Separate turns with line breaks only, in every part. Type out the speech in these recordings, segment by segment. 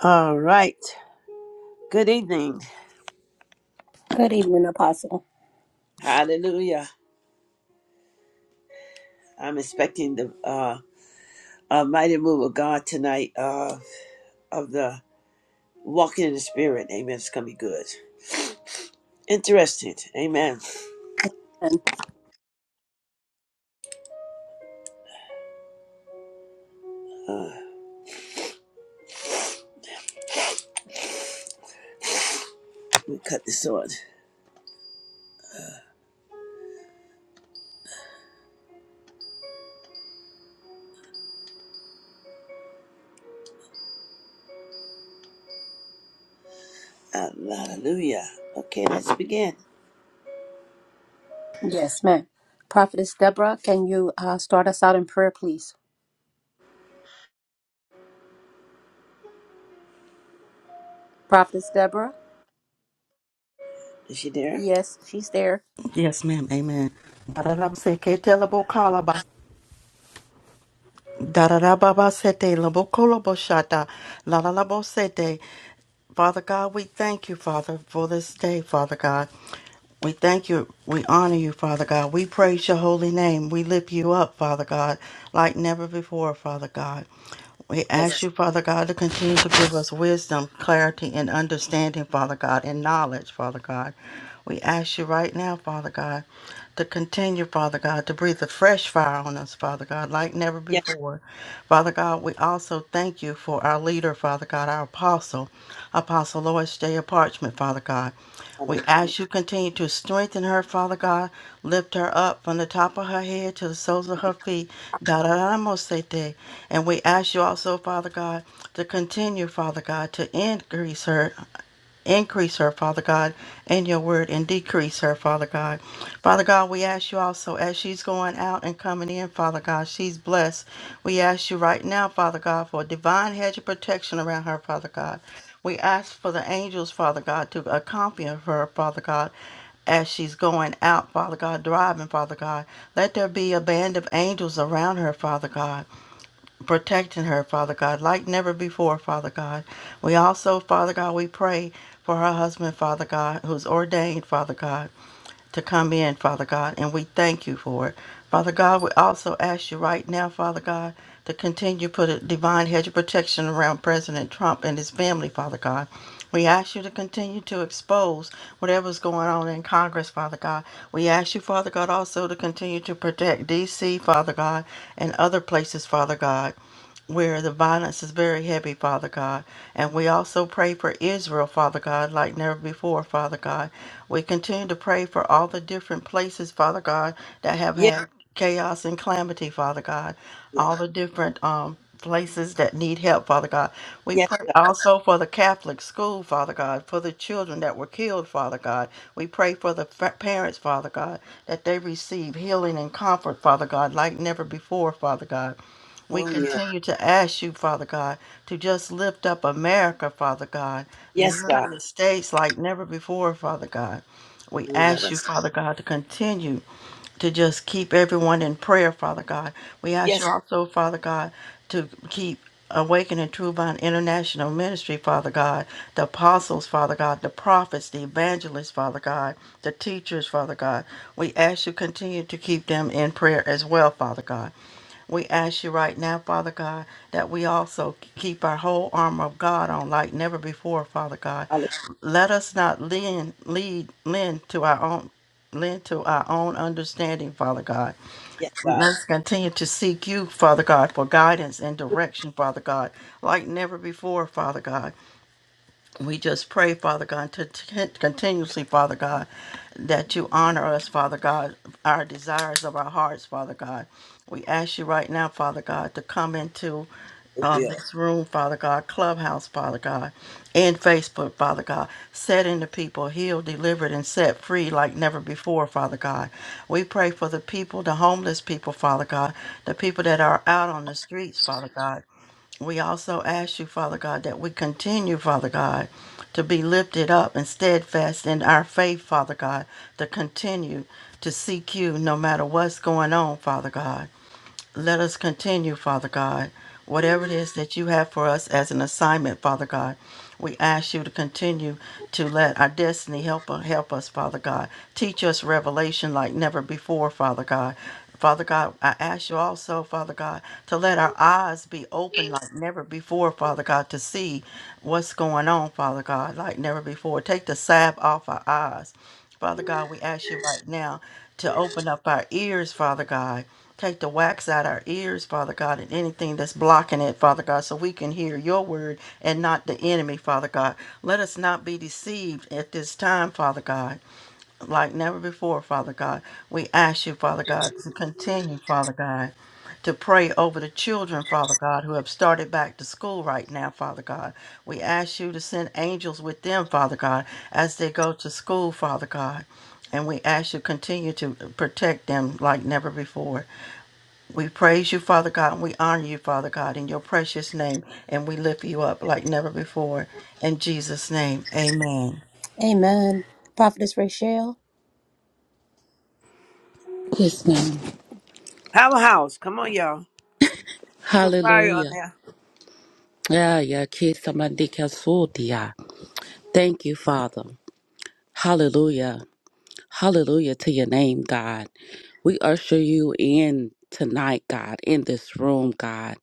All right. Good evening.
Good evening, Apostle.
Hallelujah. I'm expecting the uh, a mighty move of God tonight uh, of the walking in the spirit. Amen. It's going to be good. Interesting. Amen.
And
Uh, we cut the sword. Hallelujah. Okay, let's begin.
yes, ma'am. Prophetess Deborah, can you uh, start us out in prayer, please? Prophetess Deborah?
Is she there?
Yes, she's there.
Yes, ma'am. Amen. Pararam se ke te labo kalaba. Dararababa sete labo kolobo shata. Lalalabo sete. Father God, we thank you, Father, for this day, Father God. We thank you. We honor you, Father God. We praise your holy name. We lift you up, Father God, like never before, Father God. We
Yes.
ask you, Father God, to continue to give us wisdom, clarity, and understanding, Father God, and knowledge, Father God. We ask you right now, Father God to continue, Father God, to breathe a fresh fire on us, Father God, like never
Yes.
before. Father God, we also thank you for our leader, Father God, our apostle, Apostle Lois J. Parchment, Father God. We
Hallelujah.
ask you continue to strengthen her, Father God. Lift her up from the top of her head to the soles of her feet. Da da da mo se te. And we ask you also, Father God, to continue, Father God, to increase her Increase her, Father God, in your word and decrease her, Father God. Father God, we ask you also as she's going out and coming in, Father God, she's blessed. We ask you right now, Father God, for a divine hedge of protection around her, Father God. We ask for the angels, Father God, to accompany her, Father God, as she's going out, Father God, driving, Father God. Let there be a band of angels around her, Father God protecting her, Father God, like never before, Father God. We also, Father God, we pray for her husband, Father God, who's ordained, Father God, to come in, Father God, and we thank you for it. Father God, we also ask you right now, Father God, to continue to put a divine hedge of protection around President Trump and his family, Father God. We ask you to continue to expose whatever's going on in Congress, Father God. We ask you, Father God, also to continue to protect D.C., Father God, and other places, Father God where the violence is very heavy, Father God. And we also pray for Israel, Father God, like never before, Father God. We continue to pray for all the different places, Father God, that have
Yes.
had chaos and calamity, Father God.
Yes.
All the different um places that need help, Father God. We
Yes,
pray
God.
also for the Catholic school, Father God, for the children that were killed, Father God. We pray for the fa- parents, Father God, that they receive healing and comfort, Father God, like never before, Father God. We
Oh, yes.
continue to ask you, Father God, to just lift up America, Father God, the
Yes, God.
United States like never before, Father God. We
You love
ask you,
us.
Father God, to continue to just keep everyone in prayer, Father God. We ask you
Yes.
also, Father God, to keep Awakening True Vine International Ministry, Father God, the apostles, Father God, the prophets, the evangelists, Father God, the teachers, Father God. We ask you continue to keep them in prayer as well, Father God. We ask you right now, Father God, that we also keep our whole armor of God on like never before, Father God.
Hallelujah.
Let us not lean, lead, lend to our own. Lend to our own understanding, Father God.
Yes, God.
Let's continue to seek you, Father God, for guidance and direction, Father God, like never before, Father God. We just pray, Father God, to to continuously, Father God, that you honor us, Father God, our desires of our hearts, Father God. We ask you right now, Father God, to come into
It
um,
will.
this room, Father God, clubhouse, Father God, and Facebook, Father God, setting the people healed, delivered, and set free like never before, Father God. We pray for the people, the homeless people, Father God, the people that are out on the streets, Father God. We also ask you, Father God, that we continue, Father God, to be lifted up and steadfast in our faith, Father God, to continue to seek you no matter what's going on, Father God. Let us continue, Father God, whatever it is that you have for us as an assignment, Father God. We ask you to continue to let our destiny help, help us, Father God. Teach us revelation like never before, Father God. Father God, I ask you also, Father God, to let our eyes be open like never before, Father God, to see what's going on, Father God, like never before. Take the salve off our eyes. Father God, we ask you right now to open up our ears, Father God. Take the wax out our ears, Father God, and anything that's blocking it, Father God, so we can hear your word and not the enemy, Father God. Let us not be deceived at this time, Father God, like never before, Father God. We ask you, Father God, to continue, Father God, to pray over the children, Father God, who have started back to school right now, Father God. We ask you to send angels with them, Father God, as they go to school, Father God. And we ask you continue to protect them like never before. We praise you, Father God, and we honor you, Father God, in your precious name, and we lift you up like never before. In Jesus' name, amen.
Amen. Prophetess Rachel?
Yes, ma'am.
Have a house. Come on, y'all. Put some fire on
Hallelujah.
there.
Yeah, yeah, kids, somebody can sort, yeah. Thank you, Father. Hallelujah. Hallelujah to your name, God. We usher you in tonight, God, in this room, God.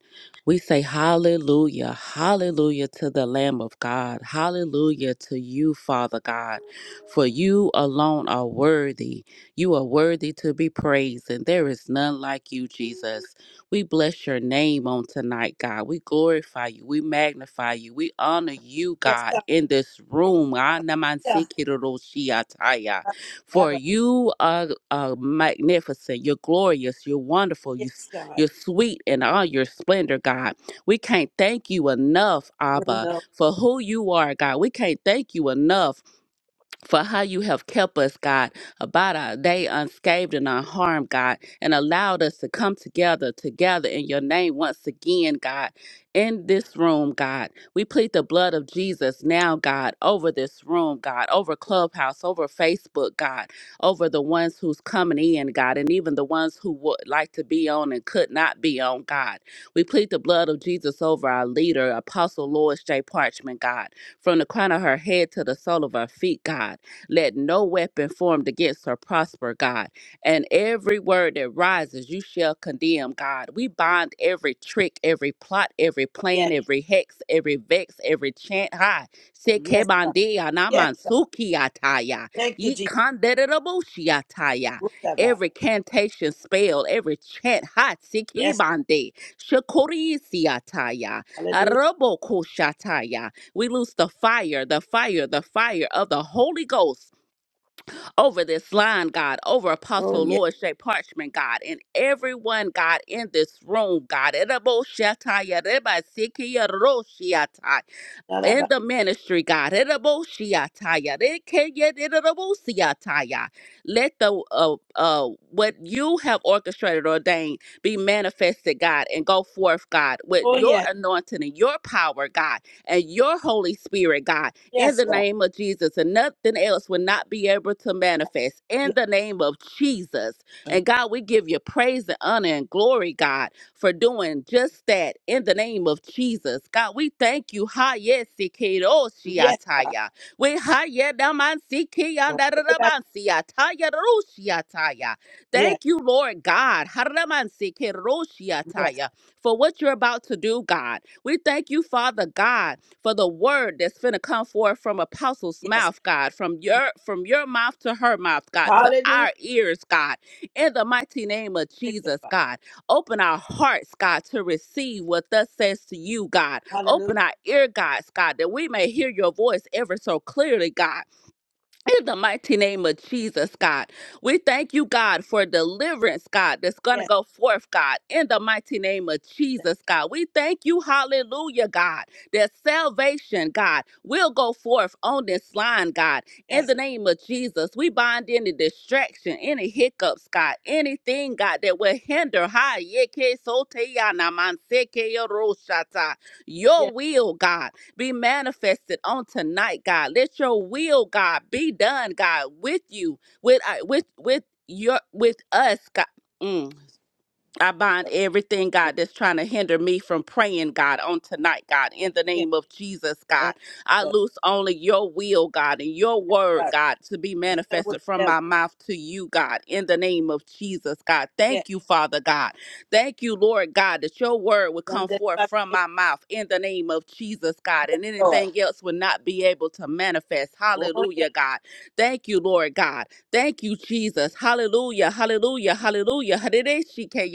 We say hallelujah, hallelujah to the Lamb of God, hallelujah to you, Father God, for you alone are worthy. You are worthy to be praised, and there is none like you, Jesus. We bless your name on tonight, God. We glorify you, we magnify you, we honor you,
Yes,
God,
God.
in this room. Ah, naman
Yeah.
sikiroroshiataya. For you are, are magnificent, you're glorious, you're wonderful, you,
Yes, God.
you're sweet in all your splendor, God. We can't thank you enough,
Oh,
Abba,
no.
for who you are, God. We can't thank you enough for how you have kept us, God, about our day unscathed and unharmed, God, and allowed us to come together, together in your name once again, God, in this room, God. We plead the blood of Jesus now, God, over this room, God, over Clubhouse, over Facebook, God, over the ones who's coming in, God, and even the ones who would like to be on and could not be on, God. We plead the blood of Jesus over our leader, Apostle Lois J. Parchman, God from the crown of her head to the sole of her feet, God. Let no weapon formed against her prosper, God. And every word that rises, you shall condemn, God. We bind every trick, every plot, every plan,
Yes.
every hex, every vex, every chant. Hi.
Yes, God.
Sekebandia
Yes.
namansuki ataya.
Thank you, Jesus.
Yikanderebushi ataya.
Whatever.
Every cantation, spell, every chant. Hi.
Yes, God.
Sikibandi. Shakurisi ataya.
Hallelujah.
Arobo we lose the fire, the fire, the fire of the Holy Ghost over this line, God, over
Oh,
Apostle
yes.
Lord J. Parchment, God, and everyone, God, in this room, God. Edible Shatai, Yereba Siki, Yeroshiatai
Whatever.
in the ministry, God. Eraboshiataya, rekeyedirabosiataya. Let the uh, uh, what you have orchestrated, ordained, be manifested, God, and go forth, God, with
Oh,
your
yes.
anointing and your power, God, and your Holy Spirit, God, in
Yes,
the
God.
name of Jesus. And nothing else will not be able to manifest in
Yes.
the name of Jesus. And God, we give you praise and honor and glory, God for doing just that in the name of Jesus. God, we thank you. Ha yes,
Yes.
Shiataya. We haya daman
Lord.
sikiyandarabasiataya rushiataya.
Yes.
Thank you, Lord God. Haraman
Yes.
for what you're about to do, God. We thank you, Father God, for the word that's finna come forth from Apostle's
Yes.
mouth, God, from
Thank
your
you.
from your mouth to her mouth, God, to
Hallelujah.
our ears, God, in the mighty name of
Thank you,
Jesus,
God.
God. Open our hearts, God, to receive what thus says to you, God.
Hallelujah.
Open our ear, guys, God, that we may hear your voice ever so clearly, God. In the mighty name of Jesus, God, we thank you, God, for deliverance, God, that's going to
Yes.
go forth, God. In the mighty name of Jesus, God, we thank you, hallelujah, God, that salvation, God, will go forth on this line, God. In the
Yes.
name of Jesus, we bind any distraction, any hiccups, God, anything, God, that will hinder, hi, yeke sote ya na man se yo ro shata. your
Yes.
will, God be manifested on tonight, God. Let your will, God, be done, God, with you, with I with with your with us, God. Mm. I bind everything,
Lord.
God, that's trying to hinder me from praying, God, on tonight, God, in the
Yes.
name of Jesus, God.
Thank
I
you,
loose only your will, God, and your word,
God.
God, to be
The hell with
manifested
the
from
devil.
my mouth to you, God, in the name of Jesus, God.
Yes.
Thank you, Father God. Thank you, Lord God, that your word would
Done
come
that
forth
about
from
it.
my mouth in the name of Jesus, God,
Yes,
and
Lord.
anything else would not be able to manifest.
Oh,
Hallelujah,
yes.
God. Thank you, Lord God. Thank you, Jesus. Hallelujah. Hallelujah. Hallelujah. Hadideshike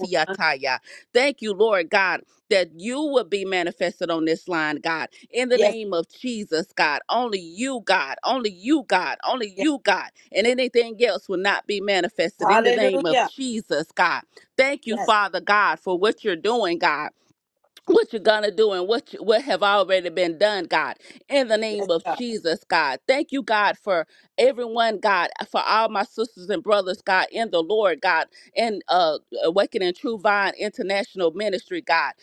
Oh, done.
Thank you, Lord God, that you will be manifested on this line, God. In the
Yes.
name of Jesus, God. Only you, God. Only you, God. Only
Yes.
you, God. And anything else will not be manifested in the name of
Hallelujah.
Jesus, God. Thank you,
Yes.
Father God, for what you're doing, God what you're gonna do and what you, what have already been done, God, in the
Yes,
name of
God.
Jesus, God. Thank you, God, for everyone, God, for all my sisters and brothers, God, in the Lord, God, in uh Awakening True Vine International Ministry, God.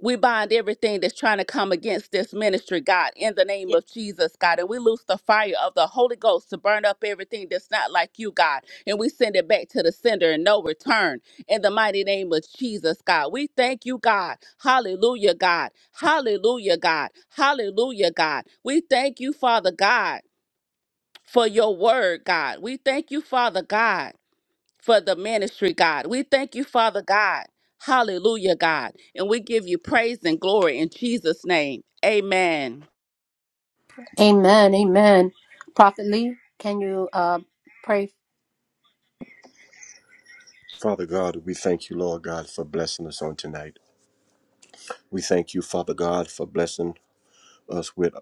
We bind everything that's trying to come against this ministry, God, in the name
Yes.
of Jesus, God. And we loose the fire of the Holy Ghost to burn up everything that's not like you, God. And we send it back to the sender in no return in the mighty name of Jesus, God. We thank you, God. Hallelujah, God. Hallelujah, God. Hallelujah, God. We thank you, Father God, for your word, God. We thank you, Father God, for the ministry, God. We thank you, Father God. Hallelujah, God. And we give you praise and glory in Jesus' name. Amen.
Amen. Amen. Prophet Lee, can you uh, pray?
Father God, we thank you, Lord God, for blessing us on tonight. We thank you, Father God, for blessing us with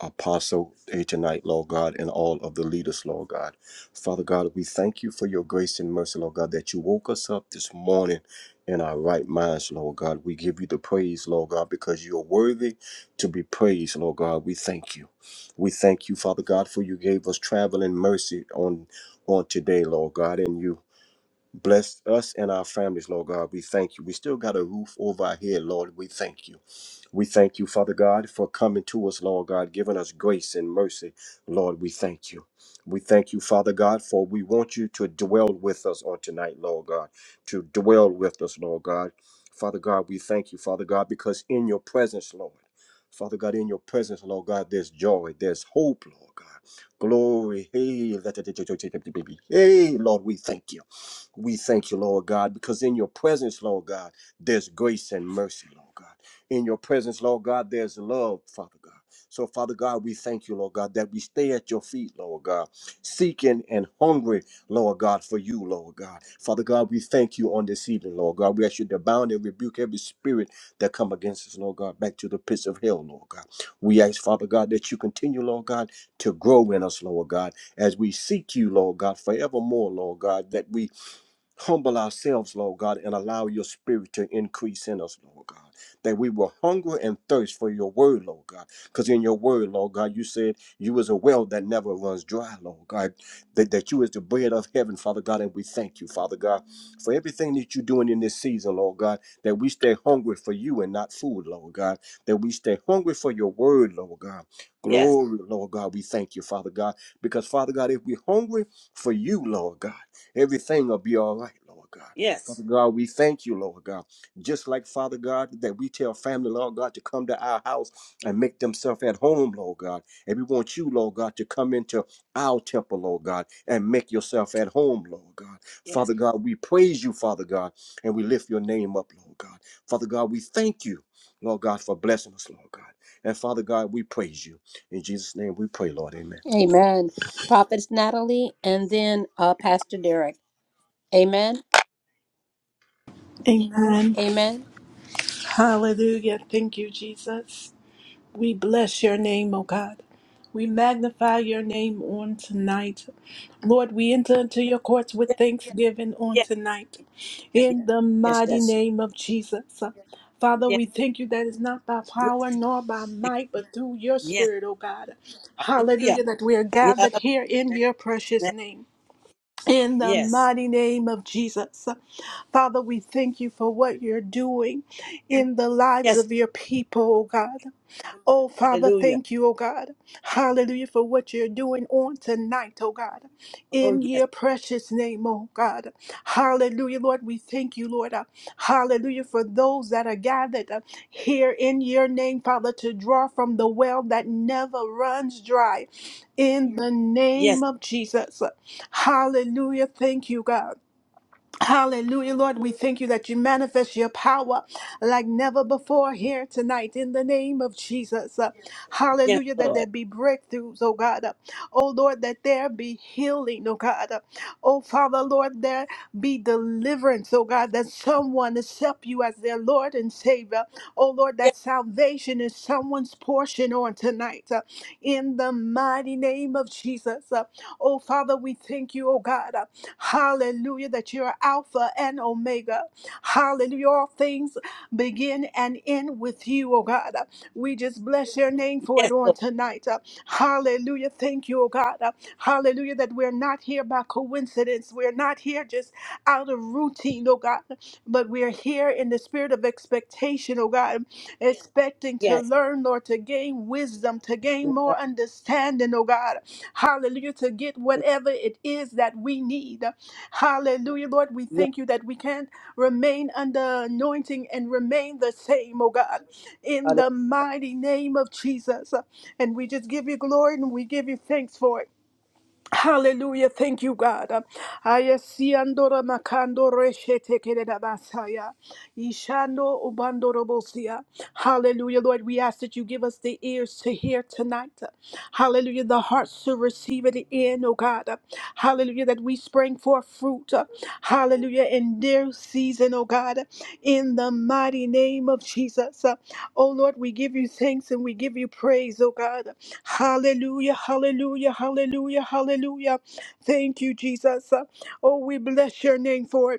Apostle A tonight, Lord God, and all of the leaders, Lord God. Father God, we thank you for your grace and mercy, Lord God, that you woke us up this morning in our right minds, Lord God. We give you the praise, Lord God, because you are worthy to be praised, Lord God. We thank you. We thank you, Father God, for you gave us traveling mercy on on today, Lord God, and you Bless us and our families, Lord God. We thank you. We still got a roof over our head, Lord. We thank you. We thank you, Father God, for coming to us, Lord God, giving us grace and mercy. Lord, we thank you. We thank you, Father God, for we want you to dwell with us on tonight, Lord God, to dwell with us, Lord God. Father God, we thank you, Father God, because in your presence, Lord, Father God, in your presence, Lord God, there's joy, there's hope, Lord God. Glory. Hey, let hey, Lord, we thank you. We thank you, Lord God, because in your presence, Lord God, there's grace and mercy, Lord God. In your presence, Lord God, there's love, Father God. So, Father God, we thank you, Lord God, that we stay at your feet, Lord God, seeking and hungry, Lord God, for you, Lord God. Father God, we thank you on this evening, Lord God. We ask you to bound and rebuke every spirit that come against us, Lord God, back to the pits of hell, Lord God. We ask, Father God, that you continue, Lord God, to grow in us, Lord God, as we seek you, Lord God, forevermore, Lord God, that we humble ourselves, Lord God, and allow your spirit to increase in us, Lord God, that we will hunger and thirst for your word, Lord God. Because in your word, Lord God, you said you is a well that never runs dry, Lord God, that, that you is the bread of heaven, Father God, and we thank you, Father God, for everything that you're doing in this season, Lord God, that we stay hungry for you and not food, Lord God, that we stay hungry for your word, Lord God.
Yes.
Glory, Lord God, we thank you, Father God, because Father God, if we're hungry for you, Lord God, Everything will be all right, Lord God.
Yes.
Father God, we thank you, Lord God. Just like Father God, that we tell family, Lord God, to come to our house and make themselves at home, Lord God. And we want you, Lord God, to come into our temple, Lord God, and make yourself at home, Lord God.
Yes.
Father God, we praise you, Father God, and we lift your name up, Lord God. Father God, we thank you, Lord God, for blessing us, Lord God. And Father God, we praise you. In Jesus' name we pray, Lord. Amen.
Amen. Prophetess Natalie, and then uh, Pastor Derek. Amen.
Amen.
Amen.
Hallelujah. Thank you, Jesus. We bless your name, O God. We magnify your name on tonight. Lord, we enter into your courts
Yes.
with thanksgiving on
Yes.
tonight. In the
Yes.
mighty
Yes.
name of Jesus. Father, we thank you that it's not by
Yes.
power nor by might, but through your
Yes.
spirit, O God. Hallelujah,
Yes.
that we are gathered
yes. Hallelujah.
here in your
Yeah, I love
precious
that.
name. In the
Yes.
mighty name of Jesus. Father, we thank you for what you're doing in the lives
Yes.
of your people, oh God. Oh, Father,
Hallelujah.
thank you, oh God. Hallelujah for what you're doing on tonight, oh God.
Oh
In
yes.
your precious name, oh God. Hallelujah, Lord. We thank you, Lord. Uh, Hallelujah for those that are gathered uh, here in your name, Father, to draw from the well that never runs dry. In the
Yes.
name of Jesus. Hallelujah. Thank you, God. Hallelujah, Lord. We thank you that you manifest your power like never before here tonight in the name of Jesus. Uh,
Yes,
Hallelujah, that
Lord.
there be breakthroughs, oh God. Uh, Oh Lord, that there be healing, oh God. Uh, Oh Father, Lord, there be deliverance, oh God, that someone accept you as their Lord and Savior. Oh Lord,
Yes.
that salvation is someone's portion on tonight uh, in the mighty name of Jesus. Uh, Oh Father, we thank you, oh God. Hallelujah, that you're Alpha and Omega. Hallelujah, all things begin and end with you, oh God. We just bless your name for it
Yes,
on
Lord.
tonight. Uh, Hallelujah, thank you, oh God. Uh, Hallelujah, that we're not here by coincidence. We're not here just out of routine, oh God, but we're here in the spirit of expectation, oh God expecting to
Yes.
learn, Lord, to gain wisdom, to
Yeah, I
gain
love
more understanding, oh God. Hallelujah, to get
that.
whatever it is that we need. Hallelujah, Lord, we
Yes.
thank you that we can't remain under anointing and remain the same, oh God, in
Hallelujah.
the mighty name of Jesus. And we just give you glory and we give you thanks for it. Hallelujah. Thank you, God. Ayasiandora makandore shetekerera basaya. Ishando ubandorobosia. Hallelujah, Lord. We ask that you give us the ears to hear tonight. Hallelujah. The hearts to receive it in, oh God. Hallelujah. That we spring forth fruit. Hallelujah. In their season, oh God. In the mighty name of Jesus. Oh Lord, we give you thanks and we give you praise, oh God. Hallelujah, hallelujah, hallelujah, hallelujah. Thank you, Jesus. Uh, Oh, we bless your name for it.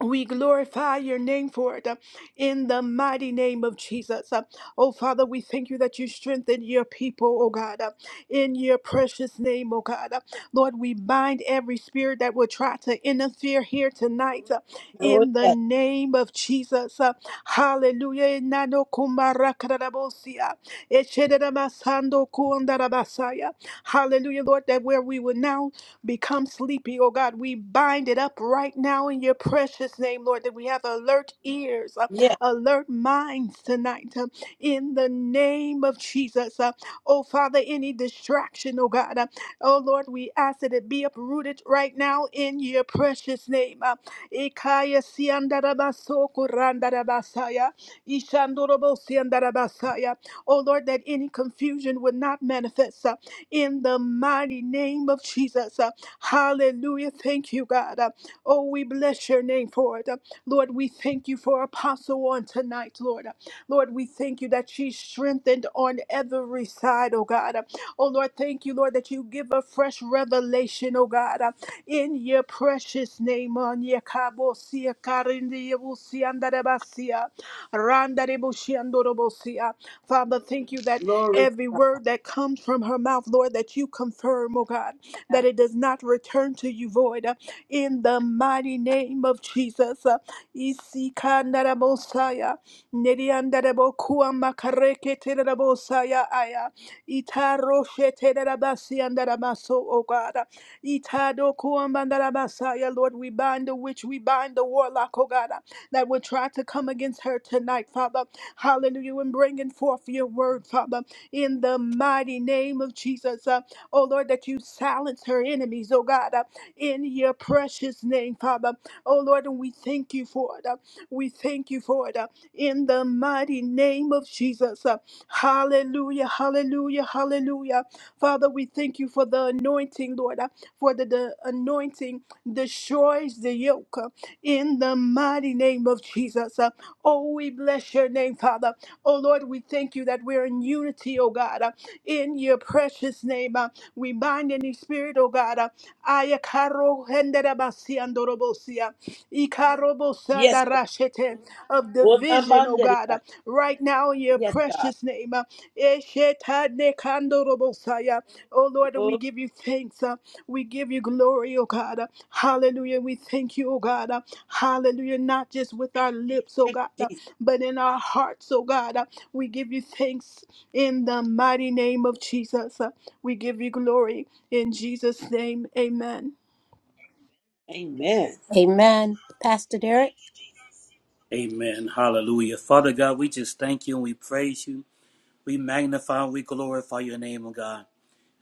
We glorify your name for it uh, in the mighty name of Jesus. Uh, Oh, Father, we thank you that you strengthen your people, oh God, uh, in your precious name, oh God. Uh, Lord, we bind every spirit that will try to interfere here tonight uh,
Oh
in the
yes.
name of Jesus. Uh, Hallelujah. Nano kumara kararabosia. Echederamasando kuandarabasaya. Hallelujah, Lord, that where we will now become sleepy, oh God. We bind it up right now in your precious name, Lord, that we have alert ears, uh,
Yes.
alert minds tonight uh, in the name of Jesus. Uh, oh Father, any distraction, oh God. uh, oh Lord, we ask that it be uprooted right now in your precious name. Uh, Ikaya siandarabasoko randarabasaya, ishandorobosiandarabasaya. Oh Lord, that any confusion would not manifest uh, in the mighty name of Jesus. uh, Hallelujah. Thank you, God. Uh, Oh, we bless your name for it. Uh, Lord, we thank you for Apostle on tonight, Lord. Uh, Lord, we thank you that she's strengthened on every side, oh God. Uh, Oh, Lord, thank you, Lord, that you give a fresh revelation, oh God. Uh, In your precious name, on your kabosia, karindiyabusia, andarabasia, randarebusia, andorobosia. Father, thank you that
Glory to
every word that comes from her mouth, Lord, that you confirm, oh God
God.
that it does not return to you void. uh, In the mighty name of Jesus. uh, Isikandarabosaya, Nediandarabokuamakareketerabosaya, aya, Itarosheterabasiandarabaso, Oh God. uh, Itadokuambandarabasaya, Lord, we bind the witch, we bind the warlock, oh God, uh, that would try to come against her tonight, Father. Hallelujah. And bringing forth your word, Father, in the mighty name of Jesus. Uh, Oh Lord, that you silence her enemies, oh God, uh, in your precious name, Father. Oh Lord, and we thank you for it. uh, we thank you for it. uh, in the mighty name of Jesus. uh, hallelujah, hallelujah, hallelujah. Father, we thank you for the anointing, Lord, uh, for the, the anointing destroys the yoke uh, in the mighty name of Jesus. uh. oh, we bless your name, Father. Oh Lord, we thank you that we're in unity, oh God, uh, in your precious name. uh. We bind any spirit, oh God. uh, Aya karo hendera basi andorobosia, ikarobosa
Yes, Lord.
darashete, Of
Oh, the
division,
man
oh
mighty
God. uh,
God.
Right now, in your
Yes, God.
precious name. uh, Eshetane kandorobosaya. Oh Lord, and we
Oh,
give you thanks. uh, We give you glory, oh God. uh, Hallelujah. We thank you, oh God. uh, Hallelujah. Not just with our lips, oh
thank
God,
you,
uh,
Jesus.
but in our hearts, oh God. uh, We give you thanks in the mighty name of Jesus. We give you glory in Jesus' name. Amen.
Amen.
Amen. Pastor Derek?
Amen. Hallelujah. Father God, we just thank you and we praise you. We magnify and we glorify your name, oh God.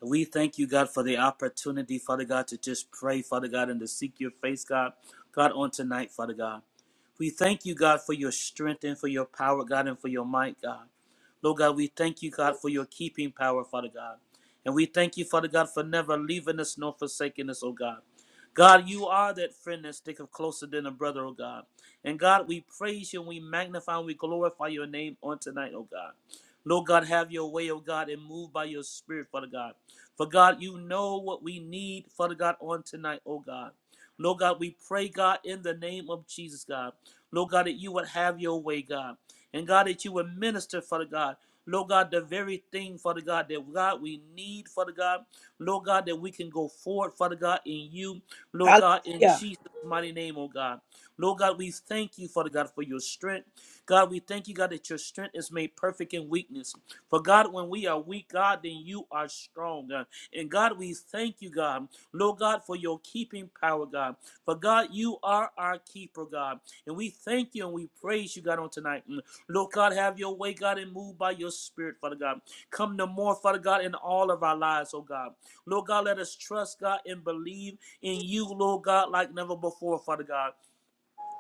We thank you, God, for the opportunity, Father God, to just pray, Father God, and to seek your face, God, God, on tonight, Father God. We thank you, God, for your strength and for your power, God, and for your might, God. Lord God, we thank you, God, for your keeping power, Father God. And we thank you, Father God, for never leaving us nor forsaking us, oh God. God, you are that friend that sticketh closer than a brother, oh God. And God, we praise you and we magnify and we glorify your name on tonight, oh God. Lord God, have your way, oh God, and move by your spirit, Father God. For God, you know what we need, Father God, on tonight, oh God. Lord God, we pray, God, in the name of Jesus, God. Lord God, that you would have your way, God. And God, that you would minister, Father God. Lord God, the very thing, Father God, that God we need, Father God. Lord God, that we can go forward, Father God, in you, Lord God, in
Hallelujah.
Jesus' mighty name, oh God. Lord God, we thank you, Father God, for your strength. God, we thank you, God, that your strength is made perfect in weakness. For God, when we are weak, God, then you are strong. And God, we thank you, God, Lord God, for your keeping power, God. For God, you are our keeper, God. And we thank you and we praise you, God, on tonight. And Lord God, have your way, God, and move by your spirit, Father God. Come no more, Father God, in all of our lives, oh God. Lord God, let us trust, God, and believe in you, Lord God, like never before, Father God.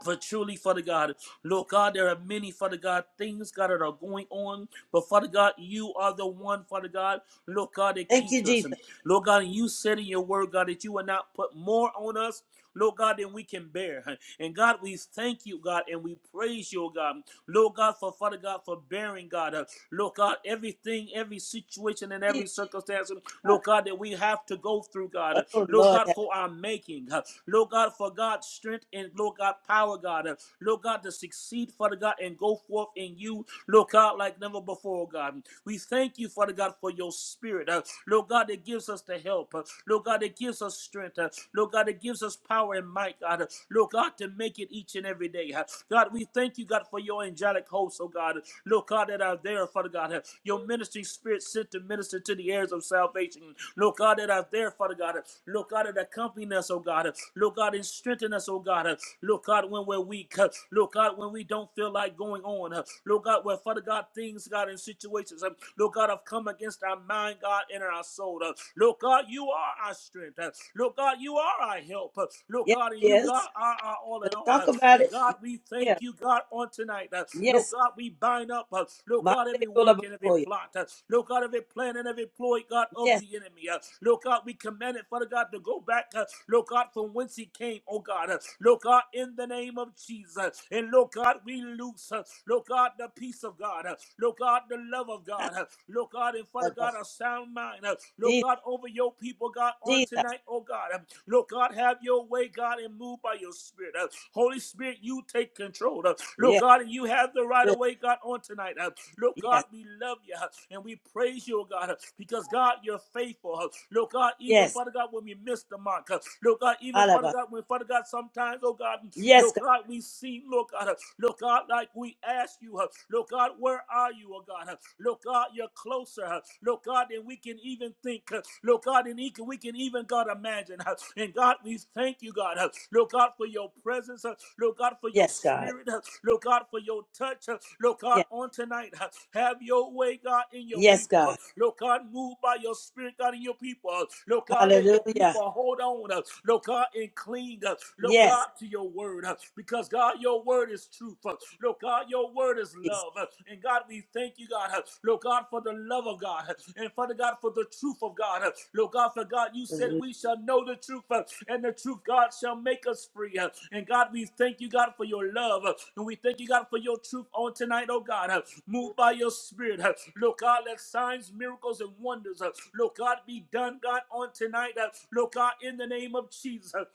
For truly, Father God, Lord God, there are many, Father God, things, God, that are going on but Father God, you are the one, Father God, Lord God, that
Thank you,
keeps us. And
Jesus.
Lord God, you said in your word, God, that you will not put more on us. Lord God, than we can bear. And God, we thank you, God, and we praise you, oh God. Lord God, for Father God, for bearing, God. Uh, Lord God, everything, every situation and
Jesus.
every circumstance, Lord God, that we have to go through, God. Uh,
Oh
Lord
Lord.
God, for our making. Uh, Lord God, for God's strength and Lord God, power, God. Uh, Lord God, to succeed, Father God, and go forth in you. Look out like never before, God. We thank you, Father God, for your spirit. Uh, Lord God, that gives us the help. Uh, Lord God, that gives us strength. Uh, Lord God, that gives us power and might, God. Uh, Lord God, to make it each and every day. Uh, God, we thank you, God, for your angelic hosts, oh God. Lord God, that are there, Father God. Uh, Your ministering spirit sent to minister to the heirs of salvation. Lord God, that are there, Father God. Uh, Lord God, that accompany us, oh God. Uh, Lord God, and strengthen us, oh God. Uh, Lord God, when we're weak. Uh, Lord God, when we don't feel like going on. Uh, Lord God, where Father God, things, God, in situations, um, Lord God, have come against our mind, God, and our soul. Uh, Lord God, you are our strength. Uh, Lord God, you are our help. Uh, Lord
Yes.
God, and you, God,
Yes.
are our all in
Gonna
all.
talk
Uh,
about
and
it.
God, we thank
Yeah.
you, God, on tonight. Uh,
Yes.
Lord God, we bind up, uh, Lord God,
Monday
every work and every
Dolabokoya.
plot. Uh, Lord God, every plan and every ploy, God, of
Yes,
the enemy. Uh, Lord God, we command it, Father God, to go back, uh, Lord God, from whence he came, oh God. Uh, Lord God, in the name of Jesus. and. And Lord God, we loose, uh, Lord God, the peace of God, uh, Lord God, the love of God, uh, Lord God, and Father
that
God,
was
a sound mind, uh, Lord
Jesus.
God, over your people, God, on
Jesus.
tonight, oh God. Um, Lord God, have your way, God, and move by your spirit. Uh, Holy Spirit, you take control. Uh, Lord
Yes,
God, and you have the right of
yes,
way, God, on tonight. Uh, Lord God,
yes.
we love you uh, and we praise you, oh God, uh, because God, you're faithful. Uh, Lord God, even
Yes,
Father God, when we miss the mark, uh, Lord God, even Father
Alaba.
God, when Father God, sometimes, oh God, um,
Yes,
Lord.
God.
Lord God, we see, Lord God, uh, Lord God, like we ask you, uh, Lord God, where are you, oh God? uh, Lord God, you're closer, uh, Lord God, than we can even think, uh, Lord God, and e- we can even, God, imagine. uh, And God, we thank you, God, uh, Lord God, for your presence, uh, Lord God, for your
Yes, God.
spirit, uh, Lord God, for your touch, uh, Lord God,
Yes,
on tonight. uh, Have your way, God, in your
yes,
people. uh,
God.
Lord God, move by your spirit, God, in your people. uh, Lord God, let your
Hallelujah.
people hold on, uh, Lord God, and cling. uh, Lord. God,
Yes,
to your word uh, because, God, your word is truth. uh, Lord God, your word is
Jesus.
love. uh, And God, we thank you, God, uh, Lord God, for the love of God uh, and Father God, for the truth of God. uh, Lord God, for God, you said we shall know the truth uh, and the truth, God, shall make us free. uh, And God, we thank you, God, for your love uh, and we thank you, God, for your truth on tonight, oh God. uh, Move by your spirit. uh, Lord God, let signs, miracles, and wonders, uh, Lord God, be done, God, on tonight. uh, Lord God, in the name of Jesus. uh,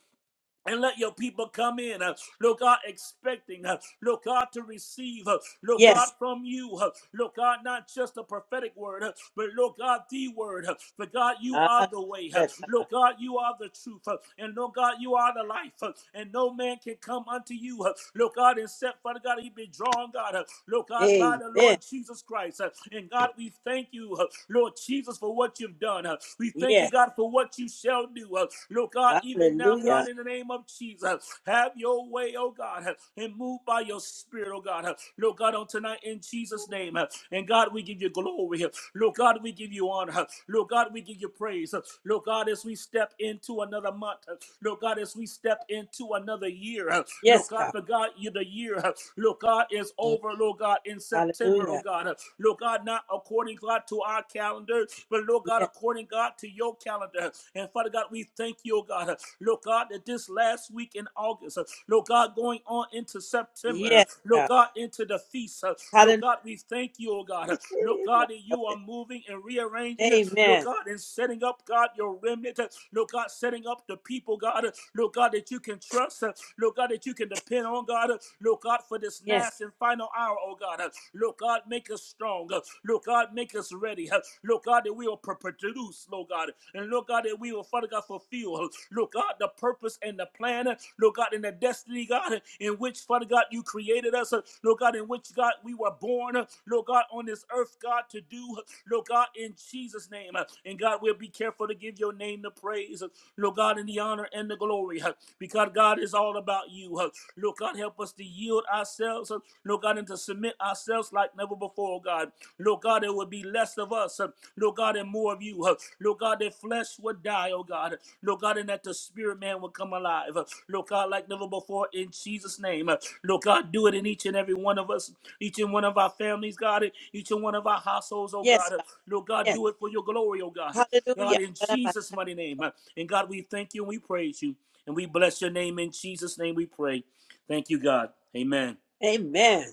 and let your people come in, uh, Lord God, expecting, uh, Lord God, to receive, uh, Lord God,
Yes.
from you, uh, Lord God, not just a prophetic word, uh, but Lord God, the word. Uh, but God, you are the way, uh,
Hallelujah.
Lord God, you are the truth, uh, and Lord God, you are the life, uh, and no man can come unto you, uh, Lord God, except Father God, he be drawn, God, uh, Lord God, by the
Amen.
Lord Jesus Christ. uh, and God, we thank you, uh, Lord Jesus, for what you've done. uh, we Thank you,
Yes.
God, for what you shall do. Uh, Lord God, even now, God,
Hallelujah.
in the name of Jesus, have your way, oh God, and move by your spirit, oh God. Lord God, on tonight in Jesus' name. And God, we give you glory. Lord God, we give you honor. Lord God, we give you praise. Lord God, as we step into another month, Lord God, as we step into another year, Lord
Yes,
God,
God.
for God, you the year, Lord God, is over, Lord God, in September, oh
Hallelujah.
God. Lord God, God, not according, God, to our calendar, but Lord God,
Yes.
according, God, to your calendar. And Father God, we thank you, oh God, Lord God, that this last week in August, Lord God, going on into September,
Yes,
Lord
God.
God, into the feast, Lord
Hallelujah.
God, we thank you, oh God, Lord God, that you are moving and rearranging, Lord
Amen.
God, and setting up, God, your remnant, Lord God, setting up the people, God, Lord God, that you can trust, Lord God, that you can depend on, God, Lord God. God, for this
Yes.
last and final hour, oh God. Uh, Lord God, make us strong. Uh, Lord God, make us ready. Uh, Lord God, that we will produce, Lord God. And Lord God, that we will, Father God, fulfill, uh, Lord God, the purpose and the plan, uh, Lord God, and the destiny, God, uh, in which, Father God, you created us, uh, Lord God, in which, God, we were born, uh, Lord God, on this earth, God, to do, uh, Lord God, in Jesus' name. Uh, And God, we'll be careful to give your name the praise, uh, Lord God, in the honor and the glory glory huh, because God is all about you. huh. Lord God, help us to yield ourselves, huh, Lord God, and to submit ourselves like never before, God. Lord God, there would be less of us, huh, Lord God, and more of you. huh. Lord God, that flesh would die, oh God. Lord God, and that the spirit man would come alive. huh. Lord God, like never before, in Jesus' name. huh. Lord God, do it in each and every one of us, each and one of our families, God, each and one of our households, oh God.
Yes,
huh.
God.
Lord God,
Yes.
do it for your glory, oh God. huh.
Hallelujah.
God, in Jesus' mighty name. huh. And God, we thank you and we praise you. And we bless your name in Jesus' name we pray. Thank you, God. Amen.
Amen.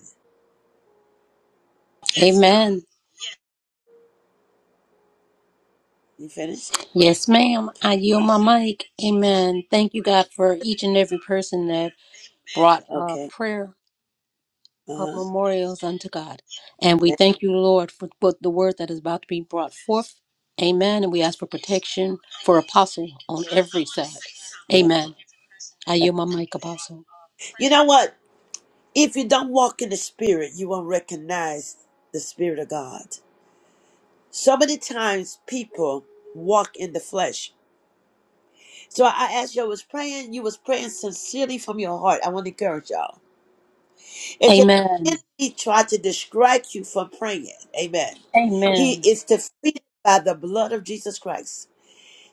Amen.
You finished?
Yes, ma'am. I yield my mic. Amen. Thank you, God, for each and every person that brought a
Okay.
prayer of
Uh-huh.
memorials unto God. And we
That-
thank you, Lord, for for the word that is about to be brought forth. Amen. And we ask for protection for Apostle on every side.
yeah.
Amen. I yield my mic, Apostle.
You know what? If you don't walk in the spirit, you won't recognize the spirit of God. So many times people walk in the flesh. So I asked you, I was praying, you was praying sincerely from your heart. I want to encourage y'all. It's just
Amen.
the enemy tried to distract you from praying. Amen. He
Amen.
is defeated by the blood of Jesus Christ.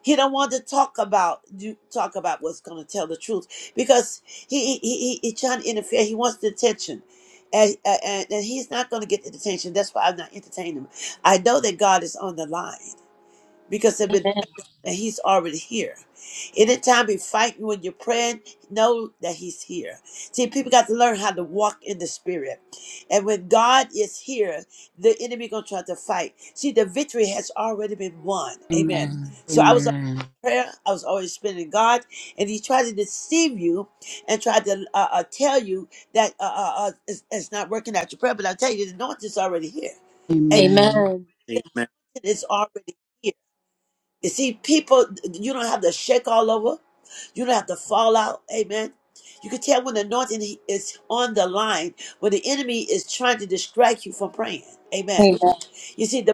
He don't want to talk about do talk about what's going to tell the truth because he he he, he trying to interfere. He wants the attention, and, and and he's not going to get the attention. That's why I'm not entertaining him. I know that God is on the line because they've been
Amen.
that he's already here. Anytime he fighting when you're praying, know that he's here. See, people got to learn how to walk in the spirit. And when God is here, the enemy gonna try to fight. See, the victory has already been won. Amen.
Amen.
So I was on prayer, I was always spending God, and he tried to deceive you and tried to uh, uh, tell you that uh, uh, uh, it's, it's not working out your prayer. But I tell you, the anointing's already here.
Amen.
Amen.
Amen.
Amen.
It's already here. You see, people, you don't have to shake all over. You don't have to fall out. Amen. You can tell when the anointing is on the line, when the enemy is trying to distract you from praying. Amen.
Amen.
You see, the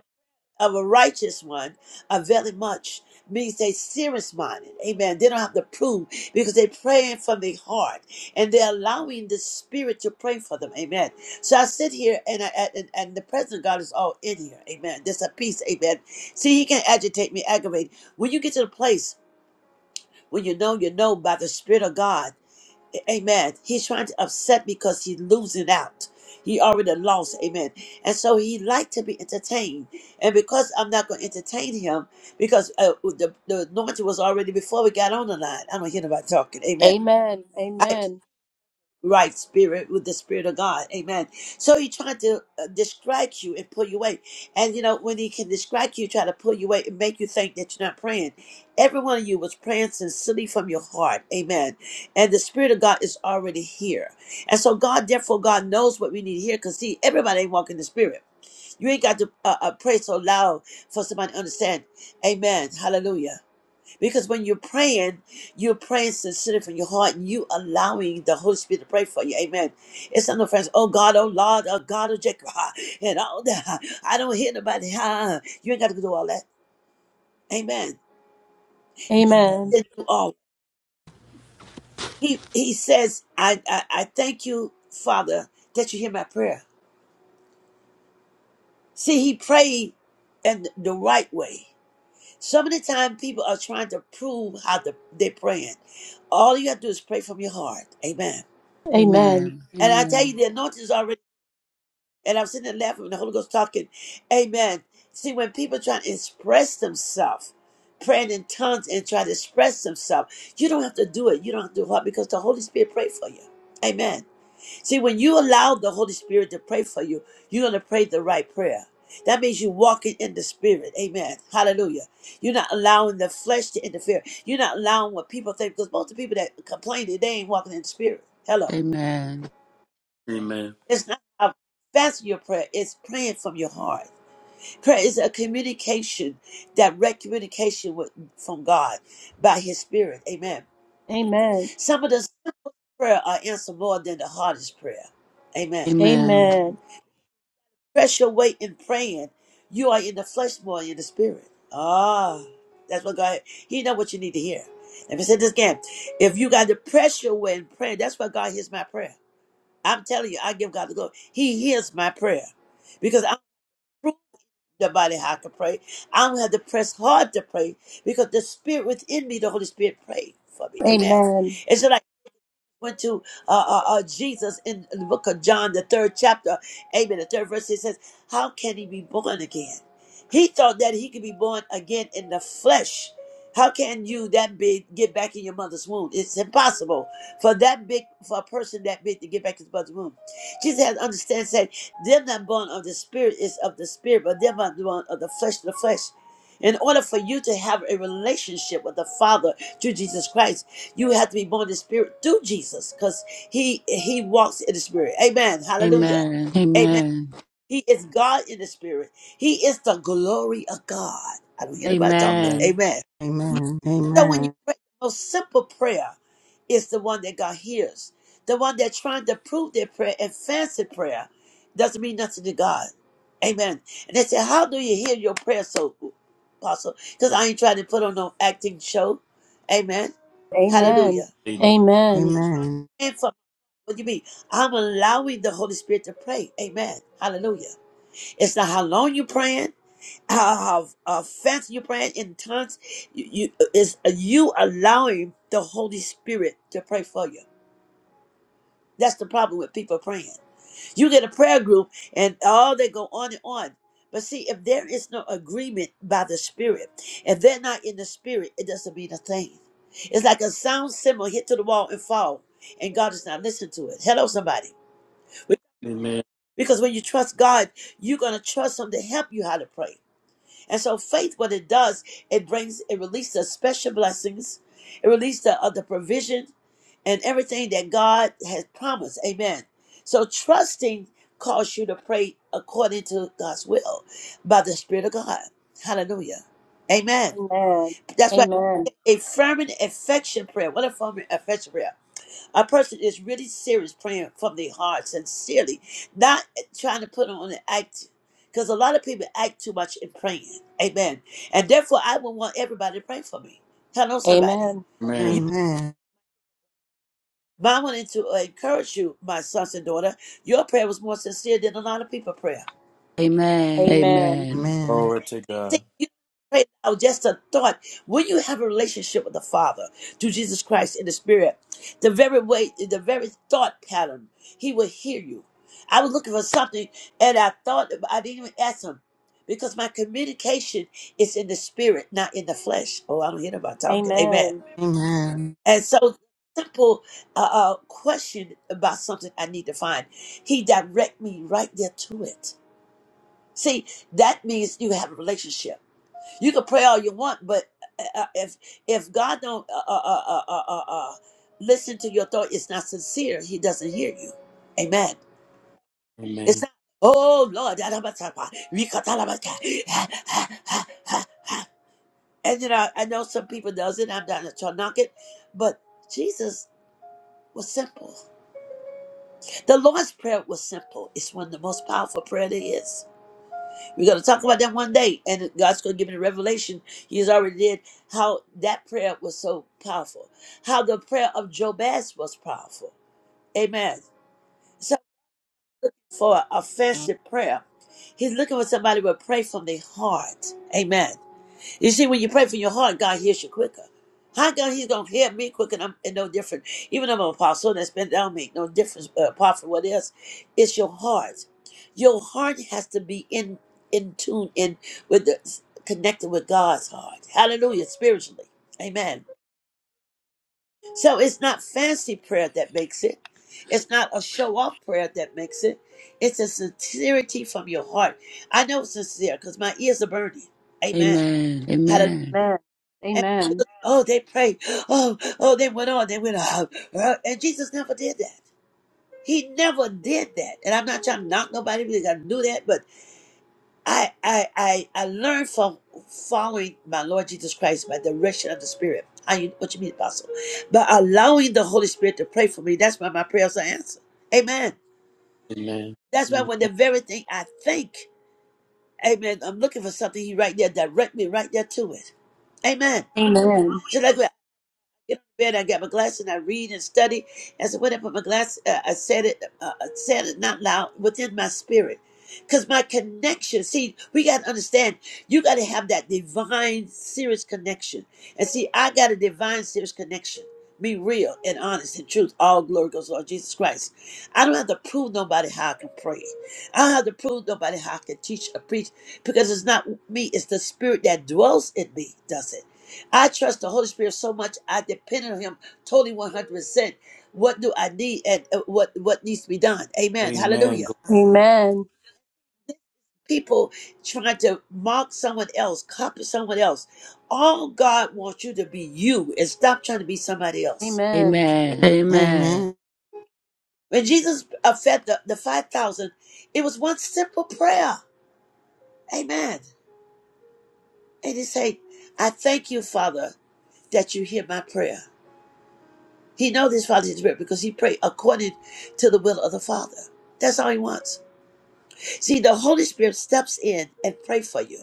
of a righteous one availing much means they serious minded. Amen. They don't have to prove because they are praying from their heart and they're allowing the spirit to pray for them. Amen. So I sit here and I and, and the presence of God is all in here. Amen. There's a peace. Amen. See, he can agitate me, aggravate. When you get to the place when you know you know by the spirit of God. Amen. He's trying to upset because he's losing out. He already lost. Amen. And so he liked to be entertained. And because I'm not going to entertain him, because uh, the, the anointing was already before we got on the line. I don't hear nobody talking. Amen
Amen.
right spirit with the spirit of God. Amen. So he tried to uh, distract you and pull you away. And you know, when he can distract you, try to pull you away and make you think that you're not praying. Every one of you was praying sincerely from your heart. Amen. And the spirit of God is already here. And so God, therefore, God knows what we need here because see, everybody ain't walking the spirit. You ain't got to uh, uh, pray so loud for somebody to understand. Amen. Hallelujah. Because when you're praying, you're praying sincerely from your heart and you allowing the Holy Spirit to pray for you. Amen. It's not no friends, oh God, oh Lord, oh God, oh Jacob, ah, and all that. I don't hear nobody. ah." You ain't got to do all that. Amen.
Amen. Amen.
Then do all. He he says, I, I I thank you, Father, that you hear my prayer. See, he prayed in the right way. So many times people are trying to prove how the, they're praying. All you gotta do is pray from your heart. Amen.
Amen.
Amen.
And I tell you, the anointing is already. And I'm sitting there laughing when the Holy Ghost talking. Amen. See, when people try to express themselves, praying in tongues and try to express themselves, you don't have to do it. You don't have to do what because the Holy Spirit prayed for you. Amen. See, when you allow the Holy Spirit to pray for you, you're going to pray the right prayer. That means you're walking in the spirit. Amen. Hallelujah. You're not allowing the flesh to interfere. You're not allowing what people think because most of the people that complain, they ain't walking in the spirit. Hello.
Amen.
Amen.
It's not about fasting your prayer. It's praying from your heart. Prayer is a communication, direct communication with, from God by His Spirit. Amen.
Amen.
Some of the prayer are answered more than the hardest prayer.
Amen.
Amen.
Amen.
Amen.
Amen.
Press your weight in praying. You are in the flesh more than in the spirit. Ah, that's what God. He know what you need to hear. Let me say this again. If you got to press your way in prayer, that's why God hears my prayer. I'm telling you, I give God the glory. He hears my prayer because I'm. Nobody how I can pray. I don't have to press hard to pray because the spirit within me, the Holy Spirit, pray for me. Amen.
Amen.
And so went to uh, uh, uh, Jesus in the book of John, the third chapter, amen, the third verse, it says, How can he be born again? He thought that he could be born again in the flesh. How can you that big get back in your mother's womb? It's impossible for that big for a person that big to get back in his mother's womb. Jesus had to understand said, them that born of the spirit is of the spirit, but them that born of the flesh the flesh. In order for you to have a relationship with the Father through Jesus Christ, you have to be born in the spirit through Jesus because he he walks in the spirit. Amen. Hallelujah.
Amen.
Amen. He is God in the spirit. He is the glory of God. I don't hear nobody talking.
Amen.
Amen.
Amen.
Amen.
So when you
Amen.
pray the most simple prayer is the one that God hears. The one that's trying to prove their prayer and fancy prayer doesn't mean nothing to God. Amen. And they say, How do you hear your prayer so apostle? Because I ain't trying to put on no acting show. Amen. Hallelujah
Amen.
Amen.
And for What do you mean? I'm allowing the Holy Spirit to pray. Amen. Hallelujah. It's not how long you're praying, how, how uh, fast you're praying in tongues. You, you, it's you allowing the Holy Spirit to pray for you. That's the problem with people praying. You get a prayer group and all they go on and on. But see, if there is no agreement by the Spirit, if they're not in the Spirit, it doesn't mean a thing. It's like a sound symbol hit to the wall and fall, and God is not listening to it. Hello, somebody.
Amen.
Because when you trust God, you're going to trust Him to help you how to pray. And so faith, what it does, it brings, it releases the special blessings, it releases the, of the provision and everything that God has promised. Amen. So trusting calls you to pray according to God's will by the Spirit of God. Hallelujah. Amen.
Amen. Amen.
That's why
Amen.
a fervent affection prayer. What a fervent affection prayer. A person is really serious praying from their heart, sincerely, not trying to put on an act. Because a lot of people act too much in praying. Amen. And therefore, I would want everybody to pray for me. Hello, somebody.
Amen.
You,
Amen.
Amen.
I wanted to encourage you, my sons and daughter. Your prayer was more sincere than a lot of people's prayer.
Amen.
Amen.
Amen.
Amen.
Glory to God.
See, you pray now just a thought. When you have a relationship with the Father through Jesus Christ in the Spirit, the very way, the very thought pattern, He will hear you. I was looking for something, and I thought I didn't even ask Him because my communication is in the Spirit, not in the flesh. Oh, I don't hear nobody talking. Amen.
Amen.
Amen.
And so, simple uh, uh, question about something I need to find. He direct me right there to it. See, that means you have a relationship. You can pray all you want, but uh, uh, if if God don't uh, uh, uh, uh, uh, uh, uh, listen to your thought, it's not sincere. He doesn't hear you. Amen. It's
Amen.
not. Oh Lord, da- da- ba- ta- ba, we ka- ta- la- ba- ka, ha- ha- ha- ha." and you know I know some people does it. I'm not to knock it, but Jesus was simple. The Lord's prayer was simple. It's one of the most powerful prayer there is. We're going to talk about that one day, and God's going to give me the revelation. He's already did how that prayer was so powerful, how the prayer of Jabez was powerful. Amen. So for offensive prayer, He's looking for somebody who will pray from the heart. Amen. You see, when you pray from your heart, God hears you quicker. How come He's gonna hear me quicker? And I'm and no different. Even though I'm an apostle, and that's been down make no difference uh, apart from what else. It's your heart. Your heart has to be in in tune in with the connected with God's heart. Hallelujah, spiritually. Amen. So it's not fancy prayer that makes it. It's not a show off prayer that makes it. It's a sincerity from your heart. I know it's sincere because my ears are burning. Amen.
Amen.
Hallelujah.
Amen.
Amen. Amen.
Oh, they prayed. Oh, oh, they went on. They went on. Uh, And Jesus never did that. He never did that. And I'm not trying to knock nobody because I knew that, but I, I, I, I learned from following my Lord Jesus Christ by direction of the Spirit. How you, what you mean, Apostle? By allowing the Holy Spirit to pray for me. That's why my prayers are answered. Amen.
Amen.
That's why
Amen.
when the very thing I think, Amen, I'm looking for something. He right there direct me right there to it. Amen.
Amen.
So like get on the bed. I got my glass and I read and study. As I went up with my glass, uh, I said it, uh, I said it not loud within my spirit. Because my connection, see, we got to understand, you got to have that divine, serious connection. And see, I got a divine, serious connection. Be real and honest and truth. All glory goes to Lord Jesus Christ. I don't have to prove nobody how I can pray. I don't have to prove nobody how I can teach or preach because it's not me, it's the spirit that dwells in me, does it? I trust the Holy Spirit so much. I depend on Him totally, one hundred percent. What do I need, and uh, what what needs to be done? Amen.
Amen.
Hallelujah.
Amen.
People trying to mock someone else, copy someone else. All God wants you to be you, and stop trying to be somebody else.
Amen.
Amen. Amen.
Amen.
When Jesus uh, fed the, the five thousand, it was one simple prayer. Amen. And He said, "I thank you, Father, that you hear my prayer." He knows his Father's Spirit because he prayed according to the will of the Father. That's all he wants. See, the Holy Spirit steps in and pray for you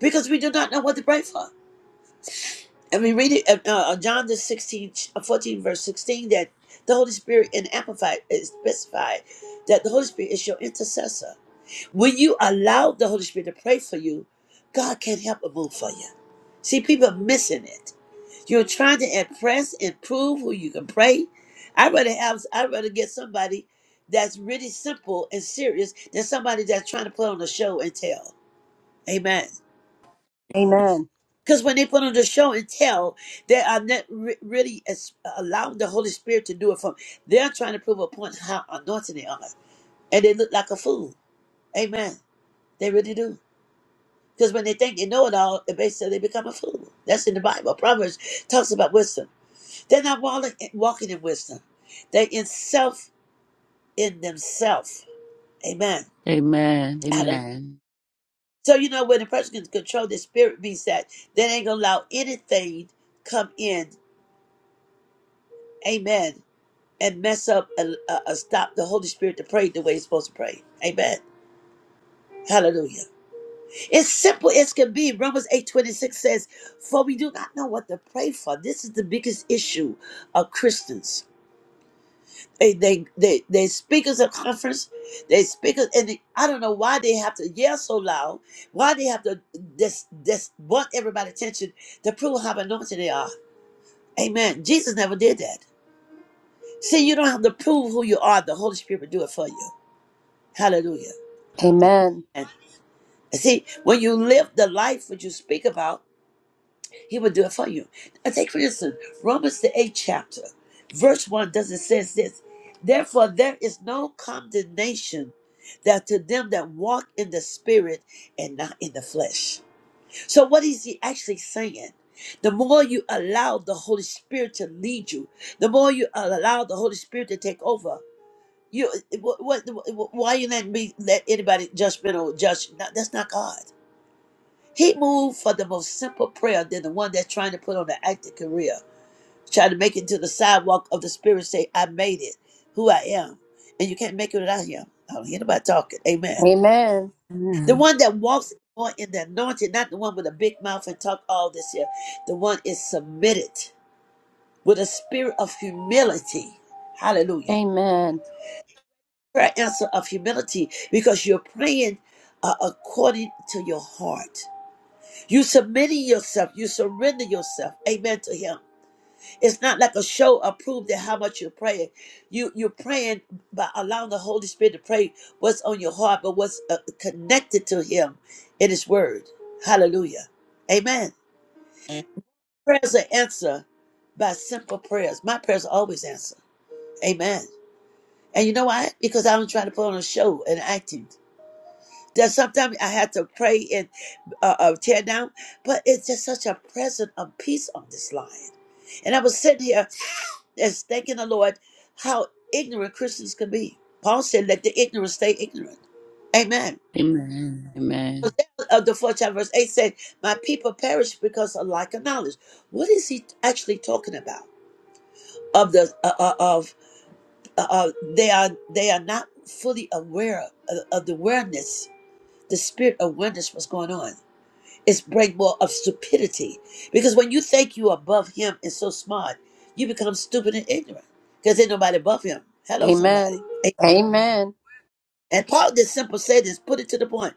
because we do not know what to pray for. And we read it uh, uh, John the 16, uh, 14, verse 16, that the Holy Spirit in Amplified is specified that the Holy Spirit is your intercessor. When you allow the Holy Spirit to pray for you, God can help and move for you. See, people are missing it. You're trying to impress and prove who you can pray. I'd rather have I'd rather get somebody that's really simple and serious than somebody that's trying to put on a show and tell. Amen.
Amen.
Because when they put on the show and tell, they are not re- really as- allowing the Holy Spirit to do it from. They're trying to prove a point how anointed they are, and they look like a fool. Amen. They really do. Because when they think they know it all, basically they become a fool. That's in the Bible. Proverbs talks about wisdom. They're not walling, walking in wisdom. They're in self in themselves. Amen.
Amen.
Hallelujah.
Amen.
So you know when a person can control their spirit means that they ain't gonna allow anything come in. Amen. And mess up and uh, uh, stop the Holy Spirit to pray the way it's supposed to pray. Amen. Hallelujah. It's simple as can be. Romans eight twenty six says, For we do not know what to pray for. This is the biggest issue of Christians They they they they speakers at conference, they speakers, and they, I don't know why they have to yell so loud, why they have to this this want everybody attention to prove how anointed they are. Amen. Jesus never did that. See, you don't have to prove who you are. The Holy Spirit will do it for you. Hallelujah.
Amen.
And see, when you live the life that you speak about. He will do it for you. Now take for instance, Romans the eighth chapter, verse one does it says this. Therefore there is no condemnation that to them that walk in the spirit and not in the flesh. So what is he actually saying? The more you allow the Holy Spirit to lead you, the more you allow the Holy Spirit to take over. You what, what why you letting me let anybody judgmental judge? No, that's not God. He moved for the most simple prayer than the one that's trying to put on an active career, trying to make it to the sidewalk of the spirit, say, I made it, who I am. And you can't make it without him. I don't hear nobody talking. Amen.
Amen.
The
Amen.
one that walks more in the anointing, not the one with a big mouth and talk all this here. The one is submitted with a spirit of humility. Hallelujah.
Amen.
Prayer answer of humility because you're praying uh, according to your heart. You submitting yourself, you surrender yourself, amen, to him. It's not like a show of proof that how much you're praying. You you're praying by allowing the Holy Spirit to pray what's on your heart, but what's uh, connected to him in his word. Hallelujah. Amen. Prayers are answered by simple prayers. My prayers are always answered. Amen. And you know why? Because I don't try to put on a show and acting. That sometimes I had to pray and uh, uh, tear down, but it's just such a present of peace on this line. And I was sitting here as thanking the Lord how ignorant Christians can be. Paul said, "Let the ignorant stay ignorant." Amen.
Amen. Amen.
Hosea Of the fourth chapter, verse eight said, "My people perish because of lack of knowledge." What is he actually talking about? Of the uh, uh, of uh, uh, they are they are not fully aware of, of the awareness, the spirit awareness, what's going on. It's breakable of stupidity. Because when you think you above him and so smart, you become stupid and ignorant. Because ain't nobody above him.
Amen.
Hello, somebody.
Amen.
And
Amen.
and Paul just simple said this, put it to the point.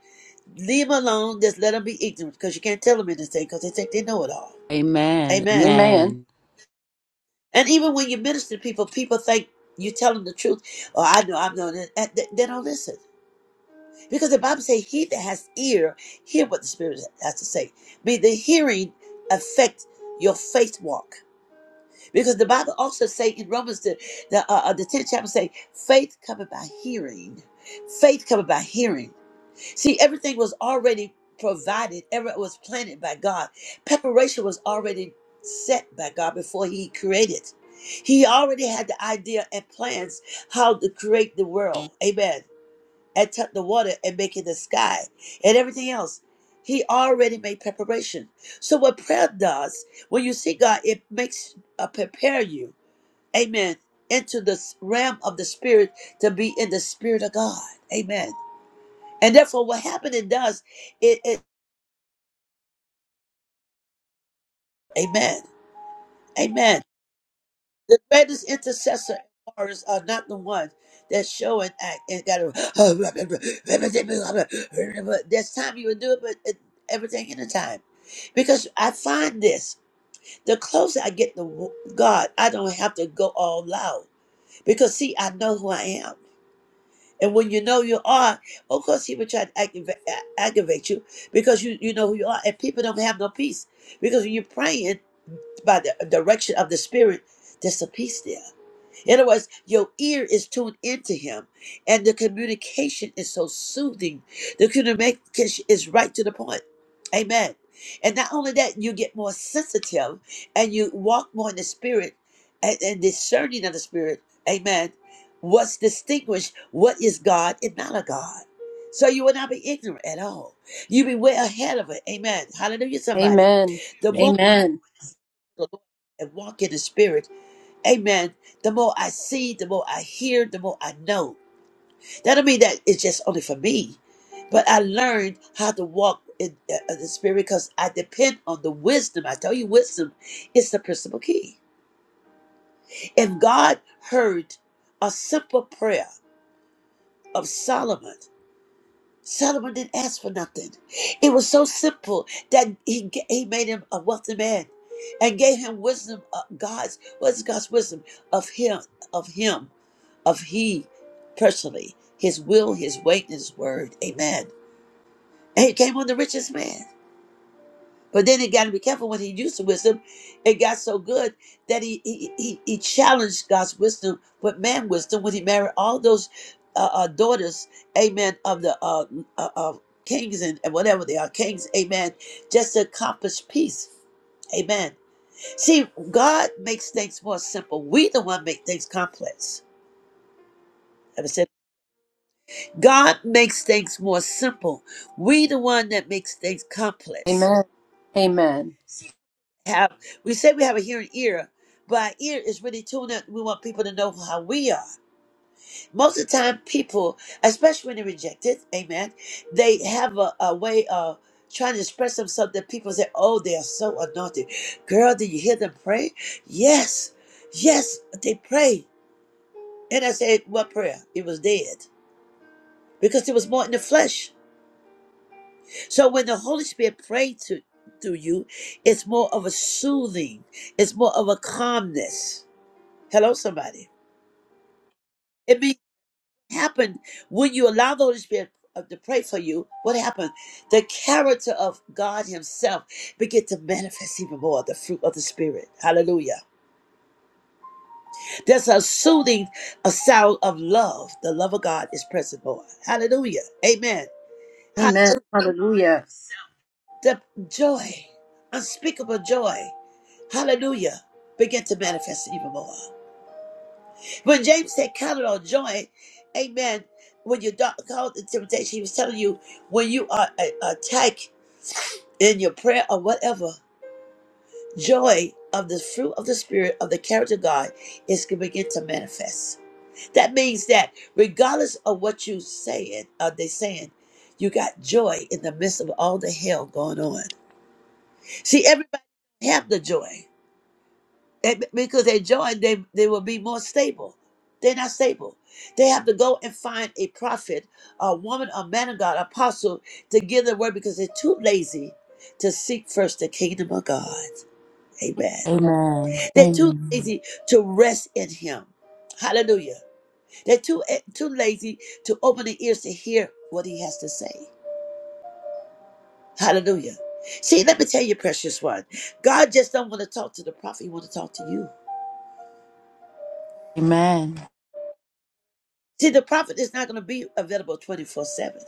Leave him alone, just let him be ignorant, because you can't tell them anything, because they think they know it all. Amen.
Amen.
Amen.
And even when you minister to people, people think you tell them the truth. Oh, I know, I know. And They they don't listen. Because the Bible says, he that has ear, hear what the Spirit has to say. Be the hearing affect your faith walk. Because the Bible also say in Romans the the, uh, uh, the tenth chapter say faith cometh by hearing, faith cometh by hearing. See, everything was already provided. Everything was planted by God. Preparation was already set by God before He created. He already had the idea and plans how to create the world. Amen. And tuck the water and make it the sky and everything else. He already made preparation. So what prayer does, when you see God, it makes uh, prepare you amen, into the s- realm of the spirit to be in the spirit of God. Amen. And therefore, what happened it does, it, it amen, amen. The greatest intercessor and warriors are not the ones that show and act and got to. There's time you would do it, but it, everything in a time. Because I find this, the closer I get to God, I don't have to go all loud. Because see, I know who I am. And when you know you are, of course, he will try to aggravate, aggravate you because you, you know who you are. And people don't have no peace because when you're praying by the direction of the Spirit, there's a peace there. In other words, your ear is tuned into him, and the communication is so soothing. The communication is right to the point. Amen. And not only that, you get more sensitive and you walk more in the spirit and, and discerning of the spirit. Amen. What's distinguished? What is God and not a God? So you will not be ignorant at all. You'll be way ahead of it. Amen. Hallelujah, somebody. The
Glory.
more
Amen.
you walk in the spirit, Amen. The more I see, the more I hear, the more I know. That don't mean that it's just only for me, but I learned how to walk in uh, uh, the spirit because I depend on the wisdom. I tell you, wisdom is the principal key. If God heard a simple prayer of Solomon, Solomon didn't ask for nothing. It was so simple that he ga- he made him a wealthy man and gave him wisdom. Of God's what's God's wisdom of him of him. of He personally, His will, His weight, and His word. Amen. And He came on the richest man. But then he got to be careful when he used the wisdom. It got so good that he he, he, he challenged God's wisdom with man wisdom when he married all those uh, uh, daughters, amen, of the uh, uh, uh, kings and, and whatever they are, kings, amen, just to accomplish peace. Amen. See, God makes things more simple. We the one make things complex. God makes things more simple. We the one that makes things complex.
Amen. Amen.
Have we say we have a hearing ear, but our ear is really tuned up. We want people to know how we are. Most of the time, people, especially when they're rejected, amen, they have a, a way of trying to express themselves that people say, Oh, they are so anointed. Girl, did you hear them pray? Yes, yes, they pray. And I said, What prayer? It was dead. Because it was more in the flesh. So when the Holy Spirit prays to, through you, it's more of a soothing, it's more of a calmness. Hello, somebody. It means happen when you allow the Holy Spirit uh, to pray for you. What happened? The character of God Himself begin to manifest even more the fruit of the Spirit. Hallelujah. There's a soothing, a sound of love. The love of God is present more. Hallelujah. Amen.
Amen. Hallelujah.
The joy, unspeakable joy, hallelujah, begin to manifest even more. When James said, Count it all joy, amen. When you're dark- called in temptation, he was telling you, when you are a- attacked in your prayer or whatever, joy of the fruit of the Spirit, of the character of God, is going to begin to manifest. That means that regardless of what you saying, or they saying, you got joy in the midst of all the hell going on. See, everybody have the joy. And be- because they join, they, they will be more stable. They're not stable. They have to go and find a prophet, a woman, a man of God, apostle to give the word because they're too lazy to seek first the kingdom of God. Amen.
Amen.
They're too
Amen.
lazy to rest in Him. Hallelujah. They're too eh, too lazy to open their ears to hear what He has to say. Hallelujah. See, let me tell you, precious one, God just don't want to talk to the prophet. He want to talk to you.
Amen.
See, the prophet is not going to be available 24 7.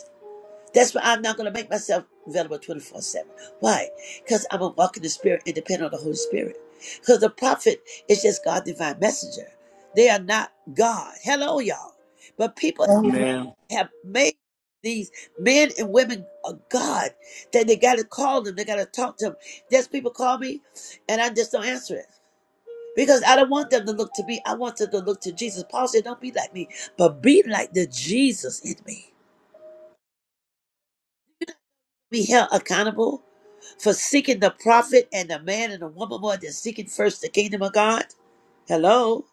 That's why I'm not going to make myself available 24 7. Why? Because I'm a walk in the Spirit and depend on the Holy Spirit. Because the prophet is just God's divine messenger. They are not God. Hello, y'all. But people
Amen.
Amen.
have made these men and women of God that they got to call them, they got to talk to them. There's people call me and I just don't answer it. Because I don't want them to look to me. I want them to look to Jesus. Paul said, Don't be like me, but be like the Jesus in me. Be held accountable for seeking the prophet and the man and the woman more than seeking first the kingdom of God. Hello?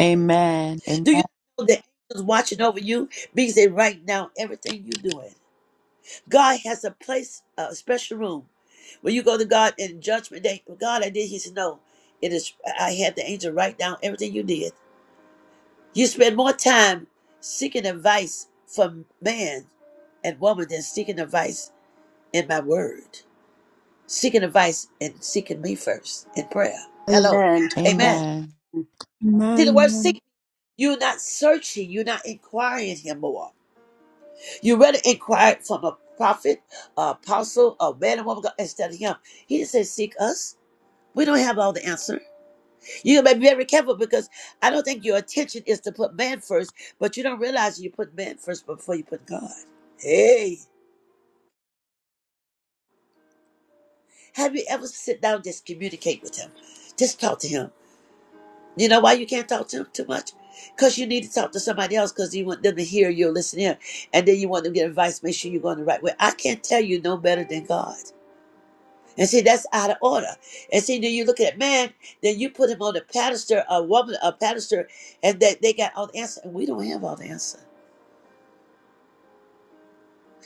Amen. Amen. Amen.
Do you know the angels watching over you means that right now everything you're doing? God has a place, a special room. When you go to God in judgment day, God, I did. He said, No, it is. I had the angel write down everything you did. You spend more time seeking advice from man and woman than seeking advice in my word. Seeking advice and seeking me first in prayer. Hello.
Amen.
Amen. See the word
Amen.
seek. You're not searching. You're not inquiring him more. You rather inquire from a prophet, a apostle, a man and woman of God, instead of him. He just said, seek us. We don't have all the answers. You gotta be very careful because I don't think your attention is to put man first, but you don't realize you put man first before you put God. Hey, have you ever sit down and just communicate with him? Just talk to him. You know why you can't talk to him too much? Because you need to talk to somebody else because you want them to hear you, listen in, and then you want them to get advice, make sure you're going the right way. I can't tell you no better than God. And see, that's out of order. And see, then you look at man, then you put him on a pedestal, a woman, a pedestal, and that they got all the answers, and we don't have all the answers.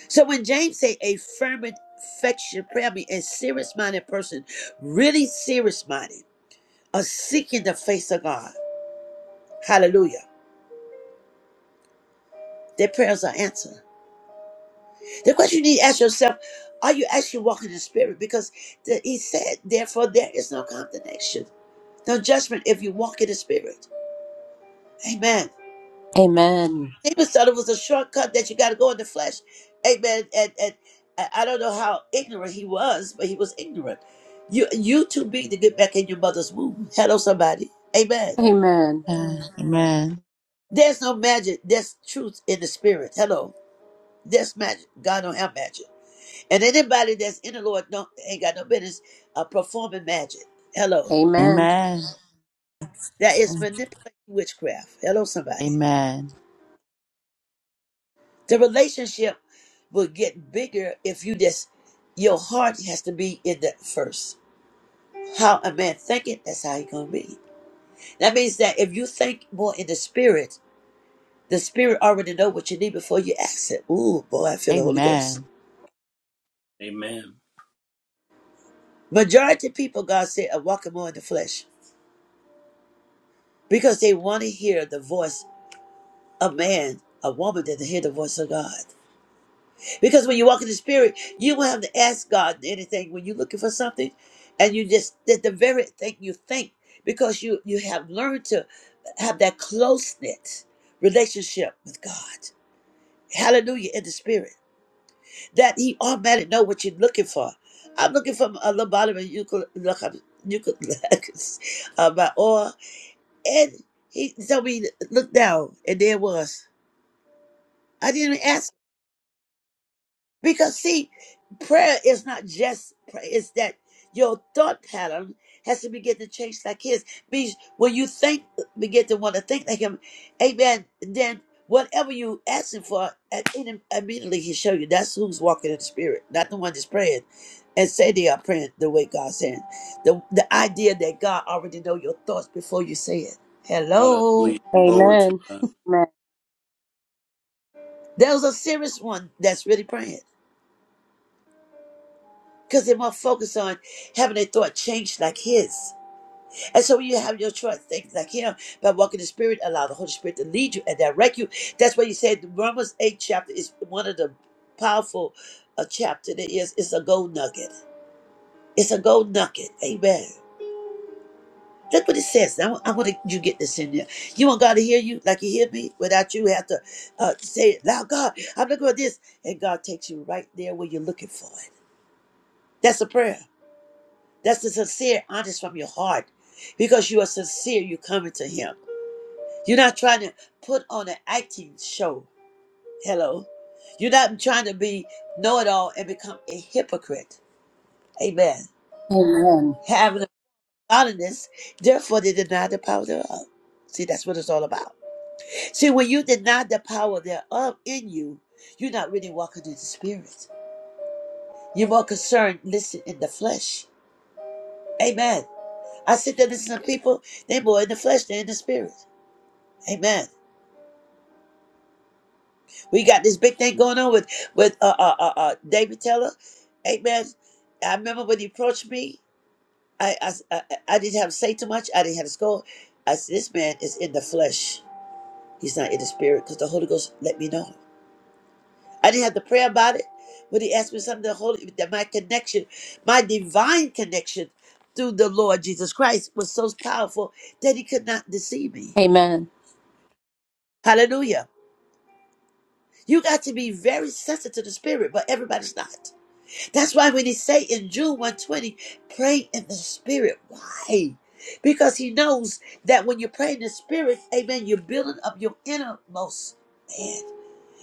So when James say a fervent, and affection prayer I mean a serious minded person, really serious minded, are seeking the face of God. Hallelujah. Their prayers are answered. The question you need to ask yourself, are you actually walking in the spirit? Because the, he said, therefore there is no condemnation, no judgment if you walk in the spirit. Amen.
Amen.
Stephen thought it was a shortcut that you got to go in the flesh. Amen. And, and I I don't know how ignorant he was, but he was ignorant. You you too big to get back in your mother's womb. Hello, somebody. Amen.
Amen.
Amen.
There's no magic. There's truth in the spirit. Hello. There's magic. God don't have magic. And anybody that's in the Lord don't, ain't got no business uh, performing magic. Hello.
Amen.
Amen.
That is manipulating witchcraft. Hello, somebody.
Amen.
The relationship will get bigger if you just your heart has to be in that first. How a man thinking, that's how he gonna be. That means that if you think more in the spirit, the spirit already know what you need before you ask it. Ooh, boy, I
Amen. Amen. Amen.
feel the Holy Ghost.
Amen.
Amen.
Majority of people, God said, are walking more in the flesh because they want to hear the voice of man, a woman, than to hear the voice of God. Because when you walk in the spirit, you will have to ask God anything when you're looking for something, and you just that the very thing you think because you you have learned to have that close knit relationship with God. Hallelujah in the spirit that He automatically know what you're looking for. I'm looking for a lobotomy, you could look up, you could look uh, my oil, and He told me look down, and there it was. I didn't ask Because see, prayer is not just prayer, it's that your thought pattern has to begin to change like his. Means when you think begin to want to think like him, amen, then whatever you asking for, at- in- immediately he show you that's who's walking in the spirit, not the one that's praying. And say they are praying the way God's saying. The the idea that God already know your thoughts before you say it. Hello.
Hallelujah. Glory to
Amen.
God.
There's a serious one that's really praying. because they won't focus on having their thought changed like his. And so when you have your thoughts things like him by walking the Spirit, allow the Holy Spirit to lead you and direct you. That's why you said the Romans 8 chapter is one of the powerful uh, chapter that is. It's a gold nugget. It's a gold nugget. Amen. That's what it says. Now, I want to, you get this in there. You want God to hear you like you hear me without you have to uh, say it loud. God, I'm looking for this. And God takes you right there where you're looking for it. That's a prayer. That's the sincere, honest from your heart. Because you are sincere, you're coming to Him. You're not trying to put on an acting show. Hello. You're not trying to be know it all and become a hypocrite. Amen.
Amen. Amen.
Having a godliness, therefore they deny the power thereof. See, that's what it's all about. See, when you deny the power thereof in you, you're not really walking in the spirit. You're more concerned, listen, in the flesh. Amen. I sit there listening to people, they more in the flesh than in the spirit. Amen. We got this big thing going on with with uh uh uh, uh David Teller. Amen. I remember when he approached me, I I I I didn't have to say too much. I didn't have to scold. I said, "This man is in the flesh. He's not in the spirit, because the Holy Ghost let me know." I didn't have to pray about it. When he asked me something, the Holy that my connection, my divine connection through the Lord Jesus Christ was so powerful that he could not deceive me.
Amen. Amen. Amen.
Hallelujah. You got to be very sensitive to the spirit, but everybody's not. That's why when he say in June 120, pray in the spirit. Why? Because he knows that when you pray in the spirit, amen, you're building up your innermost man.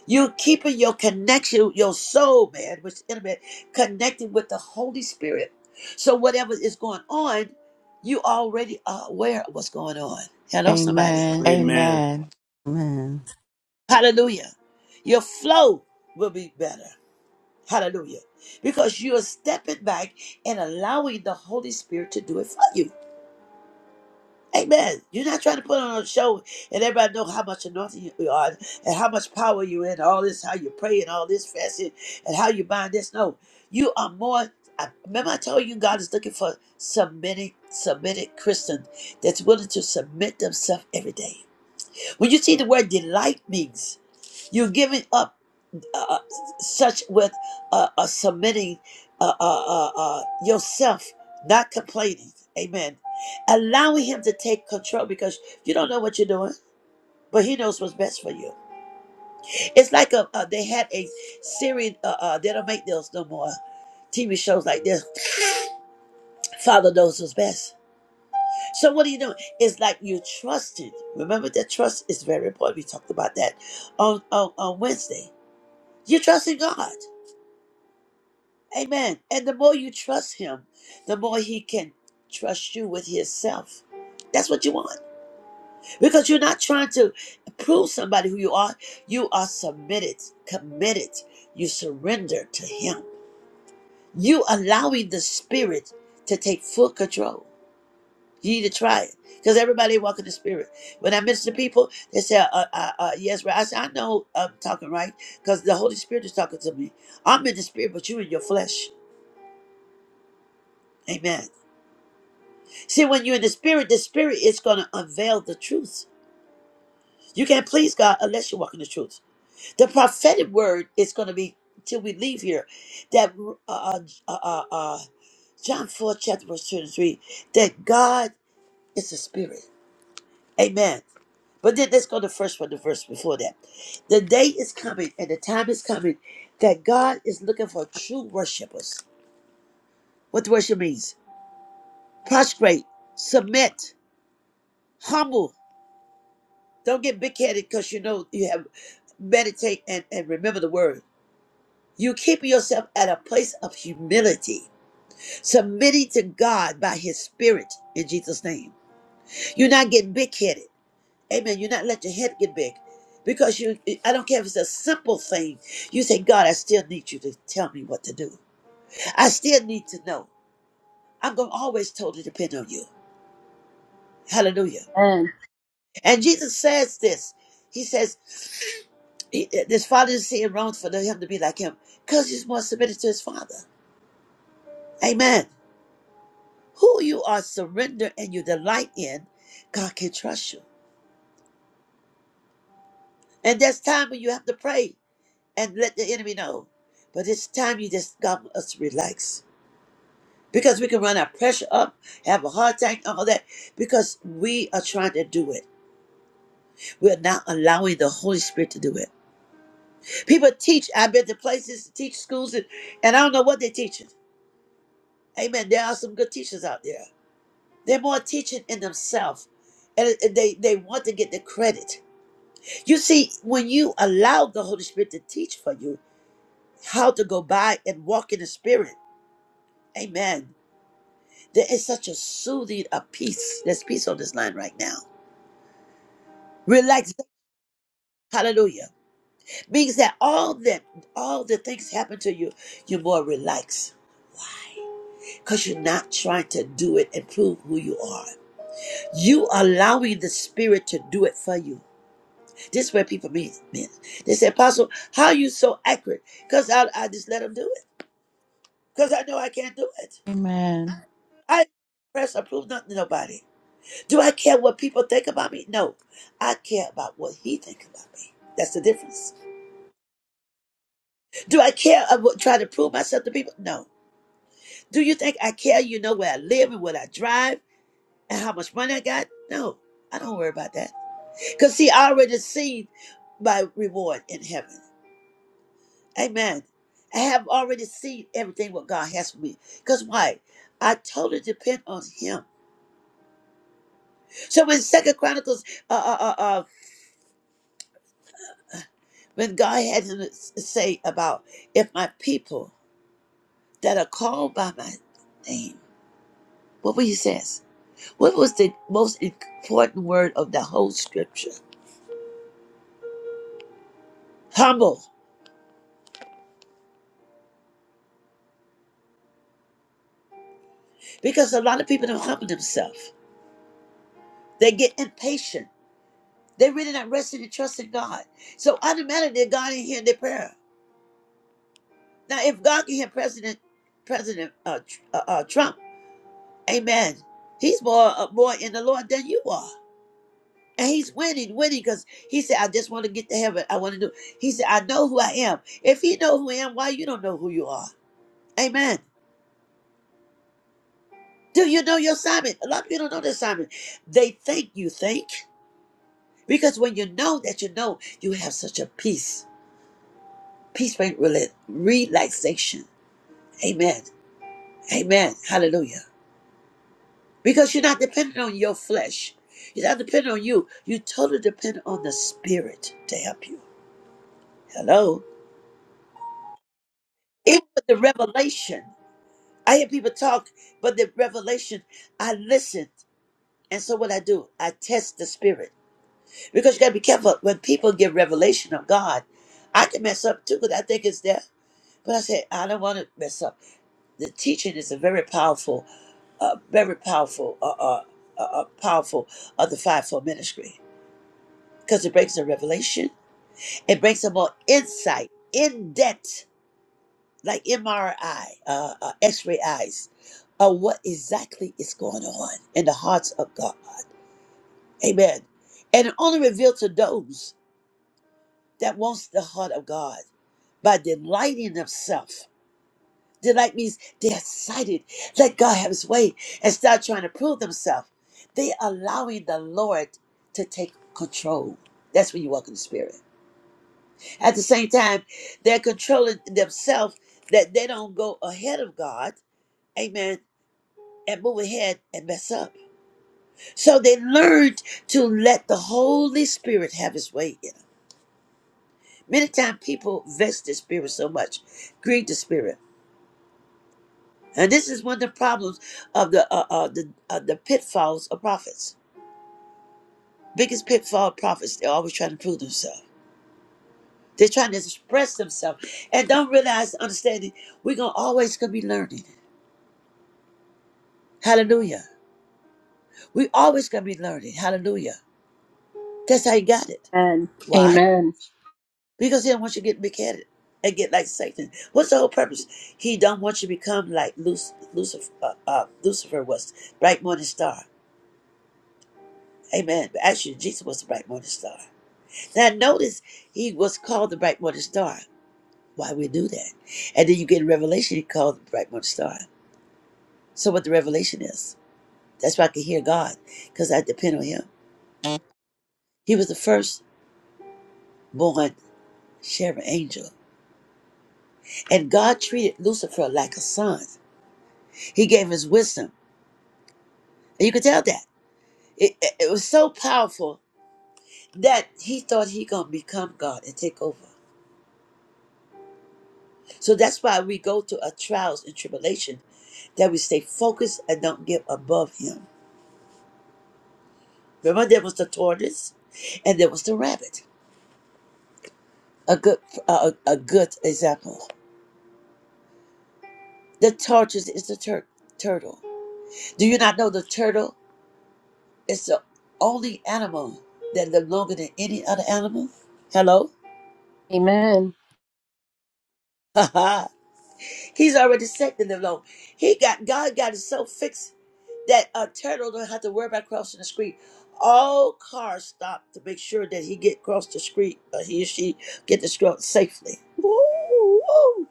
You're keeping your connection, your soul, man, which is intimate, connected with the Holy Spirit. So whatever is going on, you already are aware of what's going on. Hello, somebody.
Amen.
Amen.
Amen.
Amen.
Hallelujah. Your flow will be better. Hallelujah. Because you are stepping back and allowing the Holy Spirit to do it for you. Amen. You're not trying to put on a show and everybody know how much anointing you are and how much power you in, all this, how you pray and all this fasting and how you bind this. No, you are more. I, remember, I told you God is looking for submitting, submitted Christian that's willing to submit themselves every day. When you see the word delight means you're giving up uh, such with uh, uh, submitting uh, uh, uh, uh, yourself, not complaining. Amen. Allowing Him to take control because you don't know what you're doing, but He knows what's best for you. It's like a, uh, they had a Syrian, uh, uh, they don't make those no more. TV shows like this, Father knows what's best. So what are you doing? It's like you trusted. Remember that trust is very important. We talked about that on, on, on Wednesday. You're trusting God. Amen. And the more you trust him, the more he can trust you with himself. That's what you want. Because you're not trying to prove somebody who you are. You are submitted, committed. You surrender to him. You allowing the spirit to take full control. You need to try it. Because everybody walk in the spirit. When I minister to people, they say, uh, uh, uh, yes, right. I say, I know I'm talking right. Because the Holy Spirit is talking to me. I'm in the spirit, but you in your flesh. Amen. See, when you're in the spirit, the spirit is going to unveil the truth. You can't please God unless you walk in the truth. The prophetic word is going to be till we leave here. That uh, uh, uh, uh, uh, John four chapter verse two and three. That God is a spirit. Amen. But then let's go to the first one, the verse before that. The day is coming and the time is coming that God is looking for true worshipers. What worship means? Prostrate, submit, humble, Don't get big headed because you know you have meditate and, and remember the word. You keep yourself at a place of humility, submitting to God by his spirit in Jesus' name. You're not getting big headed. Amen. You're not letting your head get big. Because you I don't care if it's a simple thing. You say, God, I still need you to tell me what to do. I still need to know. I'm gonna always totally depend on you. Hallelujah. And Jesus says this. He says. He, his father didn't see it wrong for him to be like him because he's more submitted to his father. Amen. Who you are surrender and you delight in, God can trust you. And that's time when you have to pray and let the enemy know. But it's time you just got us to relax because we can run our pressure up, have a heart attack, all that because we are trying to do it. We're not allowing the Holy Spirit to do it. People teach. I've been to places, teach schools, and, and I don't know what they're teaching. Amen. There are some good teachers out there. They're more teaching in themselves. And it- and they, they want to get the credit. You see, when you allow the Holy Spirit to teach for you how to go by and walk in the Spirit, amen. There is such a soothing of peace. There's peace on this line right now. Relax. Hallelujah. Means that all that all the things happen to you, you're more relaxed. Because you're not trying to do it and prove who you are. You allowing the spirit to do it for you. This is where people mean men. They say, Apostle, how are you so accurate? Because I, I just let them do it. Because I know I can't do it. I press approve nothing to nobody. Do I care what people think about me? No. I care about what he think about me. That's the difference. Do I care about trying to prove myself to people? No. Do you think I care, you know, where I live and what I drive and how much money I got? No. I don't worry about that. Because see, I already seen my reward in heaven. Amen. I have already seen everything what God has for me. Because why? I totally depend on Him. So when Second Chronicles, uh, uh, uh, uh, when God had to s- say about if my people that are called by my name, what was He says? What was the most important word of the whole scripture? Humble. Because a lot of people don't humble themselves. They get impatient. They're really not resting and trusting God. So automatically they're God in here in their prayer. Now, if God can hear President President uh, Tr- uh, uh, Trump, Amen. He's more uh, more in the Lord than you are, and he's winning, winning because he said, "I just want to get to heaven. I want to do." He said, "I know who I am." If he know who I am, why you don't know who you are? Amen. Do you know your assignment? A lot of people don't know their assignment. They think you think because when you know that you know, you have such a peace, peace, brings rela- relaxation. Amen. Amen. Hallelujah. because you're not dependent on your flesh. You're not dependent on you. You totally depend on the Spirit to help you. Hello? Even with the revelation, I hear people talk, but the revelation, I listen. And so what I do, I test the Spirit. Because you got to be careful. When people give revelation of God, I can mess up too because I think it's there. But I say, I don't want to mess up. The teaching is a very powerful, uh, very powerful, uh, uh, uh, uh, powerful of the fivefold ministry because it brings the revelation It brings about insight, in depth, like MRI, uh, uh, X ray eyes, of what exactly is going on in the hearts of God. Amen. And it only revealed to those that wants the heart of God by delighting themselves. Delight means they're excited. Let God have his way and start trying to prove themselves. They're allowing the Lord to take control. That's when you walk in the spirit. At the same time, they're controlling themselves that they don't go ahead of God, amen, and move ahead and mess up. So they learned to let the Holy Spirit have his way in them. Many times people vex the Spirit so much, grieve the Spirit. And this is one of the problems of the uh, uh, the, uh, the pitfalls of prophets. Biggest pitfall of prophets, they're always trying to prove themselves. They're trying to express themselves and don't realize, understanding, we're going to always going to be learning. Hallelujah. We always gonna be learning. Hallelujah. That's how he got it. Why? Because he don't want you to get big headed and get like Satan. What's the whole purpose? He don't want you to become like Luc- Lucifer. Uh, uh, Lucifer was bright morning star. Amen. But actually, Jesus was the bright morning star. Now notice he was called the bright morning star. Why we do that? And then you get revelation. He called the bright morning star. So what the revelation is? That's why I can hear God because I depend on Him. He was the first born sharing angel. And God treated Lucifer like a son. He gave his wisdom. And you could tell that. It, it, it was so powerful that he thought he going to become God and take over. So that's why we go to a trials and tribulation, that we stay focused and don't get above him. Remember there was the tortoise and there was the rabbit. A good uh, a a good example. The tortoise is the tur- turtle. Do you not know the turtle is the only animal that lived longer than any other animal? Hello?
Amen.
He's already set in the low. He got God got it so fixed that a turtle don't have to worry about crossing the street. All cars stop to make sure that he get across the street or he or she get the street safely. Woo! woo.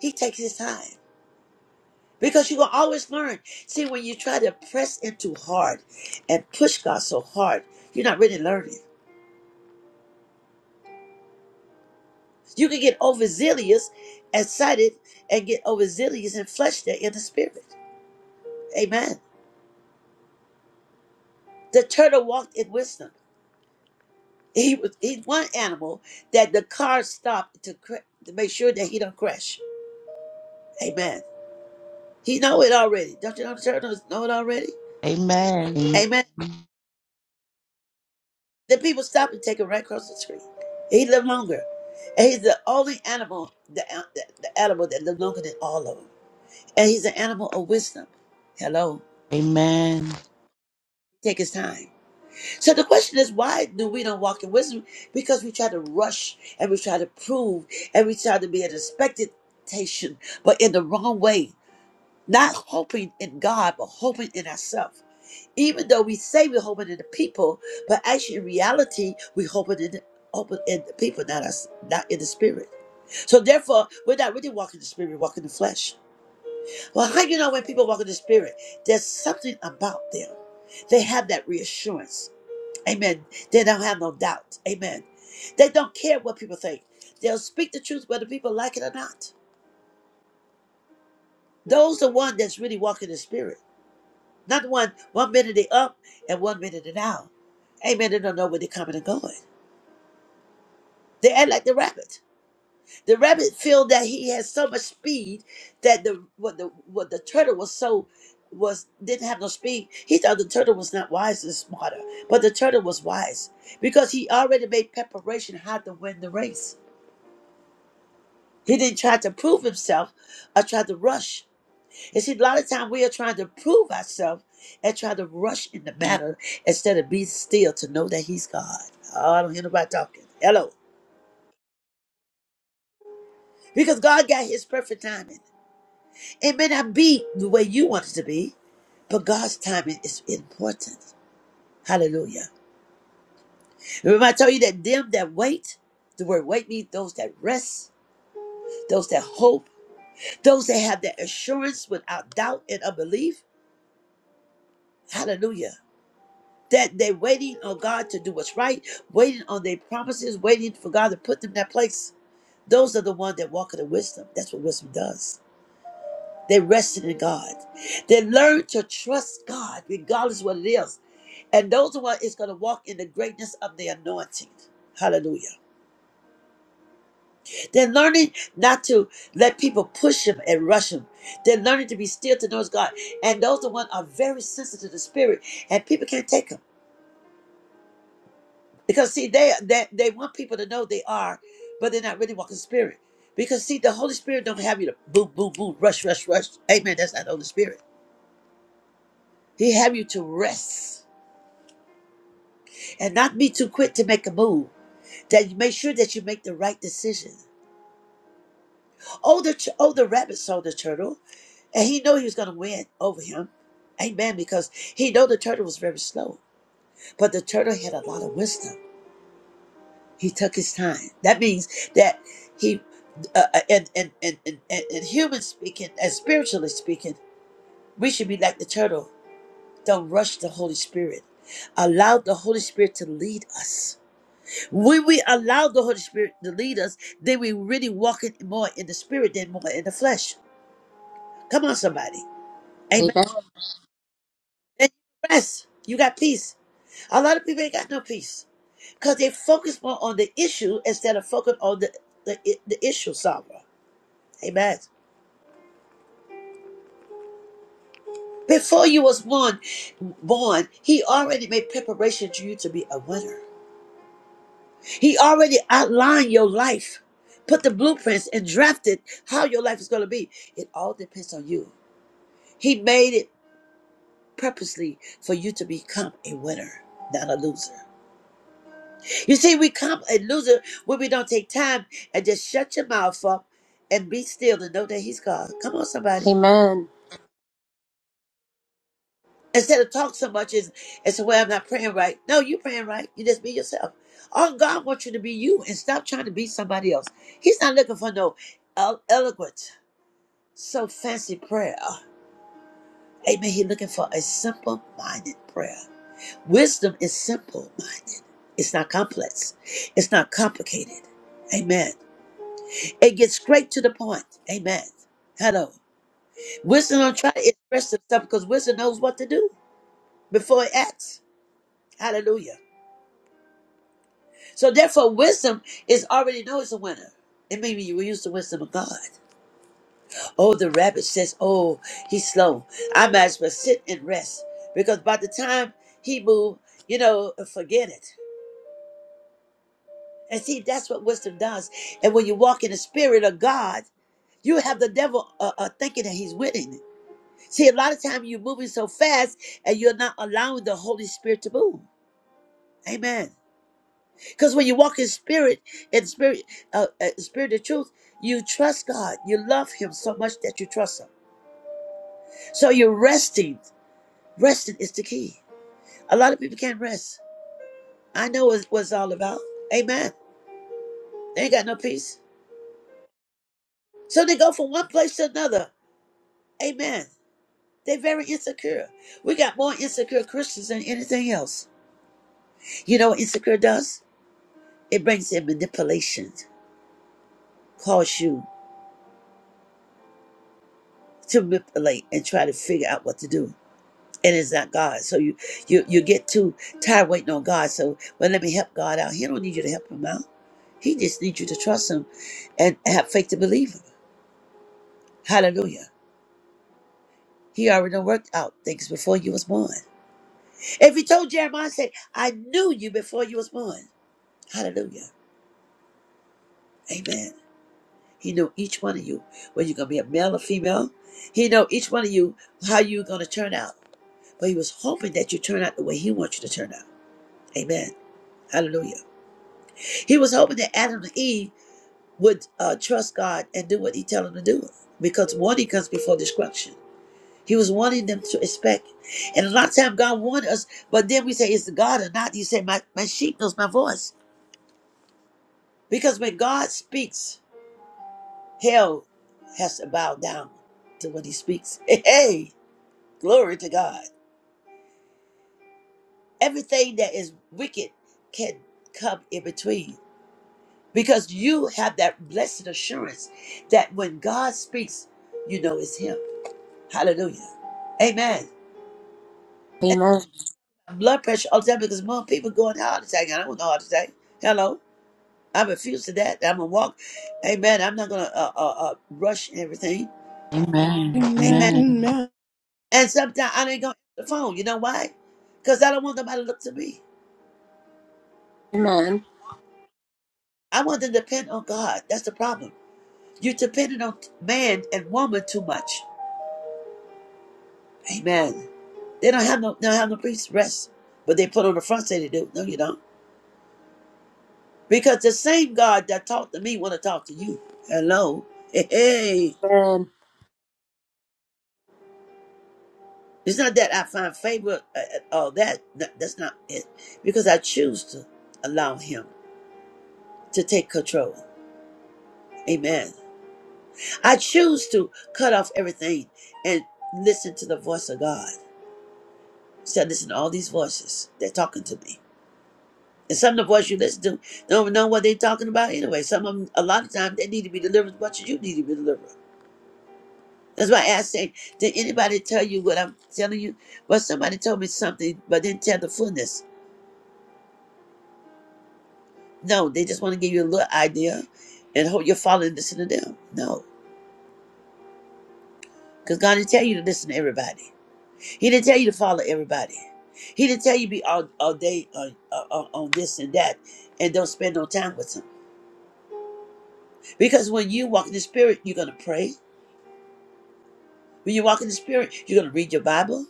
He takes his time because you will always learn. See, when you try to press in too hard and push God so hard, you're not really learning. You can get overzealous, excited, and get overzealous and flesh there in the spirit. Amen. The turtle walked in wisdom. He was he's one animal that the car stopped to cra- to make sure that he don't crash. Amen. He know it already. Don't you know the turtles know it already?
Amen.
Amen. The people stop and take him right across the street. He lived longer. And he's the only animal, the, uh, the, the animal that lived longer than all of them. And he's an animal of wisdom. Hello. Take his time. So the question is, why do we not walk in wisdom? Because we try to rush and we try to prove and we try to be at expectation, but in the wrong way. Not hoping in God, but hoping in ourselves. Even though we say we're hoping in the people, but actually in reality, we are hoping in the hoping in the people, not us, not in the spirit. So therefore, we're not really walking the spirit, we're walking the flesh. Well, how do you know when people walk in the spirit? There's something about them. They have that reassurance. Amen. They don't have no doubt. Amen. They don't care what people think. They'll speak the truth whether people like it or not. Those the one that's really walking the spirit. Not the one one minute they up and one minute they down. Amen. They don't know where they're coming and going. They act like the rabbit. The rabbit feel that he has so much speed that the what the what the turtle was so was didn't have no speed. He thought the turtle was not wise and smarter, but the turtle was wise because he already made preparation how to win the race. He didn't try to prove himself or try to rush. And see, a lot of time we are trying to prove ourselves and try to rush in the matter instead of being still to know that He's God. Oh, I don't hear nobody talking. Hello. Because God got His perfect timing. It may not be the way you want it to be, but God's timing is important. Hallelujah. Remember, I told you that them that wait, the word wait means those that rest, those that hope, those that have that assurance without doubt and unbelief. Hallelujah. that they waiting on God to do what's right, waiting on their promises, waiting for God to put them in that place. Those are the ones that walk in the wisdom. That's what wisdom does. They rested in God. They learn to trust God regardless what it is. And those are what is going to walk in the greatness of the anointing. Hallelujah. They're learning not to let people push them and rush them. They're learning to be still to know it's God. And those the ones are very sensitive to the spirit. And people can't take them. Because see, they that they want people to know they are, but they're not really walking spirit. Because see, the Holy Spirit don't have you to boom, boom, boom, rush, rush, rush. Amen. That's not the Holy Spirit. He have you to rest and not be too quick to make a move. That you make sure that you make the right decision. Oh, the tu- oh, the rabbit saw the turtle, and he knew he was gonna win over him. Amen. Because he know the turtle was very slow, but the turtle had a lot of wisdom. He took his time. That means that he, uh, uh, and, and, and, and, and, and human speaking, and spiritually speaking, we should be like the turtle. Don't rush the Holy Spirit. Allow the Holy Spirit to lead us. When we allow the Holy Spirit to lead us, then we really walk it more in the spirit than more in the flesh. Come on, somebody.
Amen.
Amen. Then you rest. You got peace. A lot of people ain't got no peace because they focus more on the issue instead of focus on the, the, the issue solver. Amen. Before you was born, born, he already made preparation for you to be a winner. He already outlined your life, put the blueprints and drafted how your life is going to be. It all depends on you. He made it purposely for you to become a winner, not a loser. You see, we become a loser when we don't take time and just shut your mouth up and be still and know that he's God. Come on, somebody.
Amen.
Instead of talk so much is and say, Well, I'm not praying right. No, you praying right. You just be yourself. All God wants you to be you and stop trying to be somebody else. He's not looking for no el- eloquent, so fancy prayer. Amen. He's looking for a simple minded prayer. Wisdom is simple minded. It's not complex. It's not complicated. Amen. It gets straight to the point. Amen. Hello. Wisdom don't try to express itself because wisdom knows what to do before it acts. Hallelujah. So therefore, wisdom is already known as a winner. It means you will use the wisdom of God. Oh, the rabbit says, "Oh, he's slow. I might as well sit and rest because by the time he move, you know, forget it." And see, that's what wisdom does. And when you walk in the spirit of God, you have the devil uh, uh, thinking that he's winning. See, a lot of time you're moving so fast and you're not allowing the Holy Spirit to move. Amen. Because when you walk in spirit, in spirit, uh, uh, spirit of truth, you trust God. You love Him so much that you trust Him. So you're resting. Resting is the key. A lot of people can't rest. I know what, what it's all about. Amen. They ain't got no peace. So they go from one place to another. Amen. They're very insecure. We got more insecure Christians than anything else. You know what insecure does? It brings in manipulation, cause you to manipulate and try to figure out what to do. and it's not God. So you you you get too tired waiting on God. So well, let me help God out. He don't need you to help him out. He just needs you to trust him and have faith to believe him. Hallelujah. He already done worked out things before you was born. If he told Jeremiah, say, I knew you before you was born. Hallelujah. Amen. He knew each one of you, whether you're gonna be a male or female. He know each one of you how you're gonna turn out. But he was hoping that you turn out the way he wants you to turn out. Amen. Hallelujah. He was hoping that Adam and Eve would uh, trust God and do what He tell them to do, because warning comes before destruction. He was warning them to expect, and a lot of time God warned us, but then we say, "Is it God or not?" He said, "My my sheep knows my voice," because when God speaks, hell has to bow down to what He speaks. Hey, glory to God! Everything that is wicked can come in between, because you have that blessed assurance that when God speaks, you know it's Him Hallelujah. Amen.
Amen.
And blood pressure all the time because more people going heart attack. I don't want no heart attack. Hello. I refuse to that. I'm gonna walk. Amen. I'm not gonna uh, uh, uh, rush everything.
Amen.
Amen.
Amen.
And sometimes I ain't gonna answer the phone. You know why? Because I don't want nobody to look to me.
Amen.
I want them to depend on God. That's the problem. You're dependent on man and woman too much. Amen. They don't have no, they don't have no priest rest, but they put on the front say they do. No, you don't. Because the same God that talked to me want to talk to you. Hello. Hey, hey.
Amen.
It's not that I find favor uh, at all that. No, That's not it. Because I choose to allow him to take control. Amen. I choose to cut off everything and listen to the voice of God. So I listen to all these voices. They're talking to me. And some of the voices you listen to don't even know what they're talking about anyway. Some of them, a lot of times, they need to be delivered as much as you need to be delivered. That's why I said, did anybody tell you what I'm telling you? Well, somebody told me something, but didn't tell the fullness. No, they just want to give you a little idea and hope you're following and listen to them. No, because God didn't tell you to listen to everybody. He didn't tell you to follow everybody. He didn't tell you to be all, all day on, on, on this and that and don't spend no time with him. Because when you walk in the Spirit, you're going to pray. When you walk in the Spirit, you're going to read your Bible.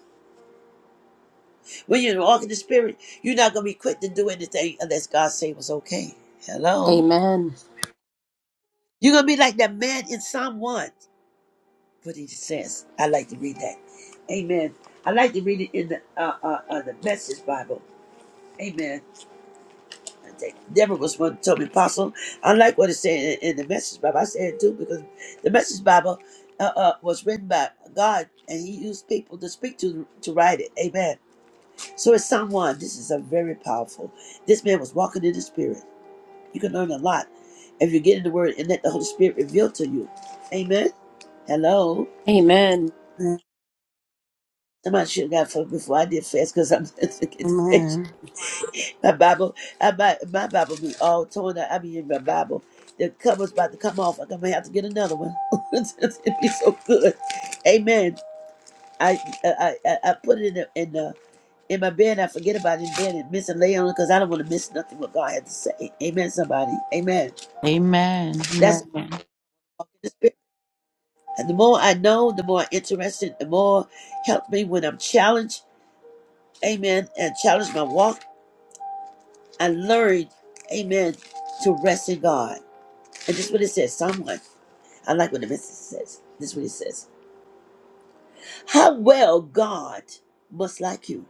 When you walk in the Spirit, you're not going to be quick to do anything unless God say it was okay. Hello?
Amen.
You're going to be like that man in Psalm 1, what he says. I like to read that. Amen. I like to read it in the uh, uh, uh, the Message Bible. Amen. I think Deborah was one who told me, Apostle, I like what it said in, in the Message Bible. I said it too because the Message Bible uh, uh, was written by God and he used people to speak to to write it. Amen. So it's Psalm 1. This is a very powerful. This man was walking in the Spirit. You can learn a lot if you get in the Word and let the Holy Spirit reveal to you. Amen. Hello.
Amen.
Somebody should have got fucked before I did fast because I'm forget to make
Amen.
sure. my Bible. I might, my Bible be all torn up. I mean, my Bible, the cover's about to come off. I'm gonna have to get another one. It'd be so good. Amen. I I I, I put it in the, in the in my bed. I forget about it in bed and miss and lay on it because I don't want to miss nothing what God had to say. Amen. Somebody. Amen.
Amen.
That's how I walk in the spirit. And the more I know, the more interested. The more helps me when I'm challenged. Amen. And challenge my walk. I learned, amen, to rest in God. And this is what it says, someone. I like what the message says. This is what it says. How well God must like you.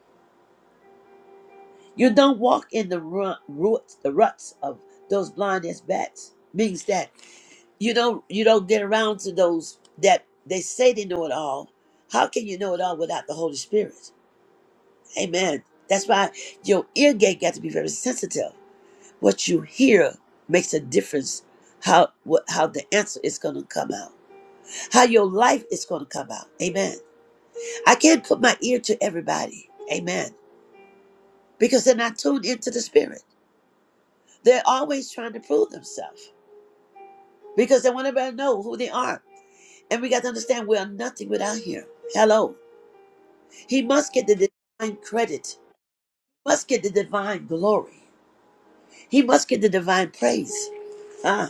You don't walk in the rut, rut, the ruts of those blind as bats. Means that you don't you don't get around to those that they say they know it all. How can you know it all without the Holy Spirit? Amen. That's why your ear gate got to be very sensitive. What you hear makes a difference how what, how the answer is going to come out. How your life is going to come out. Amen. I can't put my ear to everybody. Amen. Because they're not tuned into the spirit. They're always trying to prove themselves because they want everybody to know who they are. And we got to understand we are nothing without him. Hello. He must get the divine credit, must get the divine glory. He must get the divine praise. Huh?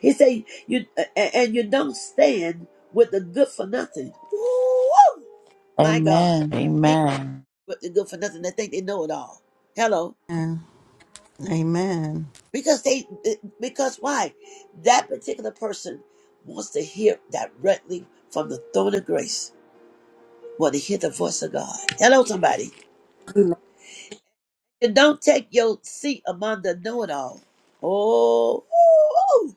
He said, "You a- and you don't stand with the good for nothing." Woo!
Amen. Amen.
My God,
Amen.
he ain't
Amen.
with the good for nothing. They think they know it all. Hello,
Amen. Amen.
because they eh, because why? That particular person wants to hear directly from the throne of grace. Want to hear the voice of God. Hello, somebody. And don't take your seat among the know-it-all. Oh, woo!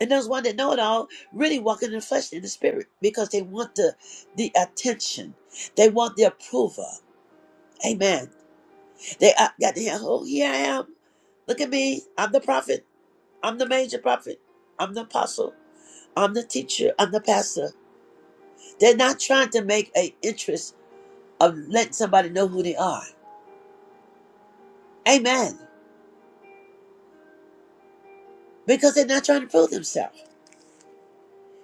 And those ones that know it all really walking in the flesh and the spirit because they want the the attention. They want the approval. Amen. They uh, got to hear, oh, here I am. Look at me. I'm the prophet. I'm the major prophet. I'm the apostle. I'm the teacher. I'm the pastor. They're not trying to make a interest of letting somebody know who they are. Amen. Because they're not trying to prove themselves.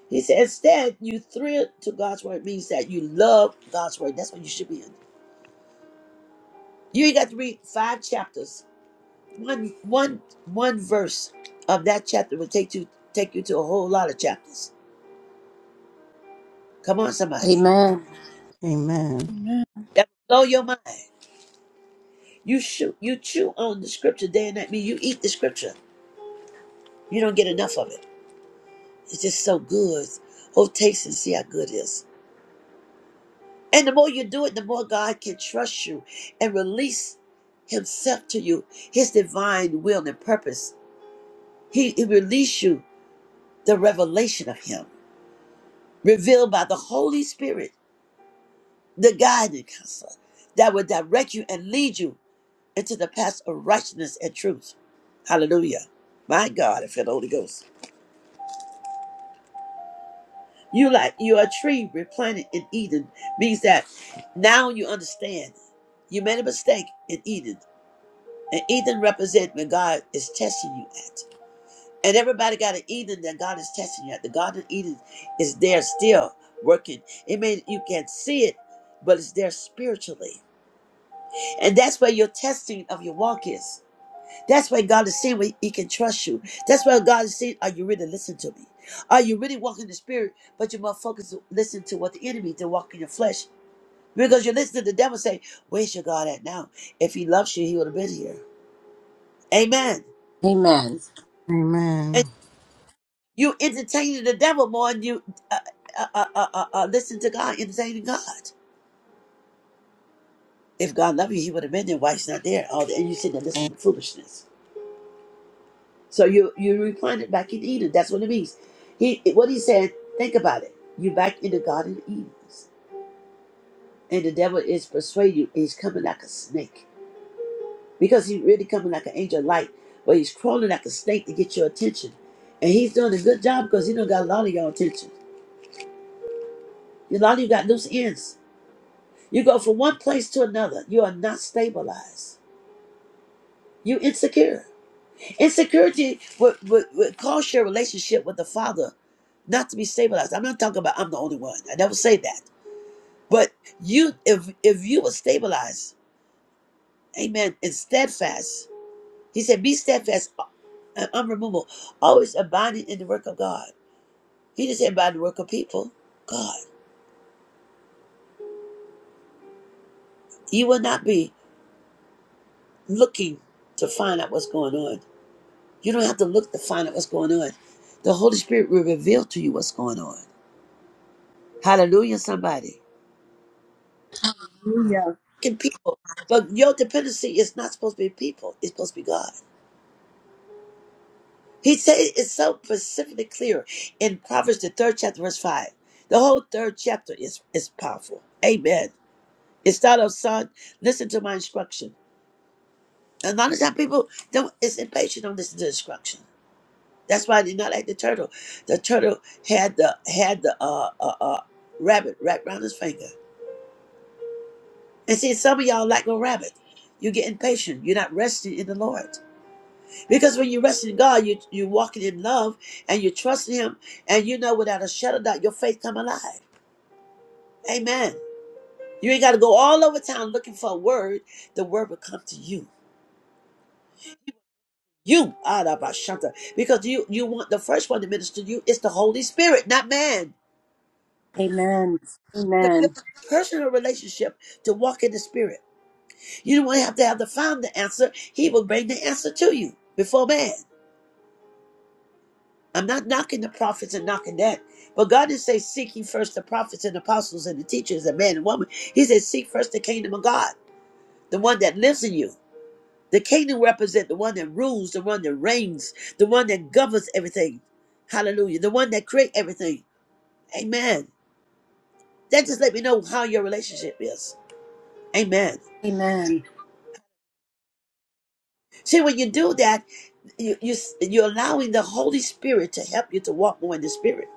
He said, instead, you thrill to God's word means that you love God's word. That's what you should be in. You ain't got to read five chapters. One one one verse of that chapter will take you take you to a whole lot of chapters. Come on, somebody.
Amen.
Amen.
Amen.
That will blow your mind. You shoot you chew on the scripture day and night. I mean you eat the scripture. You don't get enough of it. It's just so good. Oh taste and see how good it is. And the more you do it, the more God can trust you and release Himself to you, His divine will and purpose. He, he release you the revelation of Him. revealed by the Holy Spirit, the guiding counselor that will direct you and lead you into the path of righteousness and truth. Hallelujah. My God, I feel the Holy Ghost. You like you're a tree replanted in Eden means that now you understand you made a mistake in Eden. And Eden represents when God is testing you at. And everybody got an Eden that God is testing you at. The Garden of Eden is there still working. It may you can see it, but it's there spiritually And that's where your testing of your walk is. That's where God is seeing where He can trust you. That's where God is saying, Are you really listening to me? Are you really walking in the spirit? But you're more focused to listen to what the enemy to walk in your flesh. Because you listen to the devil say, Where's your God at now? If he loves you, he would have been here. Amen.
Amen. Amen.
And
Amen.
you entertaining the devil more than you uh, uh, uh, uh, uh, uh, listen to God, entertaining God. If God loved you, he would have been there. Why he's not there? Oh, and you sitting there listening to foolishness. So you you replanted back in Eden. That's what it means. He what he said. Think about it. You're back in the Garden of Eden, and the devil is persuading you. He's coming like a snake because he's really coming like an angel of light, but he's crawling like a snake to get your attention. And he's doing a good job because he done got a lot of your attention. A lot of you got loose ends. You go from one place to another. You are not stabilized. You insecure. Insecurity would, would, would cause your relationship with the Father not to be stabilized. I'm not talking about I'm the only one. I never say that. But you, if if you were stabilized, Amen, and steadfast, He said, be steadfast and unremovable, always abiding in the work of God. He didn't say abide in the work of people. God, you will not be looking to find out what's going on. You don't have to look to find out what's going on. The Holy Spirit will reveal to you what's going on. Hallelujah, somebody.
Hallelujah.
Can people, but your dependency is not supposed to be people. It's supposed to be God. He said it's so specifically clear in Proverbs, the third chapter, verse 5. The whole third chapter is, is powerful. Amen. It starts off, son, listen to my instruction. And a lot of time people don't it's impatient, don't listen to instruction. That's why they're not like the turtle. The turtle had the had the uh, uh, uh, rabbit wrapped around his finger. And see, some of y'all like a rabbit. You get impatient. You're not resting in the Lord. Because when you rest in God, you you walking in love and you trust Him, and you know without a shadow of doubt your faith come alive. Amen. You ain't got to go all over town looking for a word. The word will come to you. You are the because you you want the first one to minister to you is the Holy Spirit, not man.
Amen. Amen.
Personal relationship to walk in the Spirit. You don't have to have the founder answer. He will bring the answer to you before man. I'm not knocking the prophets and knocking that. But God didn't say, Seek ye first the prophets and apostles and the teachers, a man and woman. He said, Seek first the kingdom of God, the one that lives in you. The kingdom represents the one that rules, the one that reigns, the one that governs everything. Hallelujah. The one that creates everything. Amen. That just let me know how your relationship is. Amen.
Amen.
See, when you do that, you, you, you're allowing the Holy Spirit to help you to walk more in the Spirit,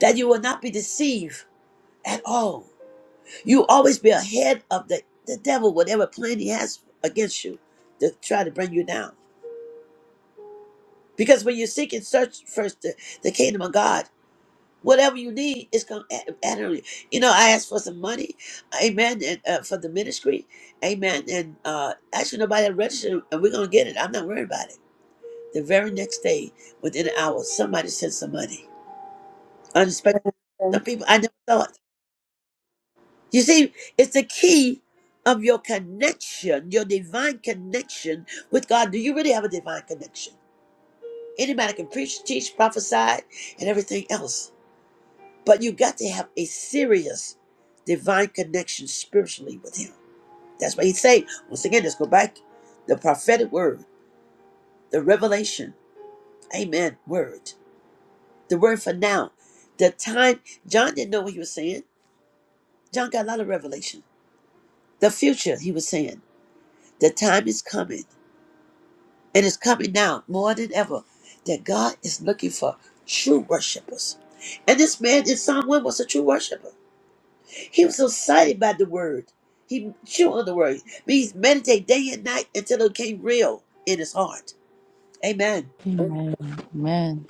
that you will not be deceived at all. You always be ahead of the, the devil, whatever plan he has against you to try to bring you down. Because when you seek and search first the, the kingdom of God, whatever you need is going to add on you. You know, I asked for some money, amen, and uh, for the ministry, amen. And uh, actually, nobody had registered, and we're going to get it. I'm not worried about it. The very next day, within an hour, somebody sent some money. Unexpected.
Amen.
Some people I never thought. You see, it's the key of your connection, your divine connection with God. Do you really have a divine connection? Anybody can preach, teach, prophesy, and everything else. But you got to have a serious divine connection spiritually with Him. That's what He's saying. Once again, let's go back. The prophetic word, the revelation, amen, word, the word for now. The time, John didn't know what he was saying. John got a lot of revelation. The future, he was saying, the time is coming And It is coming now more than ever that God is looking for true worshipers. And this man in Psalm 1 was a true worshiper. He was so excited by the word. He chewed on the word. Means meditate day and night until it became real in his heart. Amen.
Amen. Amen.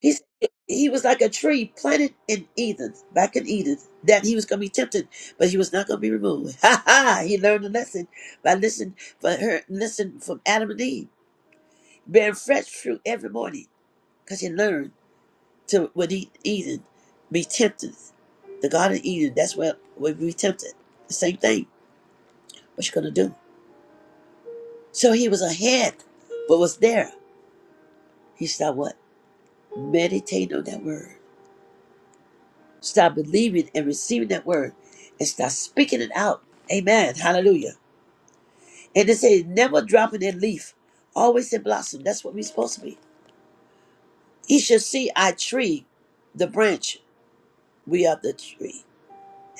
He's, he was like a tree planted in Eden, back in Eden, that he was going to be tempted, but he was not going to be removed. Ha ha! He learned a lesson by listening for her, listen from Adam and Eve, bearing fresh fruit every morning, because he learned. to when he Eden be tempted. The Garden of Eden, that's where we be tempted. The same thing. What you gonna do? So he was ahead, but was there. He stopped what? Meditating on that word. Stop believing and receiving that word and start speaking it out. Amen. Hallelujah. And they say never dropping that leaf. Always in blossom. That's what we're supposed to be. He should see our tree, the branch. We are the tree.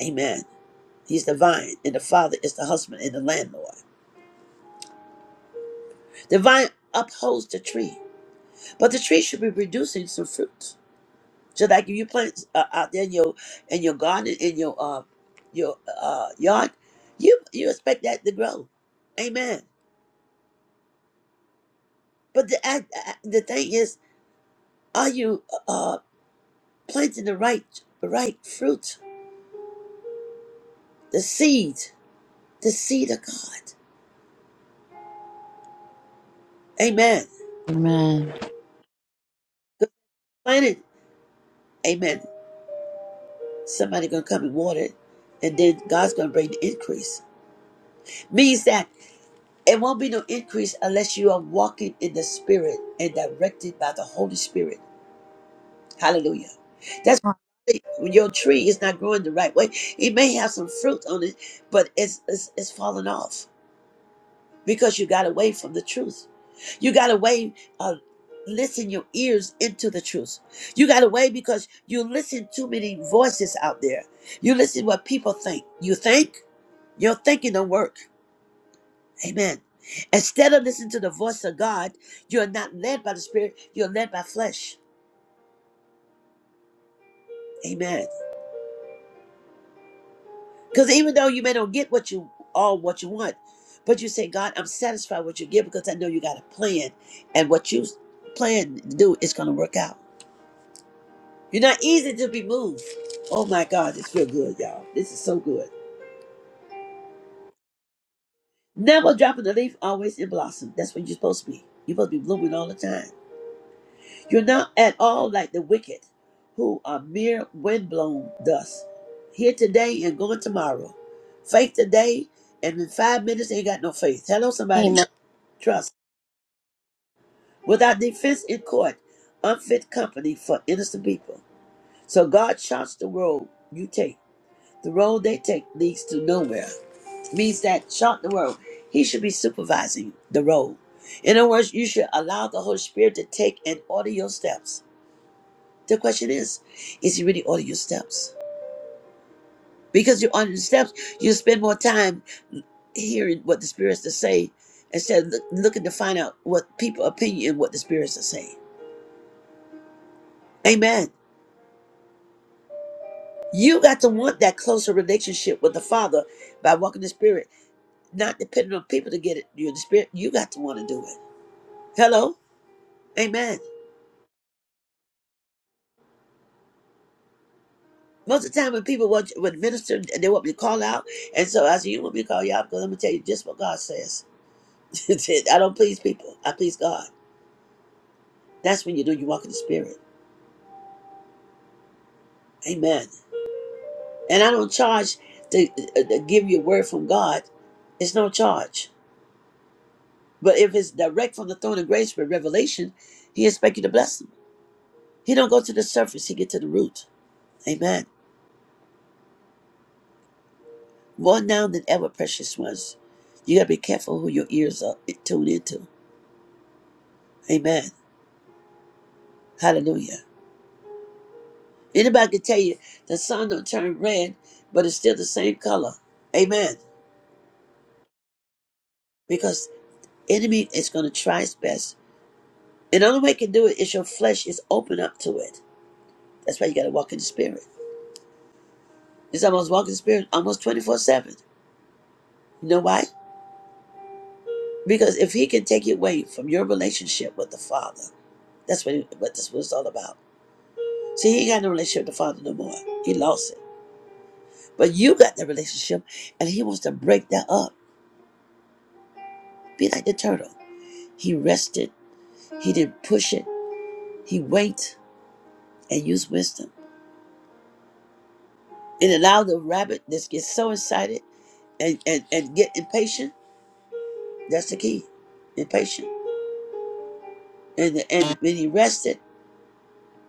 Amen. He's the vine, and the father is the husband and the landlord. The vine upholds the tree, but the tree should be producing some fruit. So, like if you plant uh, out there in your in your garden in your uh your uh yard, you you expect that to grow, amen. But the act- uh, the thing is, are you uh planting the right right fruit, the seed, the seed of God, amen.
Amen.
Plant it, amen. Somebody gonna come and water it, and then God's gonna bring the increase. Means that. It won't be no increase unless you are walking in the Spirit and directed by the Holy Spirit. Hallelujah. That's when your tree is not growing the right way. It may have some fruit on it, but it's it's, it's falling off because you got away from the truth. You got away. Uh, listen your ears into the truth. You got away because you listen too many voices out there. You listen what people think. You think your thinking don't work. Amen. Instead of listening to the voice of God, you're not led by the Spirit, you're led by flesh. Amen. Because even though you may not get what you all what you want, but you say, God, I'm satisfied with what you give because I know you got a plan. And what you plan to do is gonna work out. You're not easy to be moved. Oh my God, this feel good, y'all. This is so good. Never dropping the leaf, always in blossom. That's what you're supposed to be. You're supposed to be blooming all the time. You're not at all like the wicked, who are mere windblown dust, here today and gone tomorrow. Faith today, and in five minutes ain't got no faith. Hello, somebody.
Amen.
Trust. Without defense in court, unfit company for innocent people. So God charts the road you take. The road they take leads to nowhere. Means that chart the road. He should be supervising the road. In other words, you should allow the Holy Spirit to take and order your steps. The question is, is you really ordering your steps? Because you're on your steps, you spend more time hearing what the spirits are saying instead of look, looking to find out what people opinion what the spirits are saying. Amen. You got to want that closer relationship with the Father by walking the Spirit, not depending on people to get it. You're the Spirit. You got to want to do it. Hello. Amen. Most of the time when people want when minister they want me to call out, and so I said, "You want me to call you out because I'm gonna tell you just what God says." I don't please people. I please God. That's when you know you walk in the spirit. Amen. And I don't charge to, uh, to give you a word from God. It's no charge. But if it's direct from the throne of grace with revelation, he expect you to bless him. He don't go to the surface. He get to the root. Amen. More now than ever, precious ones. You gotta be careful who your ears are eh, tuned into. Amen. Hallelujah. Anybody can tell you the sun don't turn red, but it's still the same color. Amen. Because enemy is gonna try his best And the only way you can do it is your flesh is open up to it. That's why you got to walk in the spirit. It's almost walking the spirit almost 24 7. You know why? Because if he can take you away from your relationship with the Father, that's what, he, what this was all about. See, he ain't got no relationship with the Father no more. He lost it. But you got the relationship, and he wants to break that up. Be like the turtle. He rested, he didn't push it, he waited and used wisdom. And allowed the rabbit that gets so excited and, and, and get impatient That's the key. And patient. And the, and when he rested,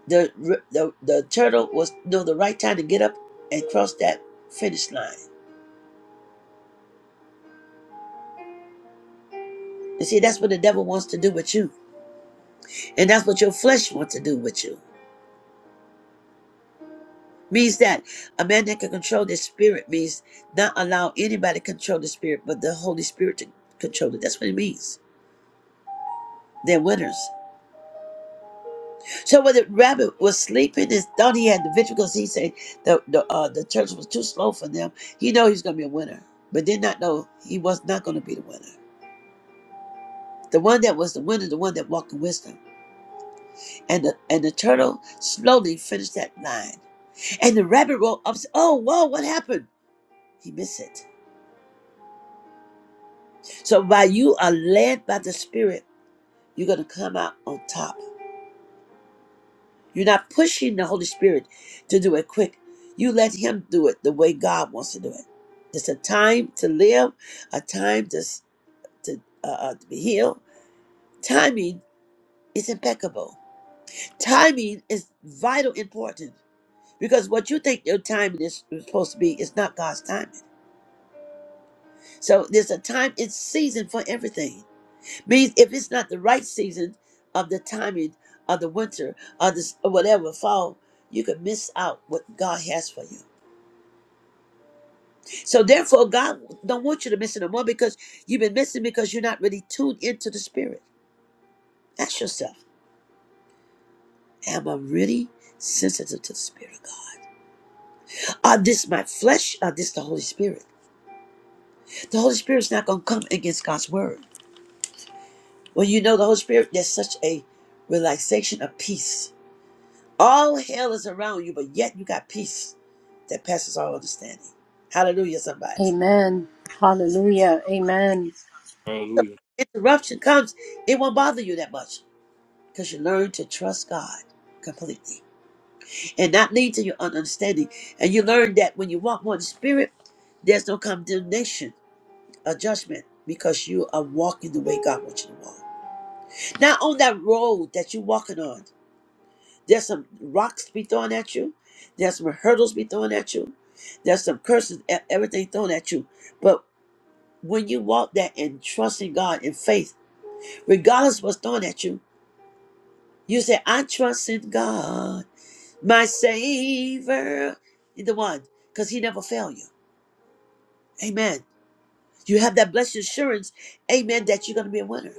the the the turtle was you know the right time to get up and cross that finish line. And see, that's what the devil wants to do with you, and that's what your flesh wants to do with you. Means that a man that can control their spirit means not allow anybody to control the spirit, but the Holy Spirit to control it. That's what it means. They're winners. So when the rabbit was sleeping, his thought he had the victory because he said the the, uh, the church was too slow for them. He know he's going to be a winner, but did not know he was not going to be the winner. The one that was the winner, the one that walked in wisdom, and the and the turtle slowly finished that line. And the rabbit rolled up. said, Oh, whoa! What happened? He missed it. So while you are led by the Spirit, you're going to come out on top. You're not pushing the Holy Spirit to do it quick. You let Him do it the way God wants to do it. It's a time to live, a time to s- to, uh, uh, to be healed. Timing is impeccable. Timing is vital important because what you think your timing is supposed to be is not God's timing. So there's a time, it's season for everything. Means if it's not the right season of the timing of the winter or this or whatever fall, you could miss out what God has for you. So therefore, God don't want you to miss it no more because you've been missing because you're not really tuned into the Spirit. Ask yourself, am I really sensitive to the Spirit of God? Are this my flesh? Or this the Holy Spirit? The Holy Spirit's not going to come against God's word. When you know the Holy Spirit, there's such a relaxation of peace. All hell is around you, but yet you got peace that passes all understanding. Hallelujah, somebody.
Amen. Hallelujah. Amen.
So
Hallelujah.
when interruption comes, it won't bother you that much because you learn to trust God completely. and not lean to your own understanding. And you learn that when you walk more in the spirit, there's no condemnation or judgment because you are walking the way God wants you to walk. Now, on that road that you're walking on, there's some rocks to be thrown at you, there's some hurdles be thrown at you, there's some curses, e- everything thrown at you. But when you walk that and trust in God in faith, regardless what's thrown at you, you say, I trust in God, my Savior, the one, because He never failed you. Amen. You have that blessed assurance, amen, that you're going to be a winner.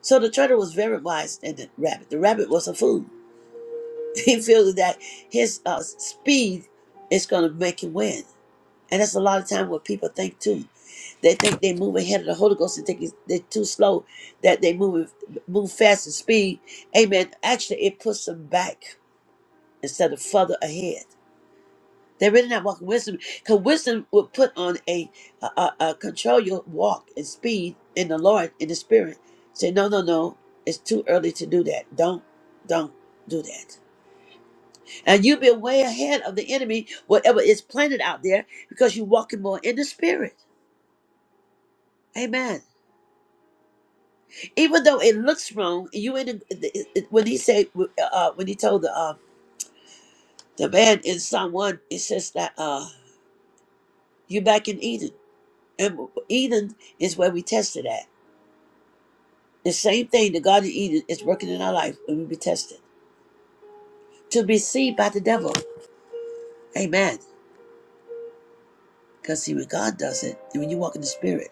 So the turtle was very wise than the rabbit. The rabbit was a fool. He feels that his uh, speed is going to make him win. And that's a lot of time what people think too. They think they move ahead of the Holy Ghost and think it's- they're too slow, that they move move fast and speed. Amen. Actually, it puts them back instead of further ahead. They're really not walking wisdom because wisdom will put on a, a, a, a control your walk and speed in the Lord in the Spirit. Say no, no, no. It's too early to do that. Don't, don't do that. And you'll be way ahead of the enemy, whatever is planted out there, because you're walking more in the Spirit. Amen. Even though it looks wrong, you in the, the- it- when he said uh, uh, when he told the uh, the man in Psalm one, it says that uh, you're back in Eden, and Eden is where we tested at. The same thing the Garden of Eden is working in our life when we be tested. To be seen by the devil. Amen. Because see, when God does it, and when you walk in the spirit,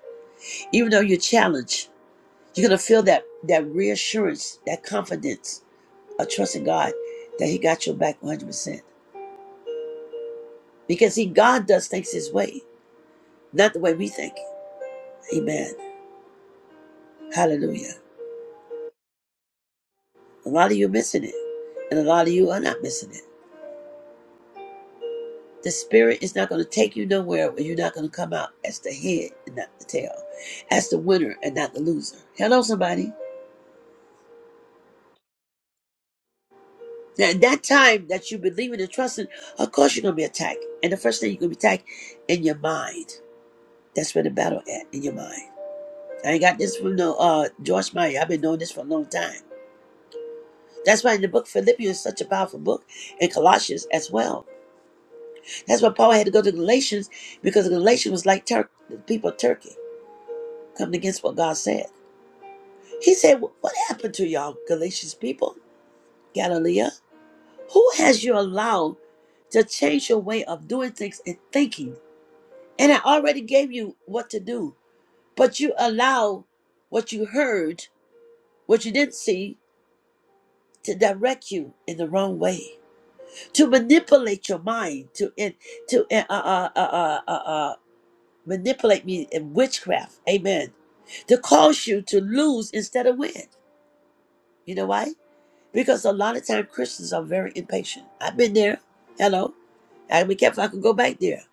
even though you're challenged, you're gonna feel that that reassurance, that confidence of trusting God that He got your back 100 percent Because see, God does things his way, not the way we think. Amen. Hallelujah. A lot of you are missing it. And a lot of you are not missing it. The spirit is not going to take you nowhere where you're not going to come out as the head and not the tail, as the winner and not the loser. Hello, somebody. Now, in that time that you believe in and trusting, of course you're going to be attacked. And the first thing you're going to be attacked in your mind. That's where the battle at, in your mind. I ain't got this from no uh, George Meyer. I've been knowing this for a long time. That's why in the book Philippians is such a powerful book, and Colossians as well. That's why Paul had to go to Galatians because Galatians was like Turk, the people of Turkey coming against what God said. He said, What happened to y'all, Galatians people, Galilea? Who has you allowed to change your way of doing things and thinking? And I already gave you what to do, but you allow what you heard, what you didn't see, to direct you in the wrong way, to manipulate your mind, to in, to uh, uh, uh, uh, uh, uh, uh, manipulate me in witchcraft. Amen. To cause you to lose instead of win. You know why? Because a lot of time Christians are very impatient. I've been there. Hello. I'd be careful I could go back there.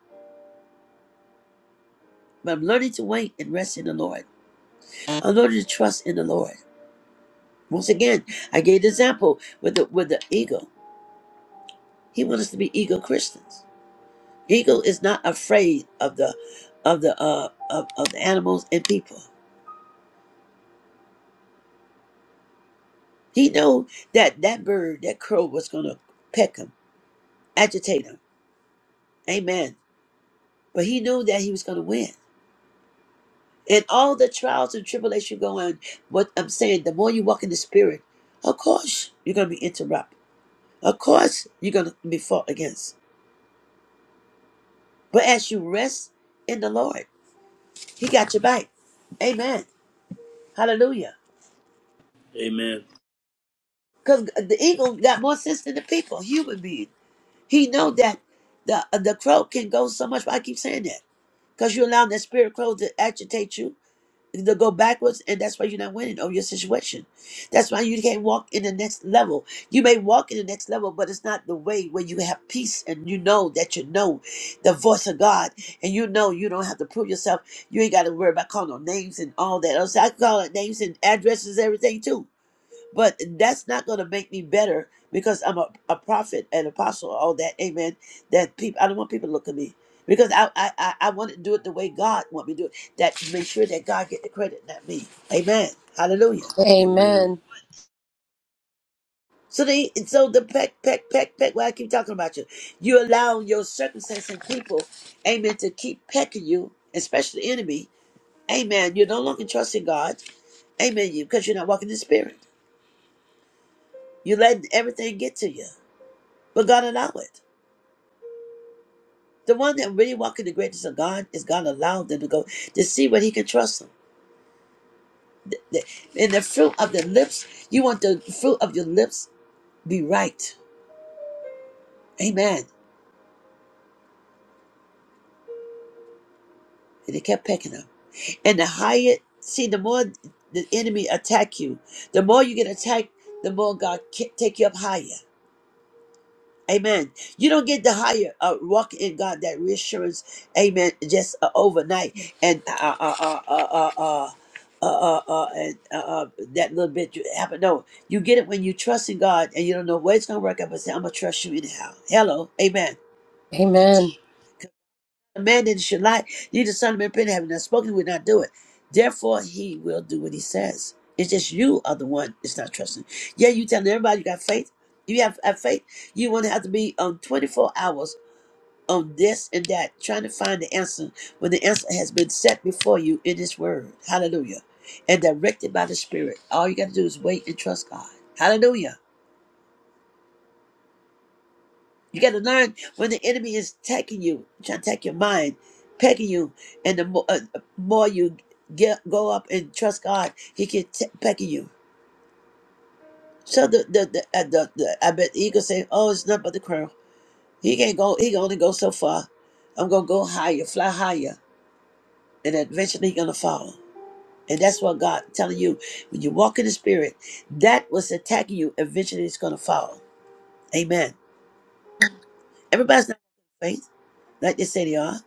But I'm learning to wait and rest in the Lord. I'm learning to trust in the Lord. Once again, I gave the example with the with the eagle. He wants us to be eagle Christians. Eagle is not afraid of the of the uh of, of the animals and people. He know that that bird, that crow was gonna peck him, agitate him. Amen. But he knew that he was gonna win. And all the trials and tribulations you go in, what I'm saying, the more you walk in the spirit, of course you're gonna be interrupted. Of course you're gonna be fought against. But as you rest in the Lord, He got your back. Amen. Hallelujah.
Amen.
Because the eagle got more sense than the people, human being. He know that the the crow can go so much. But I keep saying that because you allow that spirit crow to agitate you They'll go backwards, and that's why you're not winning over your situation. That's why you can't walk in the next level. You may walk in the next level, but it's not the way where you have peace and you know that you know the voice of God and you know you don't have to prove yourself. You ain't got to worry about calling no names and all that. Also, I call it names and addresses, everything too. But that's not going to make me better because I'm a, a prophet, and apostle, all that. Amen. That people, I don't want people to look at me because I, I, I, I want to do it the way God want me to do it. That make sure that God get the credit, not me. Amen. Hallelujah.
Amen.
Amen.
So the so the peck peck peck peck. Why I keep talking about you? You allow your circumstance and people, amen, to keep pecking you, especially the enemy. Amen. You're no longer trusting God. Amen. You because you're not walking in the Spirit. You letting everything get to you, but God allow it. The one that really walk in the greatness of God is God allowed them to go to see what He can trust them. The- And the fruit of the lips, you want the fruit of your lips be right. Amen. And they kept pecking them. And the higher, see, the more the enemy attack you, the more you get attacked, the more God ca- take you up higher. Amen. You don't get the higher uh, walk in God that reassurance. Amen. Just uh, overnight and uh uh uh uh uh. uh uh, uh, uh, and uh, uh, that little bit you happen. No, you get it when you trust in God and you don't know where it's gonna work out. But say, I'm gonna trust you anyhow. Hello, Amen.
Amen.
A man that should lie, neither son of man repent, having not spoken, will not do it. Therefore, he will do what he says. It's just you are the one that's not trusting. Yeah, you telling everybody you got faith. You have, have faith. You want to have to be on 24 hours on this and that, trying to find the answer when the answer has been set before you in His Word. Hallelujah. And directed by the Spirit. All you got to do is wait and trust God. Hallelujah. You got to learn when the enemy is attacking you, trying to attack your mind, pecking you, and the more, uh, uh, more you get, go up and trust God, He can t- pecking you. So the the the, uh, the the I bet the eagle say, "Oh, it's nothing but the crow. He can't go. He can only go so far. I'm gonna go higher, fly higher, and eventually he gonna fall." And that's what God telling you when you walk in the spirit, that was attacking you eventually it's gonna fall. Amen. Everybody's not in faith, like they say they are.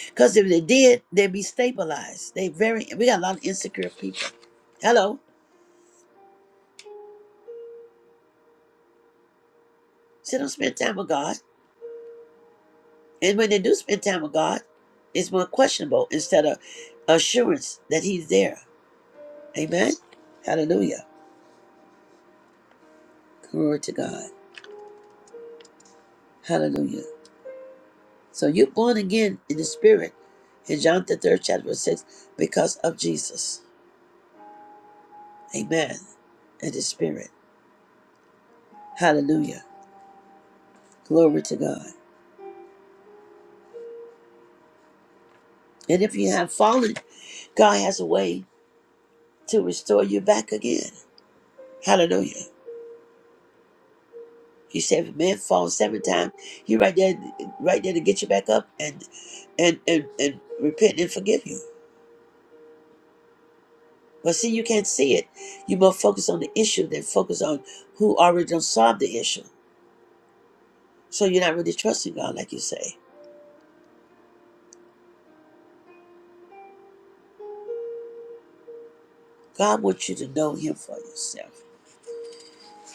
Because if they did, they'd be stabilized. They very we got a lot of insecure people. Hello. So they don't spend time with God. And when they do spend time with God, it's more questionable instead of assurance that He's there. Amen. Hallelujah. Glory to God. Hallelujah. So you're born again in the spirit in John the third chapter verse six because of Jesus. Amen. And the spirit. Hallelujah. Glory to God. And if you have fallen, God has a way to restore you back again. Hallelujah. He said if a man falls seven times, he right there right there to get you back up and and and, and repent and forgive you. But see, you can't see it. You more focus on the issue than focus on who already done solved the issue. So you're not really trusting God, like you say. God wants you to know Him for yourself.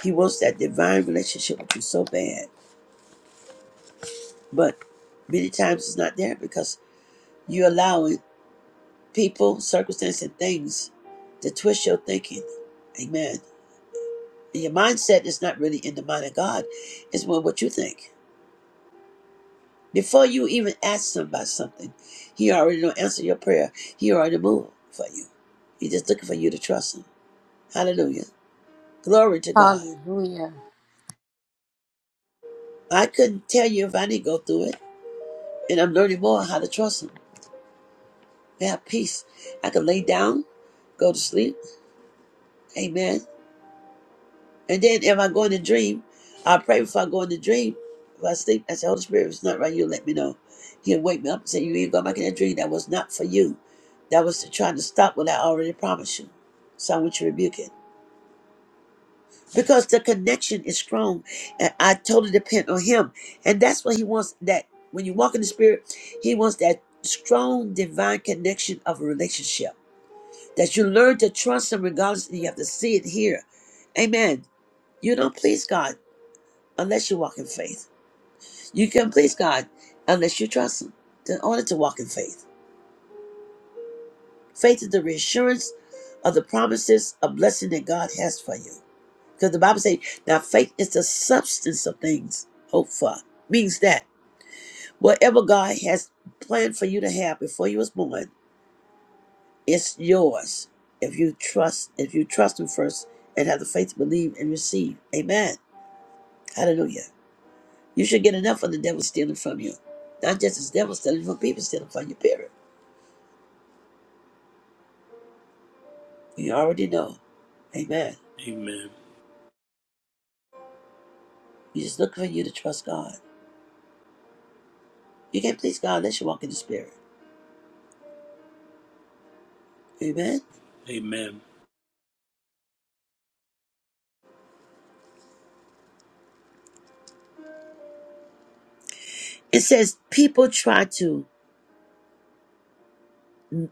He wants that divine relationship with you so bad, but many times it's not there because you're allowing people, circumstances, and things to twist your thinking. Amen. And your mindset is not really in the mind of God; it's more what you think. Before you even ask somebody something, He already don't answer your prayer. He already moved for you. He's just looking for you to trust Him. Hallelujah. Glory to God.
Hallelujah.
I couldn't tell you if I didn't go through it. And I'm learning more how to trust him. I have peace. I can lay down, go to sleep. Amen. And then if I go in the dream, I pray before I go in the dream. If I sleep, I say, Holy Spirit, if it's not right, you let me know. He'll wake me up and say, You ain't going back in that dream. That was not for you. That was to trying to stop what I already promised you. So I want you to rebuke it. Because the connection is strong. And I totally depend on him. And that's what he wants that when you walk in the spirit, he wants that strong divine connection of a relationship that you learn to trust him regardless you have to see it here amen you don't please god unless you walk in faith you can please god unless you trust him in order to walk in faith faith is the reassurance of the promises of blessing that god has for you because the bible says now faith is the substance of things hoped for means that whatever god has planned for you to have before you was born it's yours if you trust if you trust him first and have the faith to believe and receive amen Hallelujah. You should get enough of the devil stealing from you. Not just the devil stealing from people stealing from your period. You already know. Amen.
Amen.
You just look for you to trust God. You can't please God unless you walk in the spirit. Amen.
Amen.
It says people try to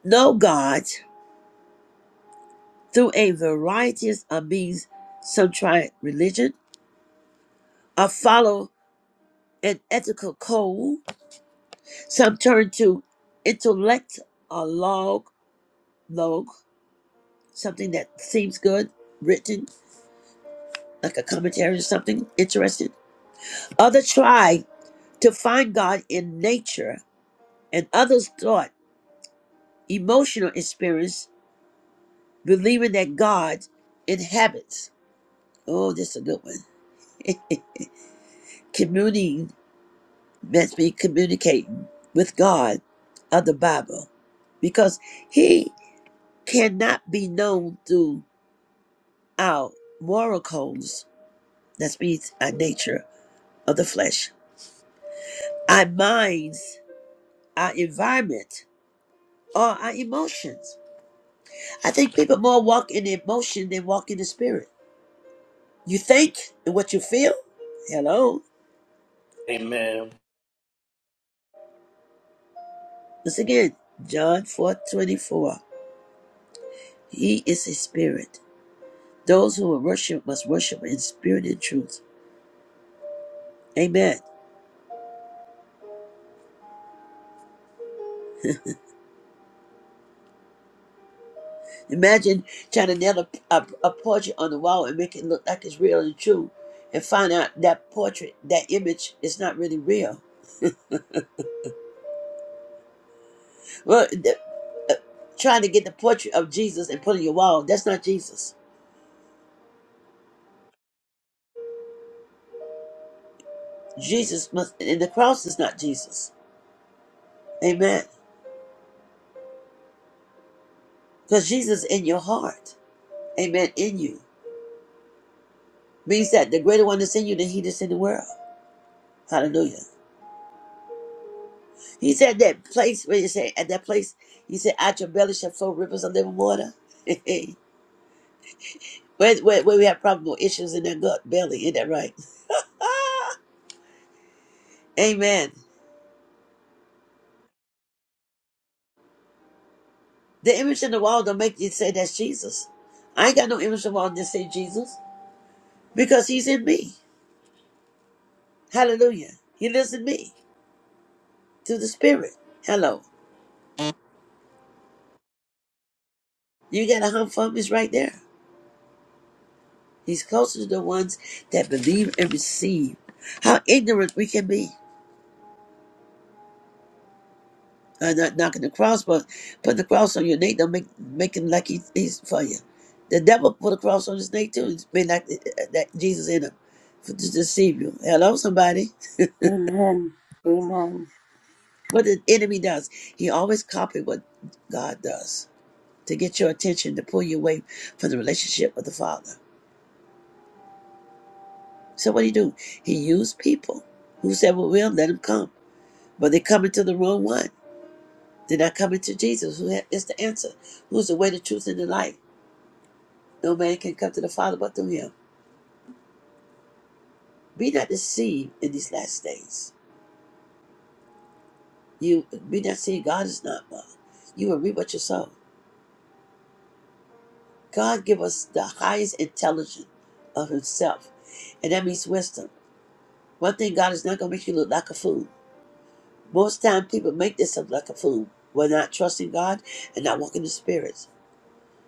know God through a variety of means. Some try religion or follow an ethical code. Some turn to intellect or log, log, something that seems good, written like a commentary or something interesting. Others tried to find God in nature, and others thought emotional experience, believing that God inhabits. Oh, this is a good one. Communing meant me communicating with God of the Bible, because He cannot be known through our moral codes. That means our nature of the flesh, our minds, our environment or our emotions. I think people more walk in the emotion than walk in the spirit. You think and what you feel. Hello.
Amen. Amen.
Once again, John four twenty four. He is a spirit. Those who will worship must worship in spirit and truth. Amen. Imagine trying to nail a, a, a portrait on the wall and make it look like it's real and true and find out that portrait, that image is not really real. Well, the, uh, trying to get the portrait of Jesus and put it on your wall, that's not Jesus. Jesus must, and the cross is not Jesus. Amen. Because Jesus in your heart. Amen. In you. Means that the greater one is in you than he that's in the world. Hallelujah. He said that place where you say, at that place, he said, out your belly shall flow rivers of living water. where, where, where we have probable issues in that gut belly. Isn't that right? Amen. The image in the wall don't make you say that's Jesus. I ain't got no image in the wall that say Jesus because he's in me. Hallelujah. He lives in me through the Spirit. Hello. You got a hump for him is right there. He's closer to the ones that believe and receive. How ignorant we can be. Uh, not knocking the cross, but putting the cross on your neck don't make make him like he, he's for you. The devil put a cross on his neck too. It's been like uh, uh, that Jesus in him for, to deceive you. Hello, somebody.
Amen. Amen.
What the enemy does, he always copies what God does to get your attention to pull you away from the relationship with the Father. So what do you do? He used people who said, "Well, we'll let him come." But they come into the wrong one. They're not coming to Jesus, who is the answer, who's the way, the truth, and the life. No man can come to the Father but through him. Be not deceived in these last days. You be not deceived. God is not mocked. You will reap what you sow. God give us the highest intelligence of himself, and that means wisdom. One thing, God is not going to make you look like a fool. Most time, people make themselves like a fool when not trusting God and not walking in the spirits.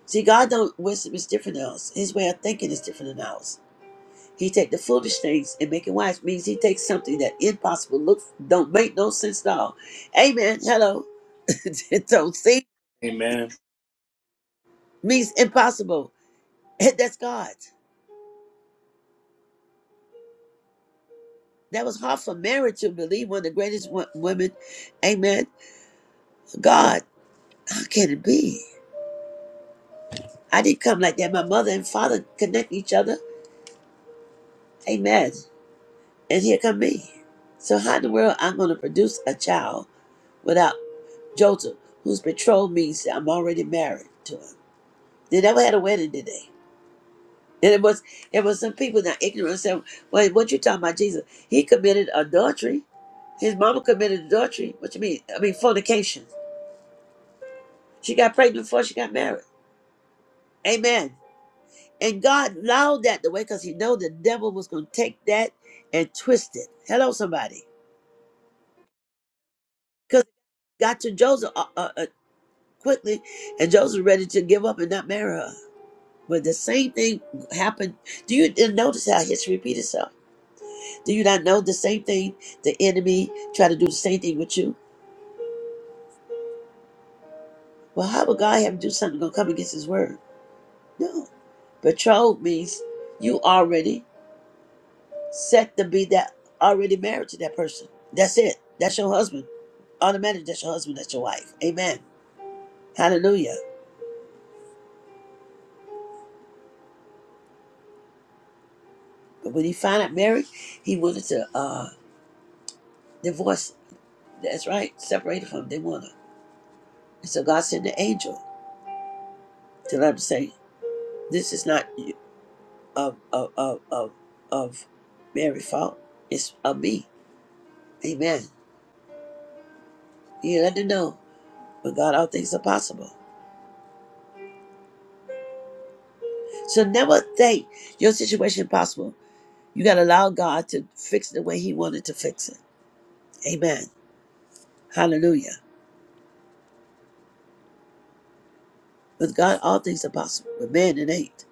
See, God don't wisdom is different than us. His way of thinking is different than ours. He take the foolish things and make it wise means he takes something that impossible look don't make no sense at all. Amen. Hello. it don't see
Amen.
means impossible. And that's God. That was hard for Mary to believe. One of the greatest wo- women. Amen. God, how can it be? I didn't come like that. My mother and father connect each other. Amen. And here come me. So how in the world I'm going to produce a child without Joseph, whose betrothed means that I'm already married to him? They never had a wedding, did they? And it was it was some people now ignorant said, Well, what you talking about Jesus? He committed adultery. His mama committed adultery. What you mean? I mean fornication. She got pregnant before she got married. Amen. And God allowed that the way because he know the devil was gonna take that and twist it. Hello, somebody. Because got to Joseph uh, uh, uh, quickly, and Joseph ready to give up and not marry her. But the same thing happened. Do you notice how history repeats itself? Do you not know the same thing? The enemy try to do the same thing with you. Well, how would God have to do something gonna come against His word? No, betrothed means you already set to be that already married to that person. That's it. That's your husband. Automatically, that's your husband. That's your wife. Amen. Hallelujah. But when he found out married, he wanted to uh, divorce. That's right. Separated from him. They want her. And so God sent the angel to let him say, "This is not. of of of of, of Mary fault. It's of me. Amen. You let them know. But God, all things are possible. So never think your situation impossible. You gotta allow God to fix it the way He wanted to fix it. Amen. Hallelujah. With God, all things are possible. With man, it ain't.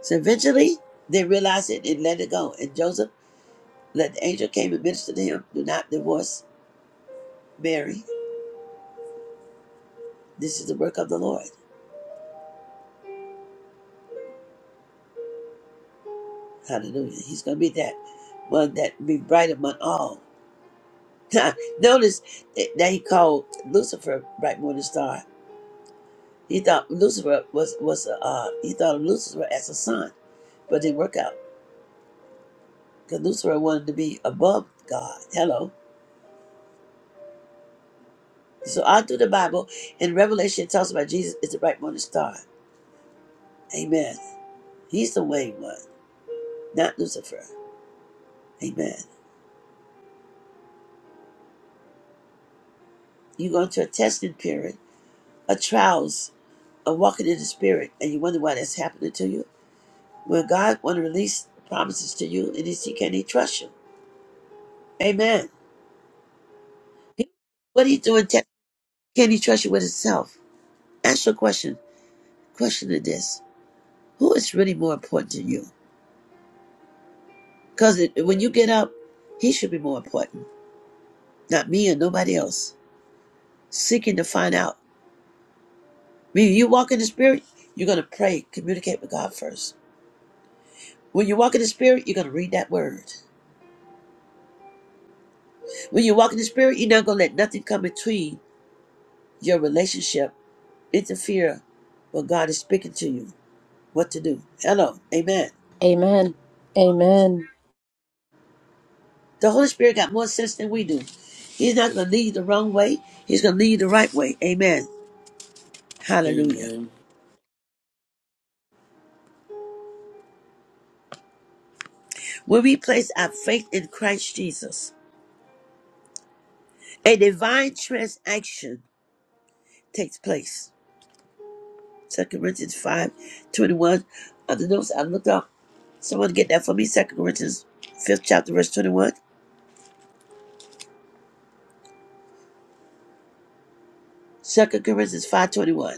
So eventually, they realized it and let it go. And Joseph, let the angel came and ministered to him. Do not divorce Mary. This is the work of the Lord. Hallelujah. He's gonna be that one that be bright among all. Notice that he called Lucifer bright morning star. He thought Lucifer was was uh he thought of Lucifer as a son, but it didn't work out because Lucifer wanted to be above God. Hello. So all through the Bible in Revelation it talks about Jesus is the bright morning star. Amen. He's the way one, not Lucifer. Amen. You go into a testing period, a trials, a walking in the spirit, and you wonder why that's happening to you. When God want to release promises to you, and He see, can He trust you? Amen. What are you doing? Te- Can he trust you with himself? Ask your question. Question to this. Who is really more important to you? Because when you get up, he should be more important. Not me and nobody else. Seeking to find out. When you walk in the spirit, you're going to pray, communicate with God first. When you walk in the spirit, you're going to read that word. When you walk in the spirit, you're not going to let nothing come between your relationship, interfere when God is speaking to you what to do. Hello. Amen.
Amen. Amen.
The Holy Spirit got more sense than we do. He's not going to lead you the wrong way. He's going to lead you the right way. Amen. Hallelujah.
Amen.
When we place our faith in Christ Jesus, a divine transaction takes place. Second Corinthians five twenty-one. 21. On the notes, I looked up. Someone get that for me. Second Corinthians 5th chapter, verse 21. Second Corinthians 5 21.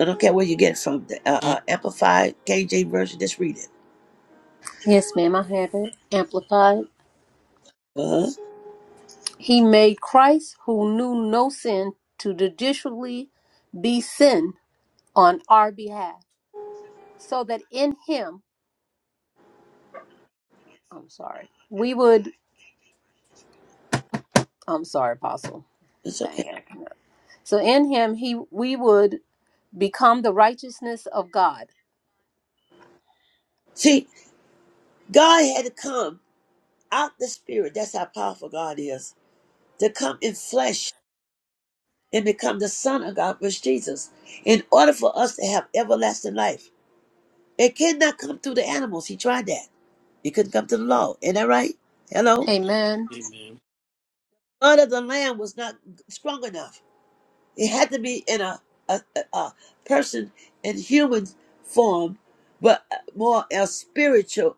I don't care where you get it from. The, uh, uh, Amplified KJ version, just read it.
Yes, ma'am. I have it amplified.
Uh-huh.
He made Christ, who knew no sin, to judicially be sin on our behalf, so that in him, I'm sorry, we would, I'm sorry, Apostle.
It's
Dang
okay.
it. So in him, he, we would become the righteousness of God.
See, God had to come out the spirit. That's how powerful God is. To come in flesh and become the Son of God, which Jesus, in order for us to have everlasting life. It cannot come through the animals. He tried that. It couldn't come to the law. Ain't that right? Hello?
Amen.
Amen.
Blood of the lamb was not strong enough. It had to be in a, a, a, a person in human form, but more a spiritual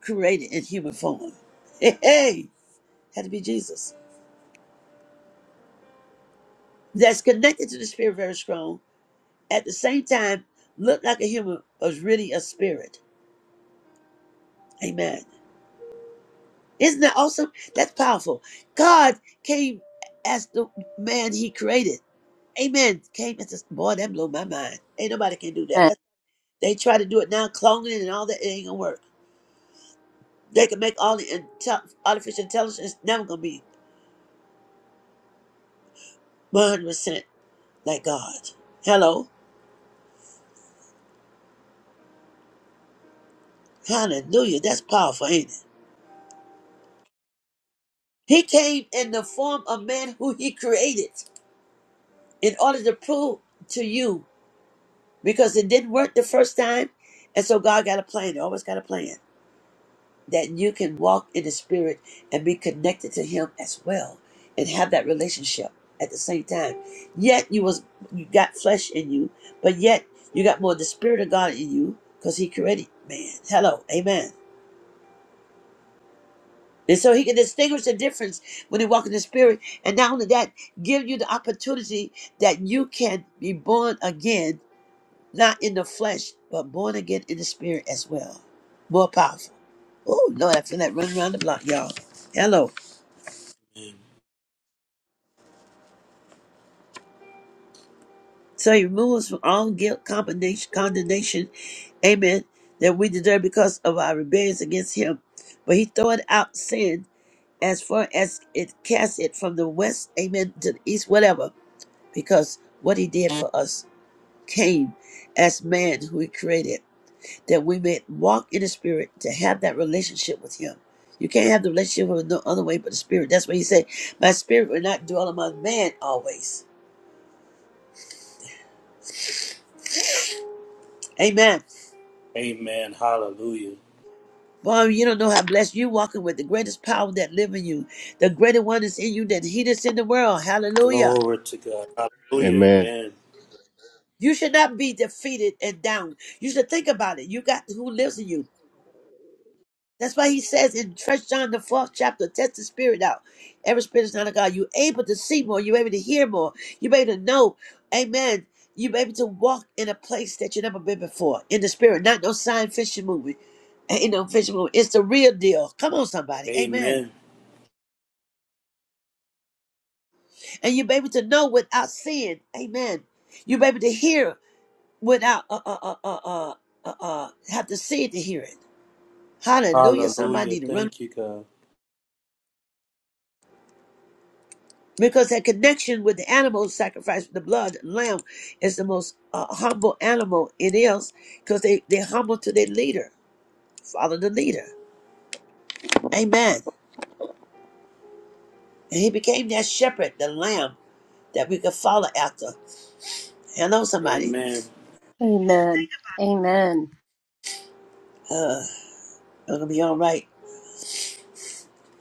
created in human form. Hey, hey, had to be Jesus. That's connected to the spirit very strong at the same time look like a human was really a spirit. Amen. Isn't that awesome? That's powerful. God came as the man he created. Amen. Came as this boy, that blew my mind. Ain't nobody can do that.
Amen.
That's, they try to do it now, cloning and all that. It ain't gonna work. They can make all the intel- artificial intelligence it's never gonna be 100 percent like God. Hello, Hallelujah. That's powerful, ain't it? He came in the form of man who he created in order to prove to you. because it didn't work the first time. And so God got a plan. He always got a plan that you can walk in the spirit and be connected to him as well and have that relationship at the same time. Yet you was you got flesh in you, but yet you got more of the spirit of God in you because he created man. Hello. Amen. And so he can distinguish the difference when he walk in the spirit. And not only that, give you the opportunity that you can be born again not in the flesh, but born again in the spirit as well. More powerful. Oh, Lord, I feel that running around the block, y'all. Hello. So he removes us from all guilt, condemnation, condemnation, amen, that we deserve because of our rebellions against him. But he throweth out sin as far as it casts it from the west, amen, to the east, whatever, because what he did for us came as man who he created. that we may walk in the spirit to have that relationship with him. You can't have the relationship with no other way but the spirit. That's why he said. My spirit will not dwell among man always. Amen.
Amen. Hallelujah.
Boy, you don't know how blessed you walking with the greatest power that live in you. The greater one is in you than he that's in the world. Hallelujah.
Glory to God. Hallelujah.
Amen.
Amen.
You should not be defeated and down. You should think about it. You got who lives in you. That's why he says in First John the fourth chapter, test the spirit out. Every spirit is not of God. You're able to see more. You're able to hear more. You're able to know. Amen. You're able to walk in a place that you never been before in the spirit. Not no sign fishing movie. Ain't no fishing movie. It's the real deal. Come on, somebody. Amen.
Amen.
And you're able to know without seeing. Amen. You're able to hear without uh uh uh uh uh uh, uh have to see it to hear it. Hallelujah.
Hallelujah.
Somebody need to run
Thank you, God.
because that connection with the animal sacrifice, the blood lamb, is the most uh, humble animal it is, because they they humble to their leader, follow the leader. Amen. And he became that shepherd, the lamb that we could follow after. Hello, somebody.
Amen.
Amen. Amen.
Uh, I'm gonna be all right.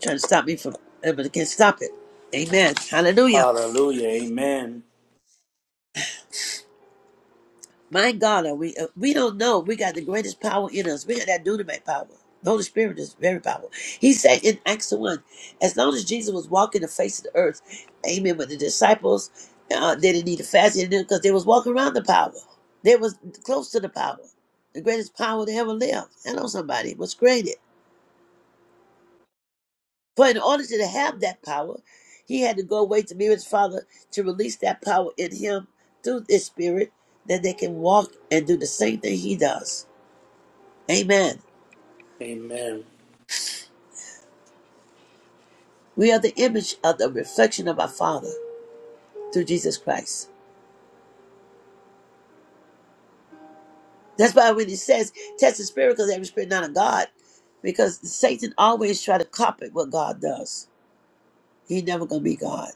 Trying to stop me from, uh, but it can't stop it. Amen. Hallelujah.
Hallelujah. Amen.
My God, are we uh, we don't know. We got the greatest power in us. We got that dynamite power. The Holy Spirit is very powerful. He said in Acts 1, as long as Jesus was walking the face of the earth, amen, with the disciples, uh, they didn't need to fast because they was walking around the power. They was close to the power, the greatest power they ever lived. I know somebody was created. For in order to have that power, he had to go away to be with his father to release that power in him through his spirit that they can walk and do the same thing he does. Amen.
Amen.
We are the image of the reflection of our Father through Jesus Christ. That's why when it says test the spirit because every spirit not of God, because Satan always try to copy what God does. He never gonna be God.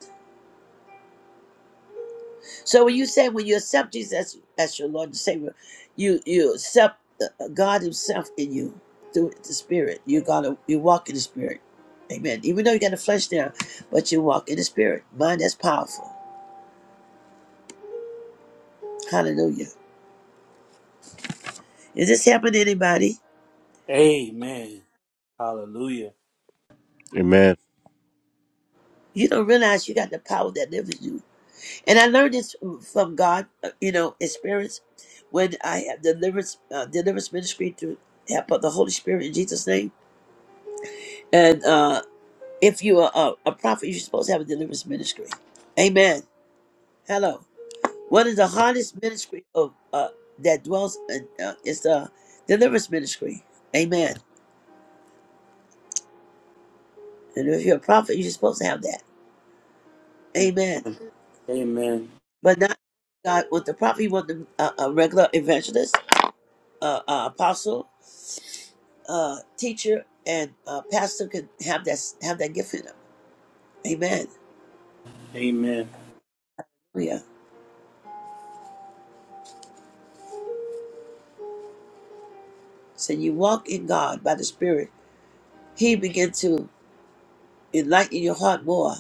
So when you say when you accept Jesus as, as your Lord and Savior, you you accept the, uh, God Himself in you through the Spirit. You gotta you walk in the Spirit. Amen. Even though you got the flesh now, but you walk in the Spirit. Mind that's powerful. Hallelujah. Is this helping anybody?
Amen. Hallelujah.
Amen.
You don't realize you got the power that lives in you. And I learned this from God, uh, you know, experience when I have deliverance, uh, deliverance ministry through help of the Holy Spirit in Jesus' name. And uh, if you are a, a prophet, you're supposed to have a deliverance ministry. Amen. Hello. One of the hardest ministry of uh, that dwells in, uh, is the deliverance ministry. Amen. And if you're a prophet, you're supposed to have that. Amen.
Amen. Amen.
But not God with the prophet. You want the, uh, a regular evangelist uh, uh, apostle, uh, teacher, and uh, pastor can have that have that gift in them. Amen.
Amen.
Yeah. So you walk in God by the Spirit. He begins to enlighten your heart more,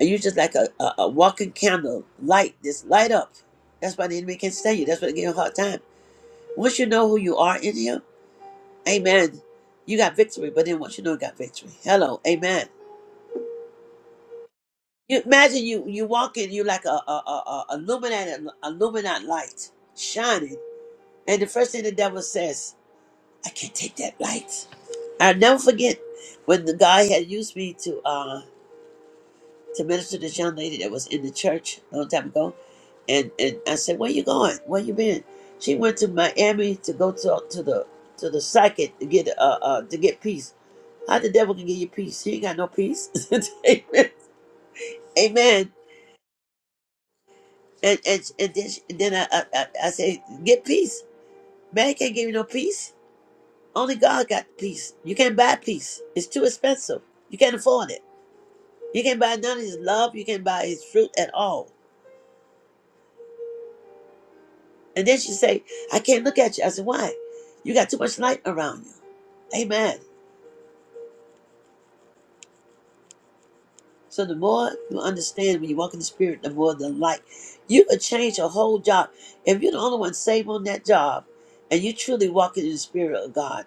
and you're just like a, a, a walking candle, light this light up. That's why the enemy can't stand you. That's why they give you a hard time. Once you know who you are in Him, Amen. You got victory, but then once you know you got victory, hello, Amen. You imagine you you walk in, you like a a a, a illuminate illuminate light shining. And the first thing the devil says, I can't take that light. I'll never forget when the guy had used me to uh to minister to this young lady that was in the church a long time ago. And and I said, Where you going? Where you been? She went to Miami to go to to the to the psychic to get uh, uh to get peace. How the devil can give you peace? He ain't got no peace. Amen. Amen. And and, and then, she- and then I, I I I say, get peace. Man can't give you no peace. Only God got peace. You can't buy peace. It's too expensive. You can't afford it. You can't buy none of his love. You can't buy his fruit at all. And then she say, I can't look at you. I said, why? You got too much light around you. Amen. So the more you understand when you walk in the spirit, the more the light. You could change your whole job. If you're the only one saved on that job and you truly walking in the spirit of God,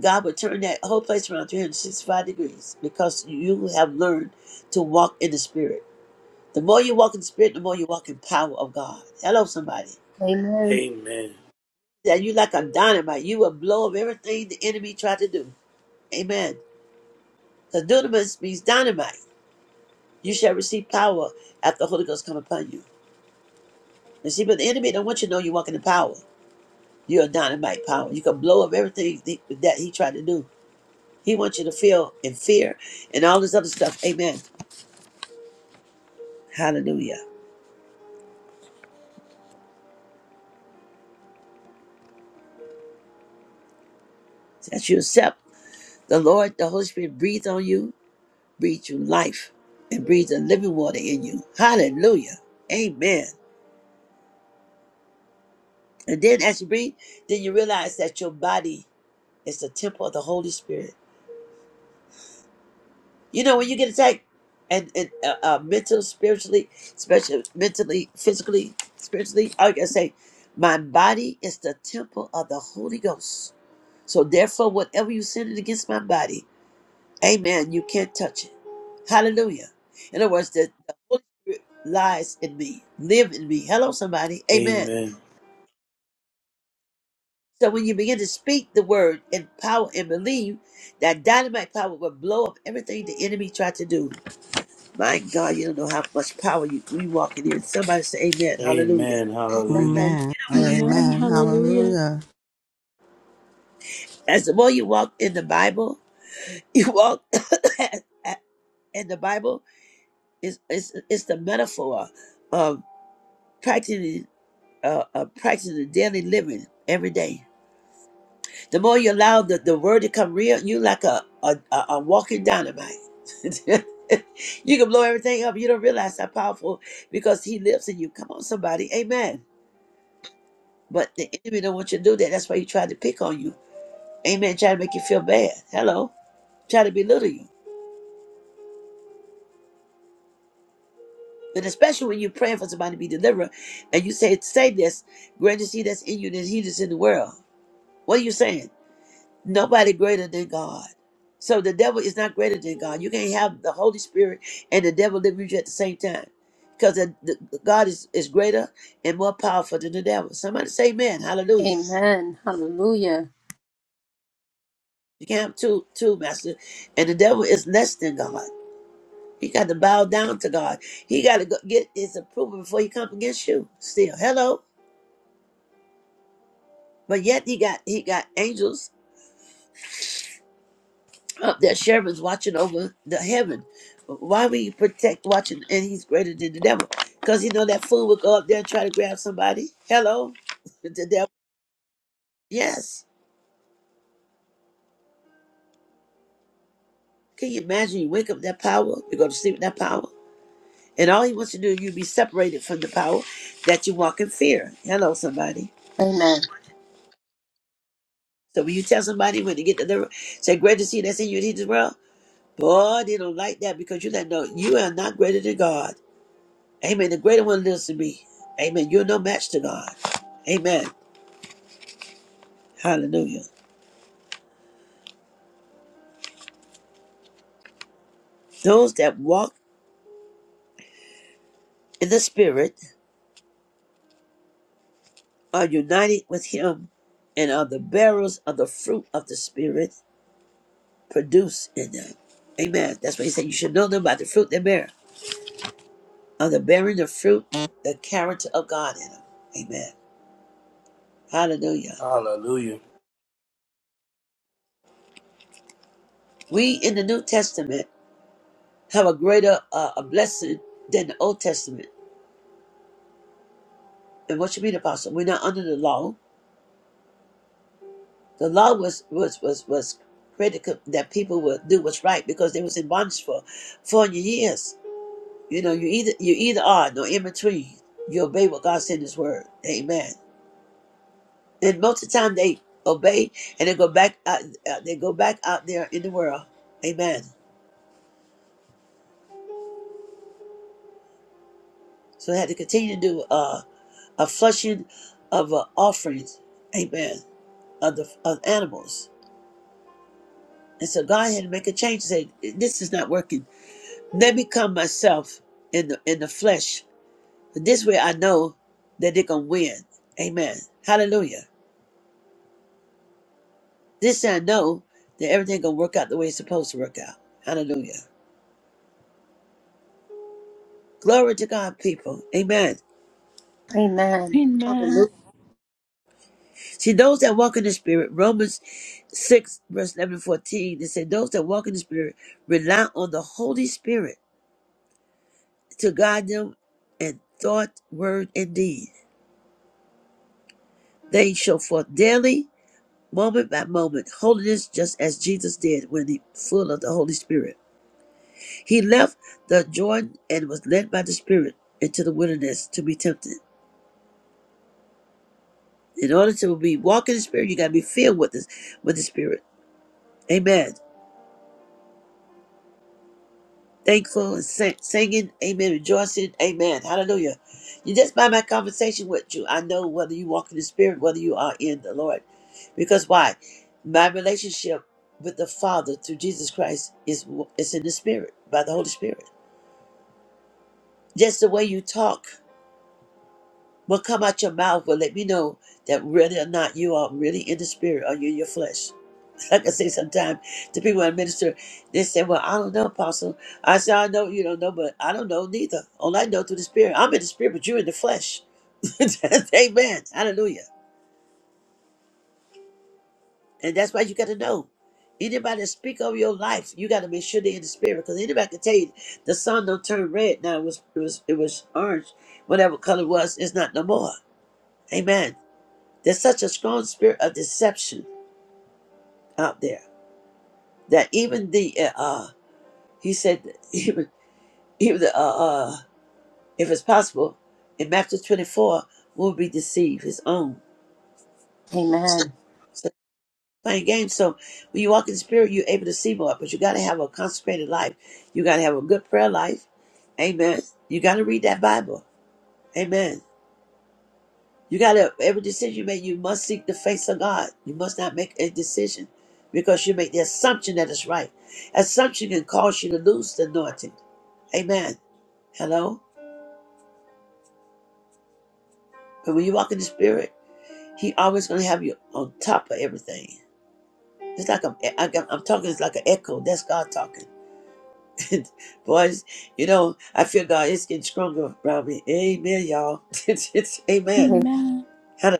God will turn that whole place around 365 degrees because you have learned to walk in the spirit. The more you walk in the spirit, the more you walk in power of God. Hello, somebody.
Amen.
That you like a dynamite. You will blow up everything the enemy tried to do. Amen. Because dunamis means dynamite. You shall receive power after the Holy Ghost come upon you. And see, but the enemy don't want you to know you're walking in power. You're a dynamite power. You can blow up everything th- that he tried to do. He wants you to feel in fear and all this other stuff. Amen. Hallelujah. That you accept the Lord, the Holy Spirit breathe on you breathe you life and breathe the living water in you. Hallelujah. Amen. And then as you breathe, then you realize that your body is the temple of the Holy Spirit. You know, when you get attacked and, and uh, uh, mental, spiritually, especially mentally, physically, spiritually, I can say, my body is the temple of the Holy Ghost. So therefore, whatever you sin it against my body, Amen. You can't touch it. Hallelujah. In other words, the, the Holy Spirit lies in me, live in me. Hello, somebody. Amen.
Amen.
So when you begin to speak the word in power and believe, that dynamite power will blow up everything the enemy tried to do. My God, you don't know how much power you, you walk in here. Somebody say amen. Hallelujah.
Amen. Hallelujah.
Amen.
Amen.
Amen.
Amen.
Hallelujah.
Hallelujah.
As the more you walk in the Bible, you walk in the Bible is it's, it's the metaphor of practicing. uh, uh, practice the daily living every day. The more you allow the, the word to come real, you like a a, a, a walking dynamite. you can blow everything up. You don't realize how powerful because he lives in you. Come on, somebody, amen. But the enemy don't want you to do that. That's why he tried to pick on you, amen. Try to make you feel bad. Hello, try to belittle you. And especially when you're praying for somebody to be delivered, and you say, "Say this, greater is He that's in you than He that's in the world." What are you saying? Nobody greater than God. So the devil is not greater than God. You can't have the Holy Spirit and the devil live with you at the same time. Because the, the- God is, is greater and more powerful than the devil. Somebody say amen. Hallelujah.
Amen. Hallelujah.
You can't have two, two master. And the devil is less than God. He got to bow down to God. He got to go get his approval before he come against you. Still, hello. But yet he got he got angels up there cherubims watching over the heaven. Why we protect watching and he's greater than the devil? Because you know that fool would go up there and try to grab somebody. Hello? The devil. Yes. Can you imagine you wake up with that power, you go to sleep with that power? And all he wants to do is you be separated from the power that you walk in fear. Hello, somebody.
Amen.
So when you tell somebody when they get to the say greater is he that's in you than he is in this world, boy, they don't like that because you let know you are not greater than God. Amen. The greater one lives to me. Amen. You're no match to God. Amen. Hallelujah. Those that walk in the Spirit are united with Him and are the bearers of the fruit of the Spirit produced in them. Amen. That's what He said. You should know them by the fruit they bear. Are the bearing the fruit, the character of God in them. Amen. Hallelujah.
Hallelujah.
We in the New Testament have a greater uh, a blessing than the Old Testament. And what you mean, Apostle? We're not under the law The law was was was was critical that people would do what's right because they was in bondage for four hundred years. You know, you either you either are no in between. You obey what God said in His Word. Amen. And most of the time they obey and they go back out. uh, They go back out there in the world. Amen. So they had to continue to do uh, a flushing of uh, offerings. Amen. Of the of animals. And so God had to make a change. and Say, this is not working. Let me come myself in the in the flesh But This way I know that they're gonna win. Amen. Hallelujah. This way I know that everything gonna work out the way it's supposed to work out. Hallelujah. Glory to God, people. Amen.
Amen. Hallelujah.
Amen.
See, those that walk in the Spirit, Romans 6, verse 11 and 14, they say, Those that walk in the Spirit rely on the Holy Spirit to guide them in thought, word, and deed. They show forth daily, moment by moment, holiness just as Jesus did when he full of the Holy Spirit. He left the Jordan and was led by the Spirit into the wilderness to be tempted. In order to be walking in the Spirit, you got to be filled with this, with the Spirit. Amen. Thankful and sing, singing. Amen. Rejoicing. Amen. Hallelujah. You just by my conversation with you, I know whether you walk in the Spirit, whether you are in the Lord. Because why? My relationship with the Father through Jesus Christ is is in the Spirit by the Holy Spirit. Just the way you talk What come out your mouth will let me know that whether or not you are really in the spirit or you're in your flesh. Like I say sometimes to people I minister, they say, Well, I don't know, Apostle. I say, I know you don't know, but I don't know neither. All I know through the spirit. I'm in the spirit, but you're in the flesh. Amen. Hallelujah. And that's why you gotta know. Anybody that speak over your life, you gotta make sure they're in the spirit. Because anybody can tell you the sun don't turn red. Now it was it was it was orange, whatever color it was, it's not no more. Amen. There's such a strong spirit of deception out there that even the uh, uh, he said that even even the, uh, uh, if it's possible in Matthew 24 will be deceived his own.
Amen.
So playing games. So when you walk in the spirit, you're able to see more. But you got to have a consecrated life. You got to have a good prayer life. Amen. You got to read that Bible. Amen. You gotta every decision you make, you must seek the face of God. You must not make a decision because you make the assumption that it's right. Assumption can cause you to lose the anointing. Amen. Hello? But when you walk in the spirit, he always gonna have you on top of everything. It's like I'm, I- I'm, I'm talking, it's like an echo. That's God talking. Boys, you know, I feel God is getting stronger around me. Amen, y'all. it's, it's, amen.
Amen.
Hallelujah.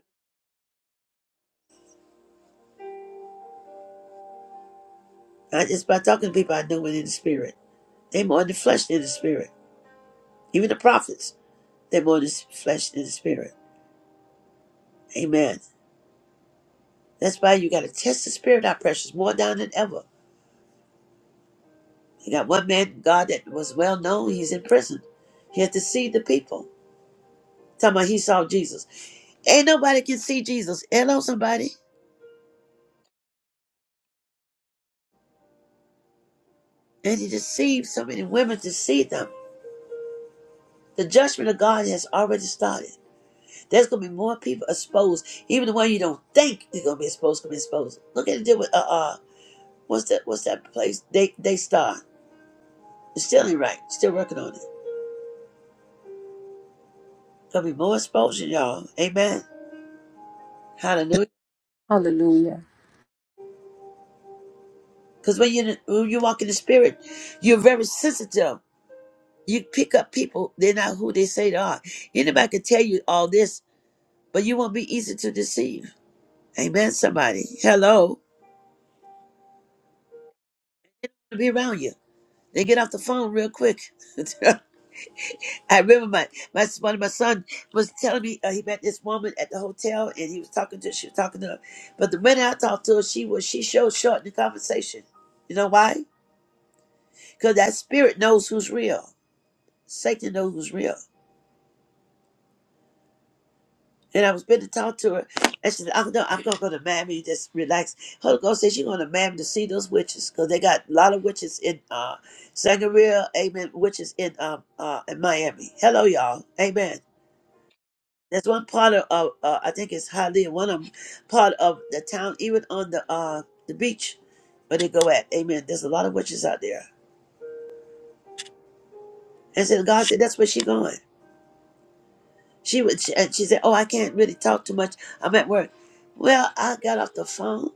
I just by talking to people, I know it in the spirit. They more in the flesh than in the spirit. Even the prophets, they're born in flesh and in spirit. Amen. That's why you got to test the spirit out, precious, more down than ever. You got one man, God, that was well known. He's in prison. He had to see the people. Talking about he saw Jesus. Ain't nobody can see Jesus. Hello, somebody. And he deceived so many women to see them. The judgment of God has already started. There's going to be more people exposed. Even the one you don't think is going to be exposed, going to be exposed. Look at it deal with, uh, uh, what's that, what's that place? Day, Daystar. It still ain't right. Still working on it. Gonna be more exposure, y'all. Amen. Hallelujah.
Hallelujah.
Because when you when you walk in the spirit, you're very sensitive. You pick up people, they're not who they say they are. Anybody can tell you all this, but you won't be easy to deceive. Amen, somebody. Hello. Be around you. They get off the phone real quick. I remember my, my one of my son was telling me uh, he met this woman at the hotel and he was talking to she was talking to her, but the minute I talked to her, she was she showed short in the conversation. You know why? Because that spirit knows who's real. Satan knows who's real. And I was been to talk to her, and she said, "I'm no, I'm gonna Miami. Just relax." Holy Ghost says she's going to Miami to see those witches because they got a lot of witches in uh, Sangria, Amen. Witches in um uh, in Miami. Hello, y'all, Amen. There's one part of, of uh, I think it's Hialeah, one of 'em, part of the town, even on the uh, the beach where they go at. Amen. There's a lot of witches out there. And so God said, that's where she going. She would, she, and she said, oh, I can't really talk too much. I'm at work. Well, I got off the phone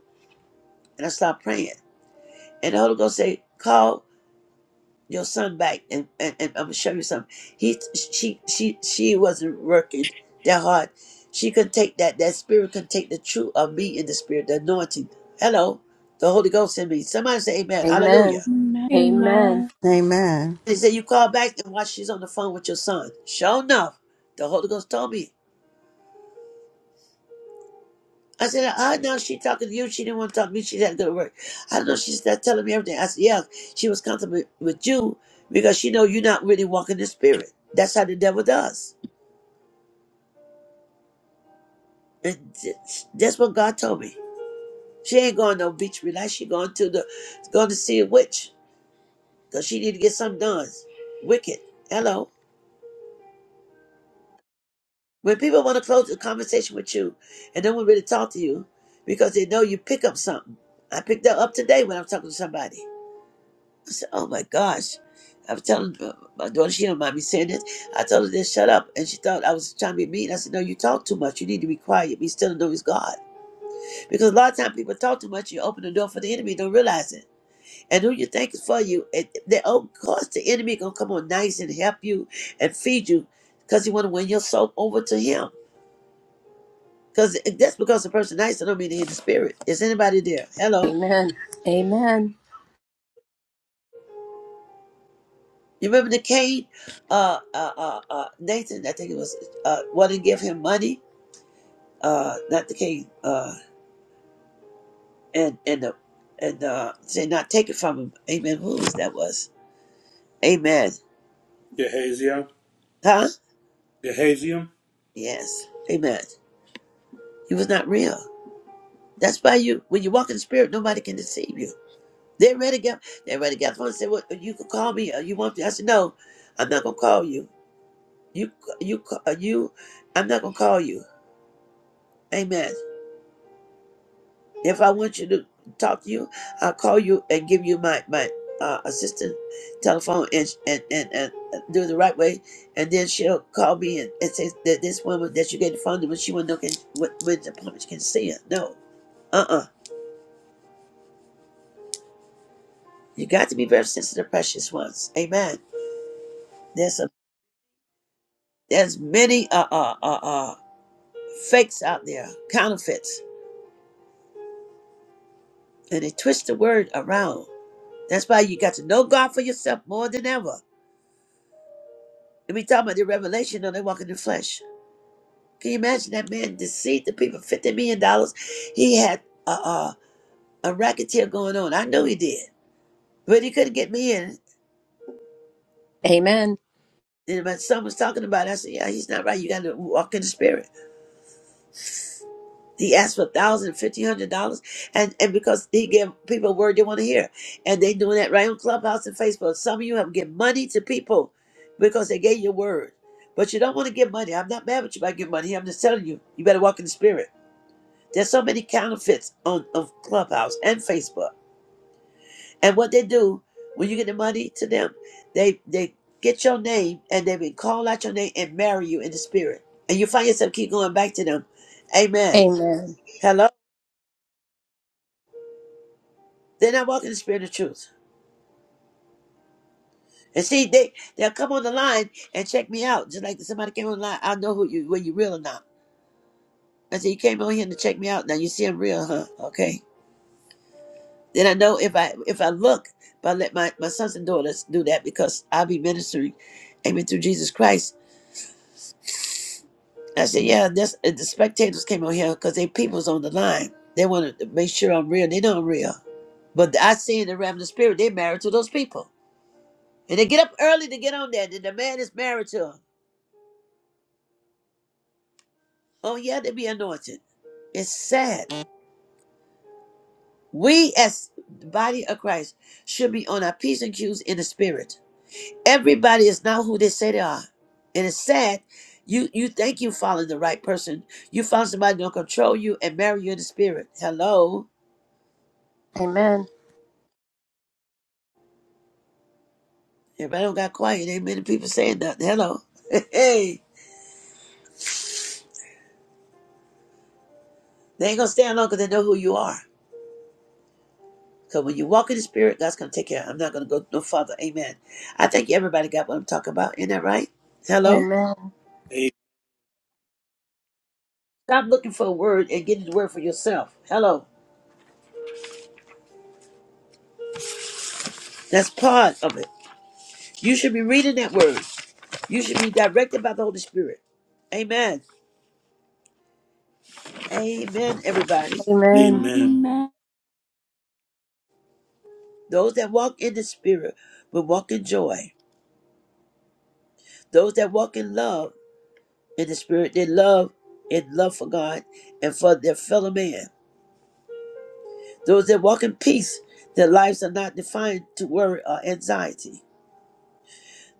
and I started praying. And the Holy Ghost said, call. your son back and, and, and I'm gonna show you something. He she she she wasn't working that hard. She could take that that spirit can take the truth of me in the spirit, the anointing. Hello, the Holy Ghost in me. Somebody say amen.
Amen.
Hallelujah.
Amen.
Amen.
Amen.
Amen.
He said, You call back and watch she's on the phone with your son. Sure enough, the Holy Ghost told me. I said, I know she talking to you. She didn't want to talk to me. She had to go to work. I know she's not telling me everything. I said, Yeah, she was comfortable with you because she know you're not really walking the spirit. That's how the devil does. And th- that's what God told me. She ain't going no beach relax. She going to the going to see a witch because she need to get something done. Wicked. Hello. When people want to close the conversation with you and don't want to really talk to you because they know you pick up something. I picked that up today when I'm talking to somebody. I said, "Oh my gosh." I was telling my my daughter, she don't mind me saying this. I told her to shut up, and she thought I was trying to be mean. I said, "No, you talk too much. You need to be quiet. Be still and know He's God." Because a lot of times people talk too much. You open the door for the enemy, don't realize it. and who you think is for you. And then, of course, the enemy gonna come on nice and help you and feed you, because he want to win your soul over to him. Because that's because the person nice, I don't mean to hit the spirit. Is anybody there? Hello.
Amen. Amen.
You remember the Cain, uh, uh, uh, uh, Nathan? I think it was uh, wanted to give him money. Uh, not the Cain. Uh, and and the and uh, say not take it from him. Amen. Who was that was? Amen.
Gehaziah.
Huh?
Gehaziah.
Yes. Amen. He was not real. That's why you, when you walk in the spirit, nobody can deceive you. They're ready to get, they're ready to get on the phone and say, "Well, you can call me, or you want to?" I said, "No, I'm not gonna call you. You, you, you, I'm not gonna call you." Amen. If I want you to talk to you, I'll call you and give you my my uh, assistant telephone and, and and and uh, do it the right way, and then she'll call me and, and say that this woman that you gave the phone to when she won't look when, when the public can see it. No, uh, uh you got to be very sensitive, precious ones. Amen. There's a there's many uh uh uh, uh fakes out there, counterfeits, and they twist the word around. That's why you got to know God for yourself more than ever. And we talking about the revelation of they walk in the flesh. Can you imagine that man deceived the people fifty million dollars? He had a uh, a racketeer going on. I know he did, but he couldn't get me in.
Amen.
And my son was talking about. It. I said, "Yeah, he's not right. You got to walk in the spirit." He asked for a thousand, fifteen hundred dollars, and and because he gave people a word they want to hear, and they doing that right on Clubhouse and Facebook. Some of you have given money to people because they gave you a word, but you don't want to give money. I'm not mad with you about giving money. I'm just telling you, you better walk in the spirit. There's so many counterfeits on of Clubhouse and Facebook, and what they do when you get the money to them, they they get your name and they will call out your name and marry you in the spirit, and you find yourself keep going back to them. Amen.
Amen.
They're not walking the spirit of truth. And see, they they'll come on the line and check me out. Just like somebody came on the line, I'll know who you whether you're real or not. I said, You came on here to check me out. Now you see I'm real, huh? Okay. Then I know if I if I look, if I let my, my sons and daughters do that because I'll be ministering, amen, through Jesus Christ. I said, Yeah, that's uh, the spectators came on here because they people's on the line. They want to make sure I'm real. They know I'm real. But I see in the realm of the spirit, they're married to those people. And they get up early to get on there. Then the man is married to 'em. Oh, yeah, to be anointed. It's sad. We, as the body of Christ, should be on our P's and Q's in the spirit. Everybody is not who they say they are. And it's sad. You you think you following the right person. You found somebody gonna control you and marry you in the spirit. Hello.
Amen.
Everybody don't got quiet. Ain't many people saying nothing. Hello. Hey. They ain't gonna stand long because they know who you are. Because when you walk in the spirit, God's gonna take care. I'm not gonna go no further. Amen. I think everybody got what I'm talking about. Isn't that right? Hello?
Amen.
A-
Stop looking for a word and get the word for yourself. Hello. That's part of it. You should be reading that word. You should be directed by the Holy Spirit. Amen. Amen, everybody.
Amen.
Amen.
Amen.
Amen.
Those that walk in the Spirit will walk in joy. Those that walk in love in the Spirit, they love in love for God and for their fellow man. Those that walk in peace, their lives are not defined to worry or anxiety.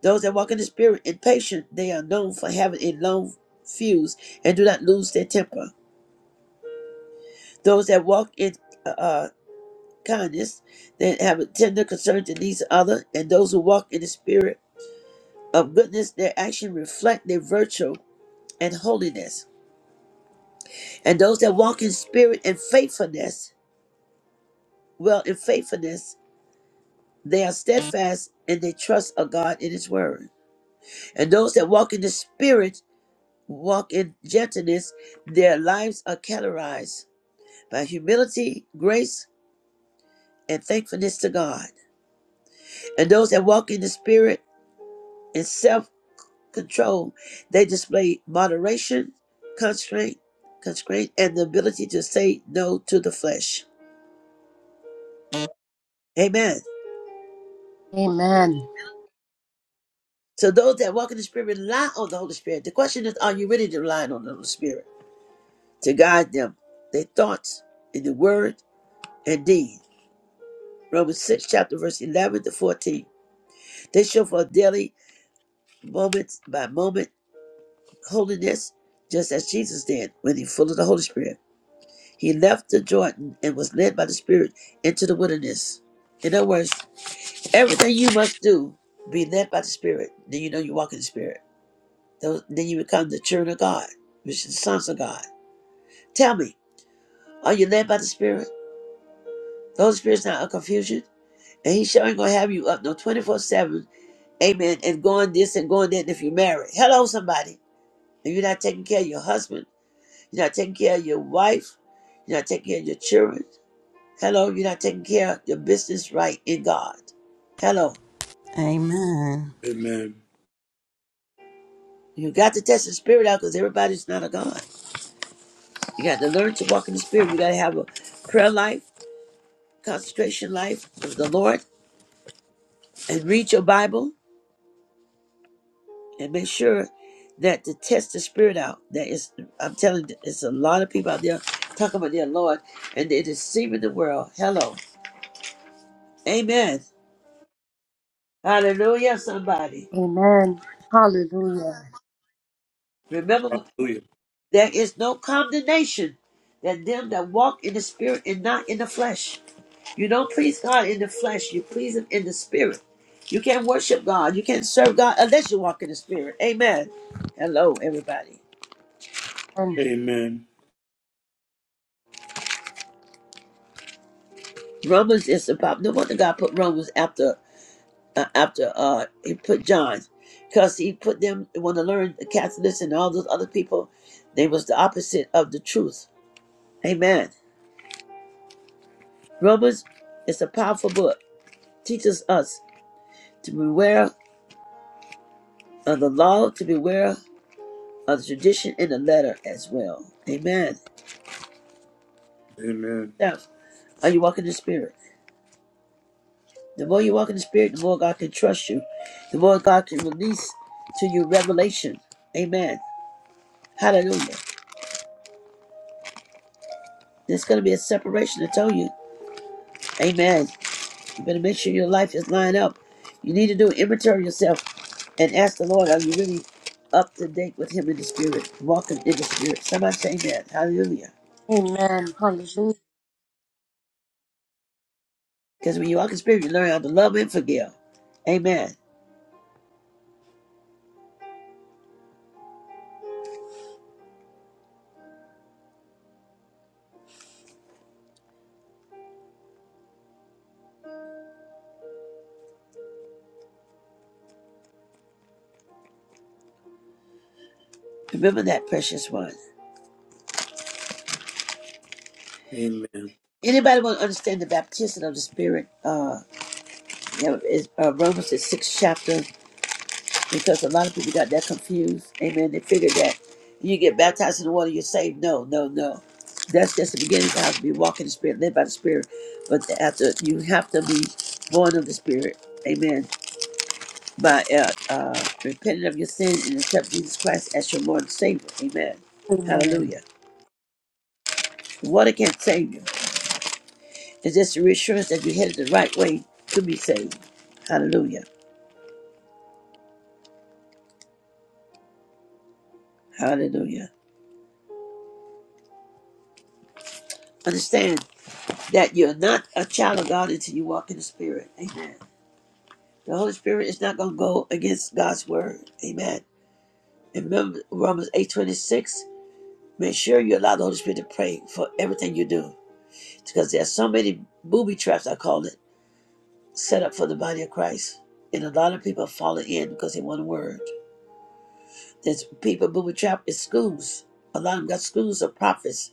Those that walk in the spirit and patient, they are known for having a long fuse and do not lose their temper. Those that walk in uh, uh, kindness, they have a tender concern to needs of other, and those who walk in the spirit of goodness, their action reflect their virtue and holiness. And those that walk in spirit and faithfulness, well, in faithfulness, they are steadfast and they trust of God in His word. And those that walk in the spirit walk in gentleness, their lives are categorized by humility, grace, and thankfulness to God. And those that walk in the Spirit and self control, they display moderation, constraint, constraint, and the ability to say no to the flesh. Amen.
Amen.
So those that walk in the Spirit rely on the Holy Spirit. The question is, are you really relying on the Holy Spirit to guide them, their thoughts, in the word and deed? Romans 6, chapter verse 11 to 14. They show for daily, moment by moment holiness just as Jesus did when he full of the Holy Spirit. He left the Jordan and was led by the Spirit into the wilderness. In other words, everything you must do, be led by the Spirit. Then you know you walk in the Spirit. Tho- Then you become the children of God, which is the sons of God. Tell me, are you led by the Spirit? The Holy Spirit's not a confusion. And he sure ain't gonna have you up no 24 7, amen, and going this and going that if you married. Hello, somebody. And you're not taking care of your husband. You're not taking care of your wife. You're not taking care of your children. Hello, you're not taking care of your business right in God. Hello.
Amen.
Amen.
You got to test the spirit out because everybody's not a God. You got to learn to walk in the spirit. You got to have a prayer life, concentration life of the Lord, and read your Bible and make sure that to test the spirit out. That is, I'm telling you, there's a lot of people out there talking about their Lord and they're deceiving the world. Hello. Amen. Hallelujah, somebody.
Amen. Hallelujah.
Remember
Hallelujah.
There is no condemnation that them that walk in the spirit and not in the flesh. You don't please God in the flesh, you please Him in the spirit. You can't worship God, you can't serve God unless you walk in the spirit. Amen. Hello, everybody.
And
Amen.
Romans is about no wonder God put Romans after uh, after uh he put John, because he put them want to learn the Catholics and all those other people. They was the opposite of the truth. Amen. Romans is a powerful book. Teaches us to beware of the law to beware of the tradition in the letter as well. Amen.
Amen.
Now, are you walking in the spirit? The more you walk in the spirit, the more God can trust you. The more God can release to you revelation. Amen. Hallelujah. There's going to be a separation, I tell you. Amen. You better make sure your life is lined up. You need to do inventory yourself and ask the Lord, are you really up to date with Him in the spirit? Walking in the spirit. Somebody say amen. Hallelujah.
amen. Hallelujah.
Because when you walk in the spirit, you learn how to love and forgive. Amen. Remember that precious one.
Amen.
Anybody want to understand the baptism of the Spirit? Uh, you know, is, uh, Romans the sixth chapter, because a lot of people got that confused. Amen. They figured that you get baptized in the water, you're saved. No, no, no. That's just the beginning of how to be walking in the Spirit, led by the Spirit. But the- after you have to be born of the Spirit. Amen. By uh, uh, repenting of your sin and accept Jesus Christ as your Lord and Savior. Amen.
Amen.
Hallelujah. water can't save you. It's just a reassurance that you headed the right way to be saved. Hallelujah. Hallelujah. Understand that you're not a child of God until you walk in the Spirit. Amen. The Holy Spirit is not going to go against God's word. Amen. And remember Romans 8:26. Make sure you allow the Holy Spirit to pray for everything you do. Because there are so many booby traps, I call it, set up for the body of Christ. And a lot of people fall in because they want a word. There's people booby trapped in schools. A lot of them got schools of prophets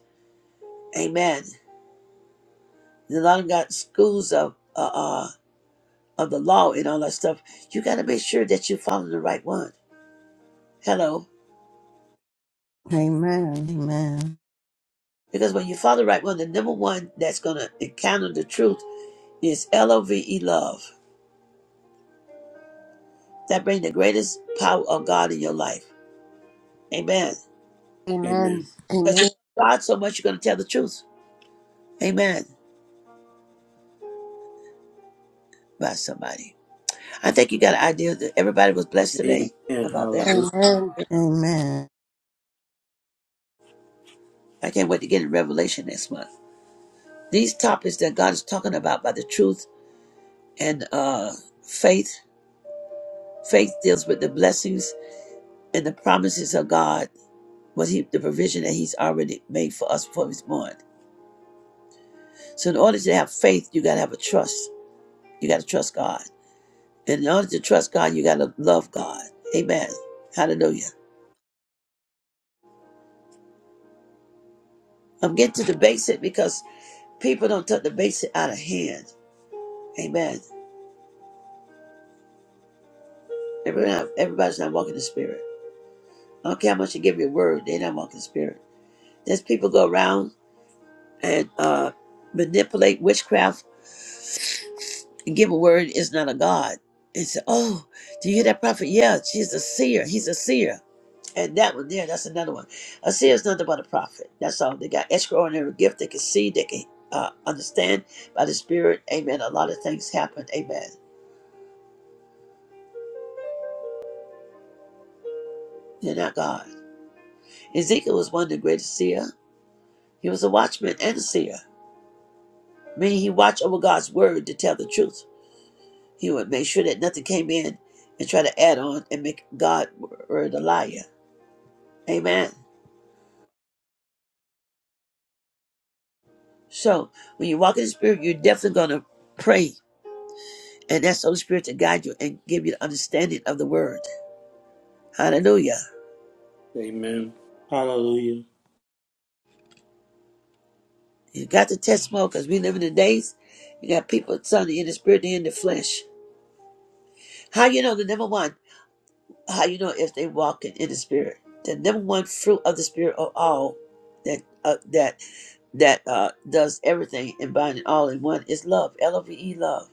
Amen. And a lot of got schools of uh, uh of the law and all that stuff. You got to make sure that you follow the right one. Hello,
Amen. Amen.
because when you follow the right one, the number one that's gonna encounter the truth is L O V E love. That brings the greatest power of God in your life. Amen.
Amen.
Amen.
Because you
Amen.
love God so much, you're gonna tell the truth. Amen. By somebody. I think you got an idea that everybody was blessed today
Amen.
about that.
Hallelujah.
Amen.
Amen.
I can't wait to get in Revelation next month. These topics that God is talking about by the truth and uh, faith. Faith deals with the blessings and the promises of God, what He, the provision that He's already made for us before we was born. So, in order to have faith, you got to have a trust. You got to trust God, and in order to trust God, you got to love God. Amen. Hallelujah. I'm getting to the basic because people don't take the basic out of hand. Amen. Everybody, everybody's not walking the spirit. I don't care how much you give your word, they're not walking the spirit. There's people go around and uh, manipulate witchcraft give a word is not a God. And say, oh, do you hear that prophet? Yeah, she's a seer. He's a seer. And that one there, that's another one. A seer is nothing but a prophet. That's all. They got extraordinary gift. They can see. They can uh, understand by the Spirit. Amen. A lot of things happen. Amen. They're not God. Ezekiel was one of the greatest seer. He was a watchman and a seer. Meaning he watched over God's word to tell the truth. He would make sure that nothing came in and try to add on and make God's word a liar. Amen. So when you walk in the spirit, you're definitely gonna pray and ask the Holy Spirit to guide you and give you the understanding of the word. Hallelujah.
Amen. Hallelujah.
You got to test more because we live in the days. You got people son in the spirit they in the flesh. How you know the number one, how you know if they walking in the spirit. The number one fruit of the spirit of all that uh, that that uh, does everything and binding all in one is love. L O V E love.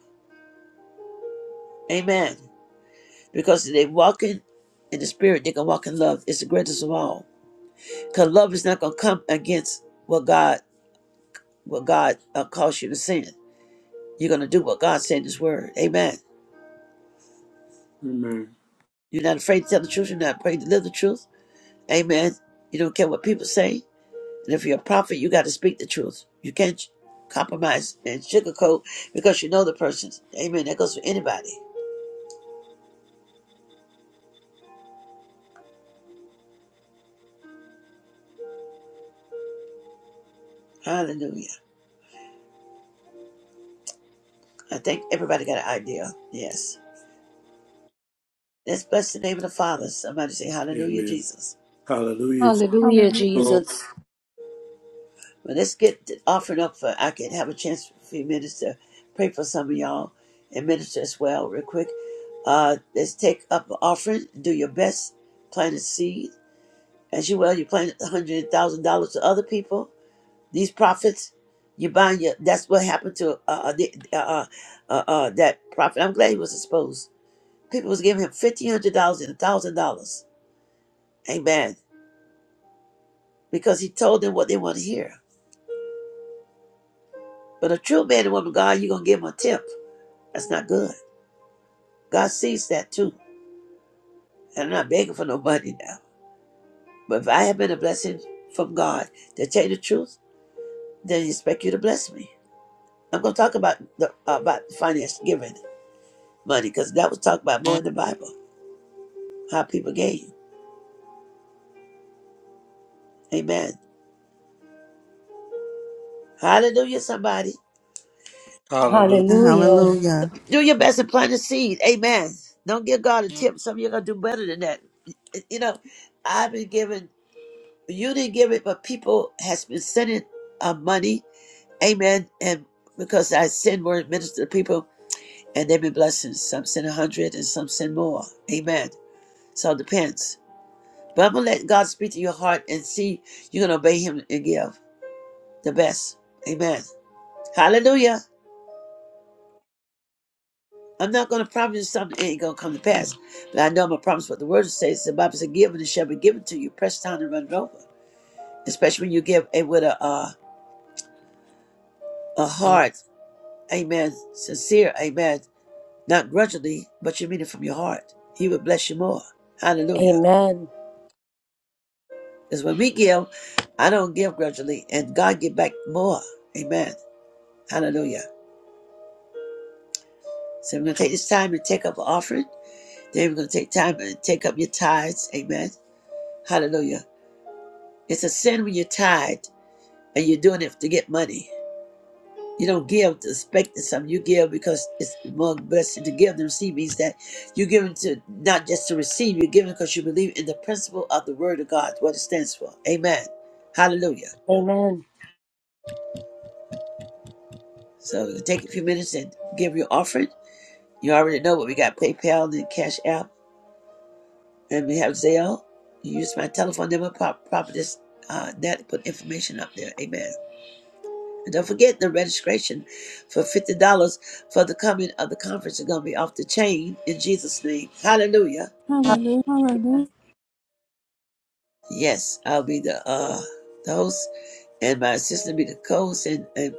Amen. Because they walking in the spirit, they can walk in love. It's the greatest of all. Because love is not going to come against what God what God uh, calls you to sin. You're going to do what God said in His Word. Amen.
Amen.
You're not afraid to tell the truth. You're not afraid to live the truth. Amen. You don't care what people say. And if you're a prophet, you got to speak the truth. You can't compromise and sugarcoat because you know the person. Amen. That goes for anybody. Hallelujah. I think everybody got an idea. Yes. Let's bless the name of the Father. Somebody say, Hallelujah,
Amen.
Jesus.
Hallelujah.
Hallelujah,
Hallelujah.
Glory.
Jesus.
Well, let's get th- offered up for I can have a chance for a few minutes to pray for some of y'all and minister as well, real quick. Uh, let's take up an offering. Do your best. Plant a seed. As you well, you plant a hundred thousand dollars to other people. These prophets, you buying your. That's what happened to uh, uh, the, uh, uh, uh, uh, that prophet. I'm glad he was exposed. People was giving him fifteen hundred dollars and one thousand dollars. Amen. Because he told them what they want to hear. But a true man and woman of God, you're gonna give them a tip. That's not good. God sees that too. And I'm not begging for no money now. But if I have been a blessing from God to tell you the truth, then He expect you to bless me. I'm gonna talk about the uh, about finance giving money because that was talked about more in the Bible. How people gave. Amen. Hallelujah, somebody.
Hallelujah.
Hallelujah.
Hallelujah.
Do your best and plant a seed. Amen. Don't give God a tip. Some of you are gonna do better than that. You know, I've been giving. you didn't give it, but people has been sending uh, money. Amen. And because I send word minister to people and there be blessings. Some send a hundred and some send more. Amen. So it depends. But I'm gonna let God speak to your heart and see you're gonna obey him and give the best. Amen. Hallelujah. I'm not gonna promise you something that ain't gonna come to pass. But I know I'm gonna promise what the word says. The Bible says give and it shall be given to you, pressed down and run it over. Especially when you give it with a uh, a heart, amen, sincere, amen. Not grudgingly, but you mean it from your heart. He will bless you more. Hallelujah.
Amen.
Because when we give, I don't give grudgingly, and God give back more. Amen. Hallelujah. So we're going to take this time and take up an offering. Then we're going to take time and take up your tithes. Amen. Hallelujah. It's a sin when you're tithe and you're doing it to get money. You don't give to expect something. You give because it's more blessed to give than receive. Means that you're giving to not just to receive. You're giving because you believe in the principle of the Word of God, what it stands for. Amen. Hallelujah.
Amen.
So take a few minutes and give your offering. You already know, what we got PayPal and Cash App, and we have Zelle. You use my telephone number, pop, pop this uh, net, put information up there. Amen. And don't forget the registration for fifty dollars for the coming of the conference is gonna be off the chain in Jesus' name. Hallelujah.
Hallelujah.
Hallelujah.
Hallelujah.
Yes, I'll be the uh the host, and my assistant will be the co-host, and and,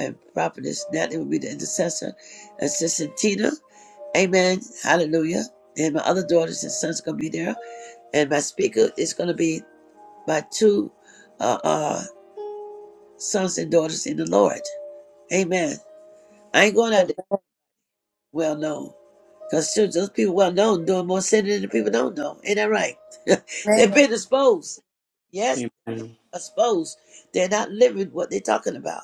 and prophetess Natalie will be the intercessor, assistant Tina. Amen. Hallelujah. And my other daughters and sons are gonna be there and my speaker is going to be my two uh, uh, sons and daughters in the Lord. Amen. I ain't going out there well known because those people well known doing more sin than the people don't know. Ain't that right? They've been exposed. Yes,
Amen.
exposed. They're not living what they're talking about.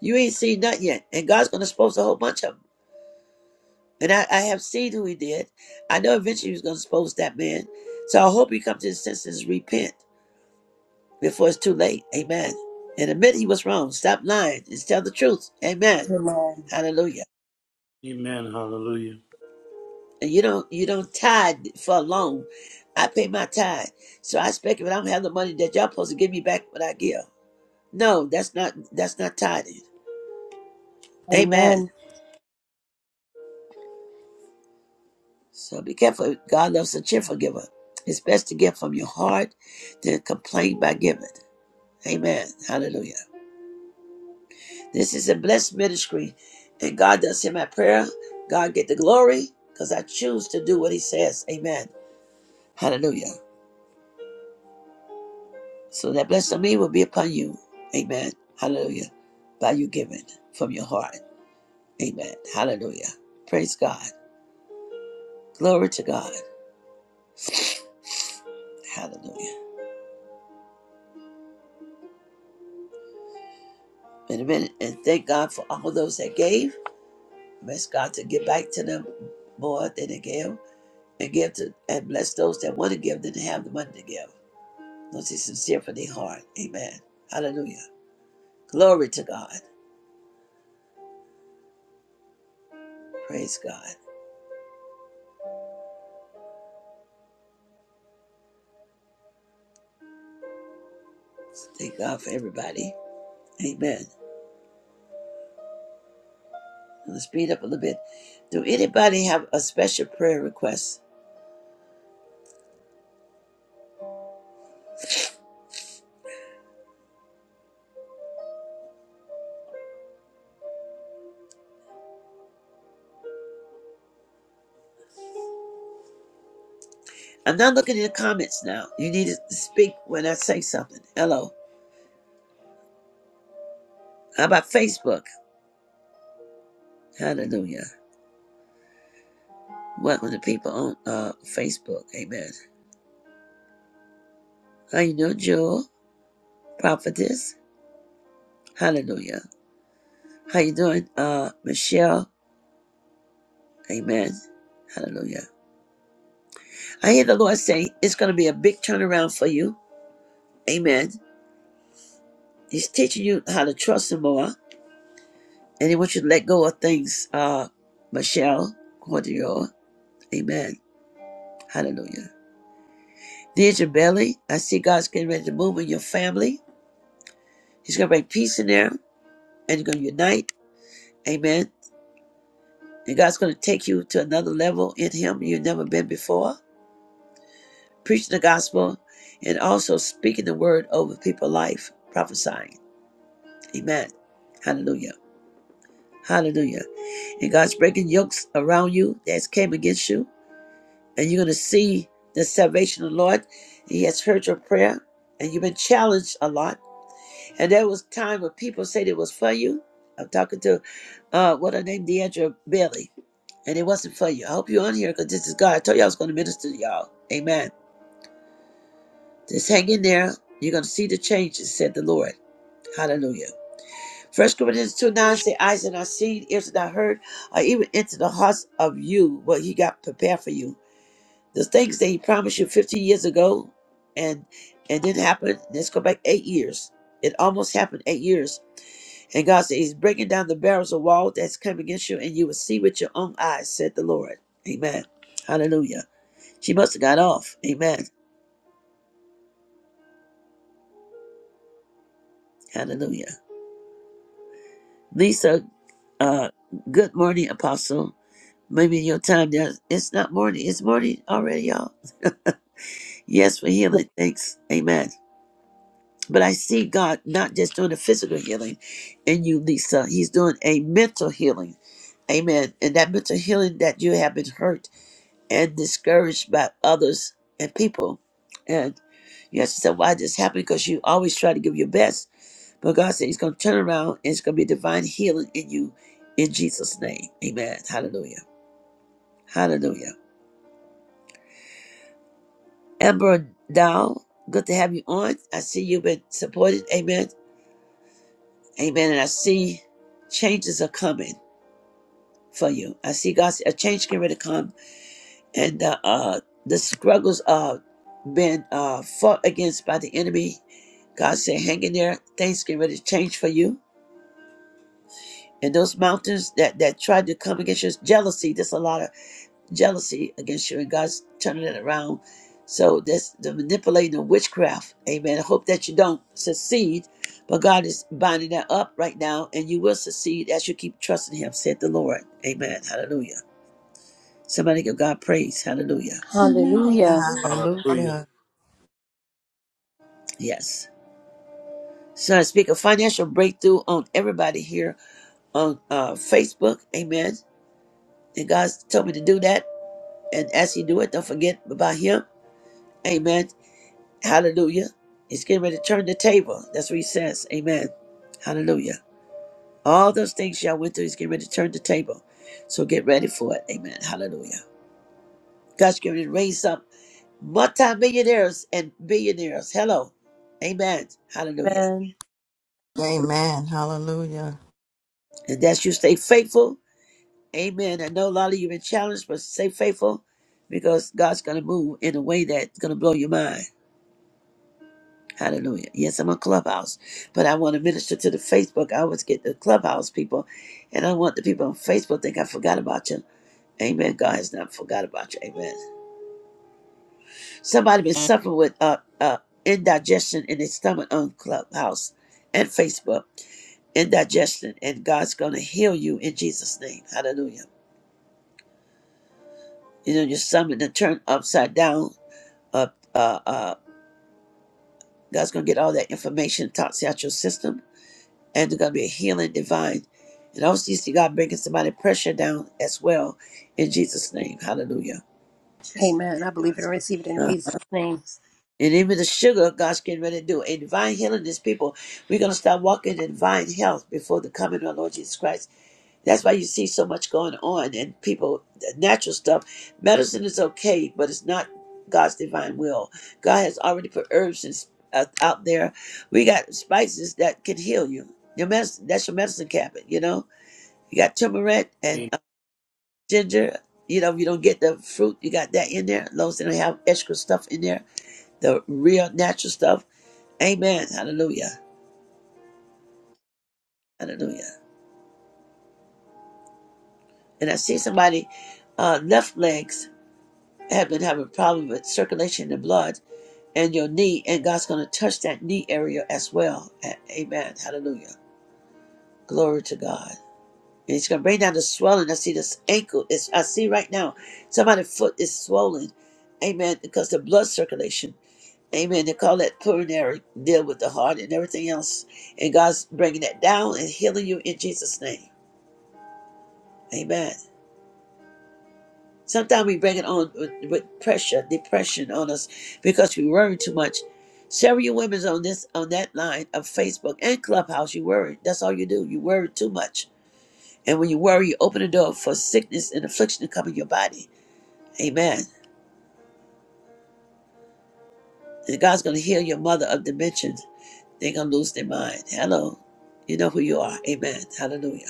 You ain't seen nothing yet, and God's going to expose a whole bunch of them. And I, I have seen who he did. I know eventually he was going to expose that man. So I hope he comes to his senses, repent before it's too late. Amen. And admit he was wrong. Stop lying. Just tell the truth. Amen.
Amen.
Hallelujah.
Amen. Hallelujah.
And you don't you don't tithe for long. I pay my tithe. So I expect if I don't have the money that y'all supposed to give me back what I give. No, that's not that's not tithing.
Amen.
Amen.
Amen.
So be careful. God loves a cheerful giver. It's best to give from your heart than complain by giving. Amen. Hallelujah. This is a blessed ministry, and God does hear my prayer. God get the glory because I choose to do what He says. Amen. Hallelujah. So that blessing of me will be upon you. Amen. Hallelujah. By you giving from your heart. Amen. Hallelujah. Praise God. Glory to God. Hallelujah. In a minute, and thank God for all those that gave. Bless God to give back to them more than they gave, and give to and bless those that want to give than have the money to give. Was he sincere for their heart? Amen. Hallelujah. Glory to God. Praise God. Thank God for everybody. Amen. Let's speed up a little bit. Do anybody have a special prayer request? I'm not looking in the comments now. You need to speak when I say something. Hello. How about Facebook? Hallelujah. Welcome to people on uh, Facebook. Amen. How you doing, Jewel? Prophetess? Hallelujah. How you doing, uh, Michelle? Amen. Hallelujah. I hear the Lord say it's going to be a big turnaround for you. Amen. He's teaching you how to trust Him more, and He wants you to let go of things. Uh, Michelle, Cordial. Amen. Hallelujah. There's your belly. I see God's getting ready to move in your family. He's going to bring peace in there, and you're going to unite. Amen. And God's going to take you to another level in Him you've never been before. Preaching the gospel, and also speaking the word over people's life, prophesying. Amen. Hallelujah. Hallelujah. And God's breaking yokes around you that came against you. And you're going to see the salvation of the Lord. He has heard your prayer. And you've been challenged a lot. And there was time when people said it was for you. I'm talking to, uh, what her name, Deandra Bailey. And it wasn't for you. I hope you're on here because this is God. I told you I was going to minister to y'all. Amen. Just hang in there. You're going to see the changes, said the Lord. Hallelujah. First Corinthians 2 9 say, Eyes are not seen, ears are not heard, or even into the hearts of you what he got prepared for you. The things that he promised you 15 years ago and and didn't happen, let's go back eight years. It almost happened eight years. And God said, He's breaking down the barriers of wall that's come against you, and you will see with your own eyes, said the Lord. Amen. Hallelujah. She must have got off. Amen. Hallelujah. Lisa, uh, good morning, Apostle. Maybe in your time now. It's not morning. It's morning already, y'all. Yes, for healing. Thanks. Amen. But I see God not just doing a physical healing in you, Lisa. He's doing a mental healing. Amen. And that mental healing that you have been hurt and discouraged by others and people. And you have to say, why this happened? Because you always try to give your best. But God said He's going to turn around and it's going to be divine healing in you in Jesus' name. Amen. Hallelujah. Hallelujah. Amber Dow, good to have you on. I see you've been supported. Amen. Amen. And I see changes are coming for you. I see God's a change getting ready to come, and uh, uh, the struggles are been uh, fought against by the enemy. God said, "Hang in there. Things getting ready to change for you." And those mountains that that tried to come against you, jealousy. There's a lot of jealousy against you, and God's turning it around. So that's the manipulating of witchcraft. Amen. I hope that you don't succeed, but God is binding that up right now, and you will succeed as you keep trusting Him, said the Lord. Amen. Hallelujah. Somebody give God praise. Hallelujah.
Amen.
Hallelujah.
Hallelujah.
Hallelujah.
Hallelujah.
Yes. So I speak a financial breakthrough on everybody here on uh, Facebook. Amen. And God's told me to do that. And as He do it, don't forget about Him. Amen. Hallelujah. He's getting ready to turn the table. That's what he says. Amen. Hallelujah. All those things y'all went through, he's getting ready to turn the table. So get ready for it. Amen. Hallelujah. God's getting ready to raise up multi-millionaires and billionaires. Hello. Amen. Hallelujah.
Amen.
Amen. Hallelujah.
And that's you stay faithful. Amen. I know a lot of you have been challenged, but stay faithful because God's going to move in a way that's going to blow your mind. Hallelujah. Yes, I'm on Clubhouse, but I want to minister to the Facebook. I always get the Clubhouse people, and I want the people on Facebook to think I forgot about you. Amen. God has not forgot about you. Amen. Somebody been suffering with uh, uh, indigestion in their stomach on Clubhouse and Facebook. Indigestion, and God's going to heal you in Jesus' name. Hallelujah. You know, your stomach to turn upside down. Up, uh, uh, God's going to get all that information, toxic out your system and there's going to be a healing divine. And I also see God bringing somebody pressure down as well in Jesus' name. Hallelujah.
Amen. I believe it and receive it in
Uh,
Jesus' name.
And even the sugar, God's getting ready to do a divine healing. These people, we're going to start walking in divine health before the coming of our Lord Jesus Christ. That's why you see so much going on and people, the natural stuff. Medicine is okay, but it's not God's divine will. God has already put herbs and, uh, out there. We got spices that can heal you. Your medicine, that's your medicine cabinet, you know? You got turmeric and
Amen.
uh, ginger. You know, if you don't get the fruit, you got that in there. As long as they don't have extra stuff in there, the real natural stuff. Amen. Hallelujah. Hallelujah. And I see somebody, uh, left legs have been having a problem with circulation in the blood and your knee, and God's going to touch that knee area as well. A- Amen. Hallelujah. Glory to God. And He's going to bring down the swelling. I see this ankle. It's, I see right now somebody's foot is swollen. Amen. Because the blood circulation. Amen. They call that pulmonary, deal with the heart and everything else. And God's bringing that down and healing you in Jesus' name. Amen. Sometimes we bring it on with, with pressure, depression on us because we worry too much. Several of you women's on this on that line of Facebook and Clubhouse, you worry. That's all you do. You worry too much. And when you worry, you open the door for sickness and affliction to come in your body. Amen. And God's gonna heal your mother of dimension. They're gonna lose their mind. Hello. You know who you are. Amen. Hallelujah.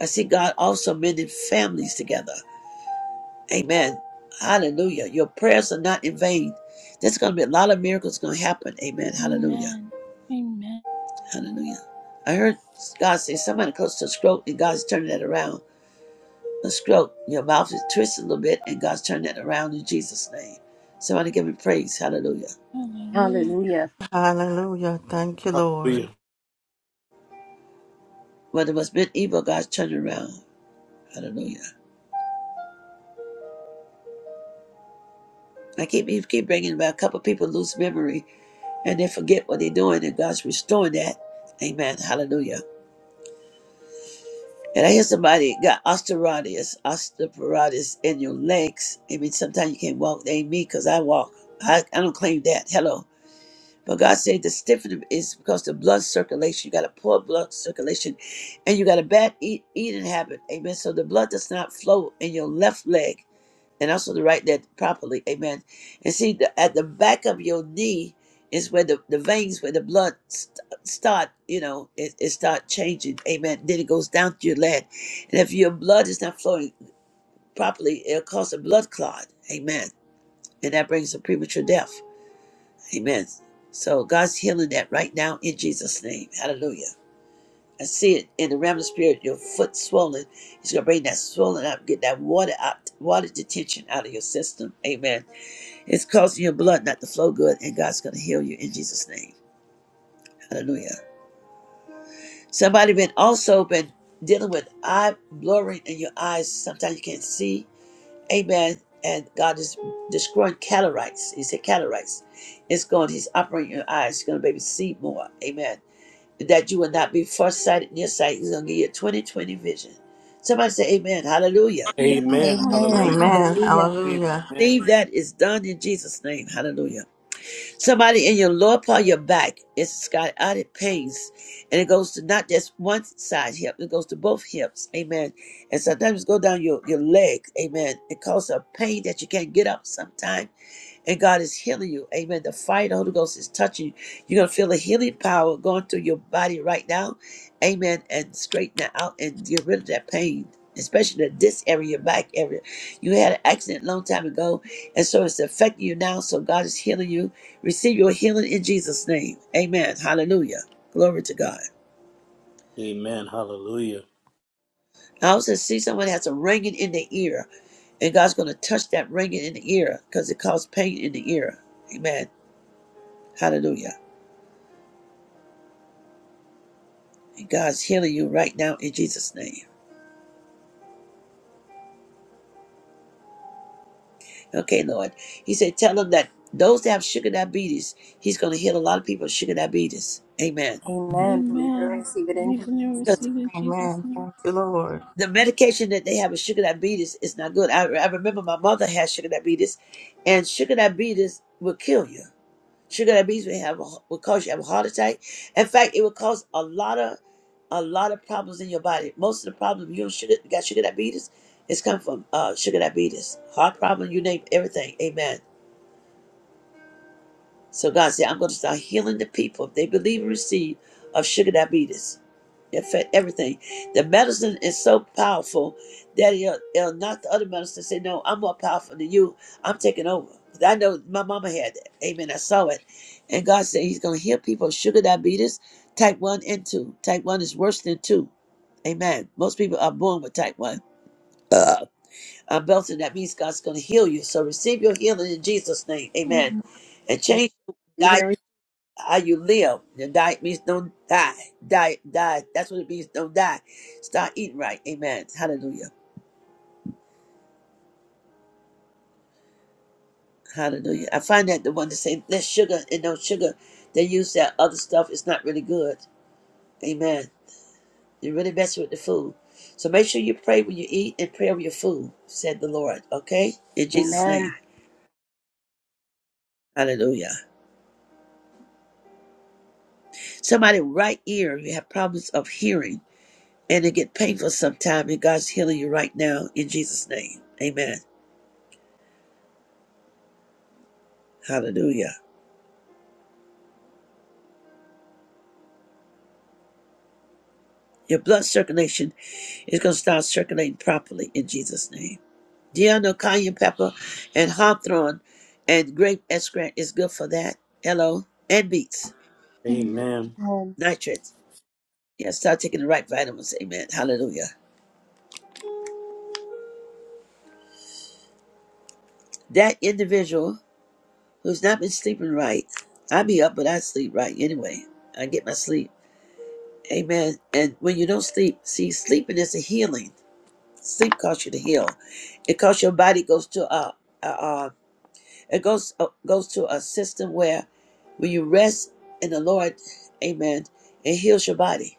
I see God also mending families together. Amen. Hallelujah. Your prayers are not in vain. There's going to be a lot of miracles going to happen. Amen. Hallelujah.
Amen. Amen.
Hallelujah. I heard God say somebody close to a stroke and God's turning that around. A stroke, your mouth is twisted a little bit and God's turning that around in Jesus' name. Somebody give me praise. Hallelujah.
Hallelujah.
Hallelujah.
Hallelujah. Thank you,
Hallelujah.
Lord.
Whether it was meant evil, God's turning around. Hallelujah. I keep he keep bringing about a couple people lose memory and they forget what they're doing and God's restoring that. Amen. Hallelujah. And I hear somebody got osteoarthritis, osteoporosis in your legs. I mean, sometimes you can't walk. They ain't me because I walk. I, I don't claim that. Hello. But God said the stiffening is because the blood circulation. You got a poor blood circulation and you got a bad eat, eating habit. Amen. So the blood does not flow in your left leg and also to write that properly. Amen. And see, the, at the back of your knee is where the, the veins, where the blood st- start, you know, it, it start changing. Amen. Then it goes down to your leg. And if your blood is not flowing properly, it'll cause a blood clot. Amen. And that brings a premature death. Amen. So God's healing that right now in Jesus' name. Hallelujah. I see it in the realm of spirit, your foot swollen. He's gonna bring that swollen up, get that water out, water detention out of your system. Amen it's causing your blood not to flow good, and God's going to heal you in Jesus' name. Hallelujah. Somebody been also been dealing with eye blurring in your eyes. Sometimes you can't see. Amen. And God is destroying cataract. He said cataracts. It's going. He's operating your eyes. He's going to be able to see more. Amen. That you will not be farsighted, nearsighted. He's going to give you a 2020 vision. Somebody say Amen. Hallelujah.
Amen.
Amen.
Amen.
Hallelujah.
Hallelujah.
Amen.
Hallelujah.
Hallelujah.
Amen.
Believe that is done in Jesus' name. Hallelujah. Somebody in your lower part of your back, it's got added pains. And it goes to not just one side hip, it goes to both hips. Amen. And sometimes it go down your, your leg. Amen. It causes a pain that you can't get up sometimes and God is healing you. Amen. The fire of the Holy Ghost is touching you. You're going to feel the healing power going through your body right now. Amen. And straighten that out and get rid of that pain, especially the this area, your back area. You had an accident a long time ago, and so it's affecting you now. So God is healing you. Receive your healing in Jesus' name. Amen. Hallelujah. Glory to God.
Amen. Hallelujah.
I also see someone has a ringing in their ear, and God's going to touch that ringing in the ear because it caused pain in the ear. Amen. Hallelujah. And God's healing you right now in Jesus' name. Okay, Lord. He said, tell them that those that have sugar diabetes, He's going to heal a lot of people with sugar diabetes. Amen.
Amen. Believe it and
Amen.
receive it in
Believe
Jesus'
and
Because
receive
name.
in Jesus'
Amen.
name.
Thank you, Lord.
the medication that they have with sugar diabetes is not good. I, I remember my mother had sugar diabetes, and sugar diabetes will kill you. Sugar diabetes will have a, will cause you to have a heart attack. In fact, it will cause a lot of a lot of problems in your body. Most of the problems you don't sugar, got sugar diabetes, it's come from uh, sugar diabetes, heart problem, you name everything. Amen. So God said, I'm going to start healing the people if they believe and receive of sugar diabetes. In fact, everything. The medicine is so powerful that it'll, it'll knock the other medicine say, No, I'm more powerful than you. I'm taking over. 'Cause I know my mama had that. Amen. I saw it. And God said He's going to heal people of sugar diabetes, type 1 and 2. Type 1 is worse than 2. Amen. Most people are born with type 1. Uh, I'm belting. That means God's going to heal you. So receive your healing in Jesus' name. Amen.
Amen.
And change your diet
Believe it and receive
how you live. The diet means don't die. Diet, diet. That's what it means. Don't die. Start eating right. Amen. Hallelujah. Hallelujah. I find that the one that say less sugar and no sugar, they use that other stuff. It's not really good. Amen. You're really messing with the food. So make sure you pray when you eat and pray over your food, said the Lord. Okay? In
it.
Jesus' name.
Amen.
Hallelujah. Somebody right ear, you have problems of hearing and it get painful sometime and God's healing you right now in Jesus' name. Amen. Hallelujah. Your blood circulation is going to start circulating properly in Jesus' name. Do you know cayenne pepper and hawthorn and grape extract is good for that? Hello. And beets,
Amen.
Amen.
Amen.
nitrates. Yeah, start taking the right vitamins. Amen. Hallelujah. That individual who's not been sleeping right, I be up, but I sleep right anyway. I get my sleep. Amen. And when you don't sleep, see, sleeping is a healing. Sleep causes you to heal. It causes your body goes to a, a, It goes uh, goes to a system where when you rest in the Lord, Amen, it heals your body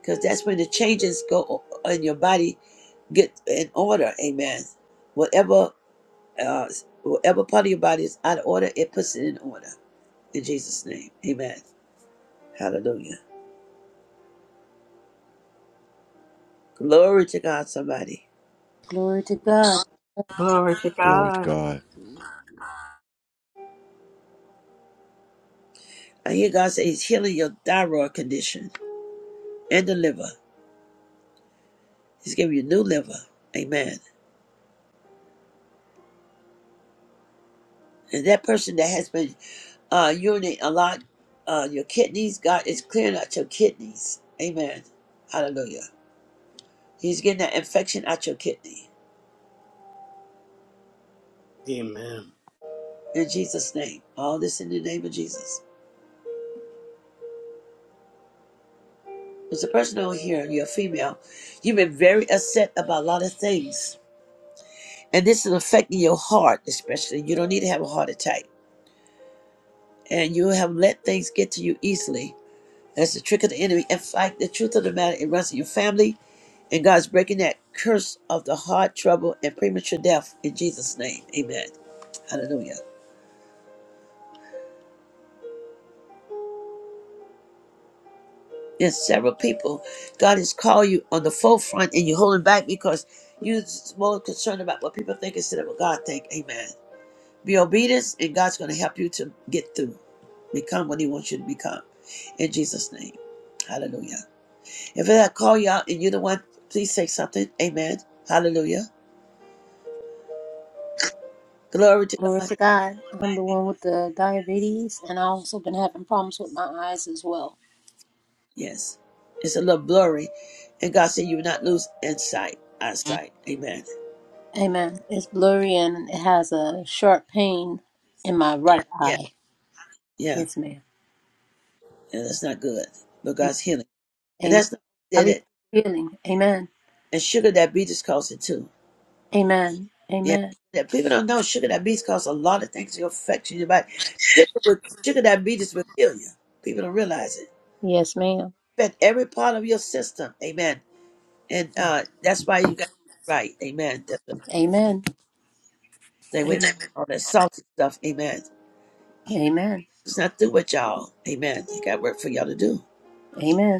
because that's when the changes go o- in your body get in order, Amen. Whatever uh, whatever part of your body is out of order, it puts it in order in Jesus' name, Amen. Hallelujah. Glory to God. Somebody,
Glory to God.
Glory to
Glory to
God.
God.
I hear God say He's healing your thyroid condition and the liver. He's giving you new liver, Amen. And that person that has been uh, urinate a lot. Uh, your kidneys, God is clearing out your kidneys. Amen. Hallelujah. He's getting that infection out your kidney.
Amen.
In Jesus' name. All this in the name of Jesus. There's a person over here, you're a female. You've been very upset about a lot of things. And this is affecting your heart, especially. You don't need to have a heart attack. And you have let things get to you easily. That's the trick of the enemy. In fact, the truth of the matter, it runs in your family And God's breaking that curse of the heart trouble and premature death in Jesus' name. Amen. Hallelujah. There's several people God has called you on the forefront and you're holding back because you're more concerned about what people think instead of what God think. Amen. Be obedient and God's going to help you to get through. Become what he wants you to become. In Jesus' name. Hallelujah. If I call you out and you're the one, please say something. Amen. Hallelujah. Glory to
Glory
God.
to God. I'm the one with the diabetes, and i also been having problems with my eyes as well.
Yes. It's a little blurry. And God said you will not lose insight, eyesight. Amen.
Amen. It's blurry and it has a sharp pain in my right
Yeah,
eye.
yeah.
Yes, ma'am.
And that's not good. But
Am-
God's healing. And
Amen.
that's not
I
did
receive
it.
healing. Amen.
And sugar diabetes causes it too.
Amen.
Yeah.
Amen.
That people don't know sugar diabetes causes a lot of things to affect your body. Sugar will, sugar diabetes will kill you. People don't realize it.
Yes, ma'am.
Affect every part of your system. Amen. And uh that's why you got it right. Amen. That's what,
Amen.
stay away from
Amen.
all that salty stuff. Amen.
Amen.
It's not through with y'all. Amen. They got work for y'all to do.
Amen.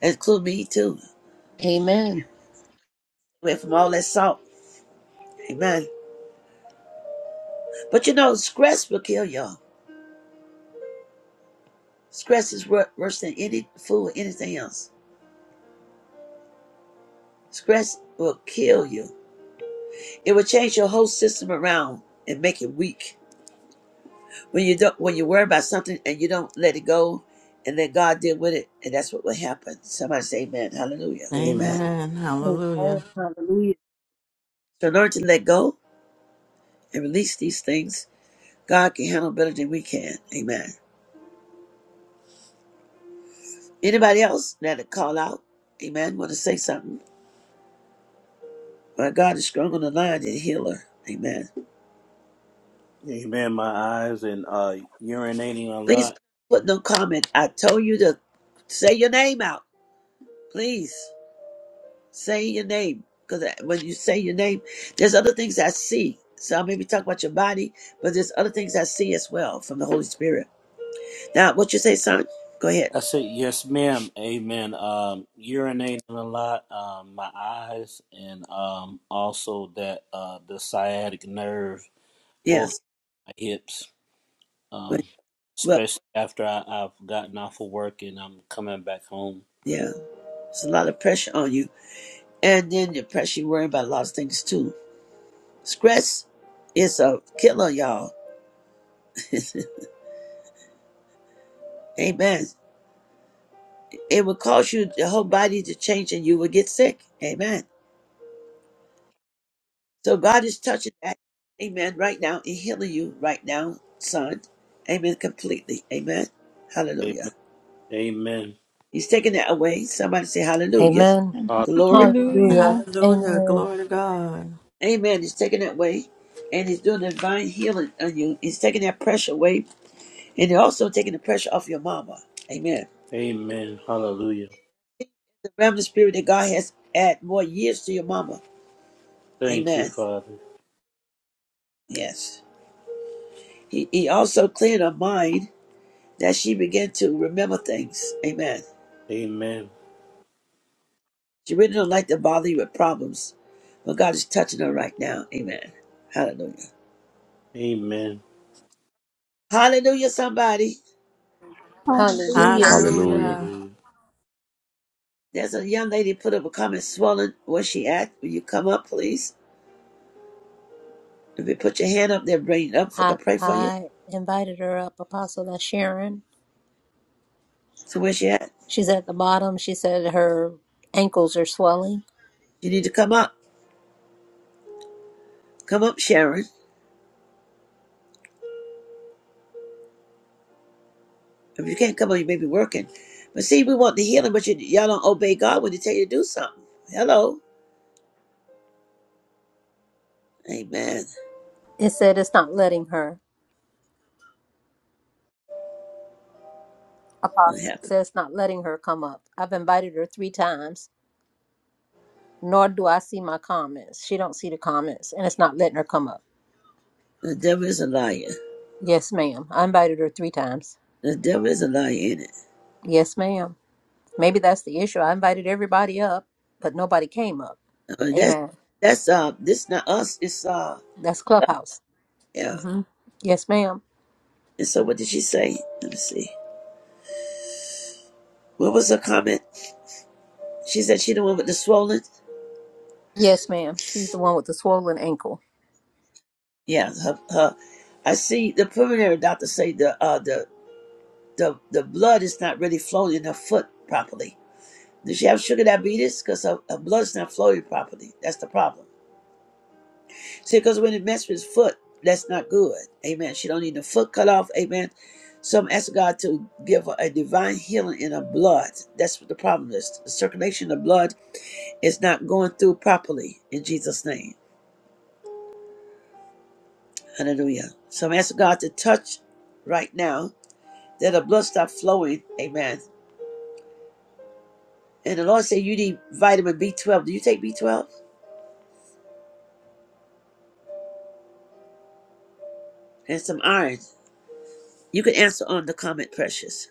That include me too.
Amen.
Away from all that salt. Amen. But you know, stress will kill y'all. Stress is wor- worse than any food, or anything else. Stress will kill you. It will change your whole system around and make it weak. When you don't, when you worry about something and you don't let it go, and let God deal with it, and that's what will happen. Somebody say, "Amen, Hallelujah,
Amen.
Amen."
Amen.
Amen.
Hallelujah.
Hallelujah.
So learn to let go and release these things. God can handle better than we can. Amen. Anybody else that would call out? Amen. Want to say something? My God is strong on the line and healer. Amen.
Amen. My eyes and uh urinating a
Please
lot.
put no comment. I told you to say your name out. Please say your name. Because when you say your name, there's other things I see. So I maybe talk about your body, but there's other things I see as well from the Holy Spirit. Now, what you say, son? Go ahead.
I said, yes, ma'am. Amen. Um, urinating a lot, um, my eyes, and um, also that uh, the sciatic nerve off
Yes.
my hips, um,
Well,
especially after I, I've gotten off of work and I'm coming back home.
yeah. It's a lot of pressure on you. And then the pressure, you're worrying about a lot of things too. Stress is a killer, y'all. Amen. It will cause you the whole body to change and you will get sick. Amen. So God is touching that. Amen. Right now and healing you right now, son. Amen. Completely. Amen. Hallelujah.
Amen. Amen.
He's taking that away. Somebody say hallelujah.
Amen.
Hall-
Glory.
Hallelujah.
Hallelujah.
Hallelujah.
Amen.
Glory to God.
Amen. He's taking that away. And he's doing a divine healing on you. He's taking that pressure away. And he's also taking the pressure off your mama. Amen.
Amen. Hallelujah.
the realm spirit that God has add more years to your mama.
Thank you,
Amen.
Father.
Yes. He, he also cleared her mind that she began to remember things. Amen.
Amen.
She really don't like to bother you with problems, but God is touching her right now. Amen. Hallelujah.
Amen.
Hallelujah, somebody.
Hallelujah.
Hallelujah.
Hallelujah.
Hallelujah.
Hallelujah.
There's a young lady put up a comment swollen. Where's she at? Will you come up, please? If you put your hand up there, bring it up. If I can
I,
pray for you.
I invited her up, Apostle that's Sharon.
So where's she at?
She's at the bottom. She said her ankles are swelling.
You need to come up. Come up, Sharon. If you can't come on, you may be working. But see, we want the healing, but you, y'all don't obey God when He tell you to do something. Hello. Amen.
It said it's not letting her.
What
Apostle
happened?
says it's not letting her come up. I've invited her three times, nor do I see my comments. She don't see the comments, and it's not letting her come up.
The devil is a liar.
Yes, ma'am. I invited her three times.
The devil is a liar in it.
Yes, ma'am. Maybe that's the issue. I invited everybody up, but nobody came up.
Uh, that's,
Amen.
that's, uh, this not us. It's, uh,
That's Clubhouse.
yeah.
hmm Yes, ma'am.
And so what did she say? Let me see. What was her comment? She said she the one with the swollen.
Yes, ma'am. She's the one with the swollen ankle.
Yeah. Her, her, I see the preliminary doctor say the, uh, the, the, the blood is not really flowing in her foot properly Does she have sugar diabetes? Because her, her blood's not flowing properly. That's the problem. See, because when it messes with his foot, that's not good. Amen. She don't need the foot cut off. Amen. So I'm asking God to give her a divine healing in her blood. That's what the problem is. The circulation of blood is not going through properly in Jesus' name. Hallelujah. So I'm asking God to touch right now that her blood stop flowing. Amen. And the Lord said you need vitamin B12. Do you take B12? And some iron. You can answer on the comment, precious.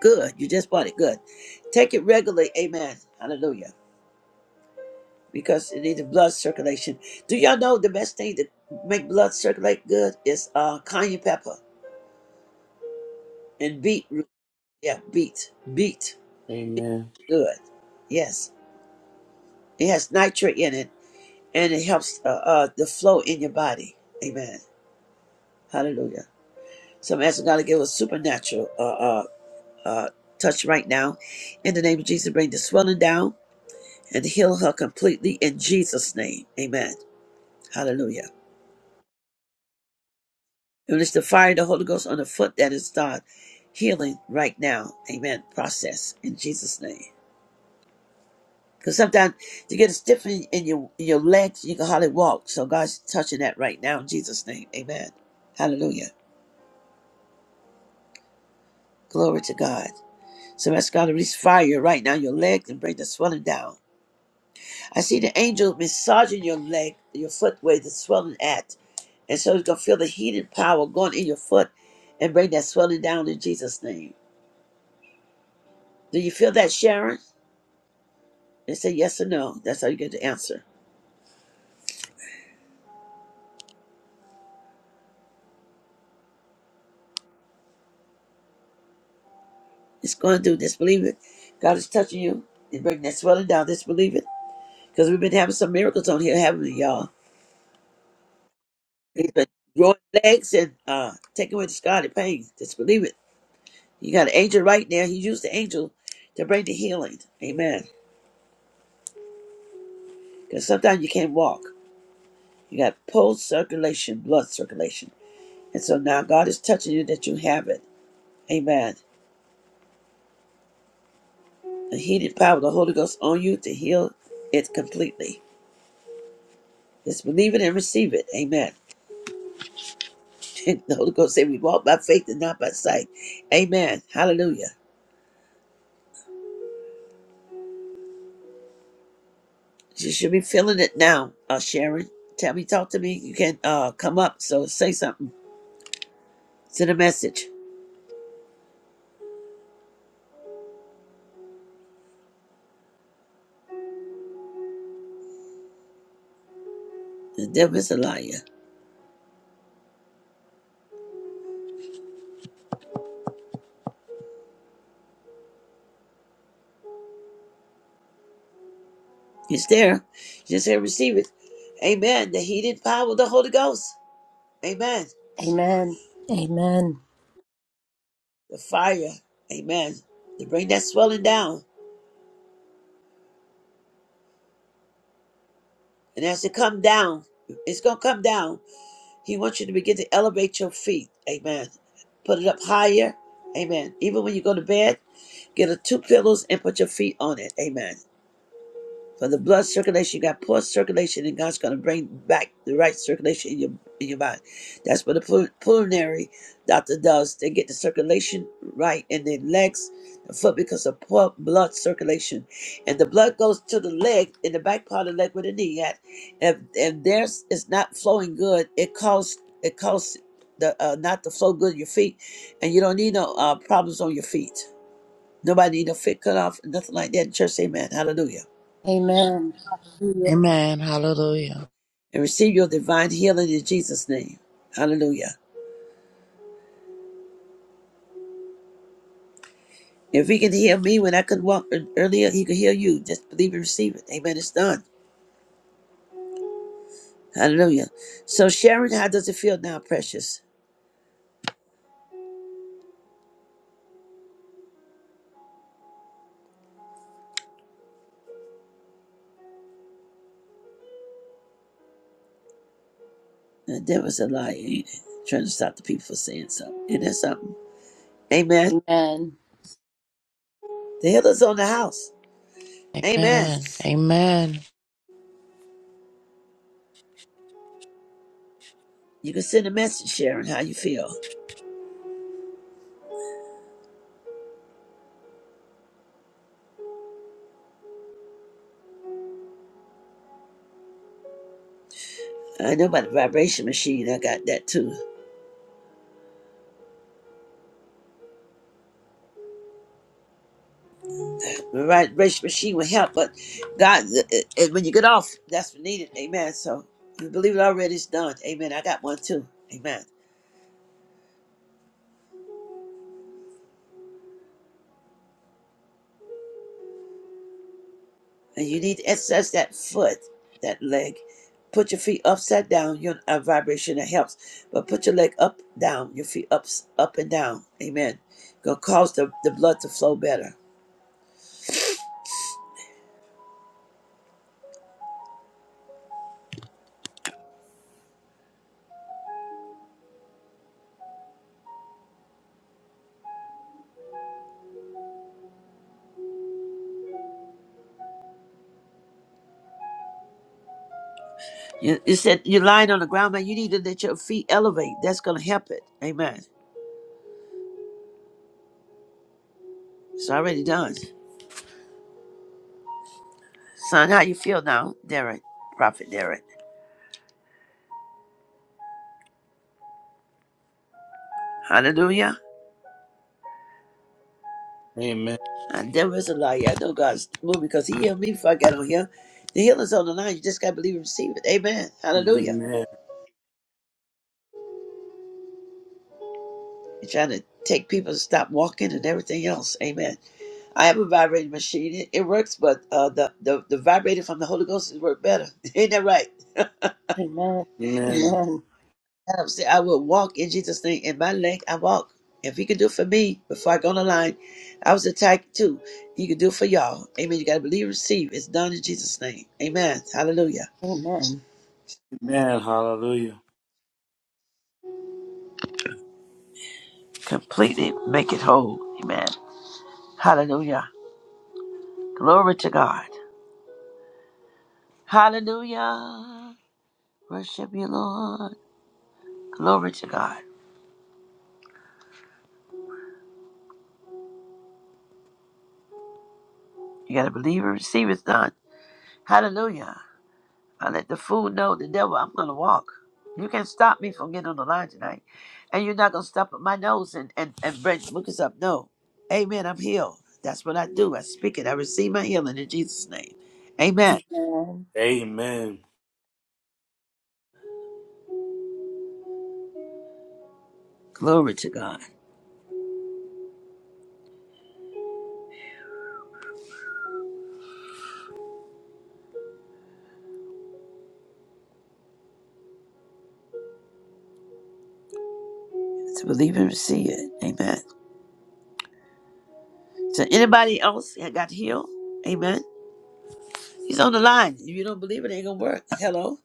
Good. You just bought it. Good. Take it regularly. Amen. Hallelujah. Because it needs blood circulation. Do y'all know the best thing to make blood circulate good is uh cayenne pepper and beetroot. Yeah, beet. Beet.
Amen.
Good. Yes. It has nitrate in it and it helps uh, uh the flow in your body. Amen. Hallelujah. So I'm asking God to give us supernatural uh uh uh touch right now. In the name of Jesus, bring the swelling down and heal her completely in Jesus' name. Amen. Hallelujah. We Release the fire of the Holy Ghost on the foot that is done. Healing right now. Amen. Process in Jesus' name. Because sometimes you get a stiff in, in your in your legs, you can hardly walk. So God's touching that right now in Jesus' name. Amen. Hallelujah. Glory to God. So ask God to release fire right now in your legs and bring the swelling down. I see the angel massaging your leg, your foot where the swelling at. And so you are going to feel the heating power going in your foot and bring that swelling down in Jesus' name. Do you feel that, Sharon? And say yes or no. That's how you get the answer. It's going through. this. believe it. God is touching you. He's breaking that swelling down. Just believe it. Because we've been having some miracles on here, haven't we, y'all? He's been growing legs and uh, taking away the scarlet pain. Just believe it. You got an angel right now. He used the angel to bring the healing. Amen. Because sometimes you can't walk. You got pulse circulation, blood circulation. And so now God is touching you that you have it. Amen. The healing power of the Holy Ghost on you to heal it completely. Just believe it and receive it. Amen. the Holy Ghost say we walk by faith and not by sight. Amen. Hallelujah. You should be feeling it now, uh, Sharon. Tell me, talk to me. You can uh, come up, so say something. Send a message. The devil is a liar. He's there. You just say receive it. Amen. The heated power of the Holy Ghost. Amen.
Amen. Amen.
The fire. Amen. To bring that swelling down. And as it come down, it's going to come down. He wants you to begin to elevate your feet. Amen. Put it up higher. Amen. Even when you go to bed, get a two pillows and put your feet on it. Amen. For the blood circulation, you got poor circulation, and God's going to bring back the right circulation in your in your body. That's what the pulmonary doctor does. They get the circulation right in the legs, the foot, because of poor blood circulation, and the blood goes to the leg in the back part of the leg where the knee at. If if there's it's not flowing good, it causes it causes the uh, not to flow good in your feet, and you don't need no uh, problems on your feet. Nobody need no feet cut off, nothing like that. Church, amen. Hallelujah.
Amen. Hallelujah.
Amen. Hallelujah.
and receive your divine healing in Jesus' name. Hallelujah. If he can heal me when I could walk earlier, he can heal you. Just believe and receive it. Amen. It's done. Hallelujah. So, Sharon, how does it feel now, precious? The devil's a liar, ain't it? Trying to stop the people from saying something. Isn't that something? Amen.
Amen.
The healer's on the house. Amen.
Amen. Amen.
You can send a message, Sharon, how you feel. I know about the vibration machine. I got that too. The right race machine will help, but God, uh, uh, and when you get off, that's what needed. Amen. So you believe it already is done. Amen. I got one too. Amen. And you need to exercise that foot, that leg. Put your feet upside down. Your a vibration that helps, but put your leg up, down, your feet up, up and down. Amen. Gonna cause the, the blood to flow better. You, you said you're lying on the ground, man. You need to let your feet elevate. That's gonna help it. Amen. It's already done. Son, how you feel now, Derek? Prophet Derek. Hallelujah.
Amen.
And there is a lie. I know God's moving because He healed me before I got on here. The healer's on the line. You just got to believe and receive it. Amen. Hallelujah.
Amen.
You're trying to take people to stop walking and everything else. Amen. I have a vibrating machine. It, it works, but uh, the, the, the vibrator from the Holy Ghost is work better. Ain't that right?
Amen.
Amen.
Amen.
And I'm saying I will walk in Jesus' name. In my leg, I walk. If He can do it for me before I go on the line, I was attacked too. He can do it for y'all. Amen. You got to believe and receive. It's done in Jesus' name. Amen. Hallelujah.
Amen.
Amen. Hallelujah.
completely make it whole. Amen. Hallelujah. Glory to God. Hallelujah. Worship you, Lord. Glory to God. You got to believe and receive it done. Hallelujah. I let the fool know the devil, I'm going to walk. You can't stop me from getting on the line tonight. And you're not going to stop at my nose and, and, and bring Lucas up. No. Amen. I'm healed. That's what I do. I speak it. I receive my healing in Jesus' name. Amen.
Amen.
Amen.
Glory to God. To believe and receive it. Amen. So anybody else that got healed, amen. He's on the line. If you don't believe it, it ain't gonna work. Hello.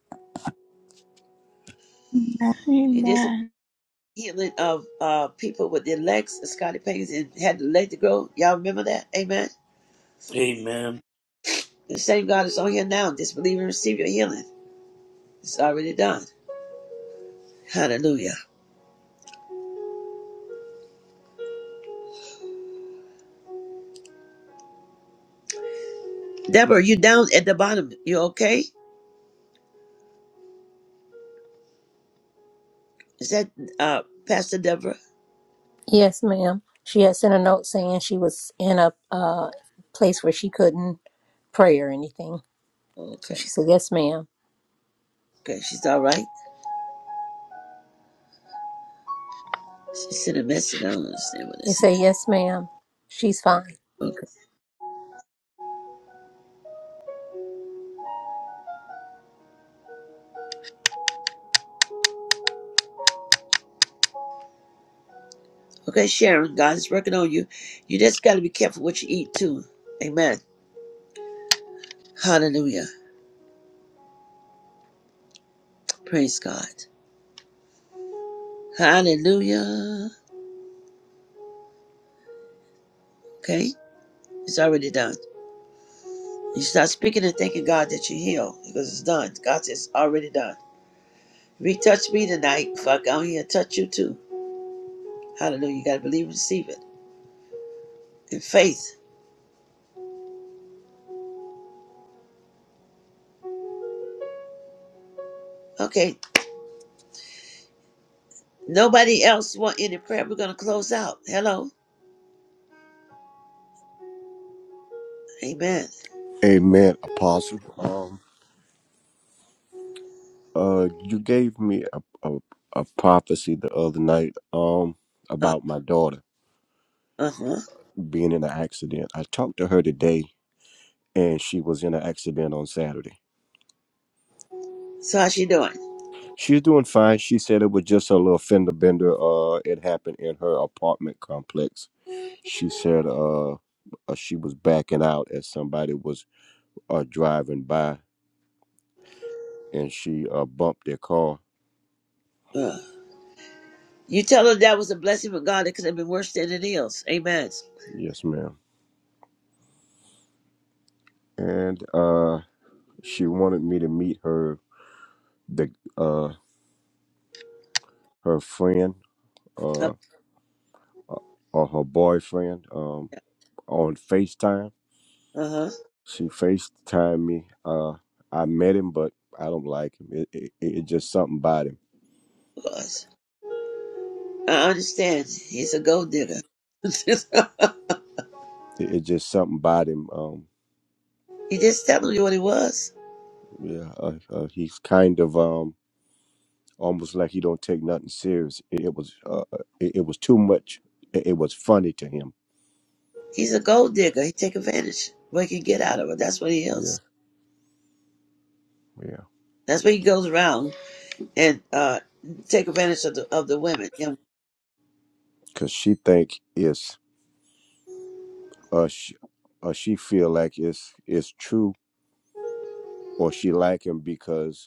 He did some
Amen.
healing of uh people with their legs, Scotty Paynes, and had the leg to grow. Y'all remember that? Amen.
Amen.
The same God is on here now. Just believe and receive your healing. It's already done. Hallelujah. Deborah, you down at the bottom. You okay? Is that uh Pastor Deborah?
Yes, ma'am. She had sent a note saying she was in a uh, place where she couldn't pray or anything. So she
Okay.
said, Yes, ma'am.
Okay, she's all right. She sent a message. I don't understand what it
They say,
said.
Yes, ma'am. She's fine.
Okay, Sharon, God is working on you. You just got to be careful what you eat, too. Amen. Hallelujah. Praise God. Hallelujah. Okay, it's already done. You start speaking and thanking God that you are healed because it's done. God says, it's already done. If He touched me tonight, fuck, I'm here to touch you too. Hallelujah. You got to believe and receive it in faith. Okay, nobody else want any prayer. We're going to close out. Hello. Amen.
Amen, Apostle. Um, uh, you gave me a, a a prophecy the other night. Um,
Uh
about my daughter
huh.
being in an accident. I talked to her today, and she was in an accident on Saturday.
So, how's she doing?
She's doing fine. She said it was just a little fender bender. Uh, it happened in her apartment complex. She said, uh, uh, she was backing out as somebody was uh driving by, and she uh bumped their car.
Uh, You tell her that was a blessing from God. It could have been worse than it is. Amen.
Yes, ma'am. And uh, she wanted me to meet her the uh her friend
Uh
uh or her boyfriend um on FaceTime.
huh.
She FaceTimed me. Uh I met him but I don't like him. It it, it it just something about him.
I understand. He's a gold digger. he
It, it just something about him. Um
just telling you what he was.
yeah, uh, uh, he's kind of um almost like he don't take nothing serious. It, it was uh uh, it, it was too much. It, it was funny to him.
He's a gold digger. He take advantage of what he can get out of it. That's what he
Yeah.
is.
Yeah.
That's what he goes around and uh take advantage of the of the women. You know,
Cuz she think it's uh she, uh, she feel like it's it's true or she like him because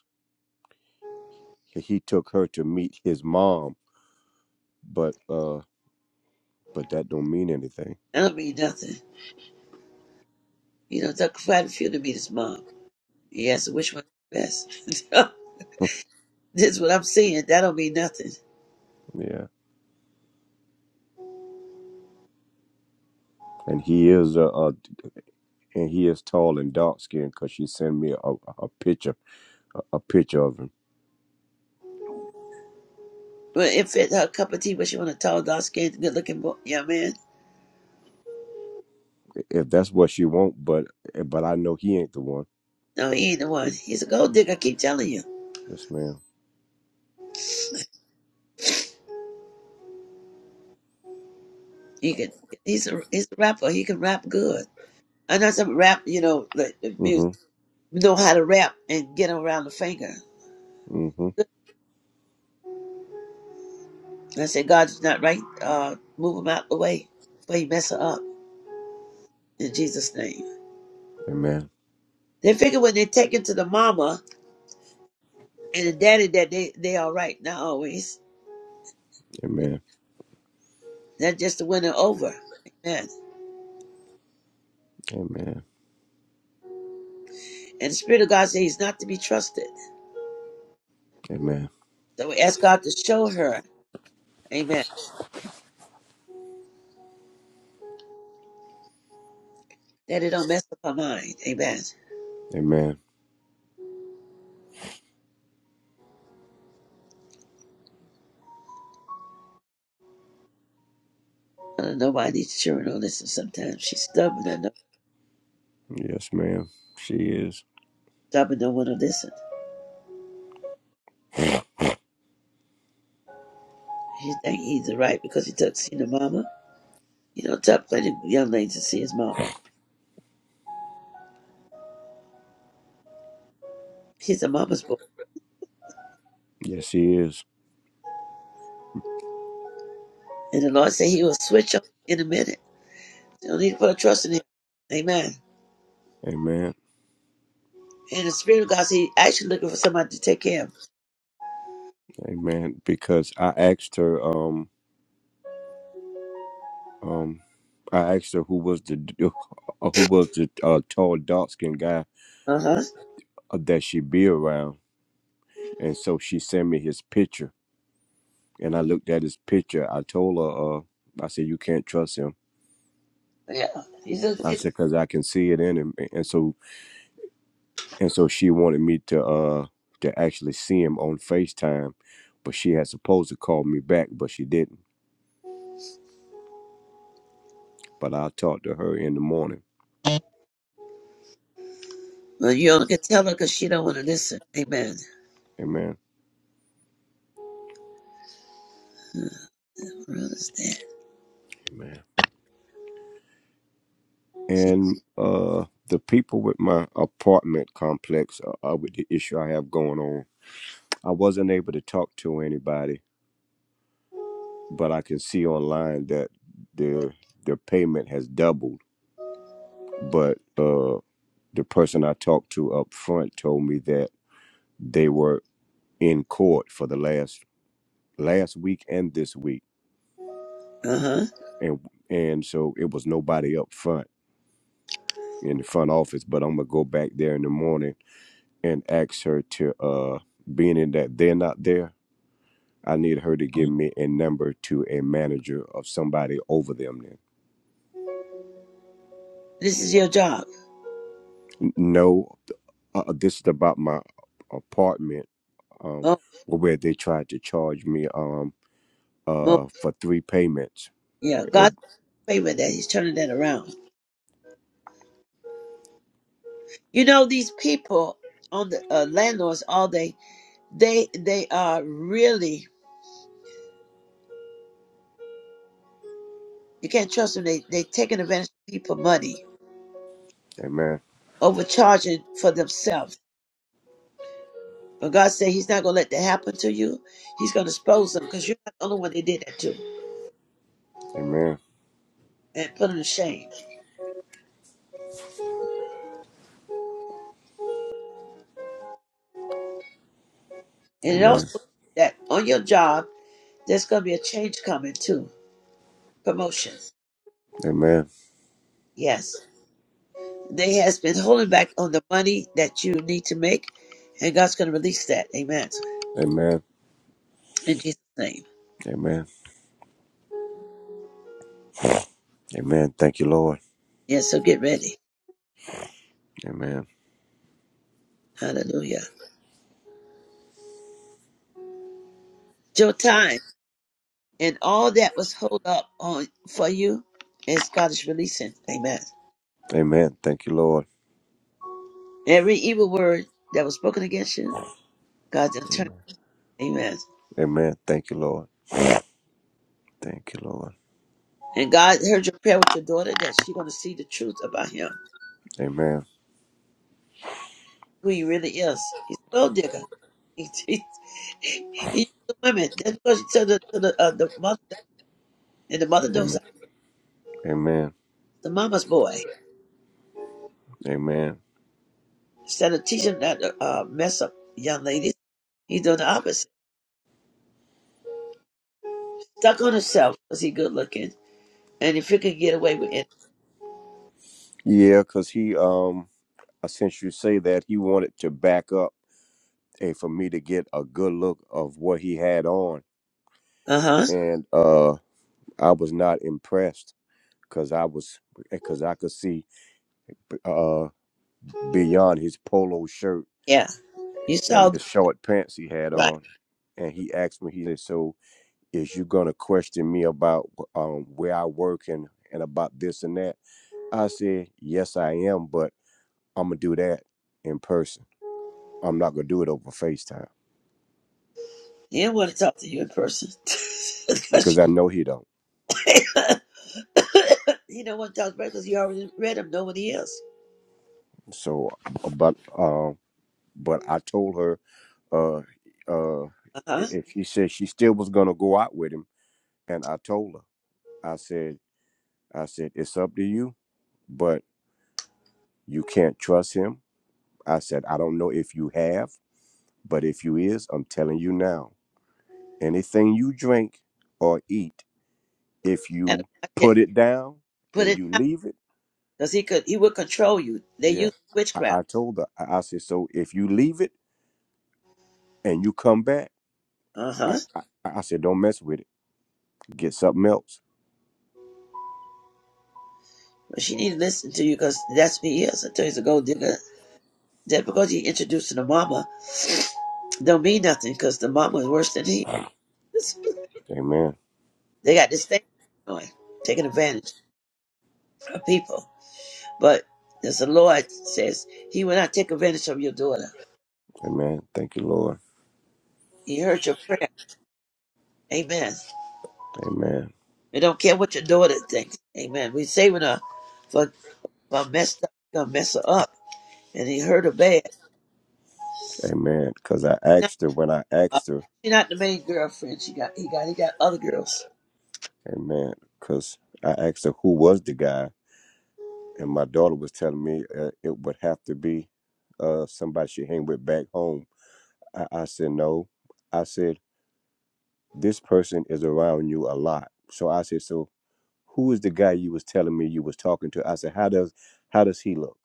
he took her to meet his mom, but uh, but that don't mean anything.
I don't mean nothing. You know, took quite a few to meet his mom. He asked her which one is the best. this is what I'm seeing. That don't mean nothing.
Yeah, and he is a, uh and he is tall and dark skinned because she sent me a, a picture a, a picture of him.
But it fit her cup of tea, but she want a tall, dark skinned, good looking boy. Yeah, man.
If that's what she want, but eh, but I know he ain't the one.
No, he ain't the one. He's a gold digger, I keep telling you.
Yes, ma'am.
He can he's a he's a rapper. He can rap good. I know some rap, you know, like the music
Mm-hmm.
know how to rap and get him around the finger.
Mm-hmm.
I said, God's not right, uh, move him out the way before you mess her up in Jesus' name.
Amen.
They figure when they take him to the mama and the daddy that they they all right, not always.
Amen.
That's just to win her over. Amen.
Amen.
And the Spirit of God says he's not to be trusted.
Amen.
So we ask God to show her, amen, that it don't mess up her mind, amen.
Amen.
I don't know why these children don't listen sometimes. She's stubborn, I know,
Yes, ma'am. She is.
stubborn, don't want to listen. She think he's the right because he doesn't see the mama. You know, tough for the young lady to see his mama. He's a mama's boy.
Yes, she is.
And the Lord said he will switch on in a minute. You don't need to put a trust in him. Amen.
Amen.
And the Spirit of God said he actually looking for somebody to take care of him.
Amen. Because I asked her. Um Um, I asked her who was the uh, uh, who was the uh, tall dark skinned guy
Uh-huh.
uh, that she be around, and so she sent me his picture, and I looked at his picture. I told her, uh, I said you can't trust him.
Yeah. He's a,
I
he's a,
said because I can see it in him, and so and so she wanted me to uh to actually see him on Facetime, but she had supposed to call me back, but she didn't. But I'll talk to her in the morning.
well, you only can tell her because she don't want to listen. Amen.
Amen.
Uh, I understand.
Amen.
She,
and uh the people with my apartment complex uh, uh, with the issue I have going on. I wasn't able to talk to anybody, but I can see online that their their payment has doubled. But uh the person I talked to up front told me that they were in court for the last last week and this week,
uh-huh.
and and so it was nobody up front in the front office. But I'm gonna go back there in the morning and ask her to uh being in that they're not there i need her to give me a number to a manager of somebody over them then
This is your job.
N- no uh, uh, this is about my apartment um
Oh,
where they tried to charge me um
mo-
uh for three payments
yeah.
Eh,
God's favor that He's turning that around. You know, these people on the uh, landlords all day, they they are really, you can't trust them. They, they taking advantage of people money,
amen
overcharging for themselves. But God said He's not going to let that happen to you. He's going to expose them because you're not the only one they did that to
amen
and put them to shame. And it
amen
also that on your job, there's going to be a change coming too. Promotion.
amen
Yes. They has been holding back on the money that you need to make, and God's going to release that. Amen.
amen
In Jesus' name.
amen amen thank you lord
Yeah, so get ready.
amen
Hallelujah. Your time and all that was hold up on for you is God is releasing. Amen.
amen thank you lord
Every evil word that was spoken against you, God's going to turn. Amen.
amen thank you lord thank you lord
And God heard your prayer with your daughter that she's going to see the truth about him,
amen
who he really is. He's a gold digger. He, he, he used the women. That's what she told the, to the, uh, the mother. And the mother knows
amen amen
the mama's boy.
Amen.
Instead of teaching that uh, mess up young ladies, he's doing the opposite. Stuck on himself because he good looking. And if he could get away with it.
Yeah, because he, um, I since you say that, he wanted to back up and for me to get a good look of what he had on,
Uh huh.
and uh, I was not impressed because I was because I could see uh beyond his polo shirt
Yeah. You saw
and his
the
short pants he had
right.
on, and he asked me, he said, "So is you gonna question me about um where I work and and about this and that?" I said, "Yes, I am, but I'm gonna do that in person." I'm not gonna do it over FaceTime
He didn't want to talk to you in person because
because
you-
I know he don't.
he don't want to talk to you because you already read him. Know what he is.
So, uh, but uh, but I told her uh, uh,
Uh huh.
if she said she still was gonna go out with him, and I told her, I said, I said it's up to you, but you can't trust him. I said I don't know if you have, but if you is, I'm telling you now, anything you drink or eat, if
And
you
watch it.
put it down
Put
and
it
you
down
leave it,
because he could. He would control you. They
yeah.
use
I, I
witchcraft.
told her, I, I said, so if you leave it and you come back,
Uh
I,
huh.
I, I said, don't mess with it. Get something else.
But she need to listen to you because that's what he is. I tell you, he's a gold digger. That because he introduced to the mama don't mean nothing because the mama is worse than he is.
Amen.
They got this thing going, taking advantage of people. But as the Lord says, He will not take advantage of your daughter.
Amen. Thank you, Lord.
He heard your prayer. Amen.
Amen.
We don't care what your daughter thinks. Amen. we saving her for, for messed up, gonna mess her up. And he hurt her bad.
Amen. Because I
Not,
asked her when I
uh,
asked her,
she not the main girlfriend. She got he got he got other girls.
amen, because I asked her who was the guy, and my daughter was telling me uh, it would have to be uh, somebody she hang with back home. I, I said, no. I said, this person is around you a lot. So I said, so who is the guy you was telling me you was talking to? I said, how does how does he look?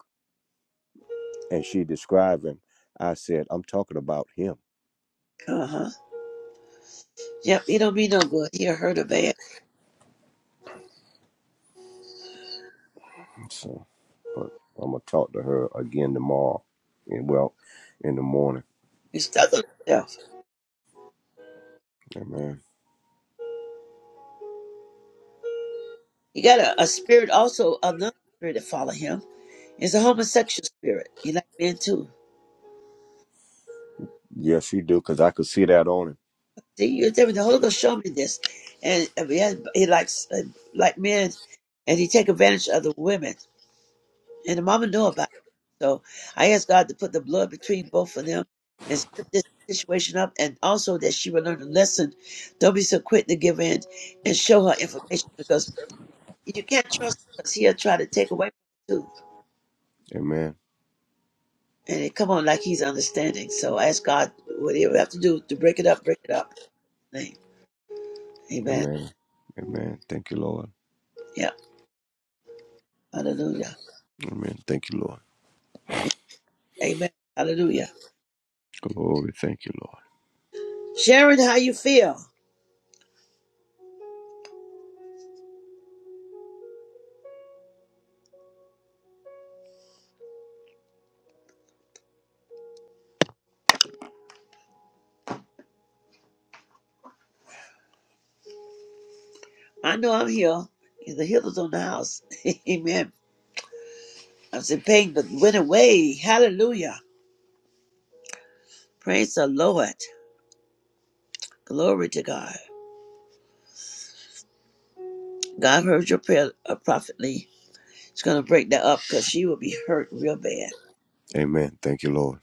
and she described him. I said, I'm talking about him.
Uh huh. Yep. He don't mean no good. He hurt her bad.
So, but I'm gonna talk to her again tomorrow, and well, in the morning.
He's stuck on himself.
Amen.
He got a, a spirit also, another spirit that follow him. It's a homosexual spirit. He like men too.
Yes, he do, cause I could see that on him.
See, you tell me the Holy Ghost showed me this, and and he, has, he likes uh, like men, and he take advantage of the women, and the mama know about it. So I asked God to put the blood between both of them and split this situation up, and also that she will learn a lesson. Don't be so quick to give in and show her information because you can't trust because he'll try to take away from you.
Amen.
and it come on like he's understanding. So ask God whatever you have to do to break it up, break it up. Name. Amen.
Amen. Amen. Thank you, Lord.
Yeah. Hallelujah.
Amen. Thank you, Lord.
Yeah. Amen. Hallelujah.
Glory. Thank you, Lord.
Sharon, how you feel? I know I'm here. The healer's on the house. Amen. I was in pain, but went away. Hallelujah. Praise the Lord. Glory to God. God heard your prayer uh, prophetly. It's going to break that up because she will be hurt real bad.
Amen. Thank you, Lord.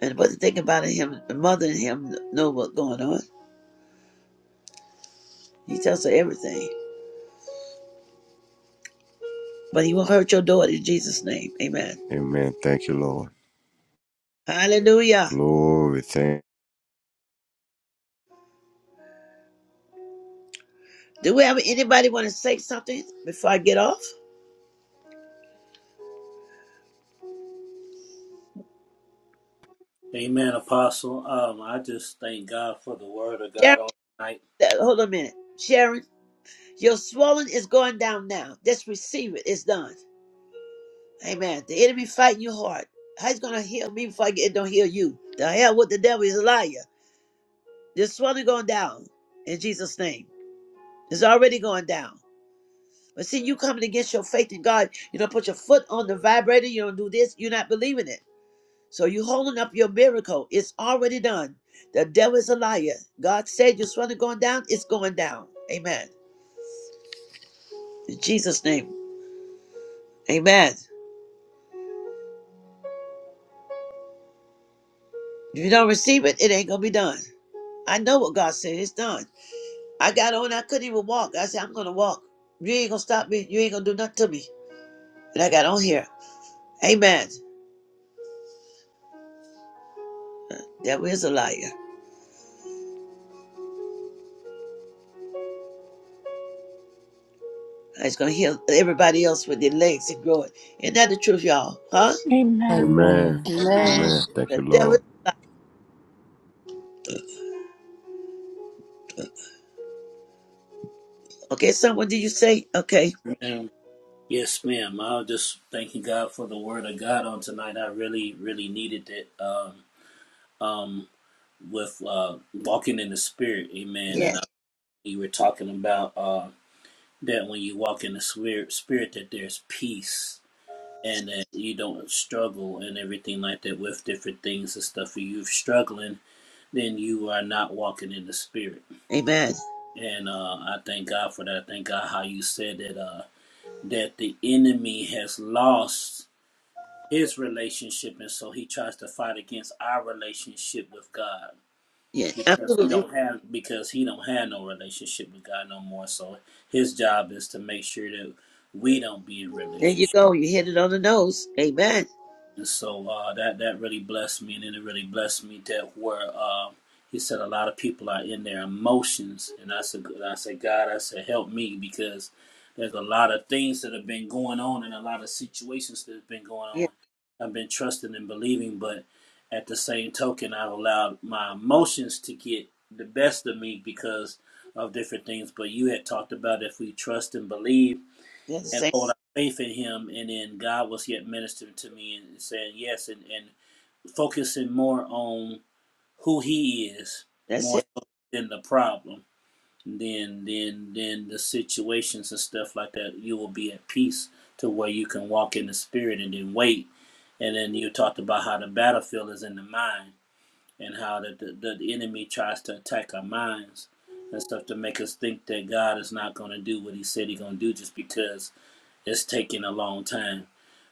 And but the thing about it, him, the mother and him know what's going on. He tells her everything. but he won't hurt your daughter in Jesus' name. Amen.
Amen. Thank you, Lord.
Hallelujah.
Glory. Thank.
Do we have anybody want to say something before I get off?
Amen, Apostle. Um, I just thank God for the word of God
Sharon,
on tonight.
uh, hold on a minute. Sharon, your swelling is going down now. Just receive it. It's done. Amen. The enemy fighting your heart. How he's gonna heal me before I get, it don't heal you? The hell with the devil is a liar. This swelling going down in Jesus' name. It's already going down. But see, you coming against your faith in God. You don't put your foot on the vibrator. You don't do this. You're not believing it. So you holding up your miracle. It's already done. The devil is a liar. God said your swelling going down, it's going down. Amen. In Jesus' name. Amen. If you don't receive it, it ain't gonna be done. I know what God said, it's done. I got on, I couldn't even walk. I said, I'm gonna walk. You ain't gonna stop me, you ain't gonna do nothing to me. And I got on here. Amen. Devil is a liar. He's gonna heal everybody else with their legs and grow it. Isn't that the truth, y'all? Huh?
Amen. Amen.
Amen.
Amen.
Amen.
Amen.
Amen. Thank you,
The devil is
Lord.
a liar. Okay, someone did you say? Okay.
Amen. Yes, ma'am. I was just thanking God for the word of God on tonight. I really, really needed it. Um, um, with uh, walking in the spirit, amen. And I,
Yes.
you were talking about uh, that when you walk in the spirit, spirit that there's peace and that you don't struggle and everything like that with different things and stuff. If you're struggling, then you are not walking in the spirit.
Amen.
And uh, I thank God for that. I thank God how you said that uh, that the enemy has lost his relationship, and so he tries to fight against our relationship with God
Yeah,
because he
absolutely.
don't have because he don't have no relationship with God no more. So his job is to make sure that we don't be in
There
relationship.
you go. You hit it on the nose. Amen.
And so uh, that that really blessed me, and then it really blessed me that where uh, he said a lot of people are in their emotions, and I said, I said, God, I said, help me because there's a lot of things that have been going on and a lot of situations that have been going
Yeah,
on. I've been trusting and believing, but at the same token, I've allowed my emotions to get the best of me because of different things. But you had talked about if we trust and believe
that's the
and
same.
hold our faith in him and then god was yet ministering to me and saying yes and, and focusing more on who he is
That's
more
it.
so than the problem than than than the situations and stuff like that you will be at peace to where you can walk in the spirit and then wait and then you talked about how the battlefield is in the mind and how the, the, the enemy tries to attack our minds and stuff to make us think that god is not going to do what he said he's going to do just because it's taking a long time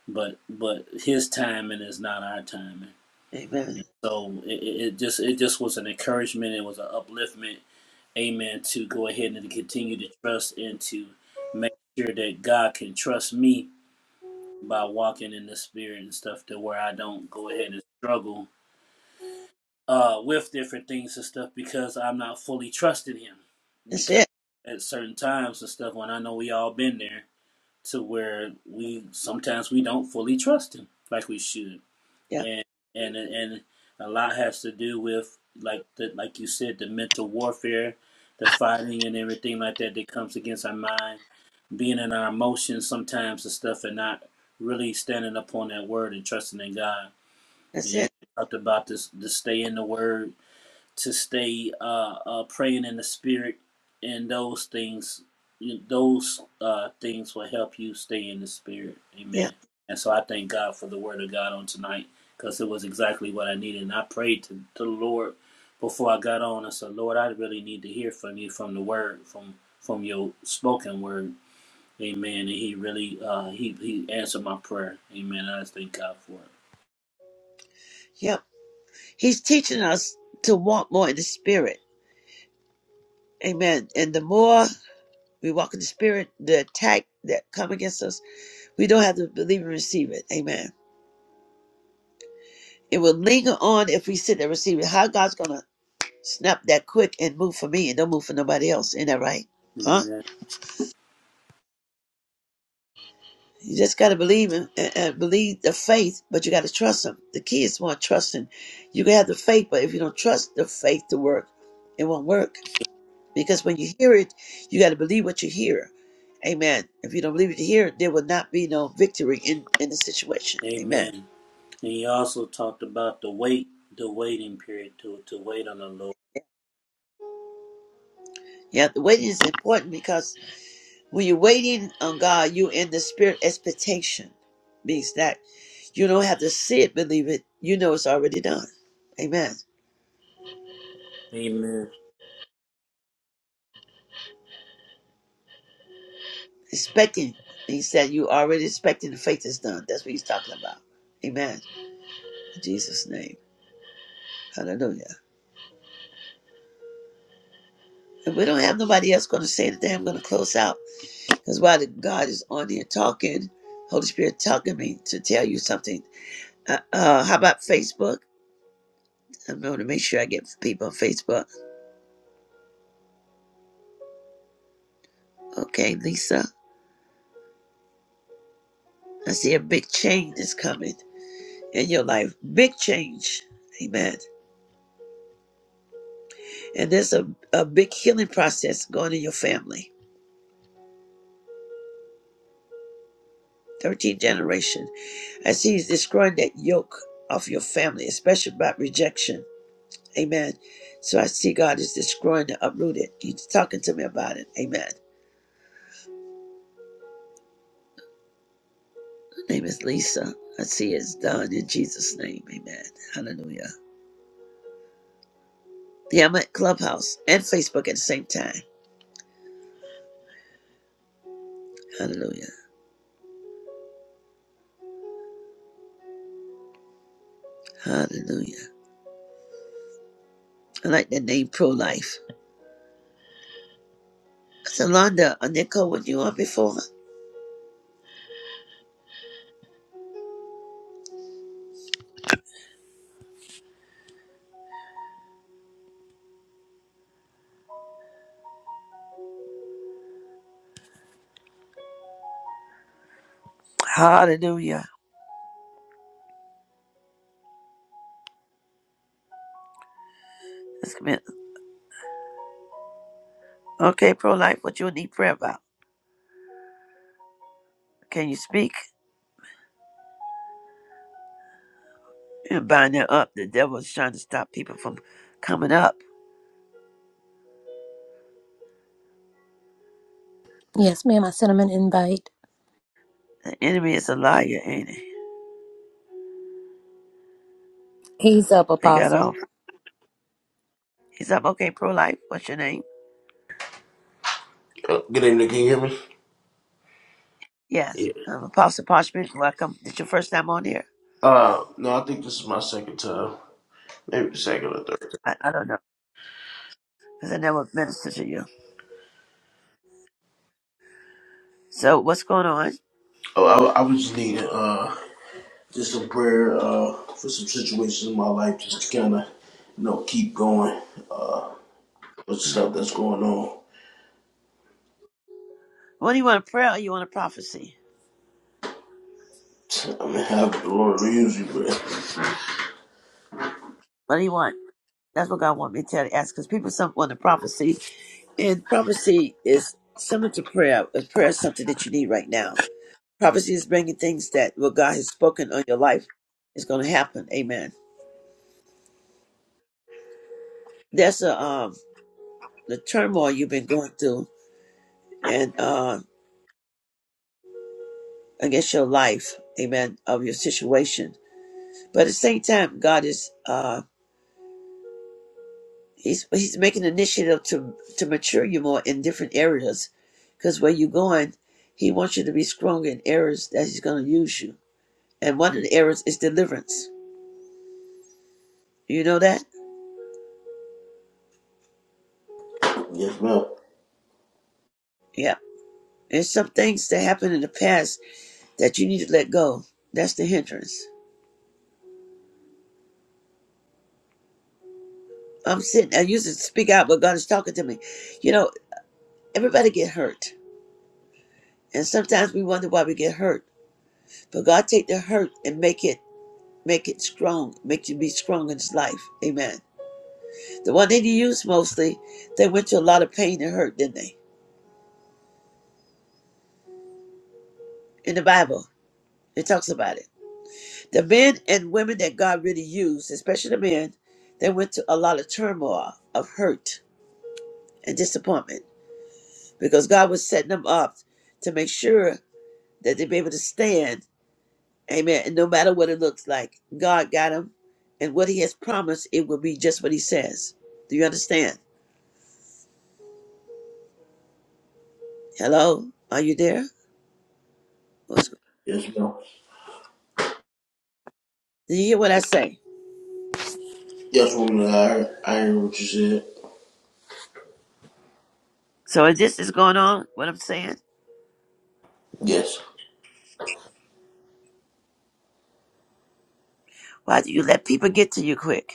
but but his timing is not our timing.
Amen.
So it, it just it just was an encouragement. It was an upliftment. Amen. To go ahead and to continue to trust and to make sure that God can trust me by walking in the Spirit and stuff to where I don't go ahead and struggle uh, with different things and stuff because I'm not fully trusting Him.
That's
Because
it.
at certain times and stuff, when I know we all been there to where we sometimes we don't fully trust Him like we should
Yeah,
and and and a lot has to do with like the like you said the mental warfare the fighting and everything like that that comes against our mind being in our emotions sometimes and stuff and not really standing upon that word and trusting in god and
that's
you
it.
talked about this to stay in the word to stay uh, uh, praying in the spirit, and those things, those uh, things will help you stay in the spirit. Amen.
Yeah,
And so I thank God for the word of God on tonight because it was exactly what I needed. And I prayed to, to the Lord before I got on. I said, Lord, I really need to hear from you from the word, from from your spoken word. Amen. And he really uh, he he answered my prayer. Amen. I just thank God for it.
yeah. He's teaching us to walk more in the spirit. Amen. And the more we walk in the spirit, the attack that come against us, we don't have to believe and receive it. Amen. It will linger on if we sit there and receive it. How God's gonna snap that quick and move for me and don't move for nobody else. Ain't that right? Huh?
Amen.
You just got to believe in, and, and believe the faith, but you got to trust him. The key is more trusting. You can have the faith, but if you don't trust the faith to work, it won't work. Because when you hear it, you got to believe what you hear. Amen. If you don't believe it you hear, it, there will not be no victory in, in the situation. Amen.
Amen. And he also talked about the wait, the waiting period to to wait on the Lord.
Yeah, the waiting is important because when you're waiting on God, you're in the spirit expectation. Means that you don't have to see it, believe it. You know it's already done. Amen.
Amen.
Expecting. He said, You already expecting the faith is done. That's what he's talking about. Amen. In Jesus' name. Hallelujah. If we don't have nobody else going to say today, I'm going to close out. Because while the God is on here talking, Holy Spirit talking me to tell you something. Uh, uh, how about Facebook? I'm going to make sure I get people on Facebook. Okay, Lisa. I see a big change is coming in your life. Big change. Amen. And there's a, a big healing process going in your family. 13th generation. As he's destroying that yoke off your family, especially about rejection. Amen. So I see God is destroying the uprooted. He's talking to me about it. Amen. Her name is Lisa. I see it's done in Jesus' name. Amen. Hallelujah. Yeah, I'm at Clubhouse and Facebook at the same time. Hallelujah. Hallelujah. I like that name Pro Life. Salonda, a nickel when you on before. Hallelujah. That's good. Okay, Pro Life, what you need prayer about? Can you speak? and bind them up. The devil is trying to stop people from coming up.
Yes, ma'am. I sent him an invite.
The enemy is a liar, ain't he?
He's up,
They got
Apostle.
off. He's up. Okay, pro life. What's your name?
Uh, Good evening. Can you hear me?
Yes,
Yeah.
I'm Apostle Parchment. Welcome. This your first time on here?
Uh, no, I think this is my second time, maybe second or third.
I, I don't know because I never ministered to you. So what's going on?
Oh, I, I was just needing uh just some prayer uh for some situations in my life, just to kind of you know keep going uh with
"Uh,
stuff that's going on.
What do you want? A prayer or you want a prophecy?
I'm have the Lord will use you, but
What do you want? That's what God want me to tell you. Ask because people some want a prophecy, and prophecy is similar to prayer. Prayer is something that you need right now. Prophecy is bringing things that what God has spoken on your life is going to happen. Amen. That's a, um, the turmoil you've been going through and uh, against your life. Amen. Of your situation, but at the same time, God is uh, he's he's making initiative to to mature you more in different areas, because where you're going, He wants you to be stronger in areas that He's going to use you. And one of the areas is deliverance. You know that?
yes, ma'am.
Yeah. And some things that happened in the past that you need to let go. That's the hindrance. I'm sitting, I used to speak out, but God is talking to me. You know, everybody get hurt. And sometimes we wonder why we get hurt. But God take the hurt and make it make it strong, make you be strong in his life. Amen. The one that he used mostly, they went to a lot of pain and hurt, didn't they? In the Bible. It talks about it. The men and women that God really used, especially the men, they went to a lot of turmoil, of hurt and disappointment. because God was setting them up to make sure that they'd be able to stand. Amen. And no matter what it looks like, God got them. And what He has promised, it will be just what He says. Do you understand? Hello? Are you there? What's,
Yes, ma'am.
do you hear what I say?
Yes, woman. I heard, I heard what you said.
So if this is going on, what I'm saying,
Yes,
why do you let people get to you quick?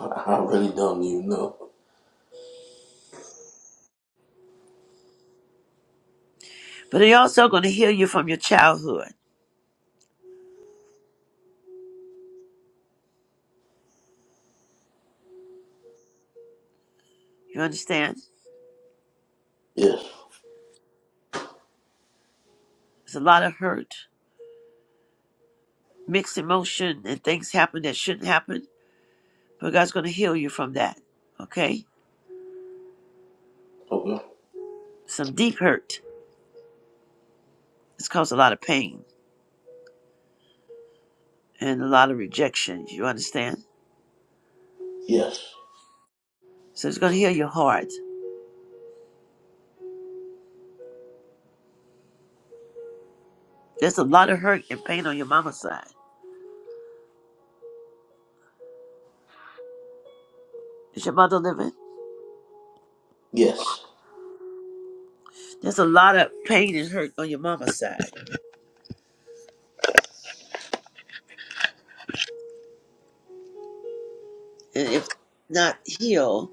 I, I really don't even know.
But they're also going to heal you from your childhood. You understand?
Yes.
There's a lot of hurt, mixed emotion, and things happen that shouldn't happen. But God's going to heal you from that. Okay?
Okay.
Some deep hurt. It's caused a lot of pain and a lot of rejection. You understand?
Yes.
So it's going to heal your heart. There's a lot of hurt and pain on your mama's side. Is your mother living?
Yes.
There's a lot of pain and hurt on your mama's side. And if not healed,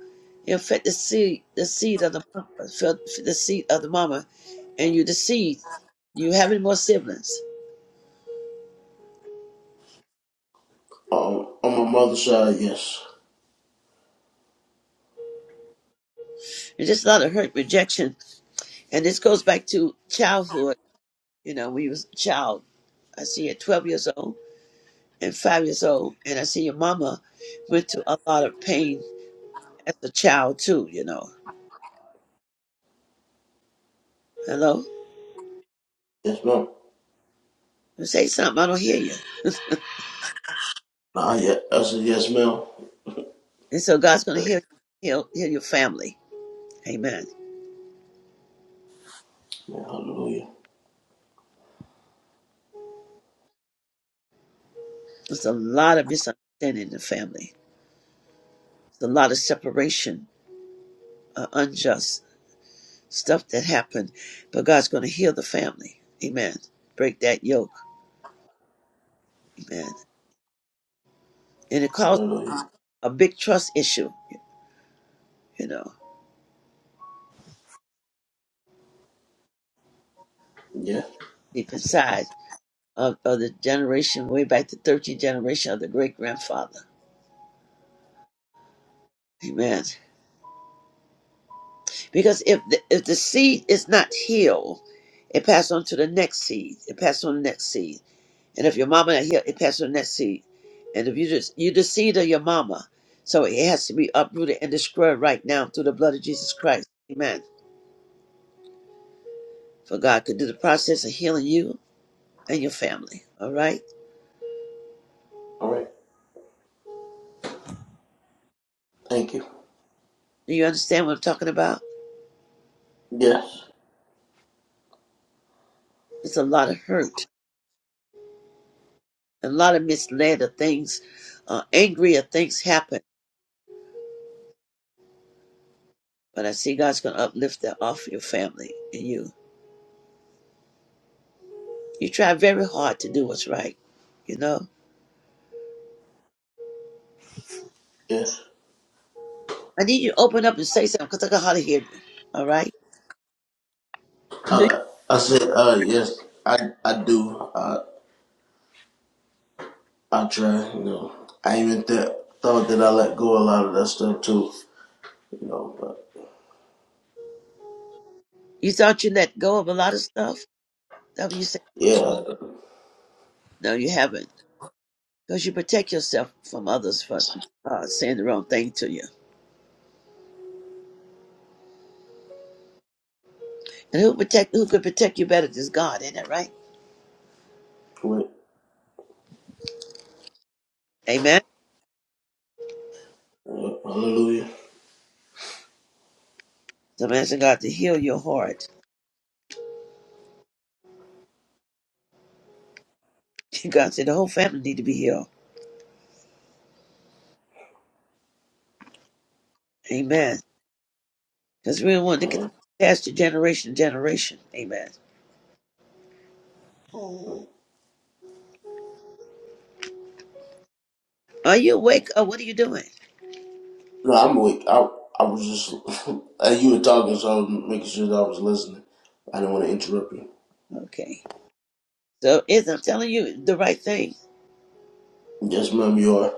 it'll fit the seed, the seed of the mama, fit the seed of the mama, and you the seed. You having more siblings?
Um, on my mother's side, yes.
There's just a lot of hurt, rejection, and this goes back to childhood. You know, when you was a child. I see at 12 years old. and five years old. And I see your mama went through a lot of pain as a child too, you know. Hello?
Yes, ma'am.
You say something, I don't hear you.
Nah, yeah, I said yes, ma'am.
And so God's gonna heal heal heal your family. Amen.
Yeah, hallelujah.
There's a lot of misunderstanding in the family. There's a lot of separation, uh, unjust stuff that happened. But God's gonna heal the family. Amen. Break that yoke. Amen. And it caused
Hallelujah.
a big trust issue, you know,
Yeah.
deep inside of, of the generation way back to 13th generation of the great grandfather amen because if the, if the seed is not healed it passes on to the next seed it passes on the next seed and if your mama not healed it passes on the next seed and if you just you the seed of your mama so it has to be uprooted and destroyed right now through the blood of jesus christ amen for god could do the process of healing you and your family all right
All right. Thank you.
do you understand what i'm talking about
Yes.
it's a lot of hurt a lot of misled of things, uh, angry of things happen. But I see God's going to uplift that off your family and you. You try very hard to do what's right, you know.
Yes.
I need you to open up and say something because I can hardly hear you. All right. Do You
Uh, I said, uh, yes, I, I do. I, I try, you know. I even th- thought that I let go a lot of that stuff too, you know, but
you thought you let go of a lot of stuff. That what you say?
yeah.
No, you haven't. Because you protect yourself from others for uh, saying the wrong thing to you. And who protect? Who could protect you better than God? Isn't that right?
Wait.
Amen.
Yeah, hallelujah.
So I'm asking God to heal your heart. God said the whole family need to be healed. Amen. because we don't want to
Yeah.
continue to pass to generation to generation. Amen.
No,
Are you awake or what are you doing?
I'm awake. I, I was just, as you were talking, so I was making sure that I was listening. I didn't want to interrupt you.
Okay. So is I'm telling you the right thing.
Yes, ma'am, you are.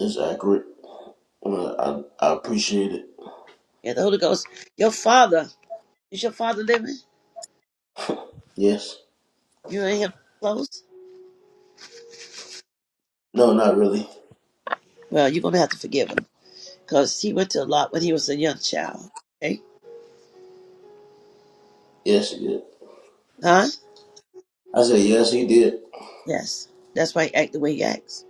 It's accurate. Uh, I, I appreciate it.
Yeah, the Holy Ghost, your father, is your father living?
Yes.
You ain't him close?
No, not really.
Well, you're gonna have to forgive him. Because he went to a lot when he was a young child. Okay?
Yes, he did.
Huh?
I said, yes, he did.
Yes. That's why he act the way he acts.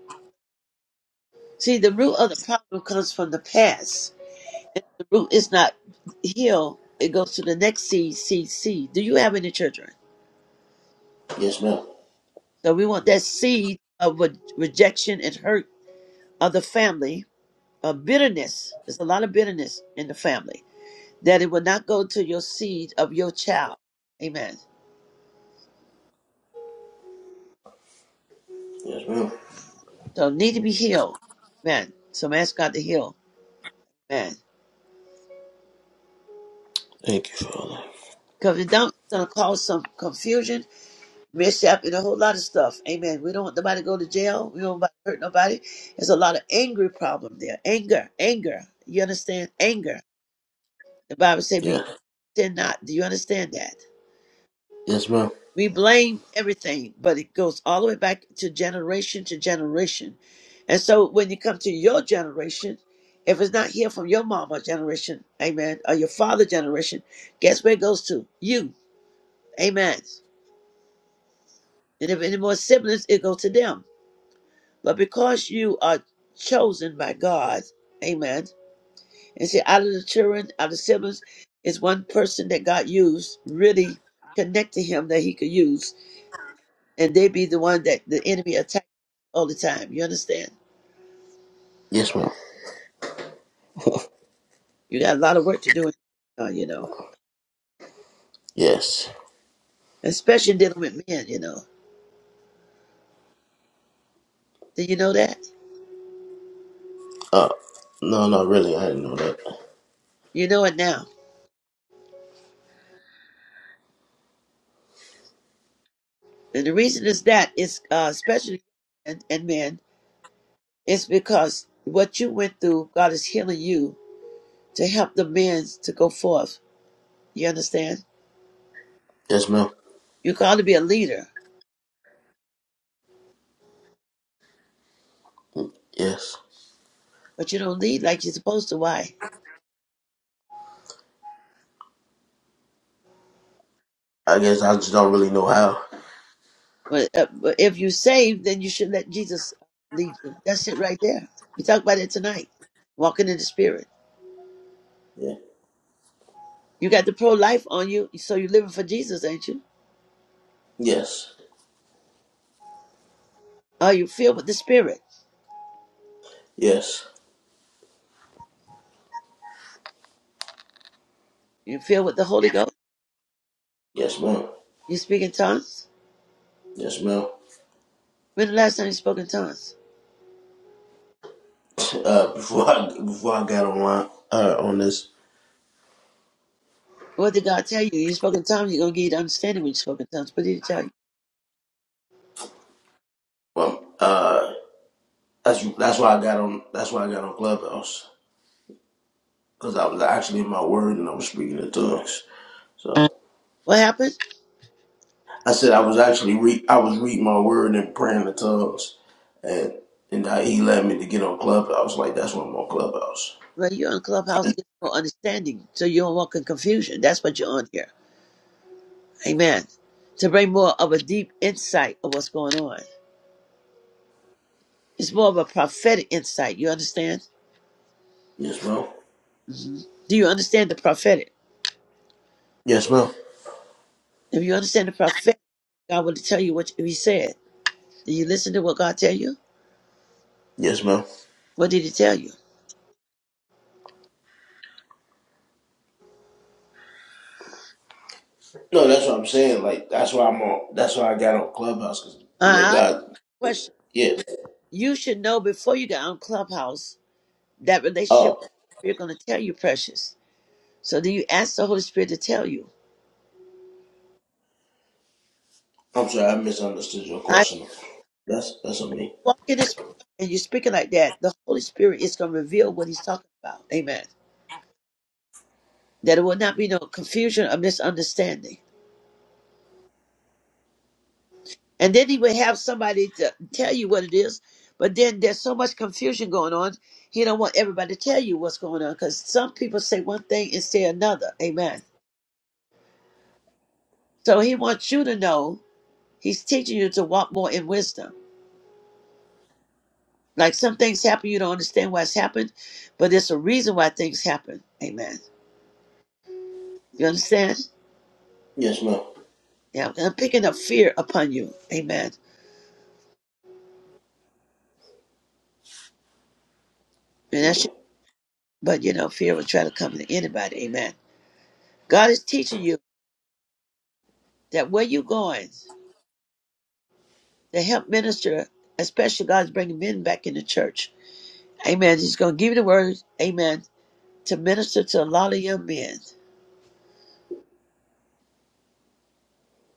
See, the root of the problem comes from the past. If the root is not healed, it goes to the next seed, seed, seed. Do you have any children?
Yes, ma'am.
So we want that seed of re- rejection and hurt of the family, of bitterness. There's a lot of bitterness in the family, that it will not go to your seed of your child. Amen.
Yes, ma'am.
So need to be healed. Amen. So I'm ask God to heal. Amen.
Thank you, Father.
Because it don't it's gonna cause some confusion, mishap, and a whole lot of stuff. Amen. We don't want nobody to go to jail. We don't want to hurt nobody. There's a lot of angry problem there. Anger, anger. You understand? Anger. The Bible said, "Be
Yeah.
sin not." Do you understand that?
Yes, ma'am.
We blame everything, but it goes all the way back to generation to generation. And so when you come to your generation, if it's not here from your mama generation, amen, or your father generation, guess where it goes to? You, amen. And if any more siblings, it goes to them. But because you are chosen by God, amen, and see, out of the children, out of the siblings, is one person that God used, really connect to him that he could use, and they be the one that the enemy attacked all the time. You understand?
Yes, ma'am.
You got a lot of work to do, uh, you know,
Yes.
especially dealing with men, you know. Did you know that?
Uh, no, not really, I didn't know that.
You know it now. And the reason is that it's uh, especially and, and men, it's because what you went through, God is healing you to help the men to go forth. You understand?
Yes, ma'am.
You're called to be a leader,
Yes.
but you don't lead like you're supposed to. Why?
I guess I just don't really know how.
But, uh, but if you're saved, then you should let Jesus lead you. That's it right there. We talked about it tonight. Walking in the Spirit.
Yeah.
You got the pro life on you, so you're living for Jesus, ain't you?
Yes.
Are you filled with the Spirit?
Yes.
You filled with the Holy Ghost?
Yes, ma'am.
You speak in tongues?
Yes, ma'am.
When the last time you spoke in tongues?
Uh, before I before I got online, uh, on this,
What did God tell you? You spoke in tongues, you're going to get understanding when you spoke in tongues. What did He tell you?
well, uh, that's that's why I got on. That's why I got on Clubhouse. because I was actually in my word and I was speaking in tongues. So
What happened?
I said I was actually re- I was reading my word and praying in tongues, and and how he led me to get on Clubhouse. Like that's why I'm on Clubhouse.
Well, you're on Clubhouse to get more understanding, so you don't walk in confusion. That's what you're on here. Amen. To bring more of a deep insight of what's going on. It's more of a prophetic insight. You understand?
Yes, ma'am.
hmm Do you understand the prophetic?
Yes, ma'am.
If you understand the prophetic, God will tell you what He said. Do you listen to what God tell you?
Yes, ma'am.
What did He tell you?
No, that's what I'm saying. Like that's why I'm on. That's why I got on Clubhouse because you know
Uh, I
God.
question.
Yeah.
You should know before you got on Clubhouse that relationship
Oh,
you're going to tell you, precious. So then you ask the Holy Spirit to tell you.
I'm sorry. I misunderstood your
I
question. That's that's on me.
walk in the Spirit and you're speaking like that. The Holy Spirit is going to reveal what He's talking about. Amen. That it will not be no confusion or misunderstanding. And then He would have somebody to tell you what it is. But then there's so much confusion going on. He don't want everybody to tell you what's going on because some people say one thing and say another. Amen. So he wants you to know he's teaching you to walk more in wisdom. Like some things happen, you don't understand why it's happened, but there's a reason why things happen. Amen. You understand?
Yes, ma'am.
Yeah. And I'm picking up fear upon you. Amen. And that's
Yeah.
your, but you know, fear will try to come to anybody. Amen. God is teaching you that where you're going to help minister, especially God's bringing men back in the church. Amen. He's going to give you the word. Amen. To minister to a lot of young men.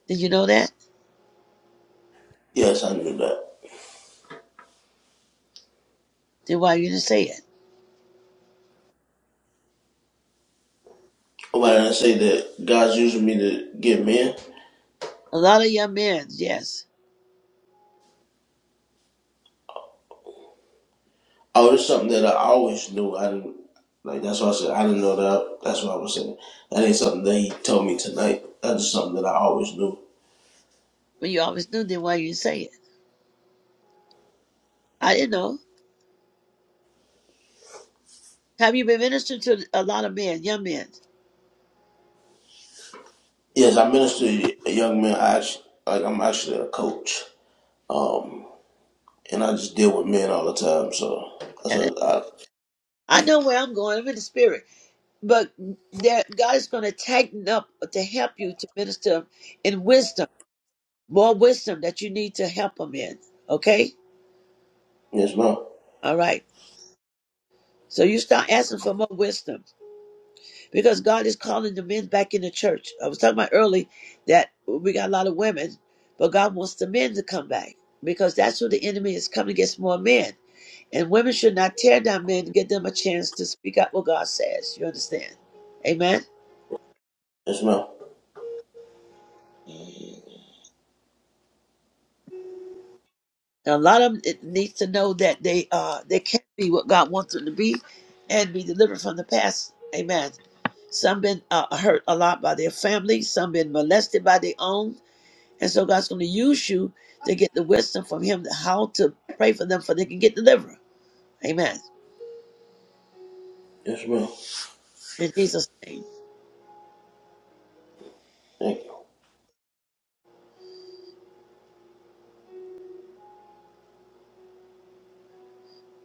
Did you know that?
Yes, I knew that.
Then why you didn't say it?
Why did I say that God's using me to get men?
A lot of young men, yes.
Oh, it's something that I always knew. I didn't like. That's why I said I didn't know that. That's what I was saying. That ain't something that he told me tonight. That's just something that I always knew.
But you always knew then why you say it. I didn't know. Have you been ministering to a lot of men, young men?
Yes, I minister to a young man. I actually, like I'm actually a coach. Um, and I just deal with men all the time. So that's
And uh,
what I.
I know where I'm going. I'm in the spirit. But there, God is going to tighten up to help you to minister in wisdom, more wisdom that you need to help them in. Okay?
Yes, ma'am.
All right. So you start asking for more wisdom. because God is calling the men back in the church. I was talking about early that we got a lot of women, but God wants the men to come back because that's where the enemy is coming against more men. And women should not tear down men to give them a chance to speak out what God says. You understand? Amen.
Yes, ma'am.
And a lot of them it needs to know that they uh they can be what God wants them to be and be delivered from the past. Amen. Some been uh, hurt a lot by their family. Some been molested by their own And so God's going to use you to get the wisdom from Him how to pray for them for they can get delivered. Amen.
Yes, ma'am.
In Jesus' name.
Thank you.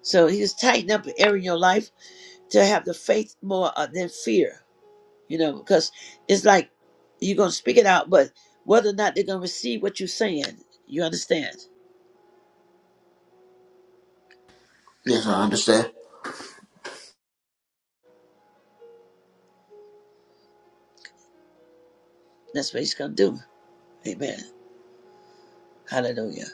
So He's tightening up an area in your life to have the faith more uh, than fear, you know, because it's like you're going to speak it out, but whether or not they're going to receive what you're saying, you understand.
Yes, I understand.
That's what He's going to do. Amen. Hallelujah.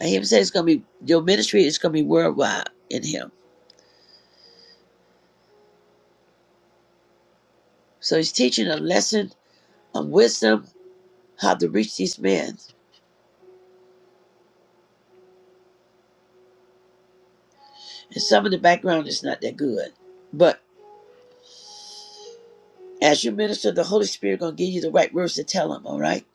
And He said it's going to be, your ministry is going to be worldwide in Him. So He's teaching a lesson of wisdom, how to reach these men. And some of the background is not that good. But as your minister, the Holy Spirit gonna give you the right words to tell them, all right?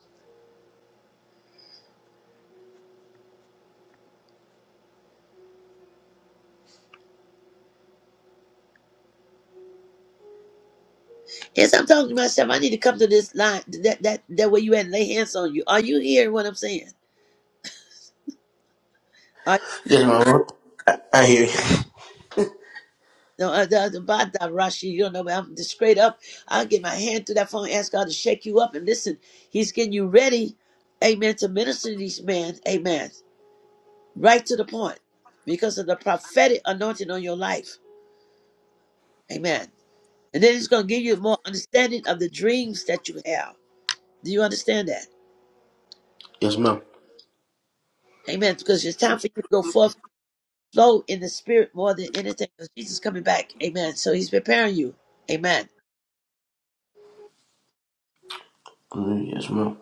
Yes, I'm talking to myself. I need to come to this line that that that way you had lay hands on you. Are you hearing what I'm saying? Are
Yes, ma'am. I hear you.
no, uh, the, the Bada Rashi, you don't know, but I'm just straight up. I'll get my hand through that phone, ask God to shake you up. And listen, He's getting you ready, amen, to minister to these men, amen, right to the point because of the prophetic anointing on your life, amen. And then it's going to give you more understanding of the dreams that you have. Do you understand that?
Yes, ma'am.
Amen. Because it's time for you to go forth, flow in the spirit more than anything. Because Jesus is coming back. Amen. So he's preparing you. Amen.
Mm, Yes, ma'am.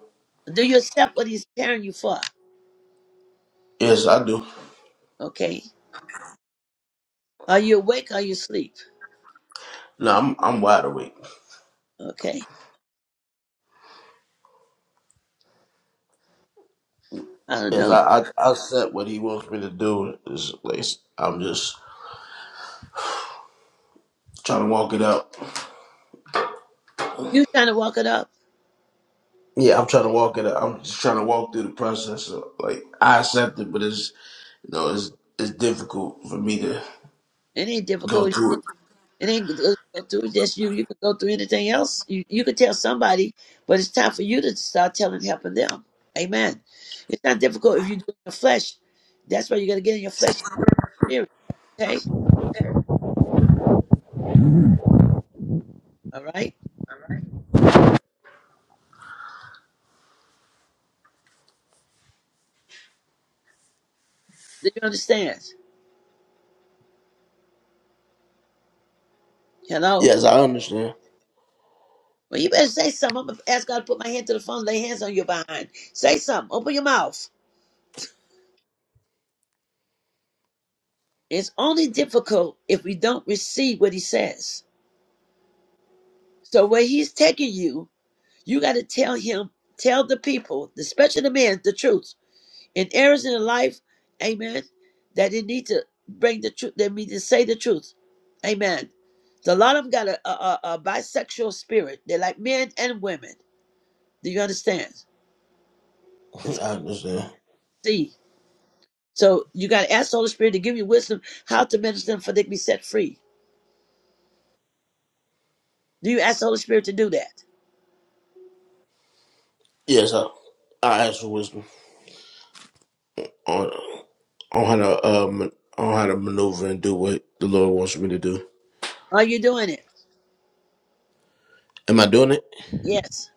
Do you accept what he's preparing you for?
Yes, I do.
Okay. Are you awake? Or are you asleep?
No, I'm I'm wide awake.
Okay. I don't
Yes,
know.
I, I I accept what he wants me to do. It's, like, I'm just trying to walk it out.
You trying to walk it up?
Yeah, I'm trying to walk it out. I'm just trying to walk through the process. Of, like I accept it, but it's you know it's it's difficult for me to
It ain't
go
difficult.
through it.
It ain't go go through just you. You can go through anything else. You you can tell somebody, but it's time for you to start telling, helping them. Amen. It's not difficult if you do it in the flesh. That's why you got to get in your flesh spirit. Okay. All right. Do you understand? Hello.
Yes, I understand.
Well, you better say something. I'm gonna ask God to put my hand to the phone, lay hands on your behind. Say something. Open your mouth. It's only difficult if we don't receive what He says. So where He's taking you, you got to tell Him, tell the people, especially the men, the truth in areas in life, amen, that they need to bring the truth, they need to say the truth, amen. So a lot of them got a, a, a a bisexual spirit. They're like men and women. Do you understand?
I
It's-
understand.
See, so you got to ask the Holy Spirit to give you wisdom how to minister them for they can be set free. Do you ask the Holy Spirit to do that?
Yes, I I ask for wisdom on on how to um on how to maneuver and do what the Lord wants me to do.
Are you doing it?
Am I doing it?
Yes.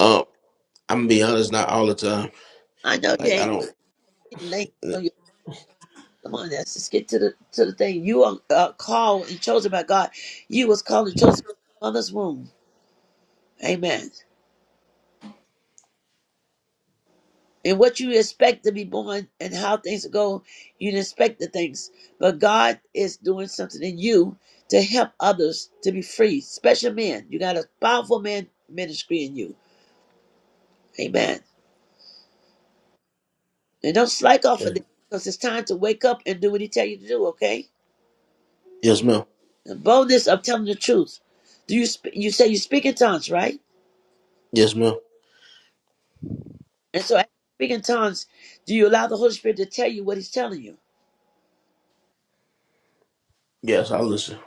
Um, I'm gonna be honest, not all the time.
I know you
Like I
ain't.
don't.
laying hands on your- Come on, let's just get to the to the thing. You are uh, called and chosen by God. You was called and chosen by mother's womb. Amen. and what you expect to be born and how things go, you didn't expect the things. But God is doing something in you to help others to be free. Special men. You got a powerful man ministry in you. Amen. And don't slack off of
eh,
that because it's time to wake up and do what he tell you to do, okay?
Yes, ma'am.
The boldness of telling the truth. Do you sp- you say you speak in tongues, right?
Yes, ma'am.
And so as you speak in tongues, do you allow the Holy Spirit to tell you what he's telling you?
Yes, I listen.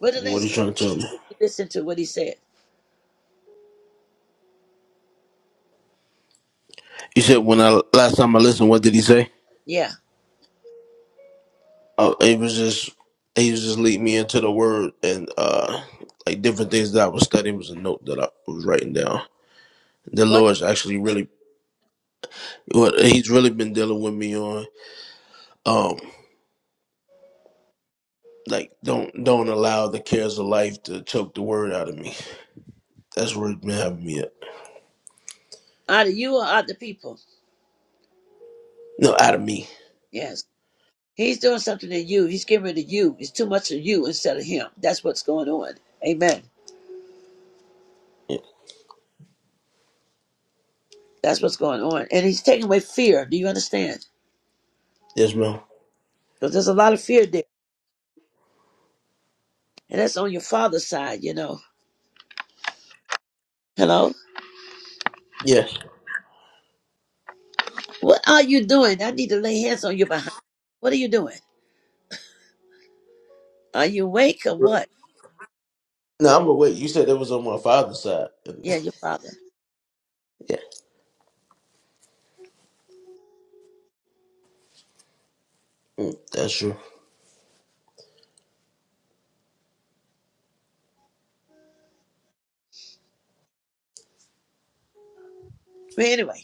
What the
What are
last
you
thing
trying to tell me?
you listen to what he said?
You said when I last time I listened, what did he say?
Yeah.
Uh, he was just he was just leading me into the word and uh like different things that I was studying was a note that I was writing down. The
What
Lord's actually really what he's really been dealing with me on um like don't don't allow the cares of life to choke the word out of me. That's where he's been having me at.
out of you or out the people?
No, out of me.
Yes. He's doing something to you. He's getting rid of you. It's too much of you instead of him. That's what's going on. Amen.
Yeah.
That's what's going on. And he's taking away fear. Do you understand?
Yes, ma'am.
Because there's a lot of fear there. And that's on your father's side, you know. Hello?
Yes.
What are you doing? I need to lay hands on your behind. What are you doing? Are you awake or what?
No, I'm awake. You said that was on my father's side.
Yeah, your father.
yeah, that's true.
But anyway,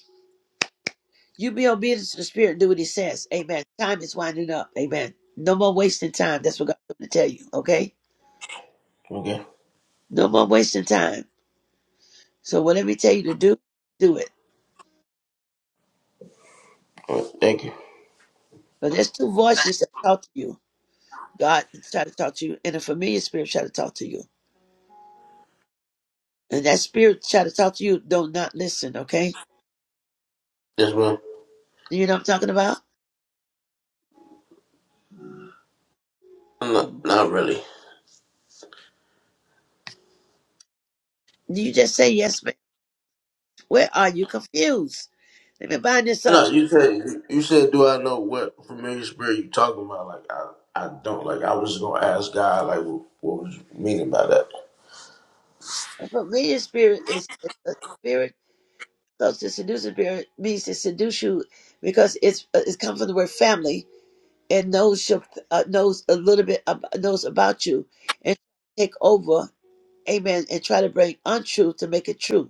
you be obedient to the spirit, do what he says. Amen. Time is winding up. Amen. No more wasting time. That's what God's going to tell you, okay?
Okay.
No more wasting time. So whatever he tell you to do, do it.
All right. Thank you.
Because there's two voices that talk to you. God try to talk to you, and a familiar spirit try to talk to you. And that spirit try to talk to you, do not listen, okay?
Yes, ma'am.
Do you know what I'm talking about?
Not, not really.
You just say, yes, ma'am. Where are you confused? Let me bind this
No,
up.
you said you said, do I know what familiar spirit you talking about? Like I, I don't. Like I was just gonna ask God, like what, what was you meaning by that?
A familiar spirit is is a spirit, because the seducing spirit means to seduce you because it's uh, it's come from the word family and knows your, uh, knows a little bit, ab- knows about you and take over amen, and try to bring untruth to make it true.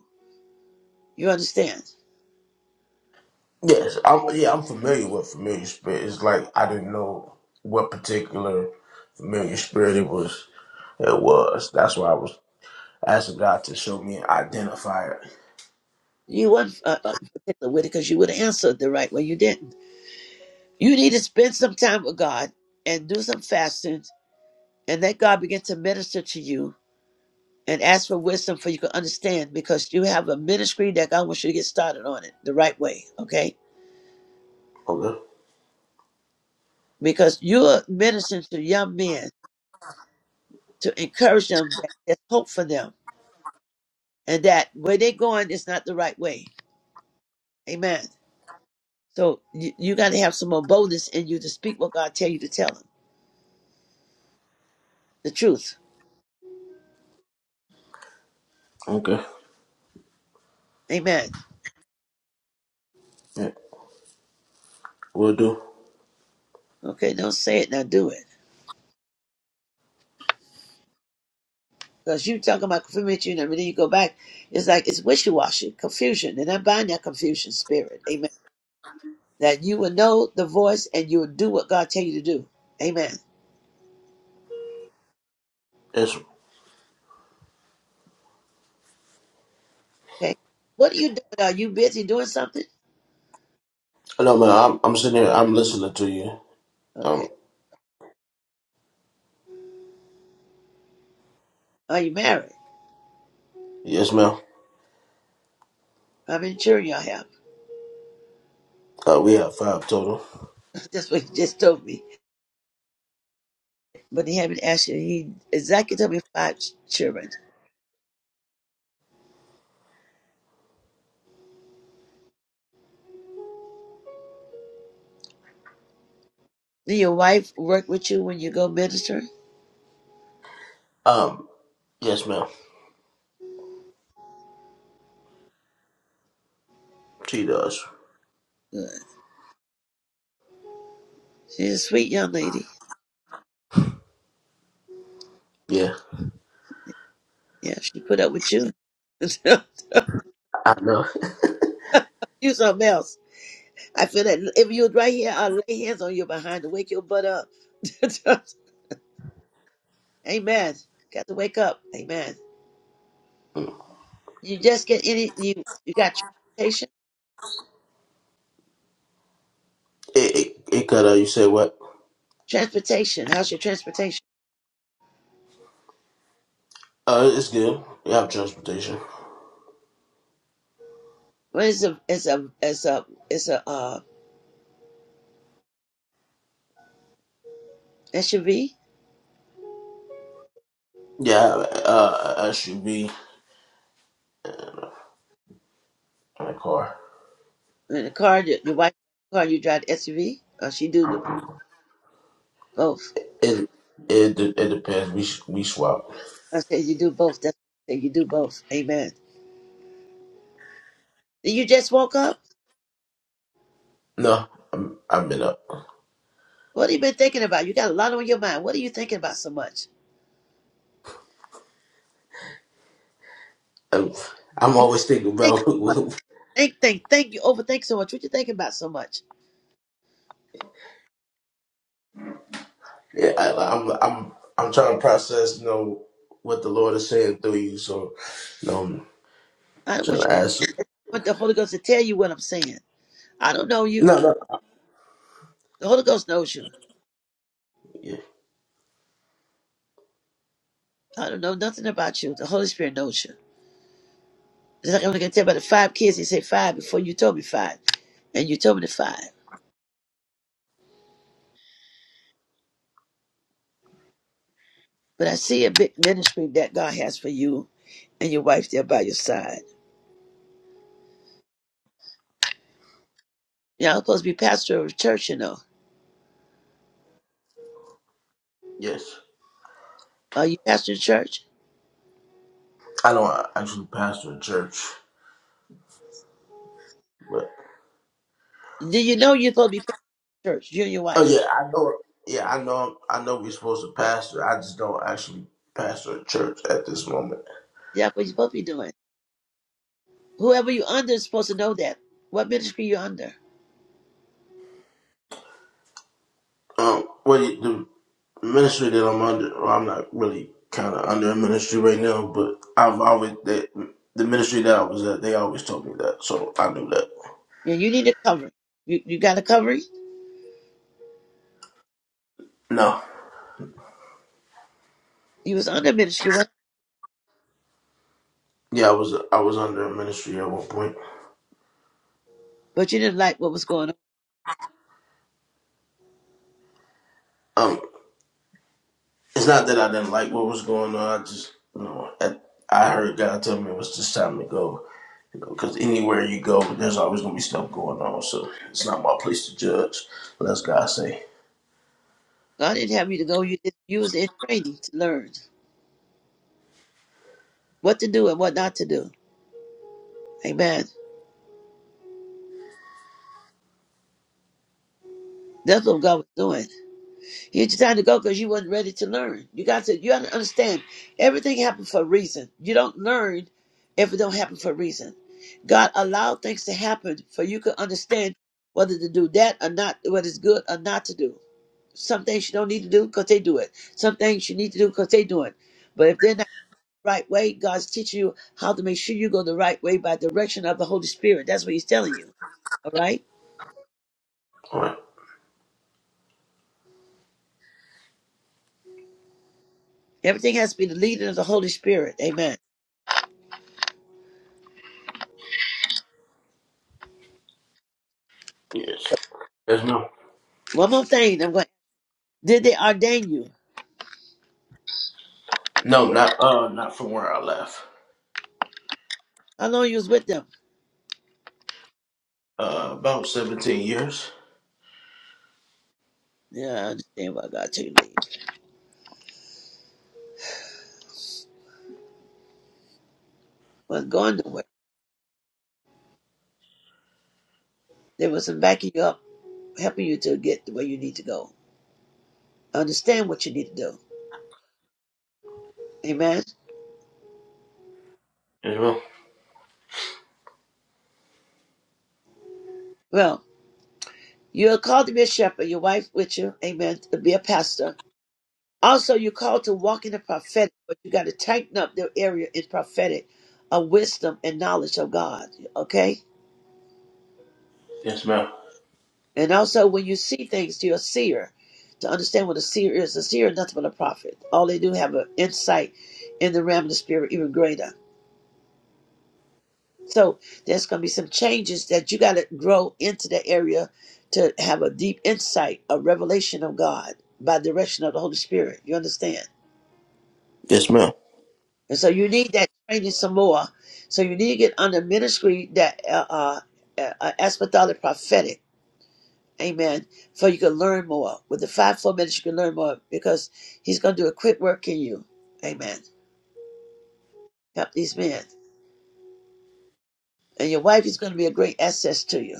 You understand?
Yes, I'm. Yeah, I'm familiar with familiar spirit. It's like I didn't know what particular familiar spirit it was. It was. That's why I was asking God to show me and identify it.
You weren't uh, uh, particular with it because you would have answered the right way. You didn't. You need to spend some time with God and do some fasting and let God begin to minister to you and ask for wisdom for you can understand because you have a ministry that God wants you to get started on it the right way, okay?
Okay.
Because you're ministering to young men to encourage them that there's hope for them and that where they're going is not the right way. Amen. So you, you got to have some more boldness in you to speak what God tell you to tell him. The truth.
Okay.
Amen.
Yeah, we'll do.
Okay, don't say it, now do it. Because you talking about confusion, and then you go back, it's like it's wishy-washy, confusion. And I bind that confusion spirit. Amen. That you will know the voice and you will do what God tell you to do. Amen.
Yes.
Okay. What are you doing? Are you busy doing something?
No, man. I'm. I'm sitting here. I'm listening to you.
Okay.
Um.
Are you married?
Yes, ma'am.
I'm sure y'all have.
Uh, we have five total.
That's what he just told me. But he haven't asked you. He exactly told me five children. Did your wife work with you when you go minister?
Um, yes, ma'am. She does.
Good. She's a sweet young lady.
Yeah,
Yeah, she put up with you.
I know.
you something else. I feel that if you was right here, I'll lay hands on you behind to wake your butt up. Amen. Got to wake up. Amen. You just get any you you got transportation?
It it, it cut out. You said what?
Transportation. How's your transportation?
Uh, it's good. You have transportation.
Well it's a it's a it's a it's a uh SUV?
Yeah, uh, I should be in a car.
In the car your, your wife car you drive the SUV? Or she do the, both.
It it de- it depends. We s- we swap.
Okay, you do both. That's what I say You do both. Amen. And You just woke up?
No, I'm I've been up.
What have you been thinking about? You got a lot on your mind. What are you thinking about so much?
I'm, I'm
You
always thinking
think
about.
so much. Think, think, think. You overthink so much. What you thinking about so much?
yeah, I, I'm I'm I'm trying to process. You know what the Lord is saying through you. So, you know, I'm
I don't
trying
want you
to ask.
I want the Holy Ghost to tell you what I'm saying. I don't know you.
No, no.
The Holy Ghost knows you.
Yeah,
I don't know nothing about you. The Holy Spirit knows you. It's like I'm gonna tell you about the five kids. He said five before you told me five. And you told me the five. But I see a big ministry that God has for you and your wife there by your side. You're not supposed to be pastor of a church, you know.
yes.
Are you pastor of church?
I don't actually pastor a church,
Do you know you're supposed to be pastor of church? You and your
Oh
wife.
yeah, I know. Yeah, I know. I know we're supposed to pastor. I just don't actually pastor a church at this moment.
That's what you're supposed to be doing. Whoever you under is supposed to know that. What ministry you under.
Um, well, the ministry that I'm under, well, I'm not really kind of under a ministry right now, but I've always that the ministry that I was at, they always told me that, so I knew that.
And you need a covering. You, you got a covering?
No,
You was under ministry, what?
yeah, I was I was under a ministry at one point.
but you didn't like what was going on.
Um, it's not that I didn't like what was going on. I just you know, at, I heard God tell me it was just time to go. Because anywhere you go, there's always gonna be stuff going on. So it's not my place to judge. Let's God say.
God didn't have you to go. You, did, you was in training to learn what to do and what not to do. Amen. That's what God was doing. You had your time to go because you wasn't ready to learn. You got to, you gotta understand everything happens for a reason. You don't learn if it don't happen for a reason. God allowed things to happen for you to understand whether to do that or not, what is good or not to do. Some things you don't need to do because they do it. Some things you need to do because they do it. But if they're not the right way, God's teaching you how to make sure you go the right way by direction of the Holy Spirit. That's what He's telling you. All right.
All right.
Everything has to be the leading of the Holy Spirit. Amen.
Yes. There's No.
One more thing. I'm going. Did they ordain you?
No. Not. Uh. Not from where I left.
How long you was with them?
Uh. About seventeen years.
Yeah, I understand why God took you leave. Wasn't going nowhere. They wasn't backing you up, helping you to get to where you need to go. Understand what you need to do. Amen.
Yes, ma'am.
Well, you're called to be a shepherd, your wife with you, amen, to be a pastor. Also, you're called to walk in the prophetic, but you got to tighten up the area in prophetic of wisdom and knowledge of God, okay?
Yes, ma'am.
And also, when you see things, to your seer, to understand what a seer is. A seer is nothing but a prophet. All they do have an insight in the realm of the spirit, even greater. So there's going to be some changes that you got to grow into the area to have a deep insight, a revelation of God by direction of the Holy Spirit. You understand?
Yes, ma'am.
And so you need that training some more. So you need to get under ministry that uh, uh, uh, uh, apostolic prophetic. Amen. For you can learn more. With the five, four minutes, you can learn more because he's going to do a quick work in you. Amen. Help these men. And your wife is going to be a great access to you.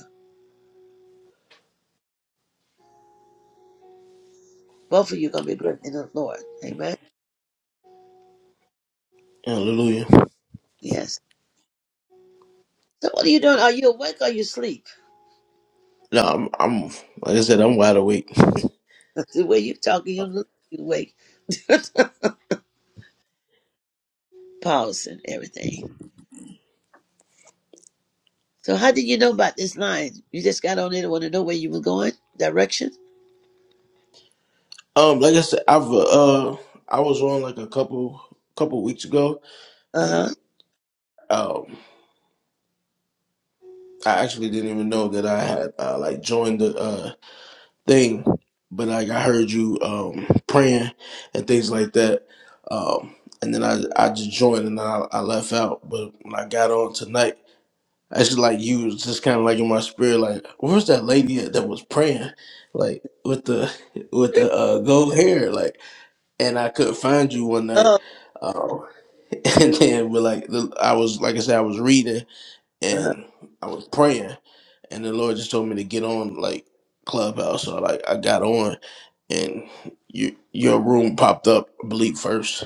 Both of you are going to be great in the Lord. Amen.
Hallelujah.
Yes. So what are you doing? Are you awake or you asleep?
No, I'm. I'm. Like I said, I'm wide awake.
the way you're talking, you look you awake. Pause and everything. So how did you know about this line? You just got on there. and want to know where you were going? Direction?
Um. Like I said, I've. Uh. I was on like a couple. Couple weeks ago, and
Uh-huh.
um. I actually didn't even know that I had uh, like joined the. Uh, thing. But like I heard you um, praying and things like that, um, and then I I just joined and I, I left out. But when I got on tonight, I just like you was just kind of like in my spirit, like where's that lady at that was praying, like with the with the uh, gold hair, like, and I couldn't find you one night.
Oh.
Um, and then we like the- I was like I said I was reading
Uh-huh.
and I was praying, and the Lord just told me to get on like Clubhouse. So like I got on and you, your room popped up, I believe first.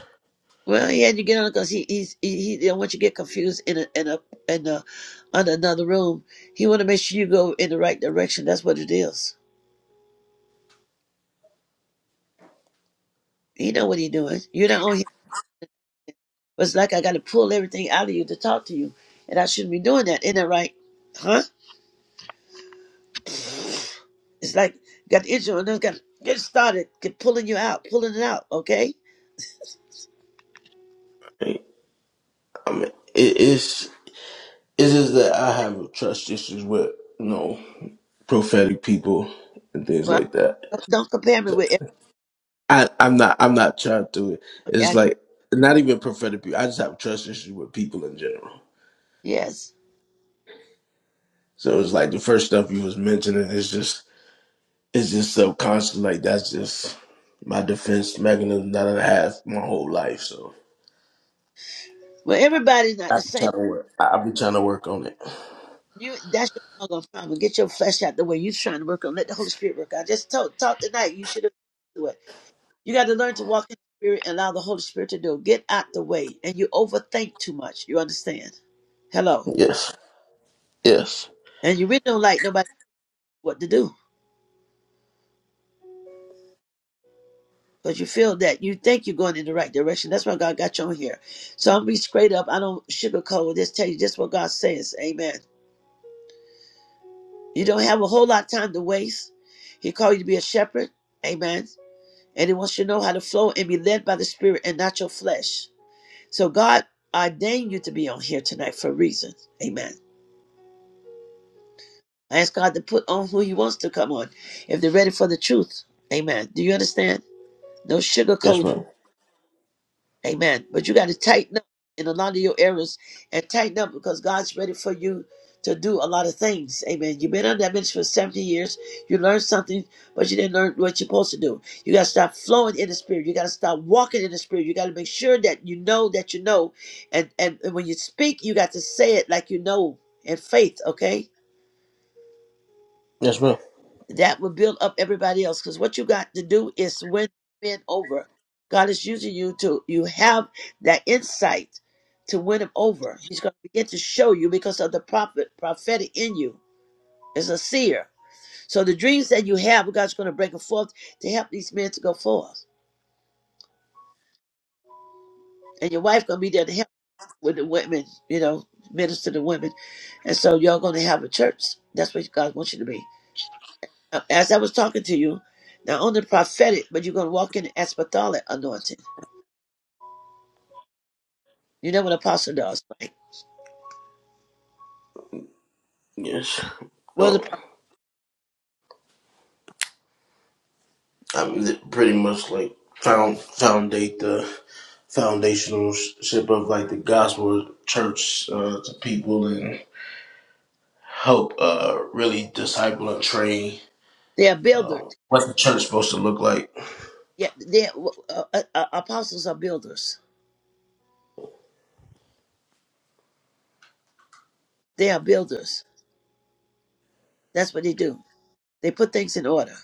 Well, he had you get on because he he's, he he didn't want you to get confused in a in a in a on another room. He want to make sure you go in the right direction. That's what it is. He know what he doing. You're not on here. but It's like I got to pull everything out of you to talk to you, and I shouldn't be doing that. Isn't that right? Huh? It's like you got the issue and then got to get started, get pulling you out, pulling it out. Okay.
I mean, it is it is just that I have trust issues with you know prophetic people and things
Well,
like that.
don't compare me
So
with
I I'm not I'm not trying to. it. It's
everybody. I-
like not even prophetic people. I just have trust issues with people in general.
yes.
So it's like the first stuff you was mentioning is just it's just subconscious. Like that's just my defense mechanism that I have my whole life. So
Well, everybody's not the
I've been
same.
trying to work. I've been trying to work on it.
You that's your ongoing problem. Get your flesh out the way you're trying to work on. Let the Holy Spirit work out. Just talk talk tonight. You should have do it. You got to learn to walk in the spirit and allow the Holy Spirit to do. it. Get out the way. And you overthink too much. You understand? Hello.
Yes. Yes.
And you really don't like nobody what to do. Because you feel that you think you're going in the right direction. That's why God got you on here. So I'm gonna be straight up. I don't sugarcoat. Just tell you just what God says. Amen. You don't have a whole lot of time to waste. He called you to be a shepherd. Amen. And he wants you to know how to flow and be led by the Spirit and not your flesh. So God ordained you to be on here tonight for a reason. Amen. I ask God to put on who he wants to come on if they're ready for the truth. Amen. Do you understand? No sugarcoat.
Yes, ma'am.
Amen. But you got to tighten up in a lot of your areas and tighten up because God's ready for you to do a lot of things. Amen. You've been under that ministry for 70 years. You learned something, but you didn't learn what you're supposed to do. You got to stop flowing in the spirit. You got to stop walking in the spirit. You got to make sure that you know that you know. And, and, and when you speak, you got to say it like you know in faith, okay?
Yes, ma'am.
that will build up everybody else. Because what you got to do is win, win over. God is using you to you have that insight to win him over. He's going to begin to show you because of the prophet prophetic in you is a seer. So the dreams that you have, God's going to bring them forth to help these men to go forth, and your wife going to be there to help with the women. You know, minister to women, and so you're going to have a church. That's what God wants you to be. Uh, As I was talking to you, not only prophetic, but you're going to walk in the apostolic anointing. You know what apostle does, right?
Yes.
Well,
Well,
the,
I mean, it pretty much like found foundate the foundational ship of like the gospel church uh, to people and help uh, really disciple and train
they are builders.
um, what the church supposed to look like.
Yeah, they are, uh, uh, uh, apostles are builders. They are builders. That's what they do. They put things in order,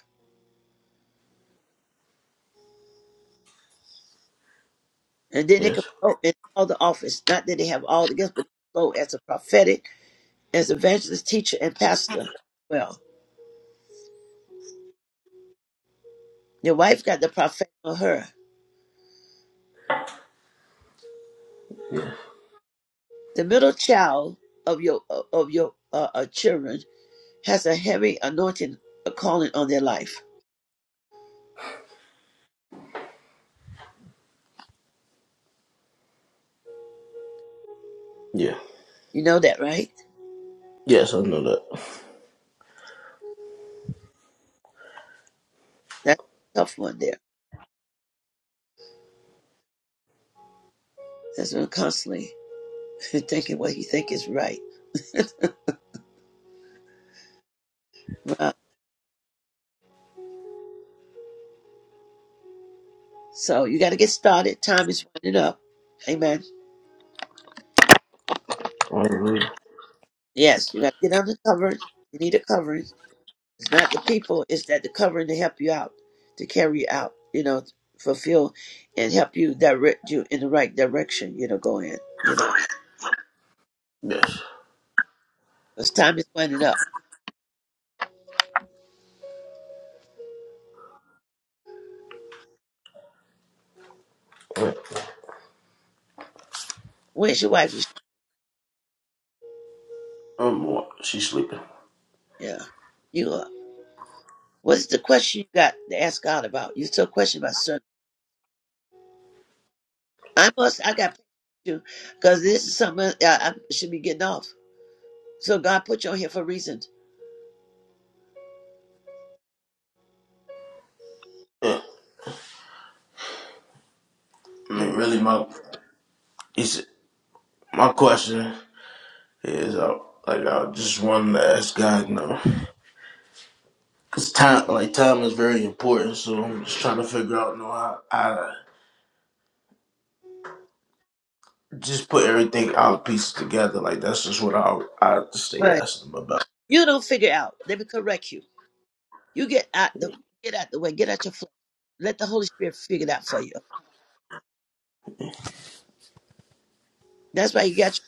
and then they can
Yes.
flow in all the office. Not that they have all the gifts, but they flow as a prophetic, as evangelist, teacher, and pastor. Well, your wife got the prophetic on her.
Yeah.
The middle child of your of your uh, uh, children has a heavy anointing, a calling on their life.
Yeah.
You know that, right?
Yes, I know that.
That's a tough one there. That's when constantly thinking what you think is right. Right. So you got to get started. Time is running up. Amen.
Hallelujah.
Yes, you got to get under covering. You need a covering. It's not the people, it's that the covering to help you out, to carry you out, you know, fulfill and help you direct you in the right direction, you know, go in, you know.
Yes.
Because time is running up.
Yeah.
Where's your wife?
Um, what? she's sleeping.
Yeah. You are. What's the question you got to ask God about? You still question about certain. I must. I got you because this is something I, I should be getting off. So God put you on here for a reason.
Yeah. I mean,
You
really, my it's, my question is, uh, like, I just wanted to ask God, you know. Cause time, like time, is very important. So I'm just trying to figure out, you know, how I, just put everything out pieces together. Like that's just what I I stay
right.
asking them about.
You don't figure it out. Let me correct you. You get out the get out the way. Get out your flesh. Let the Holy Spirit figure it out for you. That's why you got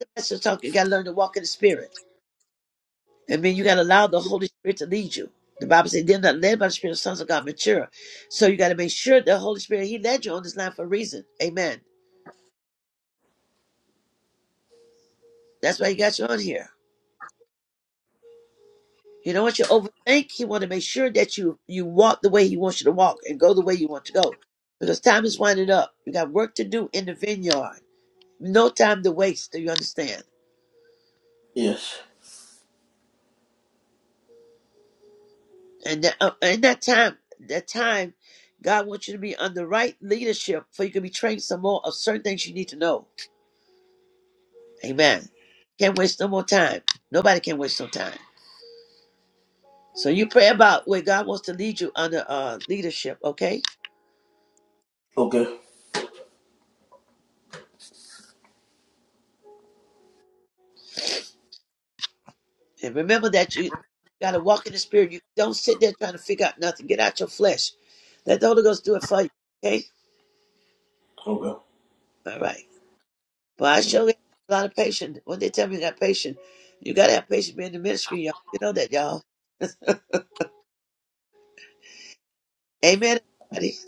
your pastor talking. You got to learn to walk in the Spirit. I mean, you got to allow the Holy Spirit to lead you. The Bible says, "Them that led by the Spirit, of sons of God mature." So you got to make sure the Holy Spirit He led you on this line for a reason. Amen. That's why he got you on here. He don't want you to overthink. He want to make sure that you you walk the way he wants you to walk and go the way you want to go. Because time is winding up. You got work to do in the vineyard. No time to waste. Do you understand?
Yes.
And that, uh, and that time, that time, God wants you to be under right leadership, for you can be trained some more of certain things you need to know. Amen. Can't waste no more time. Nobody can waste no time. So you pray about where God wants to lead you under uh, leadership. Okay.
Okay.
And remember that you got to walk in the spirit. You don't sit there trying to figure out nothing. Get out your flesh. Let the Holy Ghost do it for you. Okay?
Okay.
All right. But I sure got a lot of patience. When they tell me you got patience, you got to have patience being in the ministry, y'all. You know that, y'all. Amen, everybody.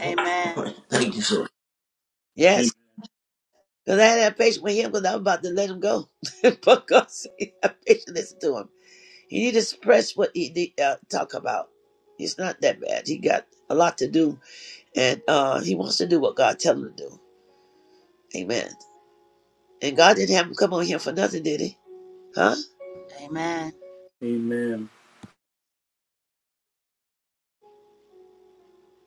Amen.
Thank you, sir.
Amen.
Yes. Because I had to have patience with him because I was about to let him go. because he had patience to listen to him. He need to suppress what he need, uh, talk about. It's not that bad. He got a lot to do, and uh, he wants to do what God tell him to do. Amen. And God didn't have him come on here for nothing, did he? Huh?
Amen.
Amen.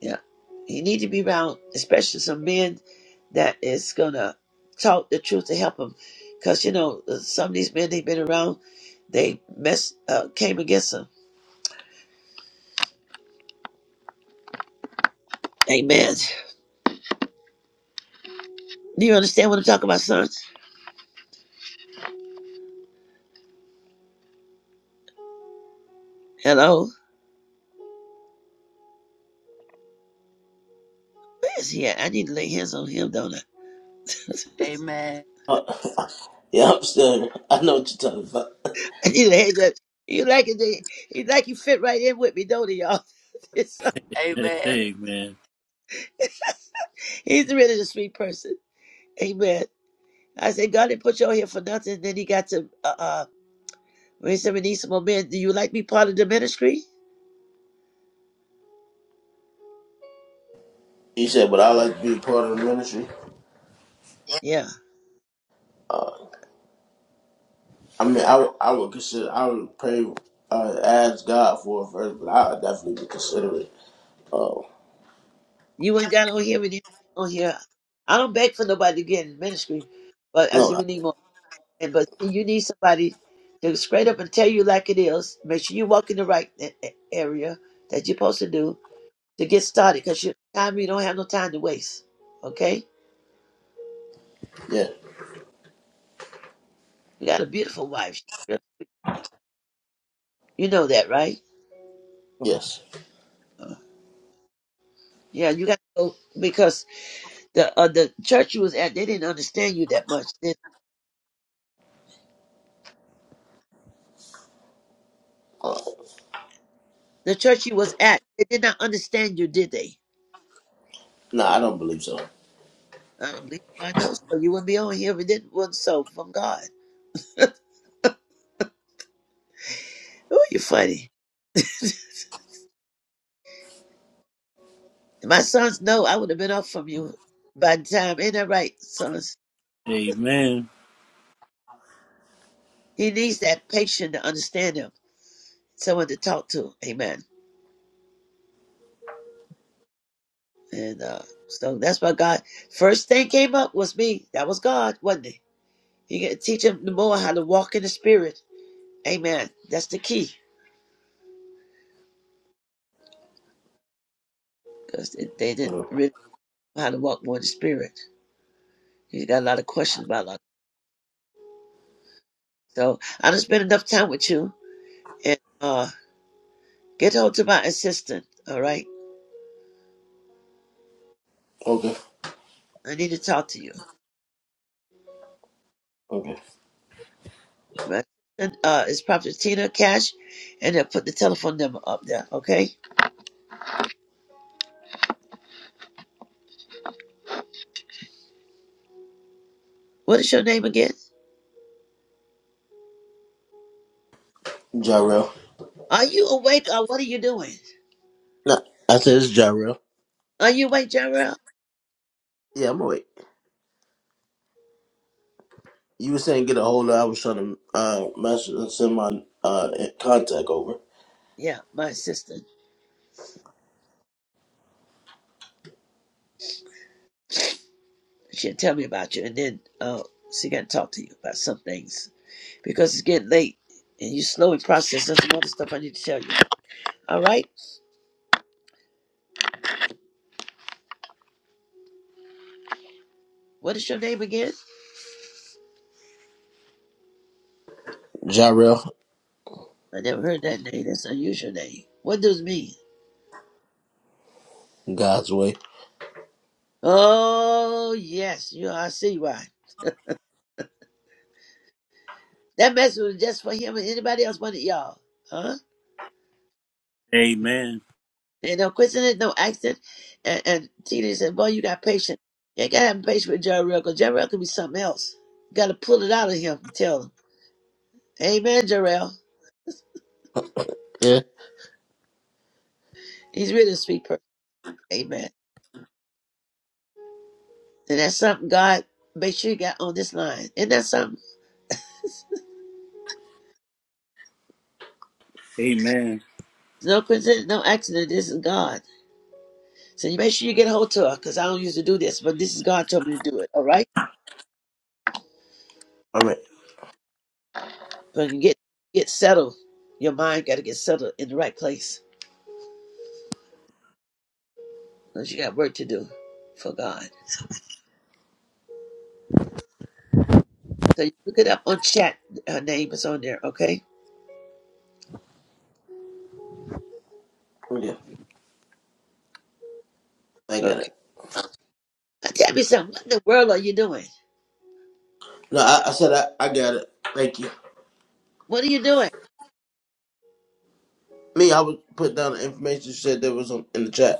Yeah. He need to be around, especially some men that is gonna talk the truth to help him. Cause you know uh, some of these men they've been around, they mess uh, came against him. Amen. Do you understand what I'm talking about, son? Hello. Where is he at? I need to lay hands on him, don't I?
Amen.
Uh, yeah, I'm still. here. I know what you're talking about.
I need to lay that. You like it? they- You like you fit right in with me, don't you, y'all? It's-
Amen. Amen.
Amen.
He's really a sweet person. Amen. I said, God didn't put you on here for nothing. Then he got to, uh, uh when he said, we need some more men. Do you like me part of the ministry?
You said, but I like to be a part of the ministry.
Yeah.
Uh, I mean, I would- I would consider. I would pray, uh, ask God for it first, but I would definitely be considerate. Oh
You ain't got on here when you on here. I don't beg for nobody to get in ministry, but I
no,
said,
I,
we need more. men. but see, you need somebody to straight up and tell you like it is. Make sure you walk in the right a- a- area that you're supposed to do to get started because you time you don't have no time to waste. Okay?
yeah,
You got a beautiful wife. You know that, right?
yes.
Uh, Yeah, you got to go because the uh, the church you was at, they didn't understand you that much. The,
Uh,
the church you was at, they did not understand you, did they?
no, I don't believe so.
I don't believe I know so. You wouldn't be on here if it didn't wasn't so from God. Oh, you're funny. My sons know I would have been up from you by the time. Ain't that right, sons?
Amen.
He needs that patient to understand him, someone to talk to. Amen. And uh, so that's why God first thing came up was me. That was God, wasn't it? He got to teach him the more how to walk in the spirit. Amen. That's the key. because they didn't
Mm.
really know how to walk more in the spirit. You got a lot of questions about a lot. So I done spend enough time with you and uh, get hold to my assistant. All right,
Okay.
I need to talk to you.
Okay.
Right? And uh, it's Prophet Tina Cash, and they'll put the telephone number up there. Okay. What is your name again?
Jarrell.
Are you awake or what are you doing?
No, I said it's Jarrell.
Are you awake, Jarrell?
Yeah, I'm awake. You were saying get a hold of. I was trying to uh, message and send my uh, contact over.
Yeah, my assistant. She'll tell me about you, and then uh, she can talk to you about some things because it's getting late and you slowly process. There's some other stuff I need to tell you. All right. What is your name again?
Jarrell,
I never heard that name. That's an unusual name. What does it mean?
God's way.
Oh, yes. You I see why. That message was just for him and anybody else but y'all. Huh?
Amen.
Ain't no question, ain't no accent. And, and Tina said, boy, you got patient. You ain't got to have patience with Jarrell because Jarrell could be something else. You got to pull it out of him and tell him, Amen, Jarrell.
Yeah.
He's really a sweet person. Amen. And that's something God make sure you got on this line. Isn't that something?
Amen.
No coincidence, no accident. This is God. So you make sure you get a hold to her, because I don't usually do this, but this is God told me to do it. All right,
All right.
but you get get settled. Your mind got to get settled in the right place, because you got work to do for God. So you look it up on chat. Her name is on there. Okay,
Yeah, I got it.
okay. Now tell me something. What in the world are you doing?
No, I, I said I, I got it. Thank you.
What are you doing?
Me, I would put down the information you said there was on, in the chat.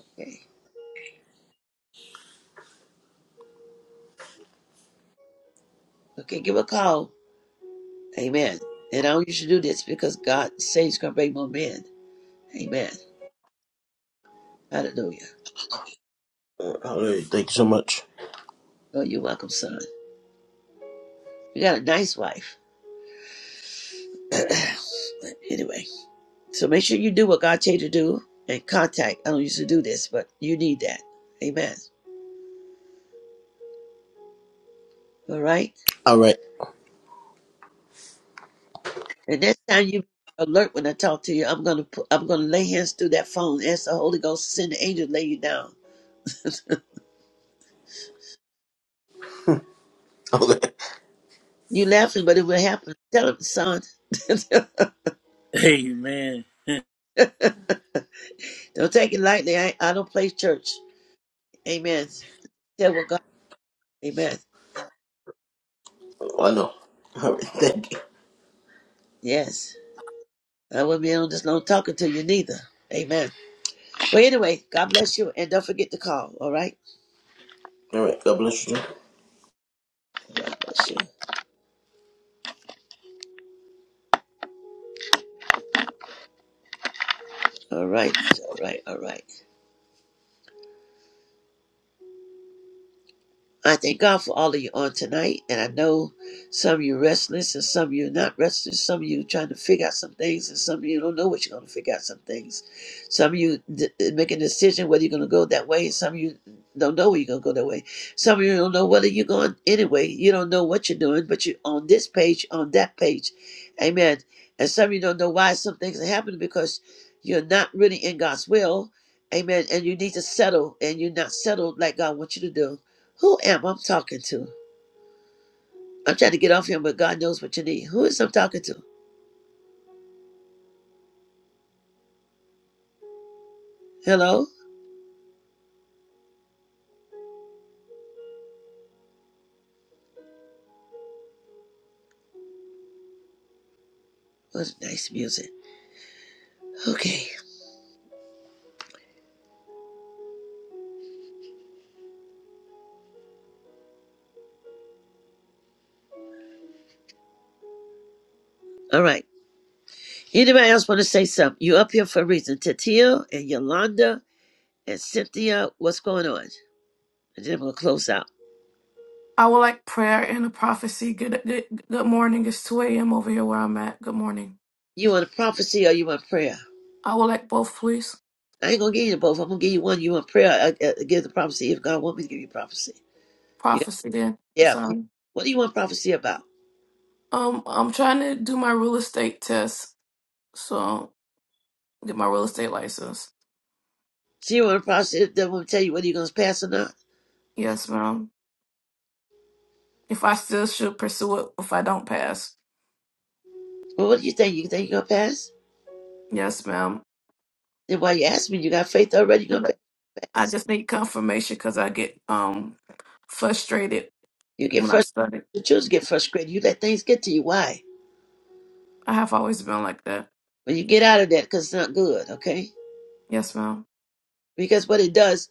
Okay, okay. Give a call. Amen. And I don't usually do this because God says He's gonna bring more men. Amen. Hallelujah.
All right. Thank you so much.
Oh, you're welcome, son. You got a nice wife. But anyway. So make sure you do what God told you to do and contact. I don't usually do this, but you need that. Amen. All right.
All right.
And next time you alert when I talk to you, I'm gonna put, I'm gonna lay hands through that phone. Ask the Holy Ghost, to send the angel, to lay you down.
Okay.
You laughing, but it will happen. Tell him, son.
Amen.
don't take it lightly. I, I don't play church. Amen. Tell what God. Amen.
Well, I know. All right. Thank you.
Yes. I wouldn't be on this long talking to you neither. Amen. But anyway, God bless you, and don't forget to call. All right.
All right. God bless you.
God bless you. All right, all right, all right. I thank God for all of you on tonight. And I know some of you restless and some of you not restless. Some of you trying to figure out some things and some of you don't know what you're going to figure out some things. Some of you d- making a decision whether you're going to go that way. and Some of you don't know where you're going to go that way. Some of you don't know whether you're going anyway. You don't know what you're doing, but you're on this page, on that page. Amen. And some of you don't know why some things are happening because you're not really in God's will. Amen. And you need to settle and you're not settled like God wants you to do. Who am I talking to? I'm trying to get off here, but God knows what you need. Who is I'm talking to? Hello? What nice music. Okay. All right. Anybody else want to say something? You up here for a reason. Tatia and Yolanda and Cynthia, what's going on? And then I'm going to close out.
I would like prayer and a prophecy. Good, good, good morning. It's 2 a.m. over here where I'm at. Good morning.
You want a prophecy or you want prayer?
I would like both, please.
I ain't going to give you the both. I'm going to give you one. You want prayer? I, I, give the prophecy if God want me to give you prophecy. You got,
Prophecy then. I'm
yeah.
sorry.
What do you want prophecy about?
Um, I'm trying to do my real estate test. So get my real estate license.
So you want a prophecy that will tell you whether you're going to pass or not?
Yes, ma'am. If I still should pursue it if I don't pass.
Well, what do you think? You think you're going to pass?
Yes, ma'am.
Then why you ask me? You got faith already. You're gonna
I
fast.
just need confirmation because I get um frustrated
You get
when I
frustrated.
study.
The children get frustrated. You let things get to you. Why?
I have always been like that.
When you get out of that, because it's not good. Okay?
Yes, ma'am.
Because what it does,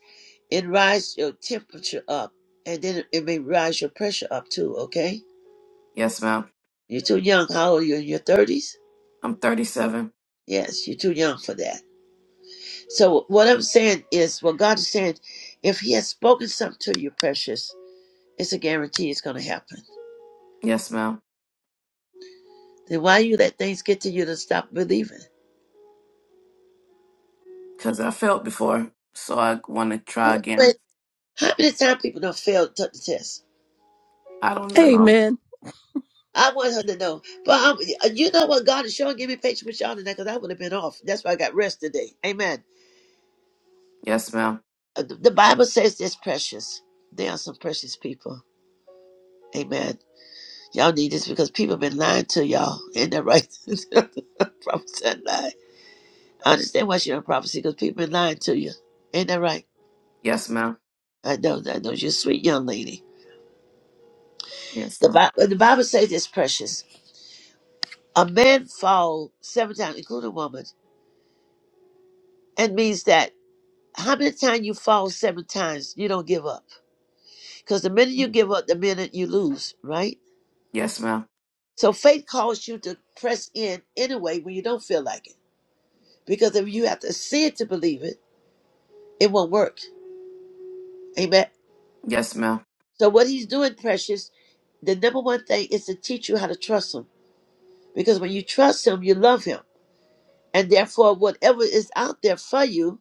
it rise your temperature up, and then it may rise your pressure up too. Okay?
Yes, ma'am.
You're too young. How old are you? In your thirties?
I'm 37.
Yes, you're too young for that. So what I'm saying is, what God is saying, if He has spoken something to you, precious, it's a guarantee it's gonna happen.
Yes, ma'am.
Then why you let things get to you to stop believing?
because I failed before, so I want to try
Wait
again.
How many times people don't fail to take the test?
I don't even know.
Amen.
I want her to know. But um, you know what? God is showing. Give me patience with y'all tonight because I would have been off. That's why I got rest today. Amen.
Yes, ma'am.
Uh, The the Bible says this precious. They are some precious people. Amen. Y'all need this because people been lying to y'all. Ain't that right? Prophesy and lie. I understand why she don't prophecy because people been lying to you. Ain't that right?
Yes, ma'am.
I know. I know. You're a sweet young lady.
Yes,
The
ma'am.
Bible, the Bible says this precious. A man fall seven times, including a woman, and means that How many times you fall seven times, you don't give up. Because the minute you give up, the minute you lose, right?
Yes, ma'am.
So faith calls you to press in anyway when you don't feel like it. Because if you have to see it to believe it, it won't work. Amen.
Yes, ma'am.
So what he's doing, precious, the number one thing is to teach you how to trust him. Because when you trust him, you love him. And therefore, whatever is out there for you,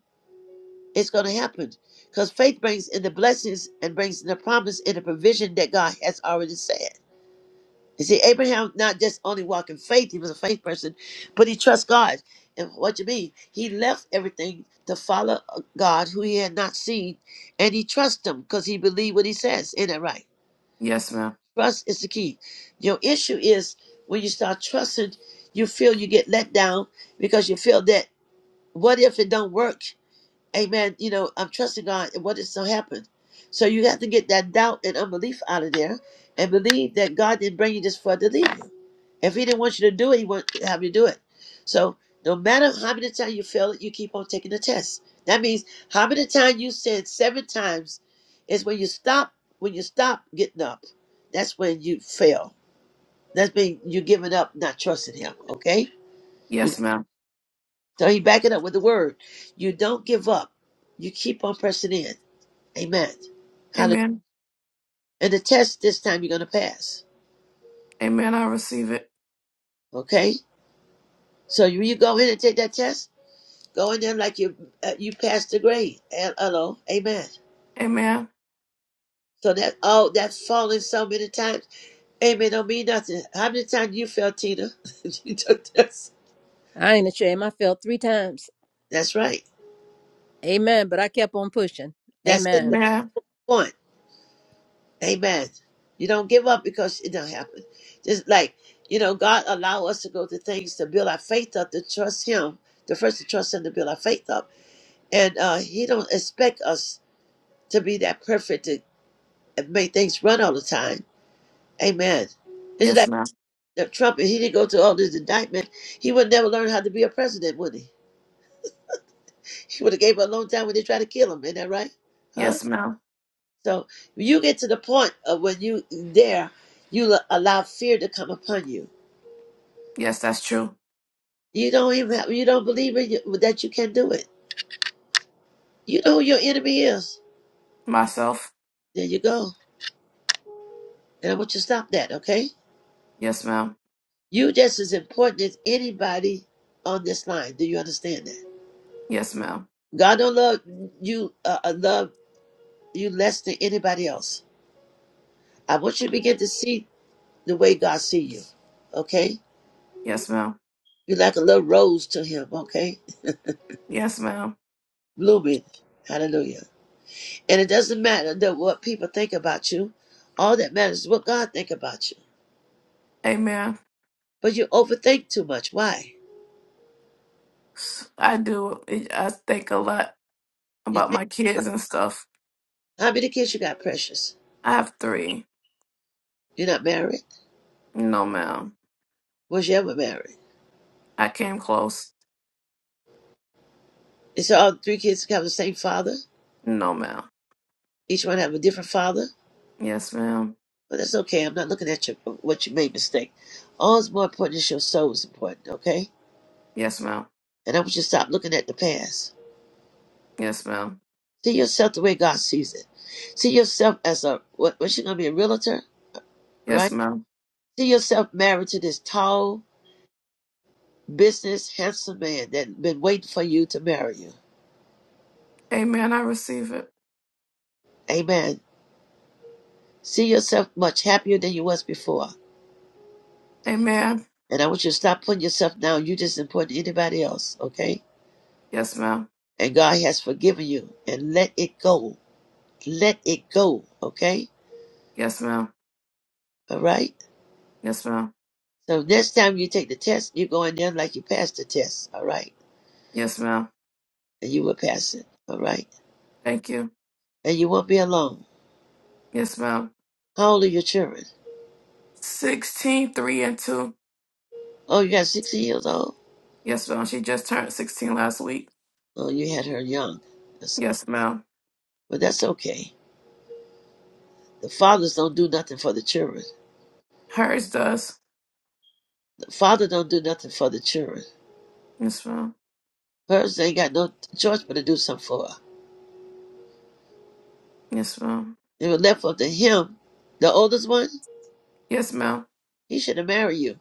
it's going to happen. Because faith brings in the blessings and brings in the promise and the provision that God has already said. You see, Abraham not just only walked in faith, he was a faith person, but he trusts God. And what you mean? He left everything to follow a God who he had not seen, and he trusts him because he believed what he says. Ain't that right?
Yes, ma'am.
Trust is the key. Your issue is when you start trusting, you feel you get let down because you feel that what if it don't work? Amen. You know, I'm trusting God and what is to happen? So you have to get that doubt and unbelief out of there and believe that God didn't bring you just for to leave you. If he didn't want you to do it, he will not have you do it. So no matter how many times you fail it, you keep on taking the test. That means how many times you said seven times is when you stop when you stop getting up. That's when you fail. That's when you're giving up, not trusting him. Okay? You
Yes, ma'am.
so he back it up with the word. You don't give up. You keep on pressing in. Amen. Hallelujah.
Amen.
And the test this time you're gonna pass.
Amen. I receive it.
Okay? So you you go in and take that test Go in there like you uh, you passed the grade. And hello, amen.
Amen.
So that oh that falling so many times, amen, don't mean nothing. How many times you fell, Tina? You took this.
I ain't ashamed. I fell three times.
That's right.
Amen. But I kept on pushing.
That's it.
Amen.
That's
Amen.
the point. Amen. You don't give up because it don't happen. Just like you know, God allow us to go to things to build our faith up, to trust Him. The first to trust Him to build our faith up, and uh, He don't expect us to be that perfect to make things run all the time. Amen. It's
Yes, ma'am.
Now, Trump, if he didn't go through all this indictment, he would never learn how to be a president, would he? He would have gave up a long time when they tried to kill him. Ain't that right? Huh?
Yes, ma'am.
So you get to the point of when you there, you l- allow fear to come upon you.
Yes, that's true.
You don't even have, you don't believe in you, that you can do it. You know who your enemy is.
Myself.
There you go. And I want you to stop that, okay?
Yes, ma'am.
You just as important as anybody on this line. Do you understand that?
Yes, ma'am.
God don't love you, uh, uh, love you less than anybody else. I want you to begin to see the way God see you. Okay?
Yes, ma'am.
You're like a little rose to him, okay?
Yes, ma'am.
Blooming. Hallelujah. And it doesn't matter that what people think about you. All that matters is what God think about you.
Amen.
But you overthink too much. Why?
S- I do. it- I think a lot
You
about
think
my kids and stuff.
how many kids you got, precious?
I have three.
You're not married?
No, ma'am.
Was you ever married?
I came close.
And so all three kids have the same father?
No, ma'am.
Each one have a different father?
Yes, ma'am.
But that's okay. I'm not looking at your what you made mistake. All is more important is your soul is important, okay?
Yes, ma'am.
And I want you to stop looking at the past.
Yes, ma'am.
See yourself the way God sees it. See yourself as a what? What's she gonna be a realtor,
Yes,
right?
ma'am.
See yourself married to this tall, business, handsome man that been waiting for you to marry you.
Amen. I receive it.
Amen. See yourself much happier than you was before.
Amen.
And I want you to stop putting yourself down. You just important to anybody else, okay?
Yes, ma'am.
And God has forgiven you. And let it go. Let it go, okay?
Yes, ma'am.
All right.
Yes, ma'am.
So next time you take the test, you go in there like you passed the test, all right?
Yes, ma'am.
And you will pass it, all right?
Thank you.
and you won't be alone.
Yes, ma'am.
How old are your children?
16, 3, and 2.
Oh, you got 60 years old?
Yes, ma'am. She just turned 16 last week.
Oh, you had her young. That's okay.
Yes, ma'am.
But that's okay. The fathers don't do nothing for the children.
Hers does.
The father don't do nothing for the children.
Yes, ma'am.
Hers ain't got no choice but to do something for her.
Yes, ma'am.
It was left up to him, the oldest one.
Yes, ma'am.
He should have married you.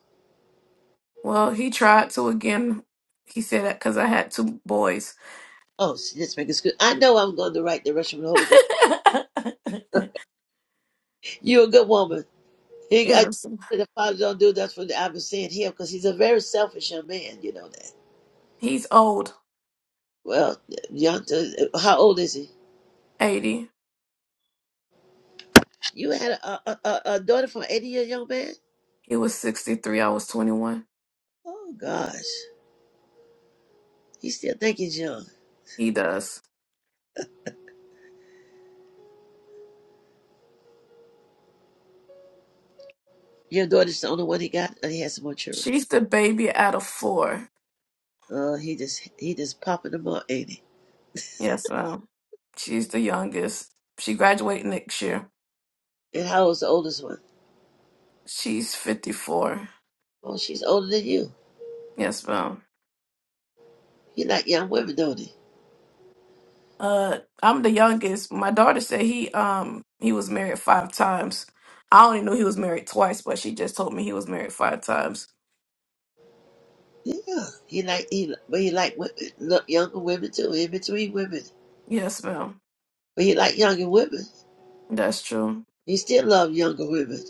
Well, he tried to again. He said that because I had two boys.
Oh, see, this make excuse. I know I'm going to write the right direction with the Holy Ghost. You're a good woman. He, I,
yes.
the father don't do that for the, I've been saying him because he's a very selfish young man. You know that.
He's old,
Well, young. uh, How old is he?
80.
You had a, a, a, a daughter from an 80 year young man?
He was 63. I was 21.
Oh, gosh. He still think he's young.
He does.
Your daughter's the only one he got, and he has some more children.
She's the baby out of four.
Uh, he just he just popping them up, ain't he?
Yes, ma'am. She's the youngest. She graduate next year.
And how old's the oldest one?
She's 54.
Oh, she's older than you.
Yes, ma'am.
He like young women, don't he?
Uh, I'm the youngest. My daughter said he um he was married five times. I only knew he was married twice, but she just told me he was married five times.
Yeah, he like he, but he like women, look younger women too. In between women,
Yes, ma'am.
but he like younger women.
That's true.
He still love younger women.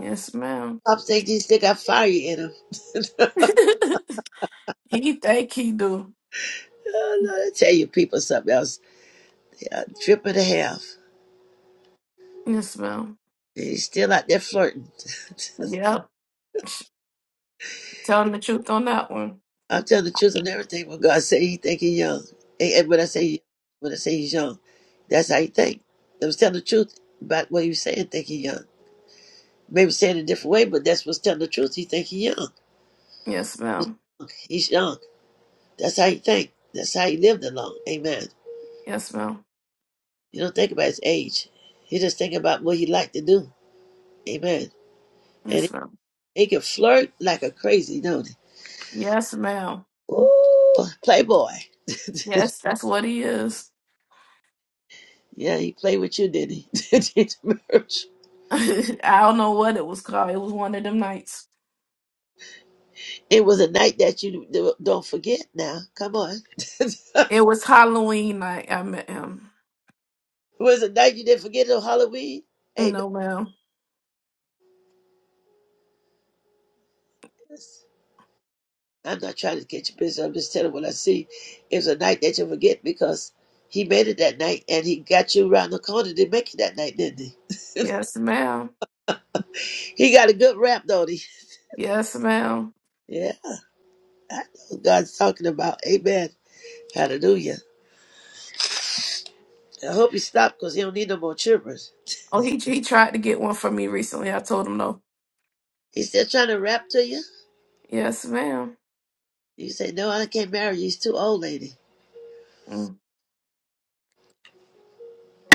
Yes, ma'am.
Pop thinks he still got fire in him.
he think he do.
Oh, no, I tell you, people, something else. Yeah, trip and a half.
Yes, ma'am.
He's still out there flirting.
Yep. Sh- Telling the truth on that one.
I'll tell the truth on everything when God say he think he's young. And and when I say when I say he's young, that's how he think. I was telling the truth about what he was saying, think he young. Maybe saying it a different way, but that's what's telling the truth. He think he young.
Yes,
He's
ma'am.
young. He's young. That's how he think. That's how he lived along. Amen.
Yes, ma'am.
You don't think about his age. He just think about what he like to do. Amen. And
Yes,
he,
ma'am.
he can flirt like a crazy, don't he?
Yes, ma'am.
Ooh, playboy.
Yes, that's what he is.
Yeah, he played with you, did he? Did he, merch?
I don't know what it was called. It was one of them nights.
It was a night that you do- don't forget now. Come on. it
It was Halloween night. I met him.
was a night you didn't forget on Halloween. Amen.
No, ma'am.
I'm not trying to get you busy. I'm just telling what I see. It was a night that you forget because he made it that night and he got you around the corner to make it that night, didn't
Yes, ma'am.
he? He got a good rap, don't he?
Yes, ma'am.
Yeah, I know what God's talking about. Amen. Hallelujah. I hope he stopped because he don't need no more children.
Oh, he he tried to get one for me recently. I told him no.
He's still trying to rap to you.
Yes, ma'am.
You say, No, I can't marry you. He's too old, lady.
Mm.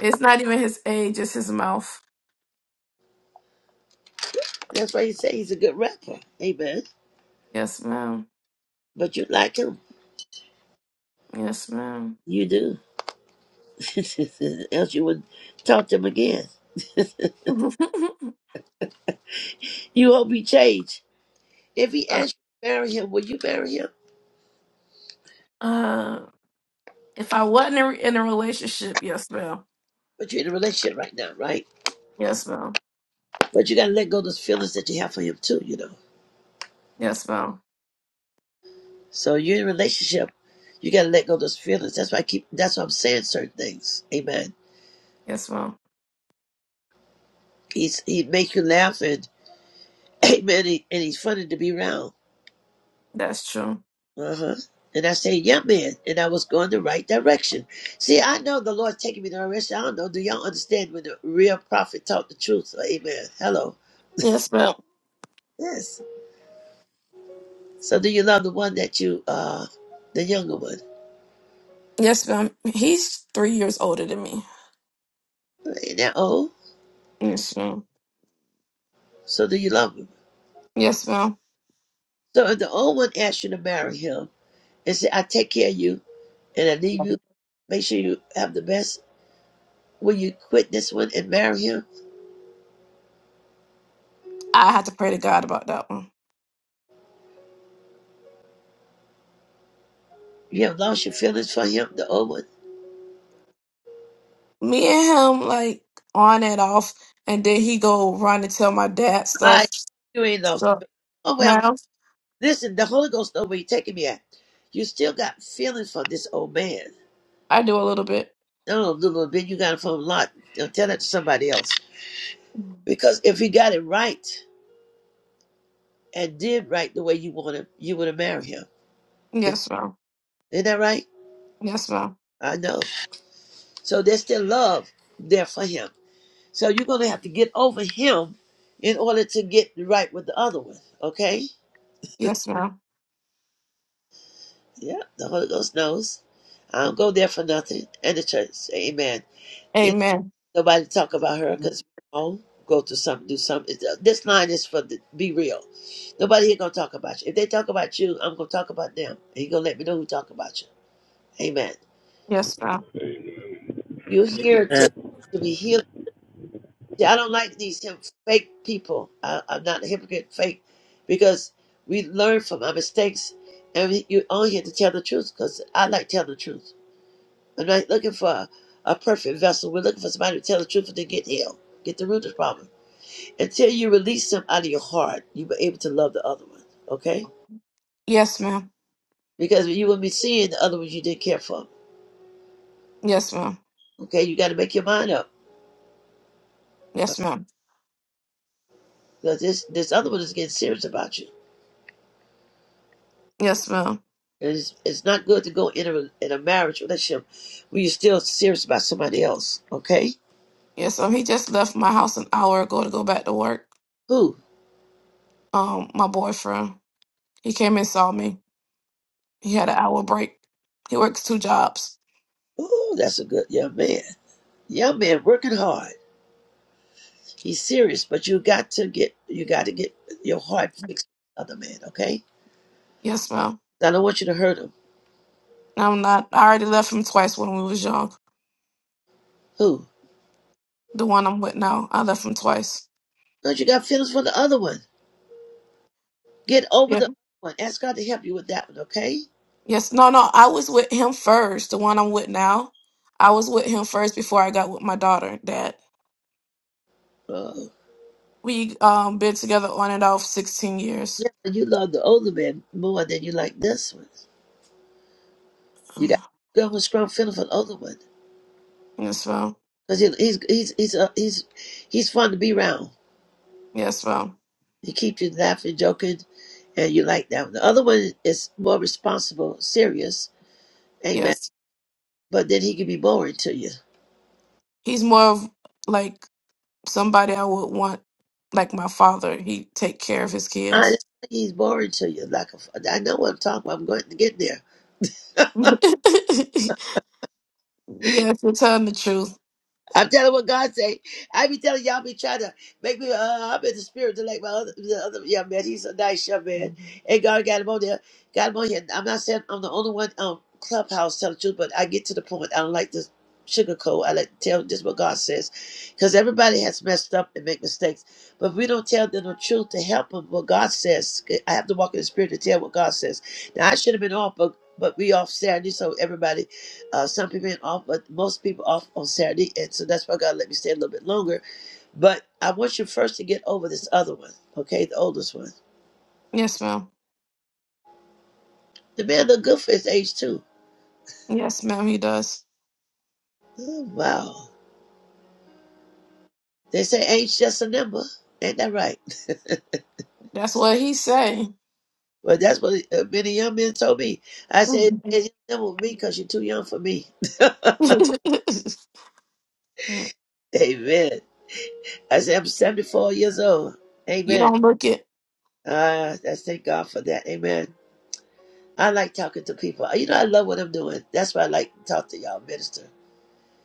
It's not even his age. It's his mouth.
That's why you say he's a good rapper. Amen.
Yes, ma'am.
But you like him.
Yes, ma'am.
You do. Else you wouldn't talk to him again. You hope he change. If he
uh,
asks you to marry him, will you marry him?
uh, if I wasn't in a in a relationship, yes, ma'am.
But you're in a relationship right now, right?
Yes, ma'am.
But you gotta let go of those feelings that you have for him too, you know.
Yes, ma'am.
So you're in a relationship. You gotta let go of those feelings. That's why I keep that's why I'm saying certain things. Amen.
Yes, ma'am.
He's he makes you laugh and amen he, and he's funny to be around
That's true.
Uh-huh. And I said, yeah, man. And I was going the right direction. See, I know the Lord's taking me the right direction. I don't know. Do y'all understand when the real prophet taught the truth? Amen. Hello.
Yes, ma'am.
Yes. So do you love the one that you, uh, the younger one?
Yes, ma'am. He's three years older than me.
Ain't that old?
Yes, ma'am.
So do you love him?
Yes, ma'am.
So if the old one asks you to marry him and say, I take care of you and I leave you, make sure you have the best, will you quit this one and marry him?
I had to pray to God about that one.
You have lost your feelings for him, the old one.
Me and him like on and off, and then he go run and tell my dad stuff.
I, you ain't lost.
So,
Oh well.
ma'am,
Listen, the Holy Ghost know where you're taking me at. You still got feelings for this old man.
I do a little bit.
No, little bit you got it from Lot. Don't tell that to somebody else. Because if he got it right and did right the way you want him, you would have married him. If,
Yes, ma'am.
isn't that right?
Yes, ma'am.
I know. So there's still love there for him. So you're gonna have to get over him in order to get right with the other one. Okay?
Yes, ma'am.
Yeah, the Holy Ghost knows. I don't go there for nothing. And the church, amen.
Amen.
Nobody talk about her because we all go through something, do something. This line is for the be real. Nobody here gonna talk about you. If they talk about you, I'm gonna talk about them. And you gonna let me know who talk about you. Amen.
Yes, ma'am.
You're here to to be healed. See, I don't like these him fake people. I, I'm not a hypocrite, fake, because we learn from our mistakes, and we, you're on here to tell the truth. Because I like telling the truth. I'm not looking for a, a perfect vessel. We're looking for somebody to tell the truth and then get healed, get the root of the problem. until you release them out of your heart, you be able to love the other one. Okay?
Yes, ma'am.
Because you will be seeing the other ones you didn't care for.
Yes, ma'am.
Okay, you got to make your mind up
Yes, ma'am.
because this this other one is getting serious about you.
Yes, ma'am.
And it's, it's not good to go in a in a marriage relationship where you're still serious about somebody else. Okay?
Yes, ma'am. He just left my house an hour ago to go back to work.
Who?
Um, my boyfriend, he came and saw me. He had an hour break. He works two jobs.
Oh, that's a good young man. Young man working hard. He's serious, but you got to get you got to get your heart fixed. with the Other man, okay?
Yes, ma'am.
I don't want you to hurt him.
I'm not. I already left him twice when we was young.
Who?
The one I'm with now, I left him twice.
Don't you got feelings for the other one? Get over
Yeah.
the one. Ask God to help you with that one, okay?
Yes. No. No. I was with him first. The one I'm with now, I was with him first before I got with my daughter. Dad.
Oh,
We um been together on and off 16 years.
yeah, but you love the older man more than you like this one. You got to go with strong feeling for the older one.
Yes, ma'am.
Because he's, he's, he's, uh, he's, he's fun to be around.
Yes, ma'am.
He keeps you laughing, joking, and you like that one. The other one is more responsible, serious, amen.
Yes.
But then he can be boring to you.
He's more of like somebody I would want, like my father, he take care of his
I know
kids.
he's boring to you. Like a, I know what I'm talking about. I'm going to get there.
yes, you're telling the truth.
I'm telling what God say. I be telling y'all be trying to make me. Uh, I'm in the spirit to like my other, the other young man. He's a nice young man, and God got him on there, got him on here. I'm not saying I'm the only one um clubhouse telling the truth, but I get to the point. I don't like to sugarcoat. I like to tell just what God says, because everybody has messed up and make mistakes. But if we don't tell them the truth to help them, what God says, I have to walk in the spirit to tell what God says. Now I should have been off, but but we off Saturday, so everybody uh, some people been off, but most people off on Saturday, and so that's why God let me stay a little bit longer. But I want you first to get over this other one, okay? The oldest one.
Yes, ma'am.
The man look good for his age too.
Yes, ma'am, he does.
Oh, wow. They say age just a number. Ain't that right?
That's what he say.
Well, that's what uh, many young men told me. I said, it's a number with me because you're too young for me.
you
Amen. I said, I'm 74 years old. Amen.
don't look it.
Uh, that's thank God for that. Amen. I like talking to people. You know, I love what I'm doing. That's why I like to talk to y'all, minister.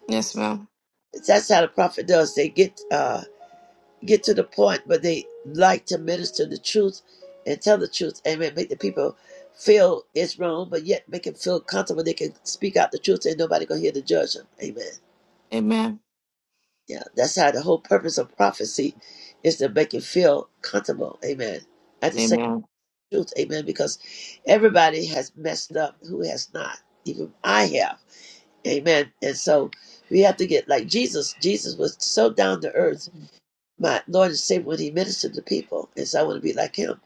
Yes, ma'am.
That's how the prophet does. They get uh get to the point, but they like to minister the truth and tell the truth. Amen. Make the people feel it's wrong, but yet make them feel comfortable. They can speak out the truth, and nobody gonna hear to judge them. Amen.
Amen.
Yeah, that's how the whole purpose of prophecy is to make you feel comfortable. Amen. At the same
Amen.
truth. Amen. Because everybody has messed up. Who has not? Even I have. Amen. And so we have to get like Jesus. Jesus was so down to earth My Lord and Savior, when He ministered to people, is I want to be like Him.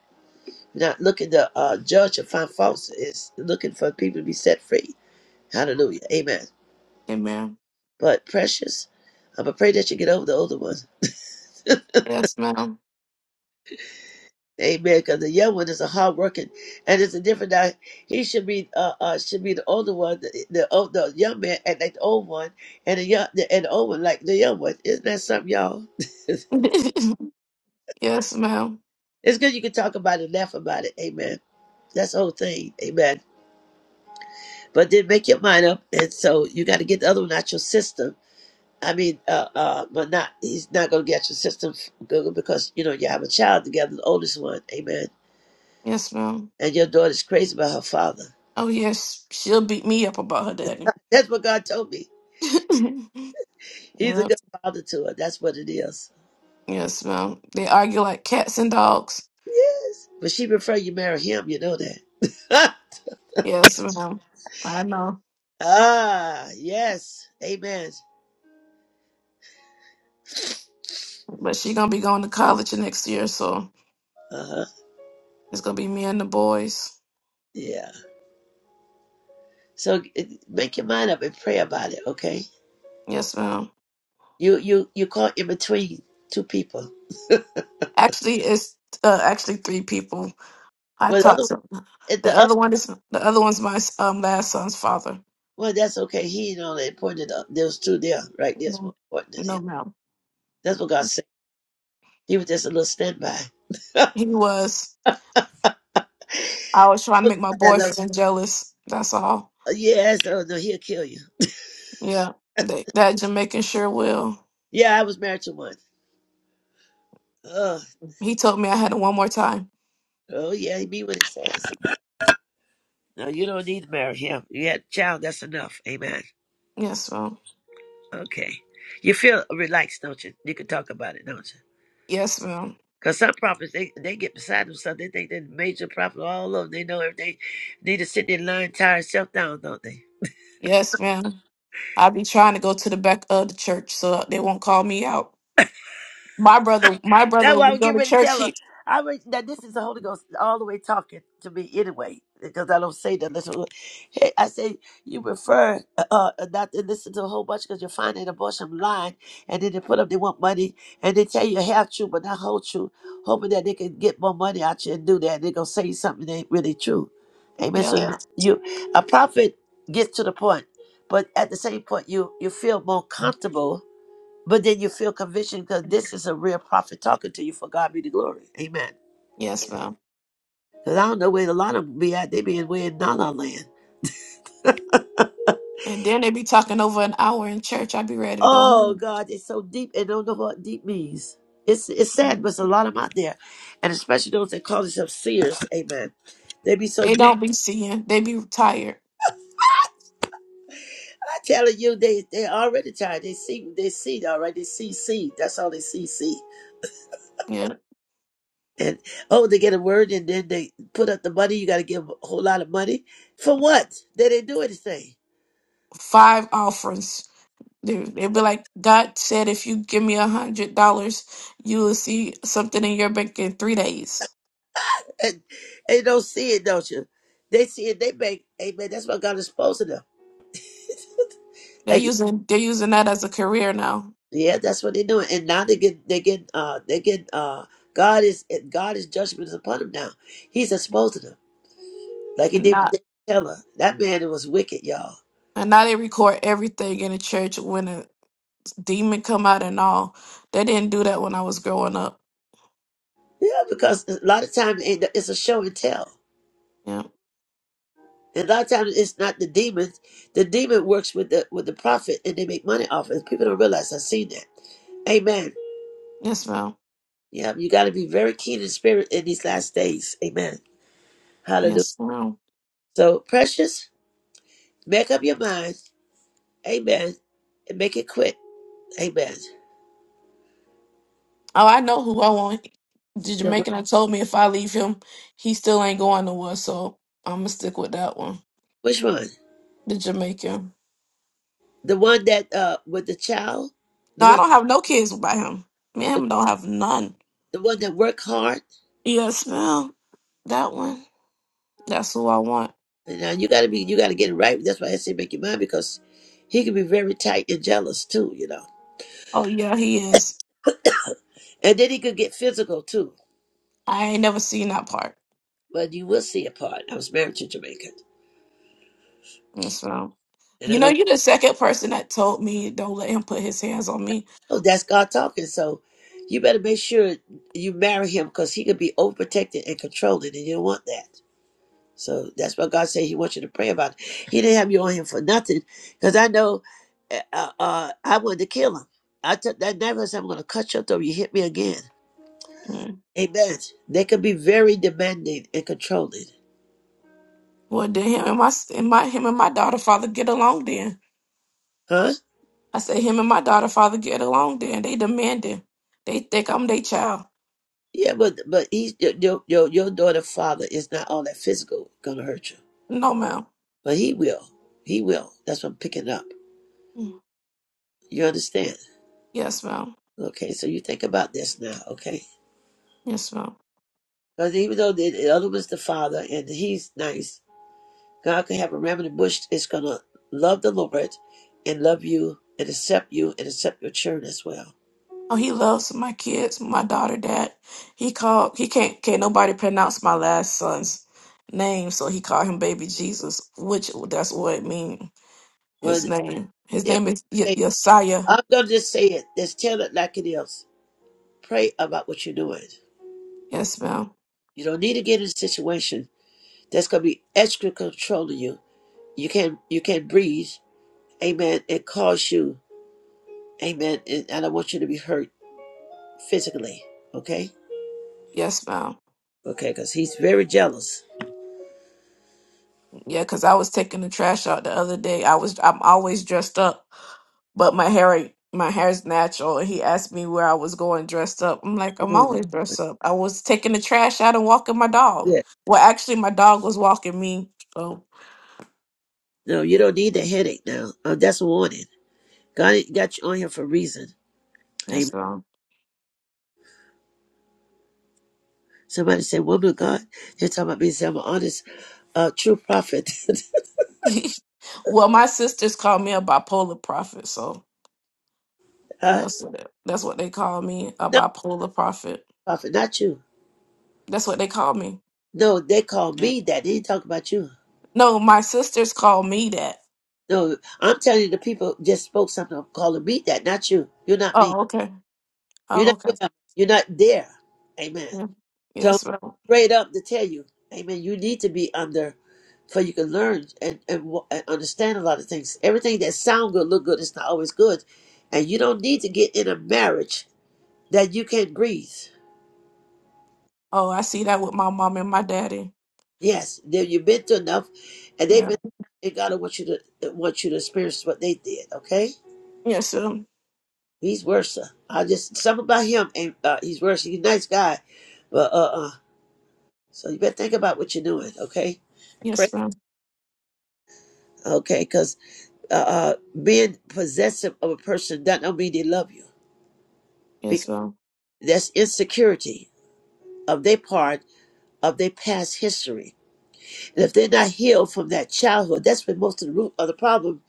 We're not looking to uh, judge or find faults. It's looking for people to be set free. Hallelujah. Amen.
Amen.
But precious, I'm going to pray that you get over the older one.
Yes, ma'am.
Amen. Because the young one is a hard working, and it's a different. di- He should be, uh, uh, should be the older one, the the, old, the young man, and like the old one, and the young, the, and the old one like the young one. Isn't that something, y'all?
yes, ma'am.
It's good you can talk about it, laugh about it. Amen. That's the whole thing. Amen. but then make your mind up. And so you got to get the other one out your system. I mean, uh, uh, but not he's not going to get your system Google because you know you have a child together, the oldest one, amen.
Yes, ma'am.
And your daughter's crazy about her father.
Oh, yes. She'll beat me up about her daddy.
That's what God told me. He's a
yep.
good father to her. That's what it is.
Yes, ma'am. They argue like cats and dogs.
Yes, but she prefer you marry him. You know that.
Yes, ma'am. I know.
ah, yes, amen.
But she gonna be going to college next year, so
Uh huh.
it's gonna be me and the boys.
Yeah. So eh, make your mind up and pray about it. Okay.
Yes, ma'am.
You you you caught in between two people.
Actually, it's uh, actually three people. I
Well, otherwise
talked to
And
the
the other,
other one is the other one's my um last son's father.
well, that's okay. He you know, they pointed up. There was two there, right? There's more
No,
important at
no,
him.
ma'am.
That's what God said. He was just a little standby.
He was. I was trying to
Oh,
make my
God, I love
boyfriend jealous. That's all.
it. Yes, oh no, he'll kill you.
Yeah, that, that Jamaican sure will.
Yeah, I was married to one. Oh,
He told me I had it one more time.
oh yeah, he mean what he says. No, you don't need to marry him. You had a child, that's enough. Amen.
Yes, ma'am.
Okay. You feel relaxed, don't you? You can talk about it, don't you?
Yes, ma'am.
Because some prophets, they, they get beside themselves. They think they're major prophet all over. They know everything. Need to sit there lying, tie yourself down, don't they?
Yes, ma'am. I be trying to go to the back of the church so they won't call me out. My brother, my
That's
brother,
why I
we
was
go
getting
to
ready to
church.
tell her.
He,
I re- now this is the Holy Ghost all the way talking to me anyway, because I don't say that. Listen, hey, I say you prefer uh, uh, not to listen to a whole bunch because you're finding a bunch of lying, and then they put up they want money, and they tell you half true but not whole true, hoping that they can get more money out you and do that. they're gonna say something that ain't really true. Amen. So
yeah,
Yeah. you, a prophet gets to the point, but at the same point you you feel more comfortable but then you feel conviction because this is a real prophet talking to you for God be the glory. Amen.
yes, ma'am.
Because I don't know where a lot of them be at. They be in way in la la land.
And then they be talking over an hour in church. I be ready to go
Oh
home.
God, it's so deep and don't know what deep means. It's it's sad, but
Mhm.
it's a lot of them out there. And especially those that call themselves seers, amen. They be so
They don't
deep.
be seeing. They be tired.
I telling you, they they already tired. They see they see all right. They see seed. That's all they see seed.
Yeah,
And oh, they get a word and then they put up the money. You got to give 'em a whole lot of money for what? They didn't do anything.
five offerings. They they be like, God said, if you give me a hundred dollars, you will see something in your bank in three days.
and they don't see it, don't you? They see it, they make, amen. That's what God is exposing them.
They're
Like,
using they're using that as a career now,
yeah, that's what they're doing. And now they get, they get, uh, they get, uh, God is, God is judgment is upon them now. He's exposing them, like he
and
did with
not
David Taylor. That man was wicked, y'all.
and now they record everything in the church when a demon come out and all. They didn't do that when I was growing up.
Yeah, because a lot of times it's a show and tell.
Yeah,
And a lot of times it's not the demon. The demon works with the with the prophet, and they make money off it. People don't realize. I've seen that. Amen.
yes, ma'am.
Yeah, you got to be very keen in spirit in these last days. Amen. Hallelujah.
Yes, ma'am.
So, precious, make up your mind. Amen. And make it quick. Amen.
Oh, I know who I want. The
The one-
Jamaican I told me if I leave him, he still ain't going nowhere. So I'm gonna stick with that one.
Which one?
The Jamaican.
The one that uh with the child, the
No, I
one
don't have no kids by him. Me and
the,
him don't have none.
the one that worked hard.
Yes, ma'am. That one. That's who I want.
And now you gotta be you gotta get it right. That's why I say make your mind because he can be very tight and jealous too, you know.
Oh yeah, he is.
And then he could get physical too.
I ain't never seen that part.
But you will see a part. I was married to a Jamaican,
And So,
and
you
I
know,
don't.
you're the second person that told me don't let him put his hands on me.
Oh, that's God talking. So you better make sure you marry him because he could be overprotected and controlling, and you don't want that. So that's what God said He wants you to pray about. it. He didn't have you on Him for nothing, because I know eh, uh, uh, I wanted to kill him. I took that knife. I said, "I'm going to cut your throat. You hit me again."
Mm.
Amen. They can be very demanding and controlling,
Well, then him and my s- and my him and my daughter father get along. Then
huh?
I say him and my daughter father get along. Then they demanding. They think I'm their child.
Yeah, but but he's your your your, your daughter father is not all that physical going to hurt you,
No, ma'am.
but he will. He will. That's what I'm picking up.
Mm.
You understand?
Yes, ma'am.
Okay, so you think about this now, okay?
Yes, ma'am.
Because even though the, the other was the father and he's nice, God can have a remnant bush is going to love the Lord and love you and accept you and accept your children as well.
Oh, he loves my kids, my daughter, dad. He called he can't can't nobody pronounce my last son's name, so he called him baby Jesus, which that's what it mean.
When
His name. His
they
name is y-
say,
Yesiah.
I'm going to just say it, just tell it like it is. Pray about what you're doing.
Yes, ma'am.
You don't need to get in a situation that's going to be extra controlling you. You can't you can't breathe. Amen. It cause you. Amen. And I don't want you to be hurt physically. Okay.
Yes, ma'am.
Okay. Because he's very jealous.
Yeah, cause I was taking the trash out the other day. I was I'm always dressed up, but my hair my hair's natural. And he asked me where I was going dressed up. I'm like, I'm
Mm,
always dressed up. I was taking the trash out and walking my dog.
yeah.
Well, actually, my dog was walking me. um,
No, you don't need the headache now. Uh, that's a warning. God got you on here for a reason. Amen.
Yes, sir.
Somebody said, Woman of God, you're talking about me. and Say, I'm an honest, uh, true prophet.
well, my sisters call me a bipolar prophet, so
uh,
that's what it, that's what they call me, a
no,
bipolar prophet.
prophet, not you.
That's what they call me.
No, they called me that. They didn't talk about you.
No, my sisters call me that.
No, I'm telling you, the people just spoke something of calling me that, not you. You're not me.
Oh, okay.
You're
Oh,
not
okay.
well. You're not there. Amen.
Yeah.
So
Yes, ma'am.
straight up to tell you, Amen. You need to be under, for you can learn and, and wa- and understand a lot of things. Everything that sound good, look good, it's not always good, and you don't need to get in a marriage that you can't breathe.
Oh, I see that with my mom and my daddy.
Yes, then you've been through enough, and they've
Yeah.
been. And God do want you to uh, want you to experience what they did. Okay,
Yes, ma'am.
He's worse. uh, I just something about Him, and uh, He's worse. He's a nice guy, but uh, uh so you better think about what you're doing. Okay, pray.
Yes, ma'am.
Okay, 'cause uh, uh, being possessive of a person does not mean they love you
Yes,
because
ma'am.
that's insecurity of their part of their past history. And if they're not healed from that childhood, that's when most of the root of the problem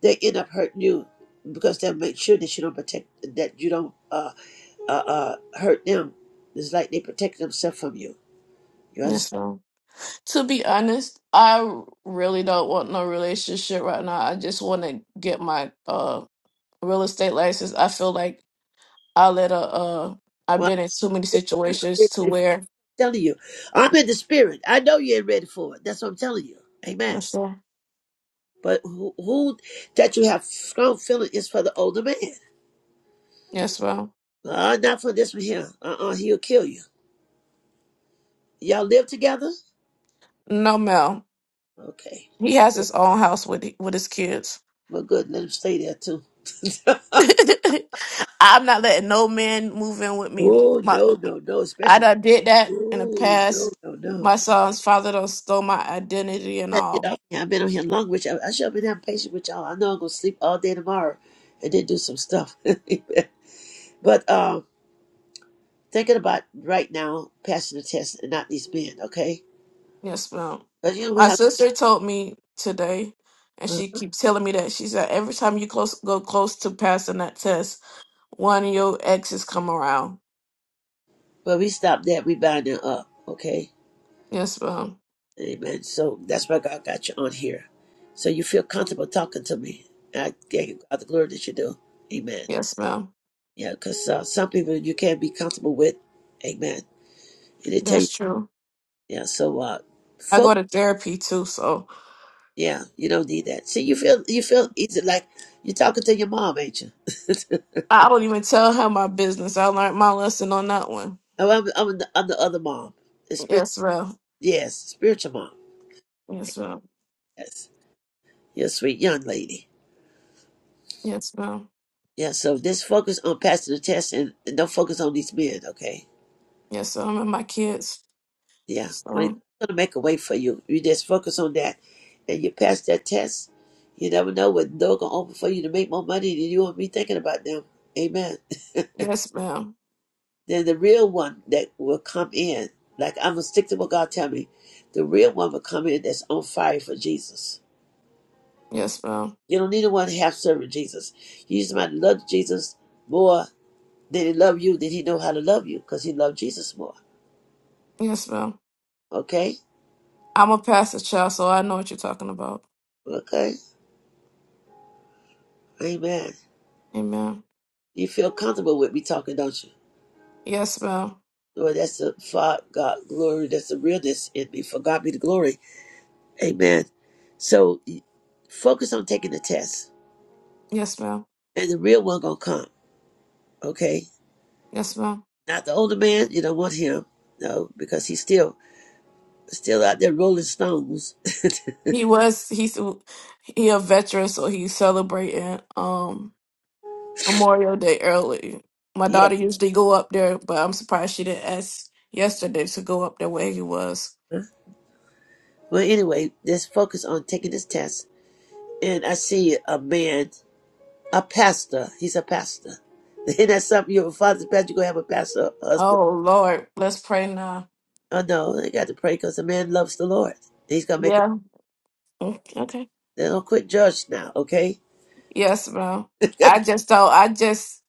they end up hurting you because they'll make sure that you don't protect that you don't uh, uh, uh, hurt them. It's like they protect themselves from you. You understand?
Yes, ma'am. To be honest, I really don't want no relationship right now. I just want to get my uh real estate license. I feel like I let a uh I've
Well, I'm
been in too many situations
getting
to
ready for it.
where
I'm telling you, I'm in the spirit. I know you ain't ready for it. That's what I'm telling you. Amen.
yes ma'am.
But who, who that you have strong feeling is for the older man.
Yes, ma'am.
Uh, not for this one here. Uh uh he will kill you. Y'all live together?
No ma'am.
Okay.
He has his own house with with his kids.
Well, good. Let him stay there too.
I'm not letting no man move in with me.
oh,
My
no, no, no.
I
Especially.
done did that in the
Oh, no,
past.
no, no.
My son's father done stole my identity and
I gotta Get
all.
off here. I've been on here long with y'all. I should have been that patient with y'all. I know I'm going to sleep all day tomorrow and then do some stuff. but um, thinking about right now passing the test and not these men, okay?
Yes, ma'am.
But you don't
My
have.
sister told me today, and she keeps telling me that she said every time you close go close to passing that test, one of your exes come around.
But we stop that. We bind it up. Okay.
Yes, ma'am.
Amen. So that's why God got you on here. So you feel comfortable talking to me. I give you God the glory that you do. Amen.
Yes, ma'am.
Yeah, because uh, some people you can't be comfortable with. Amen. And they tell you,
That's true.
yeah, so uh,
I go
focus.
to therapy too, so
Yeah, you don't need that. See, you feel you feel easy. Like you're talking to your mom, ain't you?
I don't even tell her my business. I learned my lesson on that one.
Oh, I'm, I'm, the, I'm the other mom. The spirit,
Yes, ma'am.
yes, spiritual mom.
Yes, ma'am.
Yes. You're a sweet young lady.
Yes, ma'am.
Yeah, so just focus on passing the test and, and don't focus on these men, okay?
Yes, ma'am. And my kids.
Yeah. I mean,
So,
God's gonna make a way for you. You just focus on that and you pass that test. You never know what door gonna open for you to make more money than you won't be thinking about them. Amen.
yes, ma'am.
then the real one that will come in, like I'm gonna stick to what God tell me. The real one will come in that's on fire for Jesus.
Yes, ma'am.
You don't need the one half serving Jesus. You need somebody to love Jesus more than he love you, then he know how to love you because he loved Jesus more.
Yes, ma'am.
Okay?
I'm a pastor child, so I know what you're talking about.
Okay. Amen.
Amen.
You feel comfortable with me talking, don't you?
Yes, ma'am.
Lord, that's the Father God glory. That's the realness in me. For God be the glory. Amen. So y- focus on taking the test,
Yes, ma'am.
and the real one gonna come. Okay.
Yes, ma'am.
Not the older man. You don't want him. No, because he's still still out there rolling stones.
He was he's he a veteran, so he's celebrating. Um, Memorial Day early. My
yeah.
daughter usually go up there, but I'm surprised she didn't ask yesterday to go up there where he was.
huh? Well, anyway, let's focus on taking this test. And I see a man, a pastor. He's a pastor. Isn't that something? Your father's a pastor. You gonna have a pastor husband
Oh Lord, let's pray now.
Oh no, they got to pray because the man loves the Lord. He's gonna make. A,
Yeah. Mm, Okay.
they don't quit judge now, okay?
Yes, ma'am. I
but
just thought I just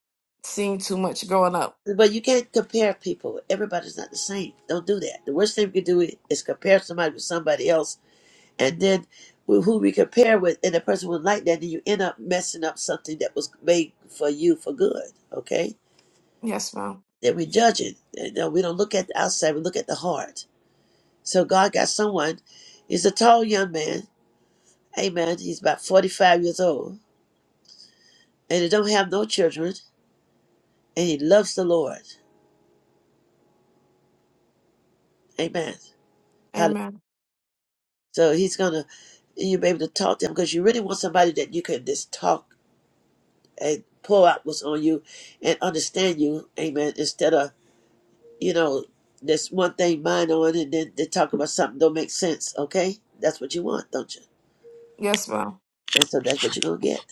seen too much growing up.
you can't compare people. Everybody's not the same. Don't do that. The worst thing you can do i- is compare somebody with somebody else, and then who who we compare with, and the person would like that, and you end up messing up something that was made for you for good, okay?
Yes, ma'am.
Then we judge it. And, uh, we don't look at the outside. We look at the heart. So God got someone. He's a tall young man. Amen. He's about forty-five years old and he don't have no children, and he loves the Lord. Amen. Hallelujah.
Amen.
So he's gonna you be able to talk to him because you really want somebody that you can just talk and pour out what's on you and understand you. Amen. Instead of you know this one thing mine on and then they talk about something don't make sense. Okay, that's what you want, don't you?
Yes, ma'am.
And so that's what you're gonna get.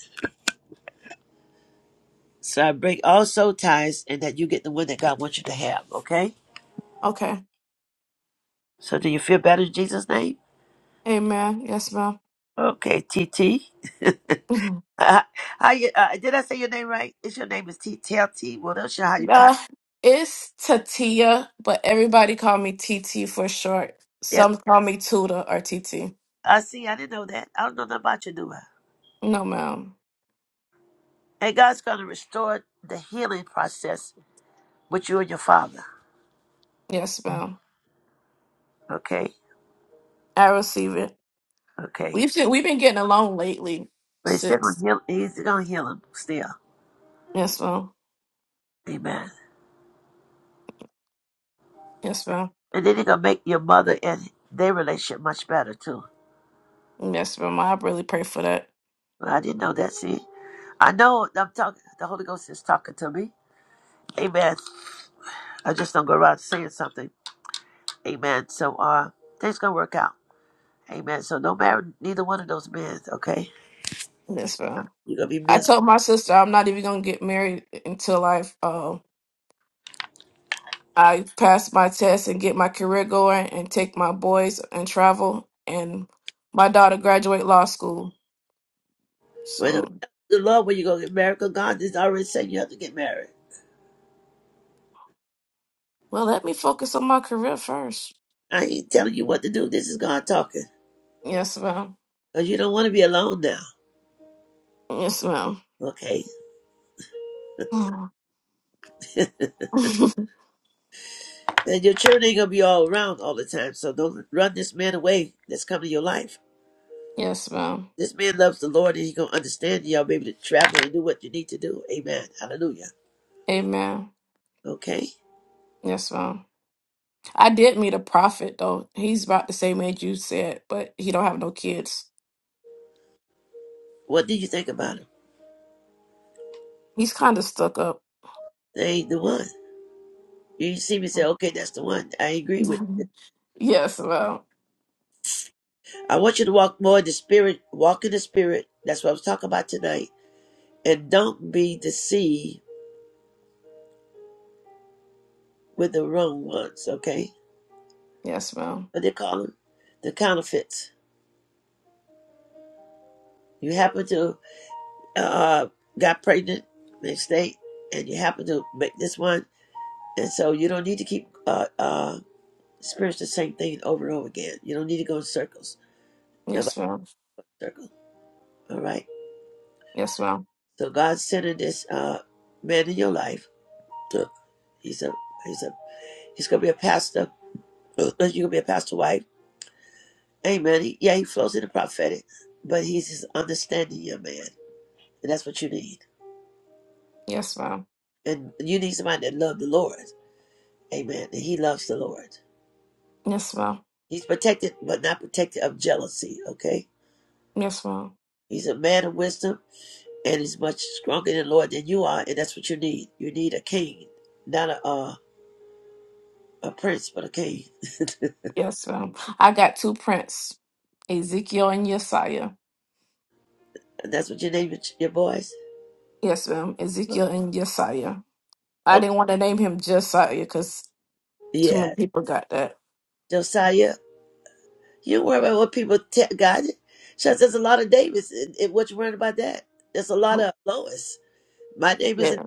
So I break all soul ties and that you get the one that God wants you to have. Okay.
Okay.
So do you feel better in Jesus' name?
Amen. Yes, ma'am.
Okay, T T. Uh, how you, uh, did I say your name right? It's your name is T Tell T. Well, that's your- how you. How,
uh, it's Tatia, but everybody call me TT for short.
yes,
Some call me Tuda or TT.
I see. I didn't know that. I don't know nothing about you, do I?
No, ma'am.
And God's gonna restore the healing process with you and your father.
Yes, ma'am.
Okay,
I receive it.
okay.
We've been, we've been getting along lately
But he's still gonna
since.
heal. He's gonna heal him still.
Yes, ma'am.
Amen.
Yes, ma'am.
And then he's gonna make your mother and their relationship much better too.
Yes, ma'am. I really pray for that.
Well, I didn't know that. See, I know I'm talking. The Holy Ghost is talking to me. Amen. I just don't go around saying something. Amen. So uh, things gonna work out. Amen. So don't marry neither one of those men, okay?
Yes, ma'am.
You're gonna be
I
miserable.
told my sister I'm not even gonna get married until I um I pass my test and get my career going and take my boys and travel and my daughter graduate law school.
When the
So
the Lord, when you gonna get married, 'cause God is already saying you have to get married.
well, let me focus on my career first.
I ain't telling you what to do. This is God talking.
Yes, ma'am.
Cause you don't want to be alone now,
Yes, ma'am.
okay? and your children ain't gonna be all around all the time. So don't run this man away that's coming to your life.
yes, ma'am.
This man loves the Lord and he's gonna understand y'all be able to travel and do what you need to do. Amen. Hallelujah.
Amen.
Okay?
Yes, ma'am. I did meet a prophet though. He's about the same age you said, but he don't have no kids.
What did you think about him?
He's kind of stuck up.
They ain't the one. You see me say, okay, that's the one. I agree
yes,
with you.
ma'am. Yes, ma'am.
I want you to walk more in the spirit, walk in the spirit. That's what I was talking about tonight. And don't be deceived with the wrong ones, okay?
Yes, ma'am.
What they call them? The counterfeits. You happen to uh got pregnant mistake and you happen to make this one and so you don't need to keep uh uh experience the same thing over and over again. You don't need to go in circles. Nobody
Yes, ma'am.
circle. All right.
Yes, ma'am.
So God's sending this uh man in your life to he's a he's a he's gonna be a pastor Because you can be a pastor wife. Amen. He, yeah, he flows in the prophetic, but he's his understanding young man. And that's what you need.
Yes,
And you need somebody that loves the Lord. Amen. And he loves the Lord.
ma'am.
He's protected, but not protected of jealousy, okay?
Yes, ma'am.
He's a man of wisdom and he's much stronger than the Lord than you are, and that's what you need. You need a king. Not a uh, a prince, but a king.
Yes, ma'am. I got two prints, Ezekiel and Yesiah.
And that's what you name your your boys.
Yes, ma'am.
Huh.
Ezekiel and Yesiah. I
Okay.
didn't want to name him Josiah because too
Yeah.
many people got that.
Josiah. You worry about what people t- got. God. says there's a lot of Davis. In, in what you worried about that? There's a lot of Lois. My name is in.
Yeah.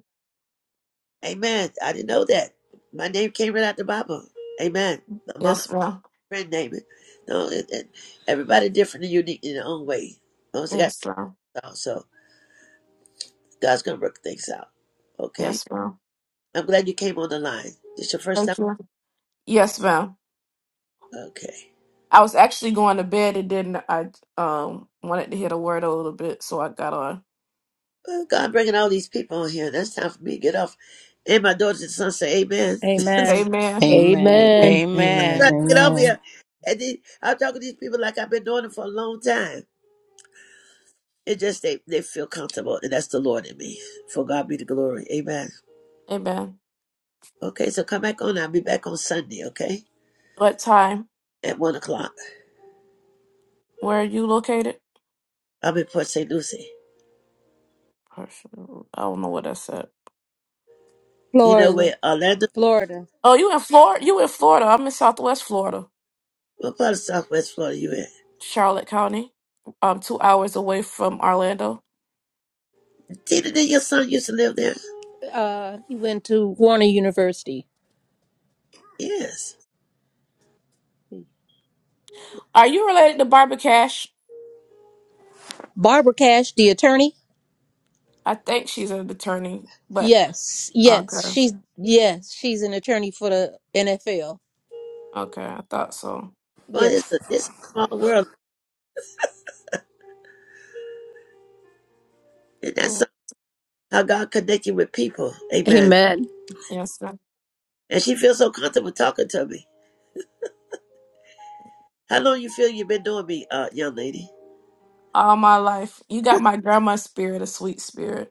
Amen. I didn't know that. My name came right out the Bible. Amen. My mama
Yes, ma'am.
friend name it. No, and, and everybody different and unique in their own way. Once they got
Yes, ma'am.
out, so God's gonna work things out. Okay.
Yes, ma'am.
I'm glad you came on the line. This your first time.
Thank you. Yes, ma'am.
Okay.
I was actually going to bed and then I um wanted to hear the word a little bit, so I got on.
Well, God bringing all these people on here. That's time for me to get off. And my daughters and sons say, Amen.
Amen.
Amen.
Amen.
Amen.
Amen.
gotta
Amen.
get over
Amen.
here. And then I'm talking to these people like I've been doing it for a long time. It just they, they feel comfortable, and that's the Lord in me. For God be the glory. Amen.
Amen.
Okay, so come back on. I'll be back on Sunday, okay?
What time?
At one o'clock.
Where are you located?
I'm in Port St. Lucie.
Hershel- I don't know what I said.
You know
Florida.
where Orlando?
Florida.
Oh, you in Florida? You in Florida? I'm in Southwest Florida,
What part of Southwest Florida you in?
Charlotte County. Um, two hours away from Orlando.
Tina, did your son used to live there?
Uh, he went to Warner University.
Yes.
Are you related to Barbara Cash?
Barbara Cash, the attorney.
I think she's an attorney, but
Yes. Yes.
okay,
She's yes. She's an attorney for the NFL.
okay, I thought so.
Well, it's
Yes.
a, it's a small world. And that's
Mm,
some- how God connect you with people. Amen.
Amen.
Yes, sir.
And she feels so comfortable talking to me. How long you feel you've been doing me, uh, young lady?
All my life, you got my grandma's spirit, a sweet spirit.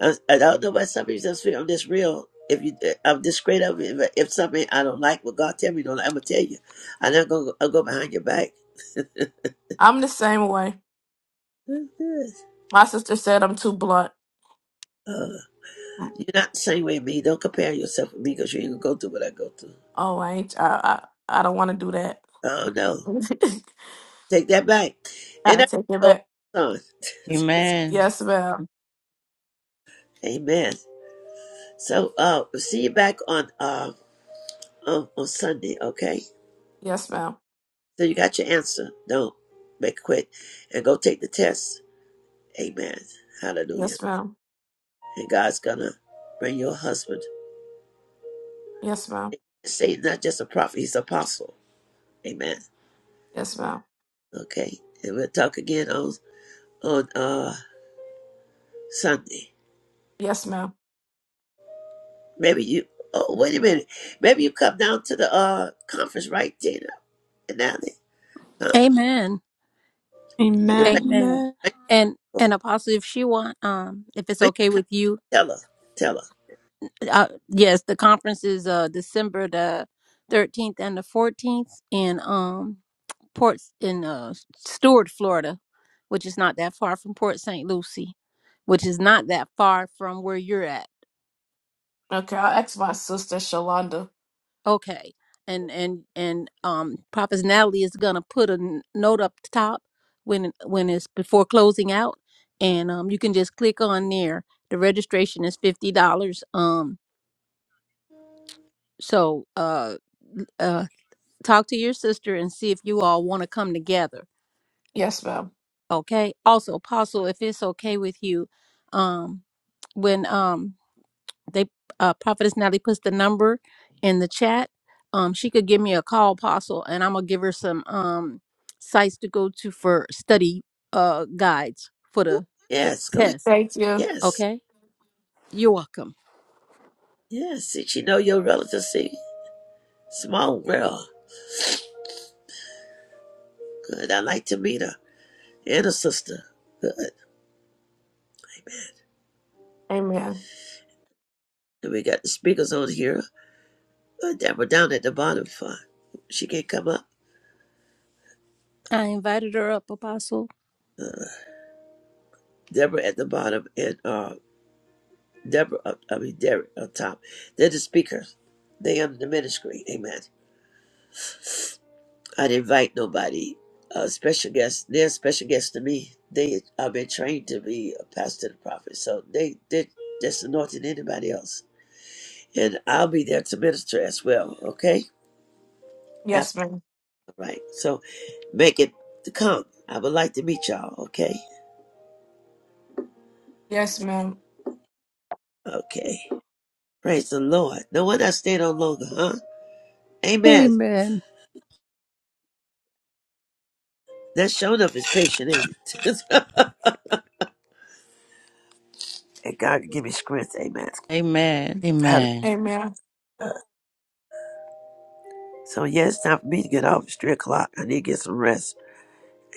I, I don't know why some people just feel I'm this real. If you, I'm this straight up. If, if something I don't like, what God tell me, don't. like, I'm gonna tell you. I'm not gonna. I'll go behind your back.
I'm the same way.
Who's this?
My sister said I'm too blunt.
Uh, you're not the same way as me. Don't compare yourself with me because you ain't gonna go through what I go through.
Oh, I ain't. I I, I don't want to do that.
Oh no, take that back. And
I
that's
take it
what
back.
I'm on.
Amen.
Yes, ma'am.
Amen. So, uh, we'll see you back on uh on, on Sunday. Okay.
Yes, ma'am.
So you got your answer. Don't make it quick and go take the test. Amen. Hallelujah.
Yes, ma'am.
And God's gonna bring your husband.
Yes, ma'am.
Say not just a prophet, he's an apostle. Amen.
Yes, ma'am.
Okay. And we'll talk again on on uh Sunday.
Yes, ma'am.
Maybe you oh wait a minute. Maybe you come down to the uh conference, right, Tina? And Natalie? Huh?
Amen.
You can make,
Amen.
Amen.
make,
And and
well,
Apostle, if she want, um, if it's okay with you,
tell her. Tell her.
uh, yes, the conference is uh December the thirteenth and the fourteenth in um ports in uh Stewart, Florida, which is not that far from Port St. Lucie, which is not that far from where you're at.
Okay, I'll ask my sister Shalonda.
Okay. And and and um Prophet Natalie is gonna put a n- note up top when when it's before closing out and um you can just click on there. The registration is fifty dollars. Um so uh uh talk to your sister and see if you all want to come together.
Yes, ma'am.
Okay. Also, Apostle, if it's okay with you, um when um they uh prophetess natalie puts the number in the chat um she could give me a call apostle and i'm gonna give her some um sites to go to for study uh guides for the
Yes, go ahead.
test
Thank you.
Yes.
okay you're welcome
Yes. Did she know your relative? See? Small girl. Good. I'd like to meet her. And her sister. Good. Amen.
Amen.
And we got the speakers on here. uh, Deborah down at the bottom fine. She can't come up.
i invited her up apostle
Uh, Deborah at the bottom and uh, Deborah, up, I mean Derek up top. They're the speakers. They under the ministry. Amen. I'd invite nobody. Uh, special guests. They're special guests to me. They I've been trained to be a pastor and prophet, so they they are just anointed anybody else. And I'll be there to minister as well. Okay, after
Yes, ma'am.
right. So make it to come. I would like to meet y'all. Okay,
Yes, ma'am.
okay. Praise the Lord. No wonder I stayed on longer, huh? Amen.
amen
That showed up is patient, ain't it? and God can give me strength. Amen.
Amen.
Hallelujah.
Amen.
So, yeah, it's time for me to get off. It's 3 o'clock. I need to get some rest.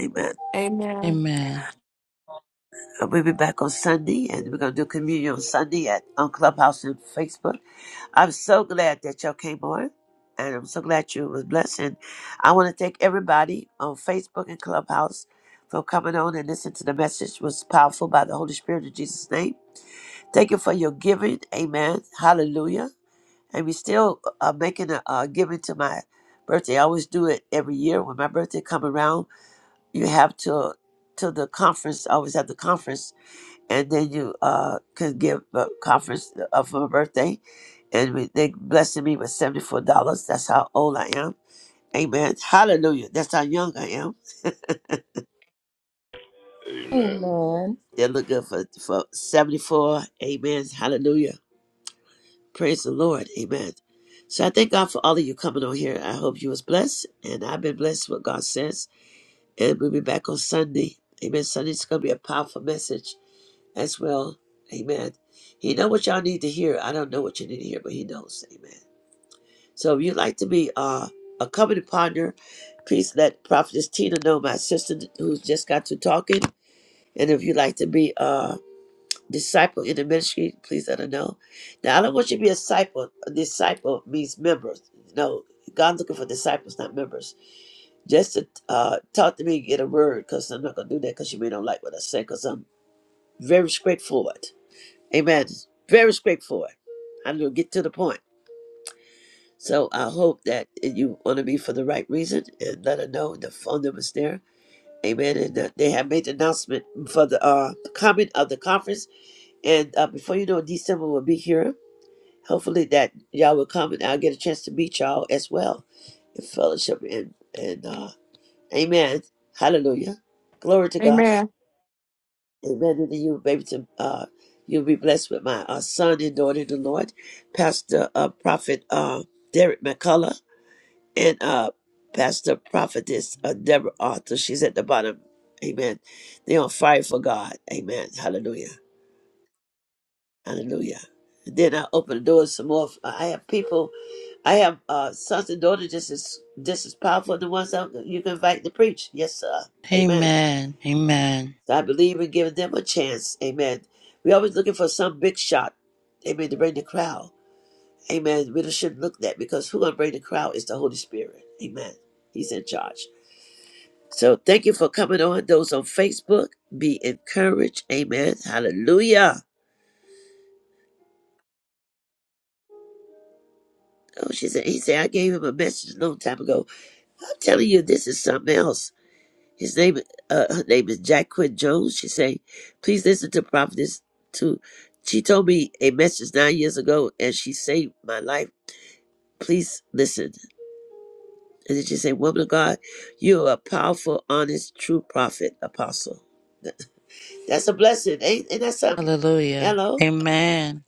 Amen.
Amen.
Amen.
Uh, We'll be back on Sunday, and we're going to do communion on Sunday at on Clubhouse and Facebook. I'm so glad that y'all came on, and I'm so glad you was blessed. And I want to thank everybody on Facebook and Clubhouse for coming on and listening to the message. It was powerful by the Holy Spirit in Jesus' name. Thank you for your giving. Amen. Hallelujah. And we still are making a, uh giving to my birthday. I always do it every year when my birthday come around. You have to to the conference. I always have the conference, and then you uh can give a conference uh, for my birthday. And we, they blessing me with seventy four dollars. That's how old I am. Amen. Hallelujah. That's how young I am.
Amen.
Amen.
They look good for for seventy four. Amen. Hallelujah. Praise the Lord. Amen. So I thank God for all of you coming on here. I hope you was blessed. And I've been blessed with what God says. And we'll be back on Sunday. Amen. Sunday's gonna be a powerful message as well. Amen. He know what y'all need to hear. I don't know what you need to hear, but he knows. Amen. So if you'd like to be uh, a company partner, please let Prophetess Tina know, my sister who's just got to talking. And if you'd like to be uh, disciple in the ministry, please let her know. Now, I don't want you to be a disciple. A disciple means members. No, God's looking for disciples, not members. Just to uh, talk to me, get a word, because I'm not going to do that because you may not like what I say, because I'm very straightforward. Amen. Very straightforward. I'm going to get to the point. So I hope that you want to be for the right reason and let her know the phone number is there. Amen. And uh, they have made the announcement for the uh, comment of the conference. And uh, before you know it, December will be here Hopefully that y'all will come and I'll get a chance to meet y'all as well in fellowship and and uh Amen. Hallelujah. Glory to God.
Amen.
Amen. And to you, baby, to, uh, you'll be blessed with my uh, son and daughter in the Lord, Pastor uh, Prophet uh, Derek McCullough and uh, Pastor Prophetess uh, Deborah Arthur. She's at the bottom. Amen. They're on fire for God. Amen. Hallelujah. Hallelujah. then I open the doors some more. I have people I have uh, sons and daughters just as just as powerful as the ones that you can invite to preach. Yes, sir. Amen.
Amen. Amen.
So I believe in giving them a chance. Amen. we always looking for some big shot. Amen. To bring the crowd. Amen. We just shouldn't look that because who gonna bring the crowd is the Holy Spirit. Amen. He's in charge. So thank you for coming on. Those on Facebook, be encouraged. Amen. Hallelujah. Oh, she said, he said, I gave him a message a long time ago. I'm telling you, this is something else. His name, uh, her name is Jacqueline Jones. She say, "Please listen to prophetess." To, she told me a message nine years ago, and she saved my life. Please listen. And then she said, "Woman of God, you are a powerful, honest, true prophet, apostle. That's a blessing, ain't, ain't that something?"
Hallelujah.
Hello.
Amen.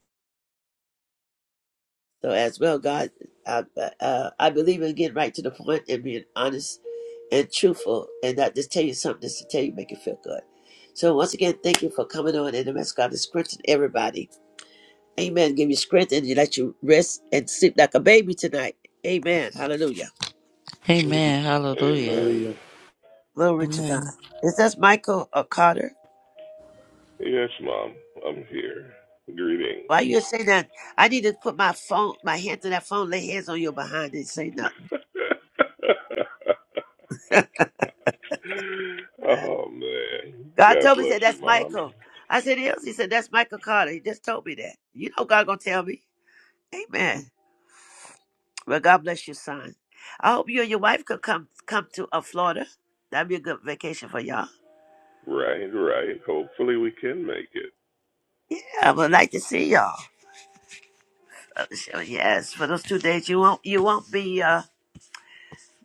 So as well, God, I, uh, I believe in getting right to the point and being honest and truthful and not just tell you something just to tell you, make you feel good. So once again, thank you for coming on and the mess God is strengthen everybody. Amen. Give you strength and you let you rest and sleep like a baby tonight. Amen. Hallelujah.
Amen.
Amen. Hallelujah.
Amen.
Hallelujah.
Glory to God.
Amen.
Is that Michael or Carter?
Yes, Mom, I'm here. Greetings.
Why you say that? I need to put my phone, my hand to that phone, lay hands on your behind and say nothing.
oh, man.
God
God
told me, he
bless
said,
you,
that's
Mom.
Michael. I said, he is. He said, that's Michael Carter. He just told me that. You know God gonna tell me. Amen. Well, God bless your son. I hope you and your wife could come come to uh, Florida. That'd be a good vacation for y'all.
Right, right. Hopefully we can make it.
Yeah, I would like to see y'all. Uh, so, Yes, for those two days, you won't you won't be uh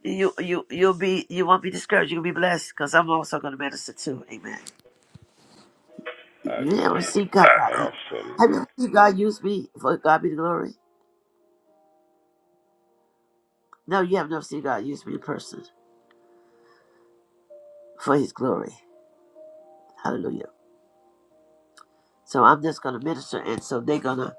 you you you'll be you won't be discouraged. You'll be blessed because I'm also gonna minister too. Amen.
I
You never
know.
see God.
Awesome.
Have you ever seen God use me for God be the glory? No, you have never seen God use me in person. for his glory. Hallelujah. So I'm just gonna minister and so they're gonna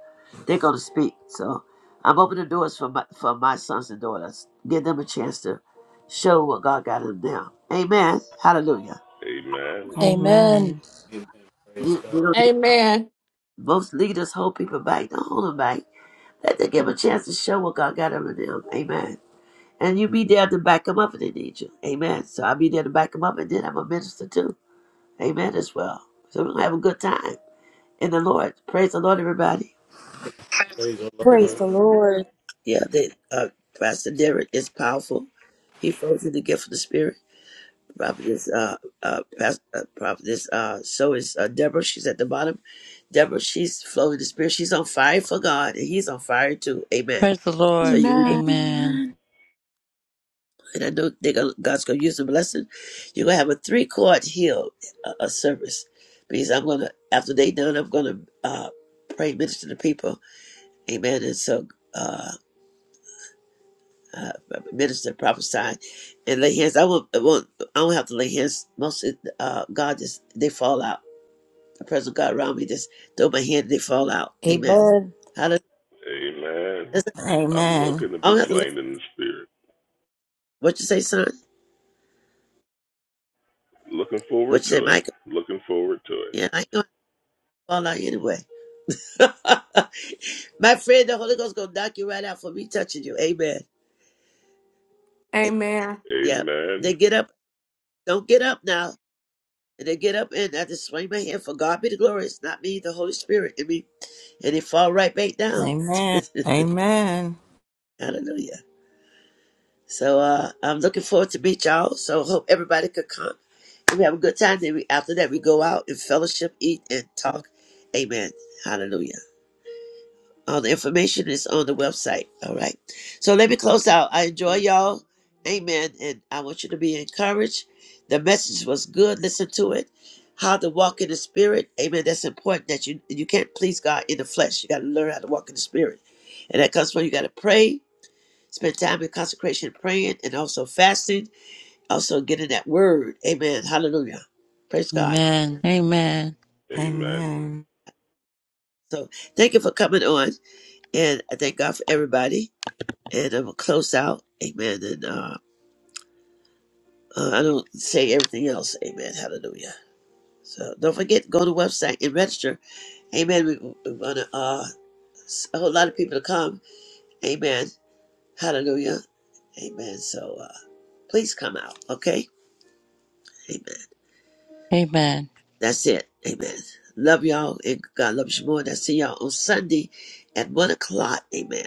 they're gonna speak. So I'm opening doors for my for my sons and daughters. Give them a chance to show what God got in them. Amen. Hallelujah.
Amen.
amen
Amen.
Amen. Praise
You,
God.
you know,
Amen.
most leaders hold people back. Don't hold them back. Let them give 'em a chance to show what God got in them. Amen. And you be there to back them up if they need you. Amen. So I'll be there to back them up and then I'm a minister too. Amen as well. So we're gonna have a good time in the Lord. Praise the Lord, everybody.
Praise the
Praise
Lord.
the Lord.
Yeah, they, uh, Pastor Derek is powerful. He flows in the gift of the Spirit. Prophetess, uh, uh, Pastor, uh, Prophetess, uh, so is uh, Deborah. She's at the bottom. Deborah, she's flowing in the Spirit. She's on fire for God, and He's on fire too. Amen.
Praise the
So
Lord.
you,
Amen.
Amen.
Amen.
and I know they gonna, God's gonna use the blessing. You're gonna have a three chord heal uh, uh, service because I'm gonna after they done, I'm gonna uh, pray, minister to people. Amen. And so. uh. uh, minister prophesying and lay hands. I won't, I won't, I don't have to lay hands. Most of, uh, God just, they fall out. The presence of God around me just throw my hand and they fall out. Amen.
Amen.
Hallelujah.
Amen.
That's it.
I'm
Amen.
looking to
I
be
don't have to lay.
slain in the spirit.
What you say, son?
Looking
What
forward
you say,
to it.
Michael?
Looking forward to it.
Yeah, I ain't gonna fall out anyway. my friend, the Holy Ghost gonna knock you right out for me touching you. Amen.
Amen.
Yeah.
Amen.
They get up. Don't get up now. And they get up and I just swing my hand for God be the glory. It's not me, the Holy Spirit in me. And they fall right back down.
Amen. Amen.
Hallelujah. So uh, I'm looking forward to meet y'all. So hope everybody could come. And we have a good time. Then we, after that, we go out and fellowship, eat, and talk. Amen. Hallelujah. All the information is on the website. All right. So let me close out. I enjoy y'all. Amen. And I want you to be encouraged. The message was good. Listen to it. How to walk in the spirit. Amen. That's important that you you can't please God in the flesh. You got to learn how to walk in the spirit. And that comes from you got to pray. Spend time in consecration, praying, and also fasting, also getting that word. Amen. Hallelujah. Praise God.
Amen. Amen.
Amen.
Amen.
So thank you for coming on, and I thank God for everybody. And I'm gonna close out. Amen. And uh, uh, I don't say everything else. Amen. Hallelujah. So don't forget, go to the website and register. Amen. We, we want to, uh, s- a whole lot of people to come. Amen. Hallelujah. Amen. So uh, please come out. Okay. Amen.
Amen.
That's it. Amen. Love y'all and God loves you more. And I see y'all on Sunday at one o'clock. Amen.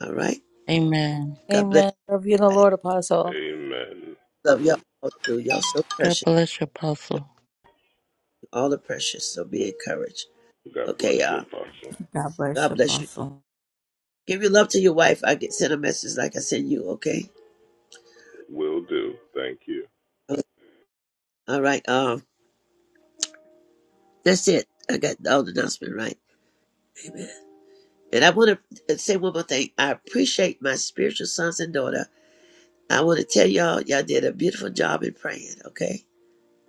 All right.
Amen.
God bless
amen Love you in the
everybody.
Lord, Apostle.
Amen.
Love y'all all too. Y'all so
God
precious.
bless you, Apostle.
You All are precious. So be encouraged.
God bless
Okay,
you,
y'all.
Apostle.
God bless you,
God bless you too.
Apostle.
Give your love to your wife. I get sent a message like I sent you, okay?
Will do. Thank you.
All right. Um, that's it. I got all the announcement right. Amen. And I want to say one more thing. I appreciate my spiritual sons and daughter. I want to tell y'all, y'all did a beautiful job in praying, okay?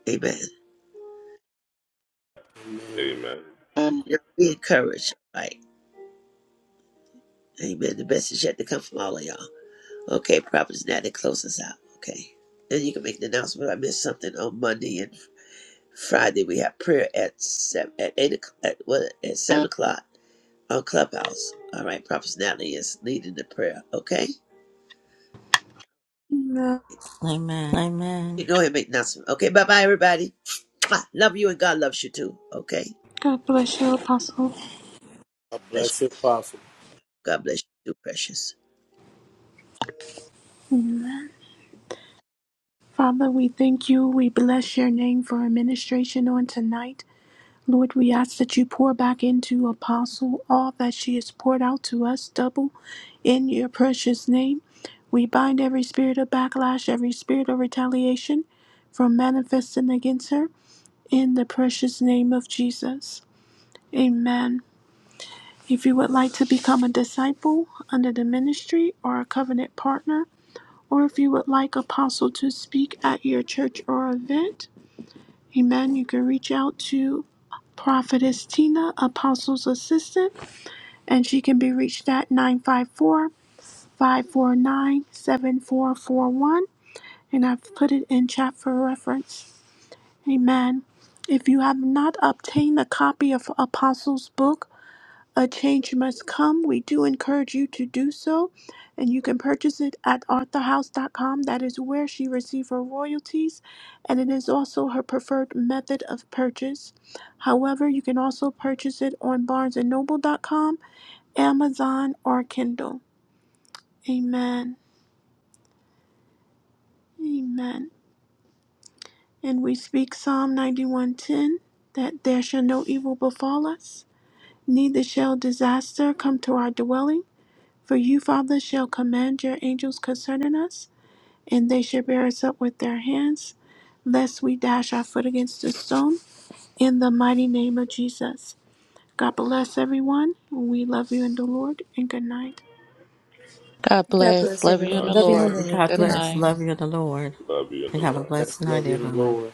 Amen.
Amen.
Y'all be encouraged. All Right. Amen. The best is yet to come from all of y'all. Okay, Prophets now to close us out. Okay. And you can make an announcement. if I missed something on Monday and Friday. We have prayer at seven, at eight o'clock, at, what, at seven o'clock on Clubhouse. All right, Prophets Natalie is leading the prayer. Okay.
Amen.
Amen. Amen.
You go ahead and make an announcement. Okay, bye bye, everybody. Mwah. Love you and God loves you too. Okay.
God bless you, Apostle.
I
Bless you.
bless you, Apostle.
God bless you too, precious.
Father, we thank you. We bless your name for administration on tonight. Lord, we ask that you pour back into Apostle all that she has poured out to us, double in your precious name. We bind every spirit of backlash, every spirit of retaliation from manifesting against her in the precious name of Jesus. Amen. If you would like to become a disciple under the ministry or a covenant partner, or if you would like Apostle to speak at your church or event, amen, you can reach out to Prophetess Tina, Apostle's assistant, and she can be reached at 954 549 7441, And I've put it in chat for reference. Amen. If you have not obtained a copy of Apostle's book, A change must come. We do encourage you to do so, and you can purchase it at arthurhouse.com. That is where she received her royalties, and it is also her preferred method of purchase. However, you can also purchase it on barnesandnoble.com, Amazon, or Kindle. Amen. Amen. And we speak Psalm 91:10 that there shall no evil befall us, neither shall disaster come to our dwelling. For you, Father, shall command your angels concerning us, and they shall bear us up with their hands, lest we dash our foot against a stone. In the mighty name of Jesus. God bless everyone. We love you in the Lord, and good night.
God
god
bless.
bless
Love you
everyone
in
God
the
Love you in
Lord.
the
bless.
Lord.
God
Good
Good night.
bless.
night.
Love you in the Lord.
Love you in the
And have a
Lord.
blessed
Bless, love
night,
you, the
everyone.
Lord.